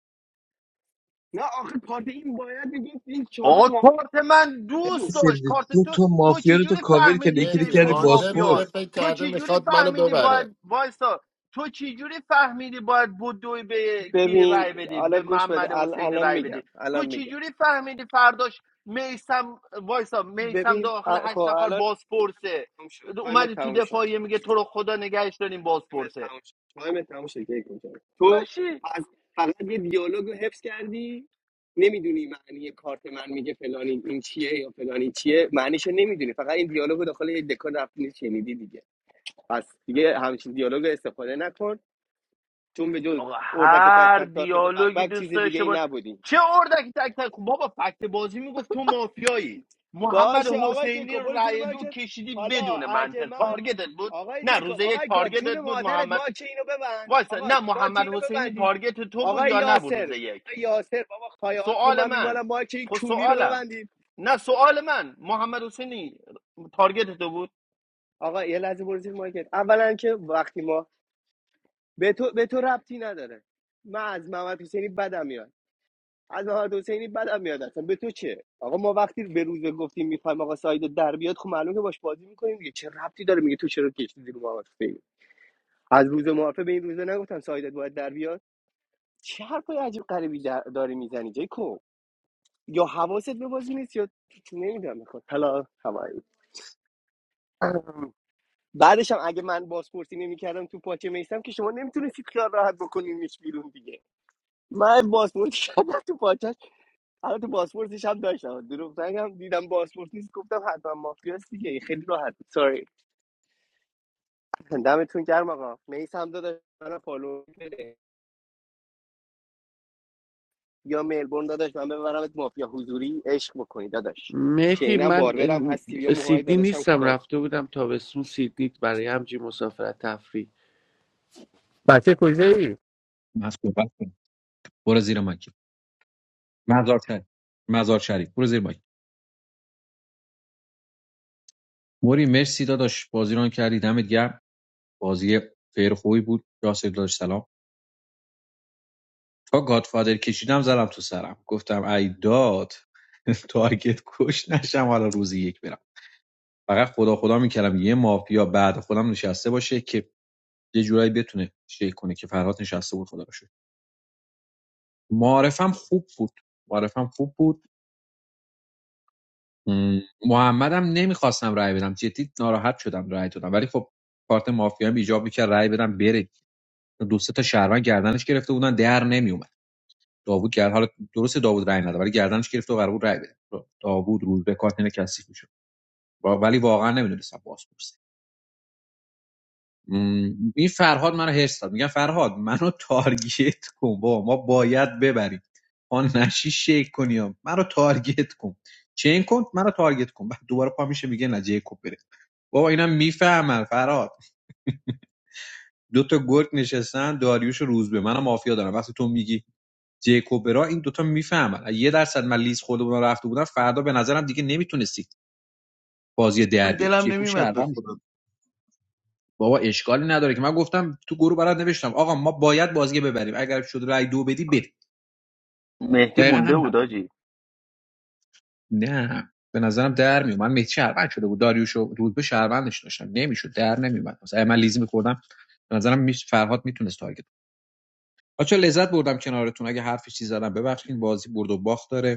[SPEAKER 1] نه آخه کارت این باید میگفت این شاروخ
[SPEAKER 5] آقا
[SPEAKER 1] مافیا
[SPEAKER 5] کارت من
[SPEAKER 1] بود.
[SPEAKER 5] دوست داشت
[SPEAKER 13] سرویس
[SPEAKER 5] کارت
[SPEAKER 13] دو
[SPEAKER 5] تو
[SPEAKER 13] تو
[SPEAKER 5] تو
[SPEAKER 13] مافیا رو تو
[SPEAKER 5] چجوری
[SPEAKER 13] کاور کرده
[SPEAKER 5] فهمیدی
[SPEAKER 13] یکی رو
[SPEAKER 11] مهدی
[SPEAKER 13] کردی
[SPEAKER 5] جیکوب
[SPEAKER 11] هانتر بوده
[SPEAKER 5] مافیاست
[SPEAKER 13] باسپورس
[SPEAKER 11] فکر
[SPEAKER 5] تو
[SPEAKER 11] کرده
[SPEAKER 5] چجوری
[SPEAKER 11] میخواد منو
[SPEAKER 5] فهمیدی
[SPEAKER 11] ببره
[SPEAKER 5] باید وایسا تو چجوری فهمیدی باید بدوی به کی
[SPEAKER 1] ببین
[SPEAKER 5] رای بدی به
[SPEAKER 1] الان گوش بده
[SPEAKER 5] محمد
[SPEAKER 1] ال-
[SPEAKER 5] حسین
[SPEAKER 1] الان
[SPEAKER 5] رای
[SPEAKER 1] میگم
[SPEAKER 5] بدی
[SPEAKER 1] الان
[SPEAKER 5] تو
[SPEAKER 1] میگم
[SPEAKER 5] چجوری فهمیدی فرداش میسم وایسا میسم
[SPEAKER 1] ببین
[SPEAKER 5] داخل
[SPEAKER 1] ا- خب
[SPEAKER 5] هشت نفر
[SPEAKER 1] الان
[SPEAKER 5] بازپرسه
[SPEAKER 1] تموم شد تایم
[SPEAKER 5] اومدی تو
[SPEAKER 1] تموم شد
[SPEAKER 5] دفاعیه میگه تو رو خدا نگهش داریم
[SPEAKER 1] تایم
[SPEAKER 5] بازپرسه
[SPEAKER 1] تموم شد تایم تموم شد که کجا تو
[SPEAKER 5] لاشی
[SPEAKER 1] از فقط یه دیالوگ رو حفظ کردی نمیدونی معنی کارت من میگه فلانی این این چیه یا فلانی چیه معنیشو نمیدونی فقط این دیالوگ رو داخل یک دکان رفتی شنیدی دیگه پس دیگه همچین دیالوگ رو استفاده نکن چون به جز
[SPEAKER 5] آقا
[SPEAKER 1] اردک تک
[SPEAKER 5] هر
[SPEAKER 1] تک تارکت بک
[SPEAKER 5] دیالوگی
[SPEAKER 1] بک چیز
[SPEAKER 5] دوست
[SPEAKER 1] دیگه
[SPEAKER 5] داشته
[SPEAKER 1] ای
[SPEAKER 5] باش
[SPEAKER 1] نبودی
[SPEAKER 5] چه اردکی تک تک خب بابا فکت بازی میگفت تو مافیایی محمد
[SPEAKER 1] باشه آقای
[SPEAKER 5] حسینی
[SPEAKER 1] جیکوب
[SPEAKER 5] رو
[SPEAKER 1] برو زیر
[SPEAKER 5] رای دو
[SPEAKER 1] مایکت
[SPEAKER 5] کشیدی
[SPEAKER 1] حالا
[SPEAKER 5] بدون
[SPEAKER 1] اگه
[SPEAKER 5] منطق
[SPEAKER 1] من
[SPEAKER 5] تارگتت بود
[SPEAKER 1] آقای
[SPEAKER 5] نه روز
[SPEAKER 1] جیکوب
[SPEAKER 5] یک
[SPEAKER 1] آقای گاد
[SPEAKER 5] تارگتت
[SPEAKER 1] جون
[SPEAKER 5] بود
[SPEAKER 1] مادرت
[SPEAKER 5] محمد
[SPEAKER 1] مایک اینو ببند
[SPEAKER 5] وایسا
[SPEAKER 1] آقا
[SPEAKER 5] نه
[SPEAKER 1] مایک
[SPEAKER 5] محمد
[SPEAKER 1] اینو
[SPEAKER 5] حسینی
[SPEAKER 1] ببندید
[SPEAKER 5] تارگت تو بود
[SPEAKER 1] آقای
[SPEAKER 5] یا نبود روز
[SPEAKER 1] یاسر
[SPEAKER 5] یک
[SPEAKER 1] آقای یاسر بابا خایات رو
[SPEAKER 5] سوال
[SPEAKER 1] من
[SPEAKER 5] من
[SPEAKER 1] میمالم مایک این
[SPEAKER 5] خب
[SPEAKER 1] کونی رو
[SPEAKER 5] سوالم
[SPEAKER 1] ببندید
[SPEAKER 5] نه سوال من محمد حسینی تارگت تو بود
[SPEAKER 1] آقا یه لحظه برو زیر مایکت اولا که وقتی ما به تو به تو ربطی نداره من از محمد حسینی بدم میاد از محمد حسینی بدم میاد اصلا به تو چه آقا ما وقتی به روز گفتیم میخوایم آقا ساید در بیاد خب معلومه که باش بازی میکنیم دیگه چه ربطی داره میگه تو چرا کشیدی رو محمد حسینی از روز معارفه به این روزه نگفتم سایدت باید در بیاد چه حرفای عجیب غریبی در- داری میزنی جیکو یا حواست به بازی نیست یا نمیدونم میخواد حالا هوایی بعدش هم اگه من بازپرسی نمیکردم تو پاچه میستم که شما نمیتونستید خیال راحت بکنین میش بیرون دیگه من بازپرسی <laughs> کردم تو پاچش حالا تو بازپرسیش هم داشتم دروغ نگم دیدم بازپرس نیست گفتم حتما مافیاست دیگه خیلی راحت بود. سوری دمتون گرم آقا میسم داداش من فالو بده. یا ملبورن داداش من ببرمت مافیا حضوری عشق بکنی داداش
[SPEAKER 10] مهدی
[SPEAKER 1] شینم
[SPEAKER 10] من
[SPEAKER 1] باربرم هستی بیا موهای
[SPEAKER 10] سیدنی
[SPEAKER 1] داداشم
[SPEAKER 10] نیستم
[SPEAKER 1] کوتاه کن
[SPEAKER 10] رفته بودم تابستون سیدنی برای همچین مسافرت تفریح
[SPEAKER 7] من صحبت برو زیر مایک مزار شریف مزار شریف برو زیر مایک موری مرسی داداش بازی کردی دمت گرم بازی فیر خوبی بود جاس داداش سلام تا گادفادر کشیدم زدم تو سرم گفتم ای داد <laughs> تارگت کش نشم حالا روزی یک برم فقط خدا خدا میکردم یه مافیا بعد خودم نشسته باشه که یه جورایی بتونه شیک کنه که فرهاد نشسته بود خدا رو شد معارفم خوب بود معارفم خوب بود محمدم نمیخواستم رأی بدم جدی ناراحت شدم رأی دادم ولی خب کارت مافیا هم ایجاب میکرد رأی بدم بره دو سه تا شهروند گردنش گرفته بودن در نمیومد داوود گرد حالا درست داوود رای نداد ولی گردنش گرفت و قرار بود رای بده داوود روز به کاتین کثیف میشد ولی واقعا نمیدونستم باز پرسه این فرهاد منو هرس داد میگم فرهاد منو تارگت کن با ما باید ببریم آن نشی شیک کنی ها. منو تارگت کن چین کن منو تارگت کن بعد دوباره پا میشه میگه نه جیکوب بره بابا اینم میفهمن فرهاد دو تا گرگ نشستن داریوش و روزبه منم مافیا دارم وقتی تو میگی جیکوبرا این دوتا میفهمن یه درصد من لیز خودمون رو رفته بودم فردا به نظرم دیگه نمیتونستید بازی در
[SPEAKER 13] هم
[SPEAKER 7] بیاد
[SPEAKER 13] دلم
[SPEAKER 7] جیکوب
[SPEAKER 13] نمیمد به
[SPEAKER 7] شهروند میشه
[SPEAKER 13] خودم
[SPEAKER 7] بابا اشکالی نداره که من گفتم تو گروه برات نوشتم آقا ما باید بازی ببریم اگر شد رای دو بدی بدی
[SPEAKER 5] مهدی
[SPEAKER 7] دقیقا
[SPEAKER 5] مونده
[SPEAKER 7] همین حرف
[SPEAKER 5] بود
[SPEAKER 7] زدم.
[SPEAKER 5] آجی
[SPEAKER 7] نه به نظرم در میومد من مهدی شهروند شده بود داریوش رو روز به شهروندش داشتم نمیشد در نمیومد مثلا اگه من لیز میخوردم به نظرم میش فرهاد میتونست تارگت بچا لذت بردم کنارتون اگه حرف چیزی زدم ببخشید بازی برد و باخت داره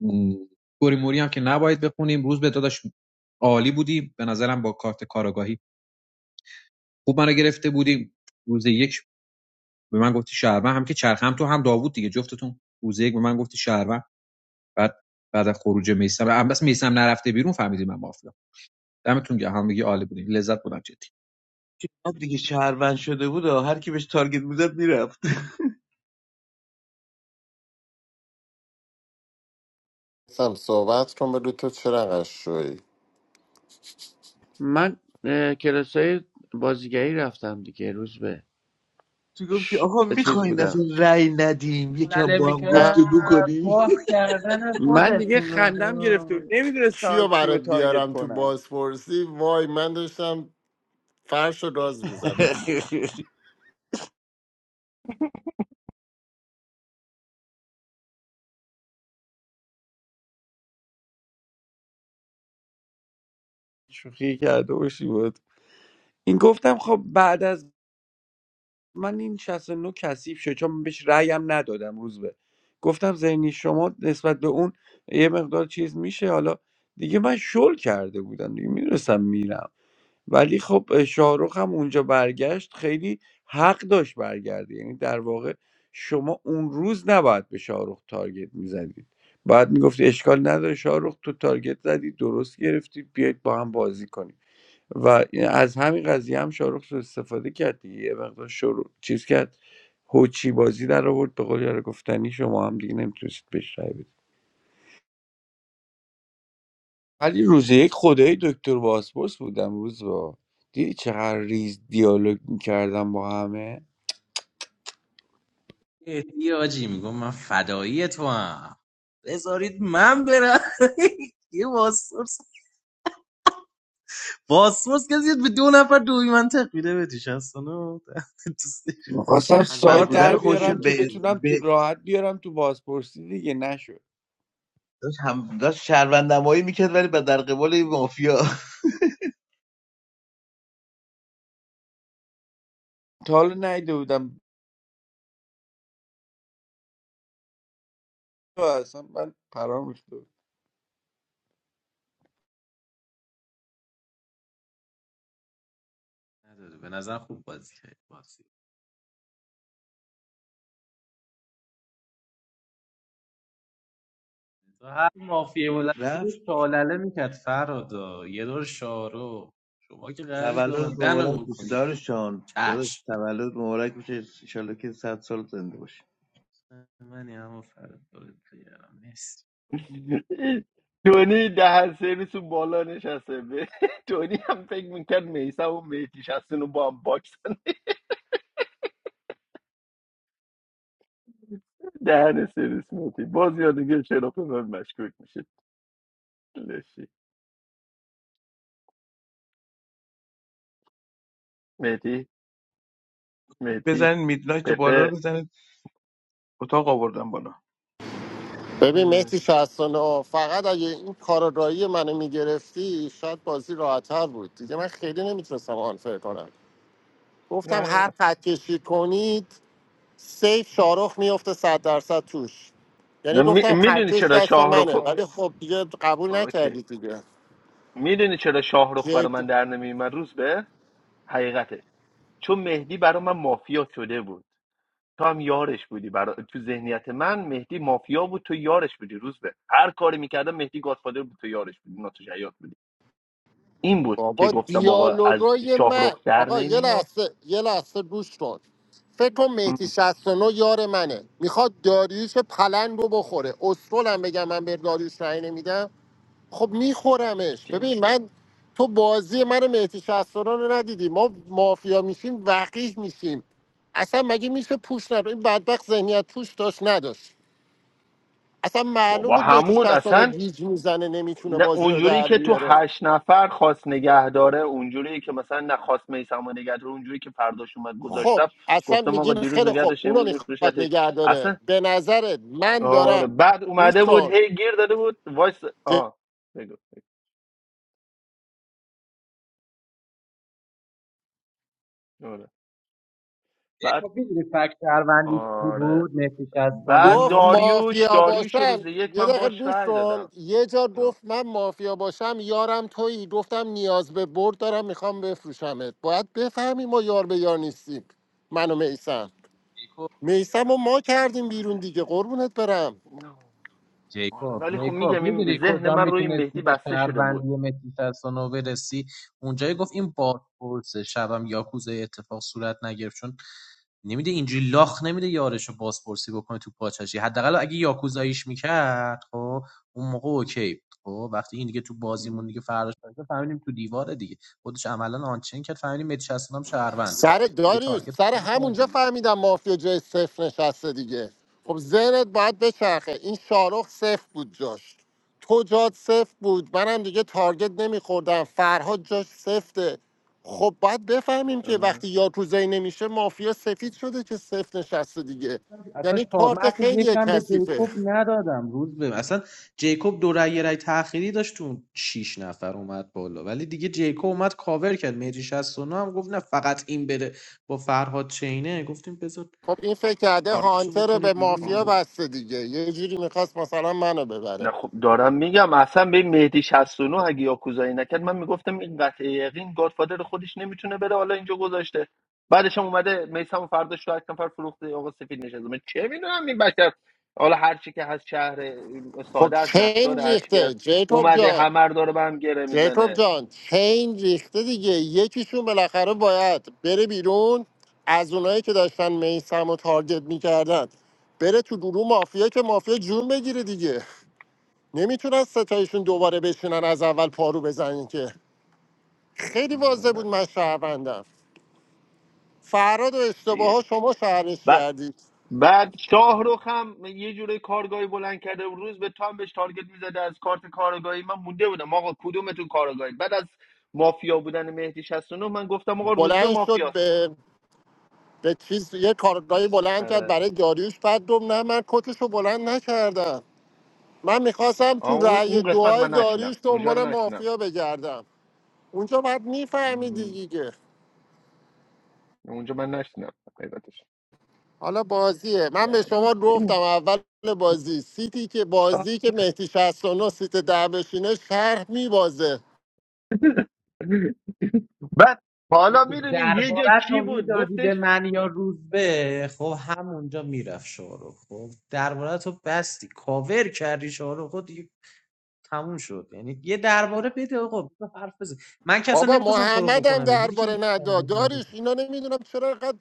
[SPEAKER 7] م، توری موری هم که نباید بخونیم روز به داداش عالی بودی به نظرم با کارت کاراگاهی خوب منو گرفته بودی روز یک به من گفتی شهروند هم که چرخ هم تو هم داوود دیگه جفتتون روز یک به من گفتی شهروند بعد بعد از خروج میسم هم بس میسم نرفته بیرون فهمیدی من مافیا دمتون گرم همگی عالی بودین لذت بودم جدی
[SPEAKER 13] بعد دیگه شهروند شده بود و هر کی بهش تارگت میزد میرفت
[SPEAKER 11] سم صحبت کن بگو تو چه رقم شوی
[SPEAKER 10] من اه، کلاسای بازیگری رفتم دیگه روز به
[SPEAKER 13] تو گفت که
[SPEAKER 10] ش...
[SPEAKER 13] آقا
[SPEAKER 10] چیز
[SPEAKER 13] میخواین اصلا
[SPEAKER 10] بودم
[SPEAKER 13] رأی ندیم یکم با هم گفتگو کنیم
[SPEAKER 10] من دیگه خندم گرفته بود نمیدونستم
[SPEAKER 11] کیو
[SPEAKER 10] کیو
[SPEAKER 11] برات
[SPEAKER 10] تارگت
[SPEAKER 11] بیارم تو
[SPEAKER 10] کنم
[SPEAKER 11] بازپرسی وای من داشتم فرش و راز میزدم
[SPEAKER 10] <laughs> شوخی کرده باشی بود این گفتم خب بعد از من این 69 کثیف شد چون من بهش رأیم ندادم روز به گفتم ذهنی شما نسبت به اون یه مقدار چیز میشه حالا دیگه من شل کرده بودم دیگه میدونستم میرم ولی خب شاهرخ هم اونجا برگشت خیلی حق داشت برگرده یعنی در واقع شما اون روز نباید به شاهرخ تارگت میزدید باید میگفتی اشکال نداره شاهرخ تو تارگت زدی درست گرفتی بیاید با هم بازی کنید و از همین قضیه هم شاروخ سوء استفاده کرد دیگه یه مقدار شروع چیز کرد هوچی بازی در آورد به قول یار گفتنی شما هم دیگه نمیتونستید بهش رای بدید ولی روز یک خدای دکتر باسپورس بودم روز با دیدی چقدر ریز دیالوگ میکردم با همه
[SPEAKER 14] ای آجی میگم مایی تو هم بذارید من برم <laughs> یه باسپورس باسپورس کسی به دو نفر دوی منطق میده بهتیش هستانو <laughs>
[SPEAKER 10] میخواستم
[SPEAKER 13] شهروند
[SPEAKER 10] سایت
[SPEAKER 14] کارت
[SPEAKER 10] در
[SPEAKER 13] بودن
[SPEAKER 14] خود
[SPEAKER 13] خودش
[SPEAKER 10] بیارم که
[SPEAKER 14] مولد
[SPEAKER 13] به
[SPEAKER 10] بتونم تو
[SPEAKER 13] به
[SPEAKER 10] راحت بیارم تو بازپرسی دیگه نشد
[SPEAKER 13] داشت هم داشت شهروندمایی میکرد ولی به در قبال این مافیا
[SPEAKER 10] تا حالا نیده بودم اصلا من پرام ریخته بود.
[SPEAKER 14] نداره به نظر خوب بازی کرد بازی تو هر مافیه مولد
[SPEAKER 13] رفت
[SPEAKER 14] شالله میکرد فرادا یه دور شارو شما که قرار نیست به
[SPEAKER 13] تولد
[SPEAKER 14] من
[SPEAKER 13] مبارک
[SPEAKER 14] دنو
[SPEAKER 13] بشه
[SPEAKER 14] بکنید
[SPEAKER 13] دارشان داداش
[SPEAKER 14] چشم
[SPEAKER 13] تولد مبارک بشه انشالله که صد سال زنده باشی
[SPEAKER 14] منی اما فرد دارید نیست
[SPEAKER 5] تونی دهن سرویس اون بالا نشسته به تونی هم فکر میکرد میسم و میتی شستون رو با هم باکسن دهن سرویس میتی باز یا دیگه چرا به من مشکوک میشه لشی میتی میتی
[SPEAKER 13] بزنید میدلایت بالا رو
[SPEAKER 5] پپه
[SPEAKER 13] بزنید اتاق آوردم بالا
[SPEAKER 11] ببین
[SPEAKER 5] ام.
[SPEAKER 11] مهدی شهستانه فقط اگه این کارگاهی منو میگرفتی شاید بازی راحتتر بود دیگه من خیلی نمیتونستم آنفر کنم گفتم
[SPEAKER 5] نه
[SPEAKER 11] هر خط کشی کنید سیف شارخ میفته صد درصد توش یعنی
[SPEAKER 5] نه
[SPEAKER 11] گفتم
[SPEAKER 5] میدونی
[SPEAKER 11] خطکش
[SPEAKER 5] چرا
[SPEAKER 11] دست
[SPEAKER 5] شاهرخ
[SPEAKER 11] منه ولی خب دیگه قبول
[SPEAKER 5] اوکی
[SPEAKER 11] نکردی دیگه
[SPEAKER 5] میدونی چرا شاهرخ برا
[SPEAKER 11] جدی
[SPEAKER 5] من در نمیومد روز به حقیقتش چون مهدی برا من مافیا شده بود تو هم یارش بودی برا... تو ذهنیت من مهدی مافیا بود تو یارش بودی روز به هر کاری میکردم مهدی گادفادر بود تو یارش بودی ناتو شیاد بودی این بود که
[SPEAKER 11] بابا
[SPEAKER 5] گفتم آقا از
[SPEAKER 11] دیالوگای من
[SPEAKER 5] شاهرخ در
[SPEAKER 11] آقا یه
[SPEAKER 5] نمیاد
[SPEAKER 11] لحظه یه لحظه گوش کن فکر کن مهدی
[SPEAKER 5] ام.
[SPEAKER 11] 69 یار منه میخواد داریوش پلنگ رو بخوره اصولم بگم من به داریوش رأی نمیدم خب میخورمش
[SPEAKER 5] چه؟
[SPEAKER 11] ببین من تو بازی من مهدی 69 رو ندیدی ما مافیا میشیم وقیح میشیم اصلا مگه میشه پوش نداره این بدبخت ذهنیت پوش داشت نداشت اصلا معلوم
[SPEAKER 5] بابا
[SPEAKER 11] بود مهدی
[SPEAKER 5] همون
[SPEAKER 11] 69
[SPEAKER 5] اصلا
[SPEAKER 11] گیج میزنه نمیتونه
[SPEAKER 5] نه
[SPEAKER 11] بازی رو
[SPEAKER 5] اونجوری
[SPEAKER 11] در
[SPEAKER 5] که تو
[SPEAKER 11] بیاره
[SPEAKER 5] هشت نفر خواست نگه داره اونجوری که مثلا نخواست میسم نگه داره اونجوری که فرداش اومد
[SPEAKER 11] خب
[SPEAKER 5] گذاشتم
[SPEAKER 11] اصلا
[SPEAKER 5] گفتم آقا
[SPEAKER 11] میگیم
[SPEAKER 5] دیروز
[SPEAKER 11] خیلی
[SPEAKER 5] نگه
[SPEAKER 11] خوب
[SPEAKER 5] داشت
[SPEAKER 11] اونو
[SPEAKER 5] امروز
[SPEAKER 11] میخواد
[SPEAKER 5] میفروشتش
[SPEAKER 11] نگه داره
[SPEAKER 5] اصلا
[SPEAKER 11] به نظرت من
[SPEAKER 5] آره
[SPEAKER 11] دارم
[SPEAKER 5] بعد اومده
[SPEAKER 11] گوش
[SPEAKER 5] بود
[SPEAKER 11] کن
[SPEAKER 5] هی گیر داده بود وایس
[SPEAKER 11] ج-
[SPEAKER 5] آه. بگو بگو. آره. بعد
[SPEAKER 14] دیدی فکت شهروندیش چی
[SPEAKER 5] آره
[SPEAKER 14] بود مهدی
[SPEAKER 5] بعد
[SPEAKER 11] گفت
[SPEAKER 14] 69
[SPEAKER 5] داریوش
[SPEAKER 11] مافیا
[SPEAKER 5] داریوش رو روز
[SPEAKER 11] باشم
[SPEAKER 5] یک
[SPEAKER 11] یه
[SPEAKER 5] من
[SPEAKER 11] دقیقه
[SPEAKER 5] باش
[SPEAKER 11] گوش
[SPEAKER 5] رأی
[SPEAKER 11] کن
[SPEAKER 5] دادم
[SPEAKER 11] یه جا
[SPEAKER 5] آه.
[SPEAKER 11] گفت من مافیا باشم یارم تویی گفتم نیاز به برد دارم میخوام بفروشمت باید بفهمی ما یار به یار نیستیم من و میسم میسم و ما کردیم بیرون دیگه قربونت برم
[SPEAKER 5] نه. آره. ولی
[SPEAKER 14] جیکوب
[SPEAKER 5] خب
[SPEAKER 14] جیکوب
[SPEAKER 5] میگم
[SPEAKER 14] میدونی
[SPEAKER 5] این ذهن
[SPEAKER 14] کجا
[SPEAKER 5] من روی
[SPEAKER 14] میتونستی
[SPEAKER 5] مهدی
[SPEAKER 14] به
[SPEAKER 5] بسته شده بود
[SPEAKER 14] شهروندی متی 69 برسی اونجایی گفت این بازپرسه شبم یاکوزای اتفاق صورت نگرفت چون نمیده اینجوری لاخ نمیده یارشو بازپرسی بکنه تو پاچشی حداقل اگه یاکوزاییش میکرد خب اون موقع اوکی بود خب وقتی این دیگه تو بازیمون دیگه فرداش باشه فهمیدیم تو دیواره دیگه خودش عملا آنچین کرد فهمیدیم متی
[SPEAKER 11] سر داریوش سر همونجا فهمیدم مافیا جای صفر نشسته دیگه خب ذهنت باید بچرخه این شارخ صفر بود جاش تو جات صفر بود منم دیگه تارگت نمیخوردم فرهاد جاش سفته خب باید بفهمیم که
[SPEAKER 5] آه.
[SPEAKER 11] وقتی یاکوزایی نمیشه مافیا سفید شده که صفر نشسته دیگه
[SPEAKER 14] اصلا
[SPEAKER 11] یعنی
[SPEAKER 14] شا... من
[SPEAKER 11] کارت
[SPEAKER 14] حتی
[SPEAKER 11] خیلی
[SPEAKER 14] یکم به
[SPEAKER 11] کثیفه
[SPEAKER 14] جیکوب ندادم روز به اصلا جیکوب دو رای یه رای تأخیری داشت تو شیش نفر اومد بالا ولی دیگه جیکوب اومد کاور کرد میجی 69 هم گفت نه فقط این بره با فرهاد چینه گفتیم بذار
[SPEAKER 11] خب این فکر کرده
[SPEAKER 14] تارگتشو
[SPEAKER 11] هانتر رو
[SPEAKER 14] بکنیم
[SPEAKER 11] به
[SPEAKER 14] بیرون
[SPEAKER 5] آه.
[SPEAKER 11] مافیا
[SPEAKER 14] دیگه
[SPEAKER 11] بسته دیگه یه جوری میخواست مثلا منو ببره
[SPEAKER 5] نه خب دارم میگم اصلا به مهدی 69 اگه یاکوزایی نکرد من میگفتم این قطعه یقین گادفادر خودش نمیتونه بره حالا اینجا گذاشته بعدش هم اومده میسم و فرداش تو هشت نفر فروخته آقا سفید نشد من چه میدونم این بشر حالا هر چی که هست شهر
[SPEAKER 11] خب
[SPEAKER 5] ساده است
[SPEAKER 11] چین
[SPEAKER 5] نقدار هر چی که
[SPEAKER 11] ریخته
[SPEAKER 5] هست
[SPEAKER 11] جیکوب
[SPEAKER 5] اومده
[SPEAKER 11] جان
[SPEAKER 5] همه رو داره به هم گره
[SPEAKER 11] جیکوب
[SPEAKER 5] میزنه
[SPEAKER 11] جان چین ریخته دیگه یکیشون بالاخره باید بره بیرون از اونایی که داشتن میسم و تارگت میکردن بره تو گروه مافیا که مافیا جون بگیره دیگه نمیتونن ستایشون دوباره بشینن از اول پارو بزنین که خیلی واضح بود من شهروندم فراد و اشتباه ها شما شهرش کردی
[SPEAKER 5] بعد شاهروخ هم یه جوری کارگاهی بلند کرده و روز به تام بهش تارگت میزده از کارت کارگاهی من مونده بودم آقا کدومتون کارگاهی بعد از مافیا بودن مهدی 69 من گفتم آقا روز به
[SPEAKER 11] بلند شد
[SPEAKER 5] مافیاست
[SPEAKER 11] به به چیز یه کارگاهی بلند کرد
[SPEAKER 5] آره
[SPEAKER 11] برای داریوش بعد دوم نه من کتش رو بلند نکردم من میخواستم
[SPEAKER 5] آه،
[SPEAKER 11] تو
[SPEAKER 5] اون
[SPEAKER 11] رأی
[SPEAKER 5] اون قسمت
[SPEAKER 11] دعای
[SPEAKER 5] من
[SPEAKER 11] داریوش
[SPEAKER 5] نشینم اونجا رو
[SPEAKER 11] دنبال
[SPEAKER 5] نشینم
[SPEAKER 11] مافیا بگردم اونجا باید میفهمیدی دیگه
[SPEAKER 5] اونجا من نشینم حقیقتش
[SPEAKER 11] حالا بازیه من به شما گفتم اول بازی سیتی که بازی که مهدی 69 سیت ده بشینه شرح میبازه
[SPEAKER 5] بعد حالا
[SPEAKER 14] جیکوب
[SPEAKER 5] میدونی یه جا
[SPEAKER 14] دربارت
[SPEAKER 5] کی
[SPEAKER 14] رو
[SPEAKER 5] بود
[SPEAKER 14] میدادی به
[SPEAKER 5] گفتش
[SPEAKER 14] من یا روزبه خب همونجا میرفت شارو خب دربارت رو بستی کاور کردی شارو خود تموم شد یعنی یه درباره بده آقا بذار حرف بزن من که اصلا
[SPEAKER 11] بابا
[SPEAKER 14] نمیخواستم تو رو
[SPEAKER 11] محمد هم
[SPEAKER 14] بکنم دیدی که
[SPEAKER 11] درباره
[SPEAKER 14] یه
[SPEAKER 11] نداد
[SPEAKER 14] خنده داره
[SPEAKER 11] داریش اینا نمیدونم چرا اینقدر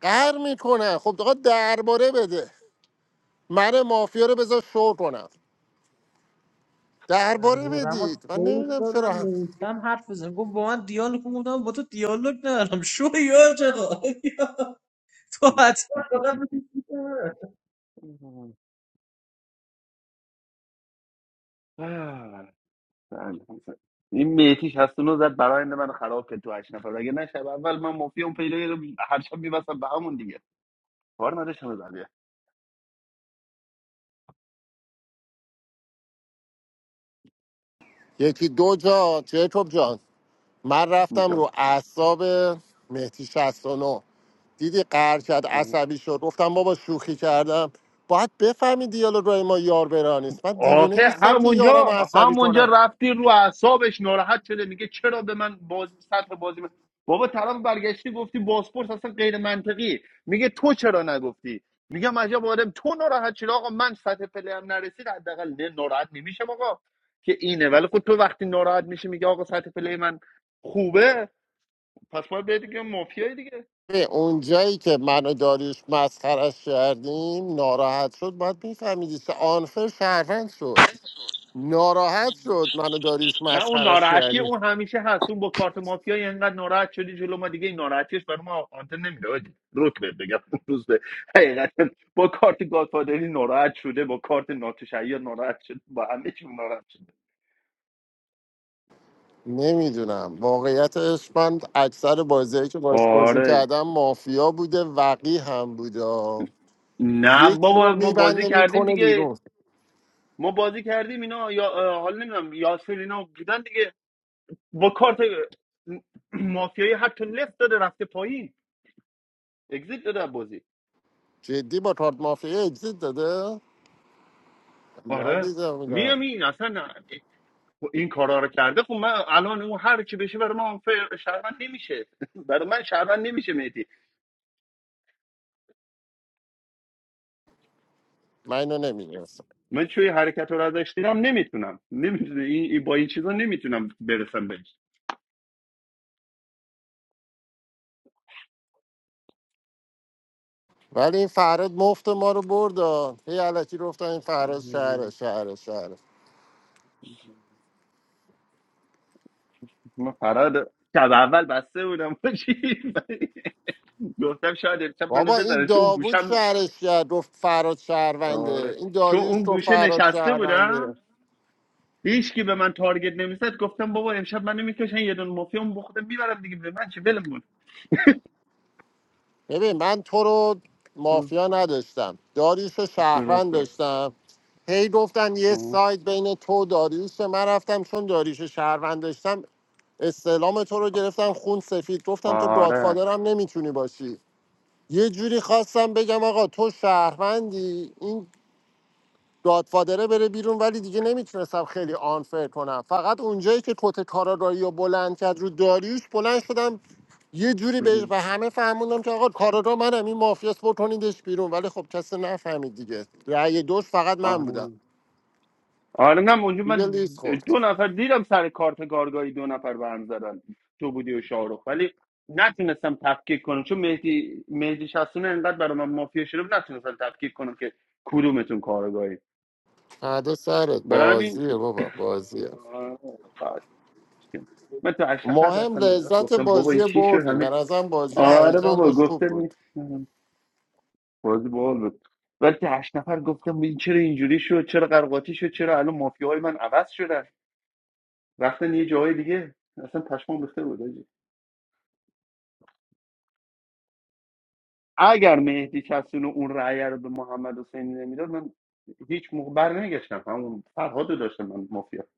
[SPEAKER 11] قهر میکنن خب آقا درباره بده من مافیا رو بذار شو کنم درباره
[SPEAKER 14] رما
[SPEAKER 11] بدید من
[SPEAKER 14] سیف
[SPEAKER 11] نمیدونم چرا
[SPEAKER 14] دارم
[SPEAKER 11] هم-
[SPEAKER 14] میسم حرف بزن گفت با من دیالوگ کن. گفتم با تو دیالوگ ندارم شو یار چقدر <laughs> تو حتما فقط
[SPEAKER 5] <laughs> بله. این میتیش هست اونو زد براینده من خراب کرد تو هشت نفر اگه نه شب اول من مافیا اون پیدا هر شب میبستم به همون دیگه بار نداشتم بزن
[SPEAKER 11] یکی دو جا جیکوب جان من رفتم رو
[SPEAKER 5] اینجا
[SPEAKER 11] اعصاب مهدی 69 دیدی قهر کرد عصبی شد گفتم بابا شوخی کردم باید بفهمی دیالوگای ما یار برا نیست من دیوونه
[SPEAKER 5] آخه
[SPEAKER 11] نیستم که یارم رو
[SPEAKER 5] همونجا
[SPEAKER 11] عصبی
[SPEAKER 5] همونجا
[SPEAKER 11] کنم
[SPEAKER 5] رفتی رو اعصابش ناراحت شده میگه چرا به من بازی سطح بازی من بابا طرف برگشتی گفتی باسپورس اصلا غیر منطقی میگه تو چرا نگفتی میگم عجب آدم تو ناراحت شده آقا من سطح پلیم نرسید حداقل نه ناراحت نمیشم آقا که اینه ولی خود تو وقتی ناراحت میشی میگه آقا سطح پلی من خوبه پس باید بهت دیگه مافیای دیگه
[SPEAKER 11] به اونجایی که من و داریوش مسخرش کردیم ناراحت شد باید میفهمیدی که آنفر شهروند شد ناراحت شد من و داریوش
[SPEAKER 5] نه اون
[SPEAKER 11] مسخرش
[SPEAKER 5] ناراحتی
[SPEAKER 11] کردیم
[SPEAKER 5] اون همیشه هست اون با کارت مافیایی انقدر ناراحت شدی جلو ما دیگه این ناراحتیش برای ما آنتن نمیده حاجی. روک بهت بگم اون روز به حقیقت با کارت گادفادری ناراحت شده با کارت ناتشعی ناراحت شده با همه چی ناراحت شده
[SPEAKER 11] نمیدونم واقعیتش من اکثر بازیهایی که باش بازی
[SPEAKER 5] آره
[SPEAKER 11] کردم مافیا بوده وقی هم بوده
[SPEAKER 5] نه
[SPEAKER 11] یکی رو
[SPEAKER 5] بابا ما بازی
[SPEAKER 11] میبنده
[SPEAKER 5] کردیم
[SPEAKER 11] میکنه
[SPEAKER 5] دیگه
[SPEAKER 11] بیرون
[SPEAKER 5] ما بازی کردیم اینا یا اه، حالا نمیدونم یاسر اینا بودن دیگه با کارت مافیایی حتی لفت داده رفته پایین اگزیت داده از بازی
[SPEAKER 11] جدی با کارت مافیا اگزیت داده
[SPEAKER 5] آره
[SPEAKER 11] ندیدم میدم
[SPEAKER 5] میام این اصلا نه. این کارا رو کرده خب من الان اون هر کی بشه برای من فر شهروند نمیشه <laughs> برای من شهروند نمیشه میتی
[SPEAKER 11] من اینو نمیدونستم
[SPEAKER 5] من چوی حرکت رو ازش دیدم نمیتونم نمیتونم این این- با این چیزا نمیتونم برسم بهش
[SPEAKER 11] ولی این فراد مفت ما رو بردن هی علکی گفتن این فراد شهره شهره شهره
[SPEAKER 5] من فراد شب اول بسته بودم <laughs> باشی گفتم شاید امشب منو
[SPEAKER 11] بابا این
[SPEAKER 5] بزنه چون اون
[SPEAKER 11] داوود
[SPEAKER 5] گوشم
[SPEAKER 11] شهرش کرد گفت فراد شهرونده
[SPEAKER 5] آره
[SPEAKER 11] این
[SPEAKER 5] چون
[SPEAKER 11] داریوش
[SPEAKER 5] اون
[SPEAKER 11] گفت
[SPEAKER 5] گوشه
[SPEAKER 11] فراد
[SPEAKER 5] نشسته
[SPEAKER 11] شهرونده
[SPEAKER 5] بودم هیچ کی به من تارگت نمیزد گفتم بابا امشب منو میکشن یه دونه مافیا بخودم میبرم دیگه به من چه ولمون
[SPEAKER 11] ببین من تو رو مافیا نداشتم داریوش رو شهروند
[SPEAKER 5] درسته
[SPEAKER 11] داشتم هی گفتن یه سایت بین تو و داریوش من رفتم چون داریوش رو شهروند داشتم استعلام تو رو گرفتم خون سفید گفتم تو
[SPEAKER 5] آره
[SPEAKER 11] گادفادرم نمیتونی باشی یه جوری خواستم بگم آقا تو شهروندی این گادفادره بره بیرون ولی دیگه نمیتونستم خیلی آنفر کنم فقط اونجایی که کت کارا رو بلند کرد رو داریوش بلند شدم یه جوری بهش به همه فهموندم که آقا کاراگاه منم این مافیاس بکنیدش بیرون ولی خب کسی نفهمید دیگه رأی دوش فقط من بودم
[SPEAKER 5] آره آره نه اونجا
[SPEAKER 11] دیگه
[SPEAKER 5] من
[SPEAKER 11] لیست خورد
[SPEAKER 5] دو نفر دیدم سر کارت کارگاهی دو نفر به هم زدن تو بودی و شاهرخ ولی نتونستم تفکیک کنم چون مهدی مهدی شخصونه انقدر برای من مافیا شده بود، نتونستم تفکیک کنم که کدومتون کارگاهی
[SPEAKER 11] فردا سرت
[SPEAKER 5] برای همین
[SPEAKER 11] بازیه بابا بازیه
[SPEAKER 5] آره، خواهد. من تو هشت نفر
[SPEAKER 11] مهم
[SPEAKER 5] هستم به داد
[SPEAKER 11] لذت
[SPEAKER 5] گفتم بابا این
[SPEAKER 11] بازی
[SPEAKER 5] چی شد
[SPEAKER 11] بردیم
[SPEAKER 5] همین
[SPEAKER 11] به نظرم بازی
[SPEAKER 5] آره
[SPEAKER 11] هیجان
[SPEAKER 5] بابا
[SPEAKER 11] داشت خوب
[SPEAKER 5] گفتم
[SPEAKER 11] بود
[SPEAKER 5] این- بازی بال بود ولی تو هشت نفر گفتم این چرا اینجوری شد چرا قرقاتی شد چرا الان مافیاهای من عوض شدن رفتن یه جاهای دیگه اصلا پشمام ریخته بود حاجی. اگر مهدی کسون اون رأی رو به محمد حسینی نمیداد من هیچ موقع بر نمیگشتم همون فرهاد رو داشتم من مافیا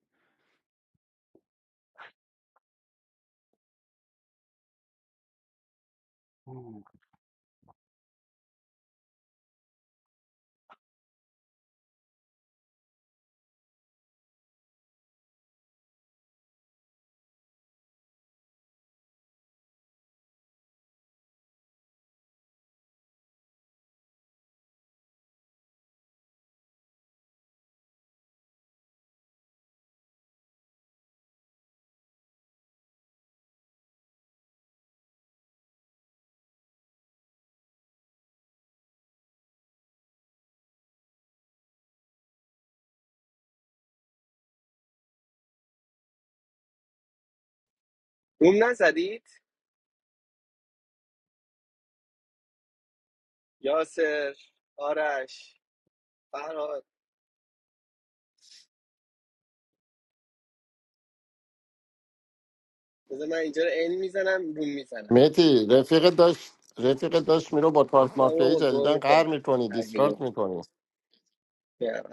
[SPEAKER 1] بوم نزدید یاسر آرش فرهاد بذار من اینجا رو این میزنم بوم میزنم
[SPEAKER 11] متی رفیق داشت رفیق داشت میرو با ترانس
[SPEAKER 1] نه
[SPEAKER 11] مافیایی
[SPEAKER 1] بابا گو
[SPEAKER 11] جدیدن قهر
[SPEAKER 1] میکنم
[SPEAKER 11] میکنی
[SPEAKER 1] هرگی
[SPEAKER 11] دیسکارد
[SPEAKER 1] گفت
[SPEAKER 11] میکنی
[SPEAKER 1] نه،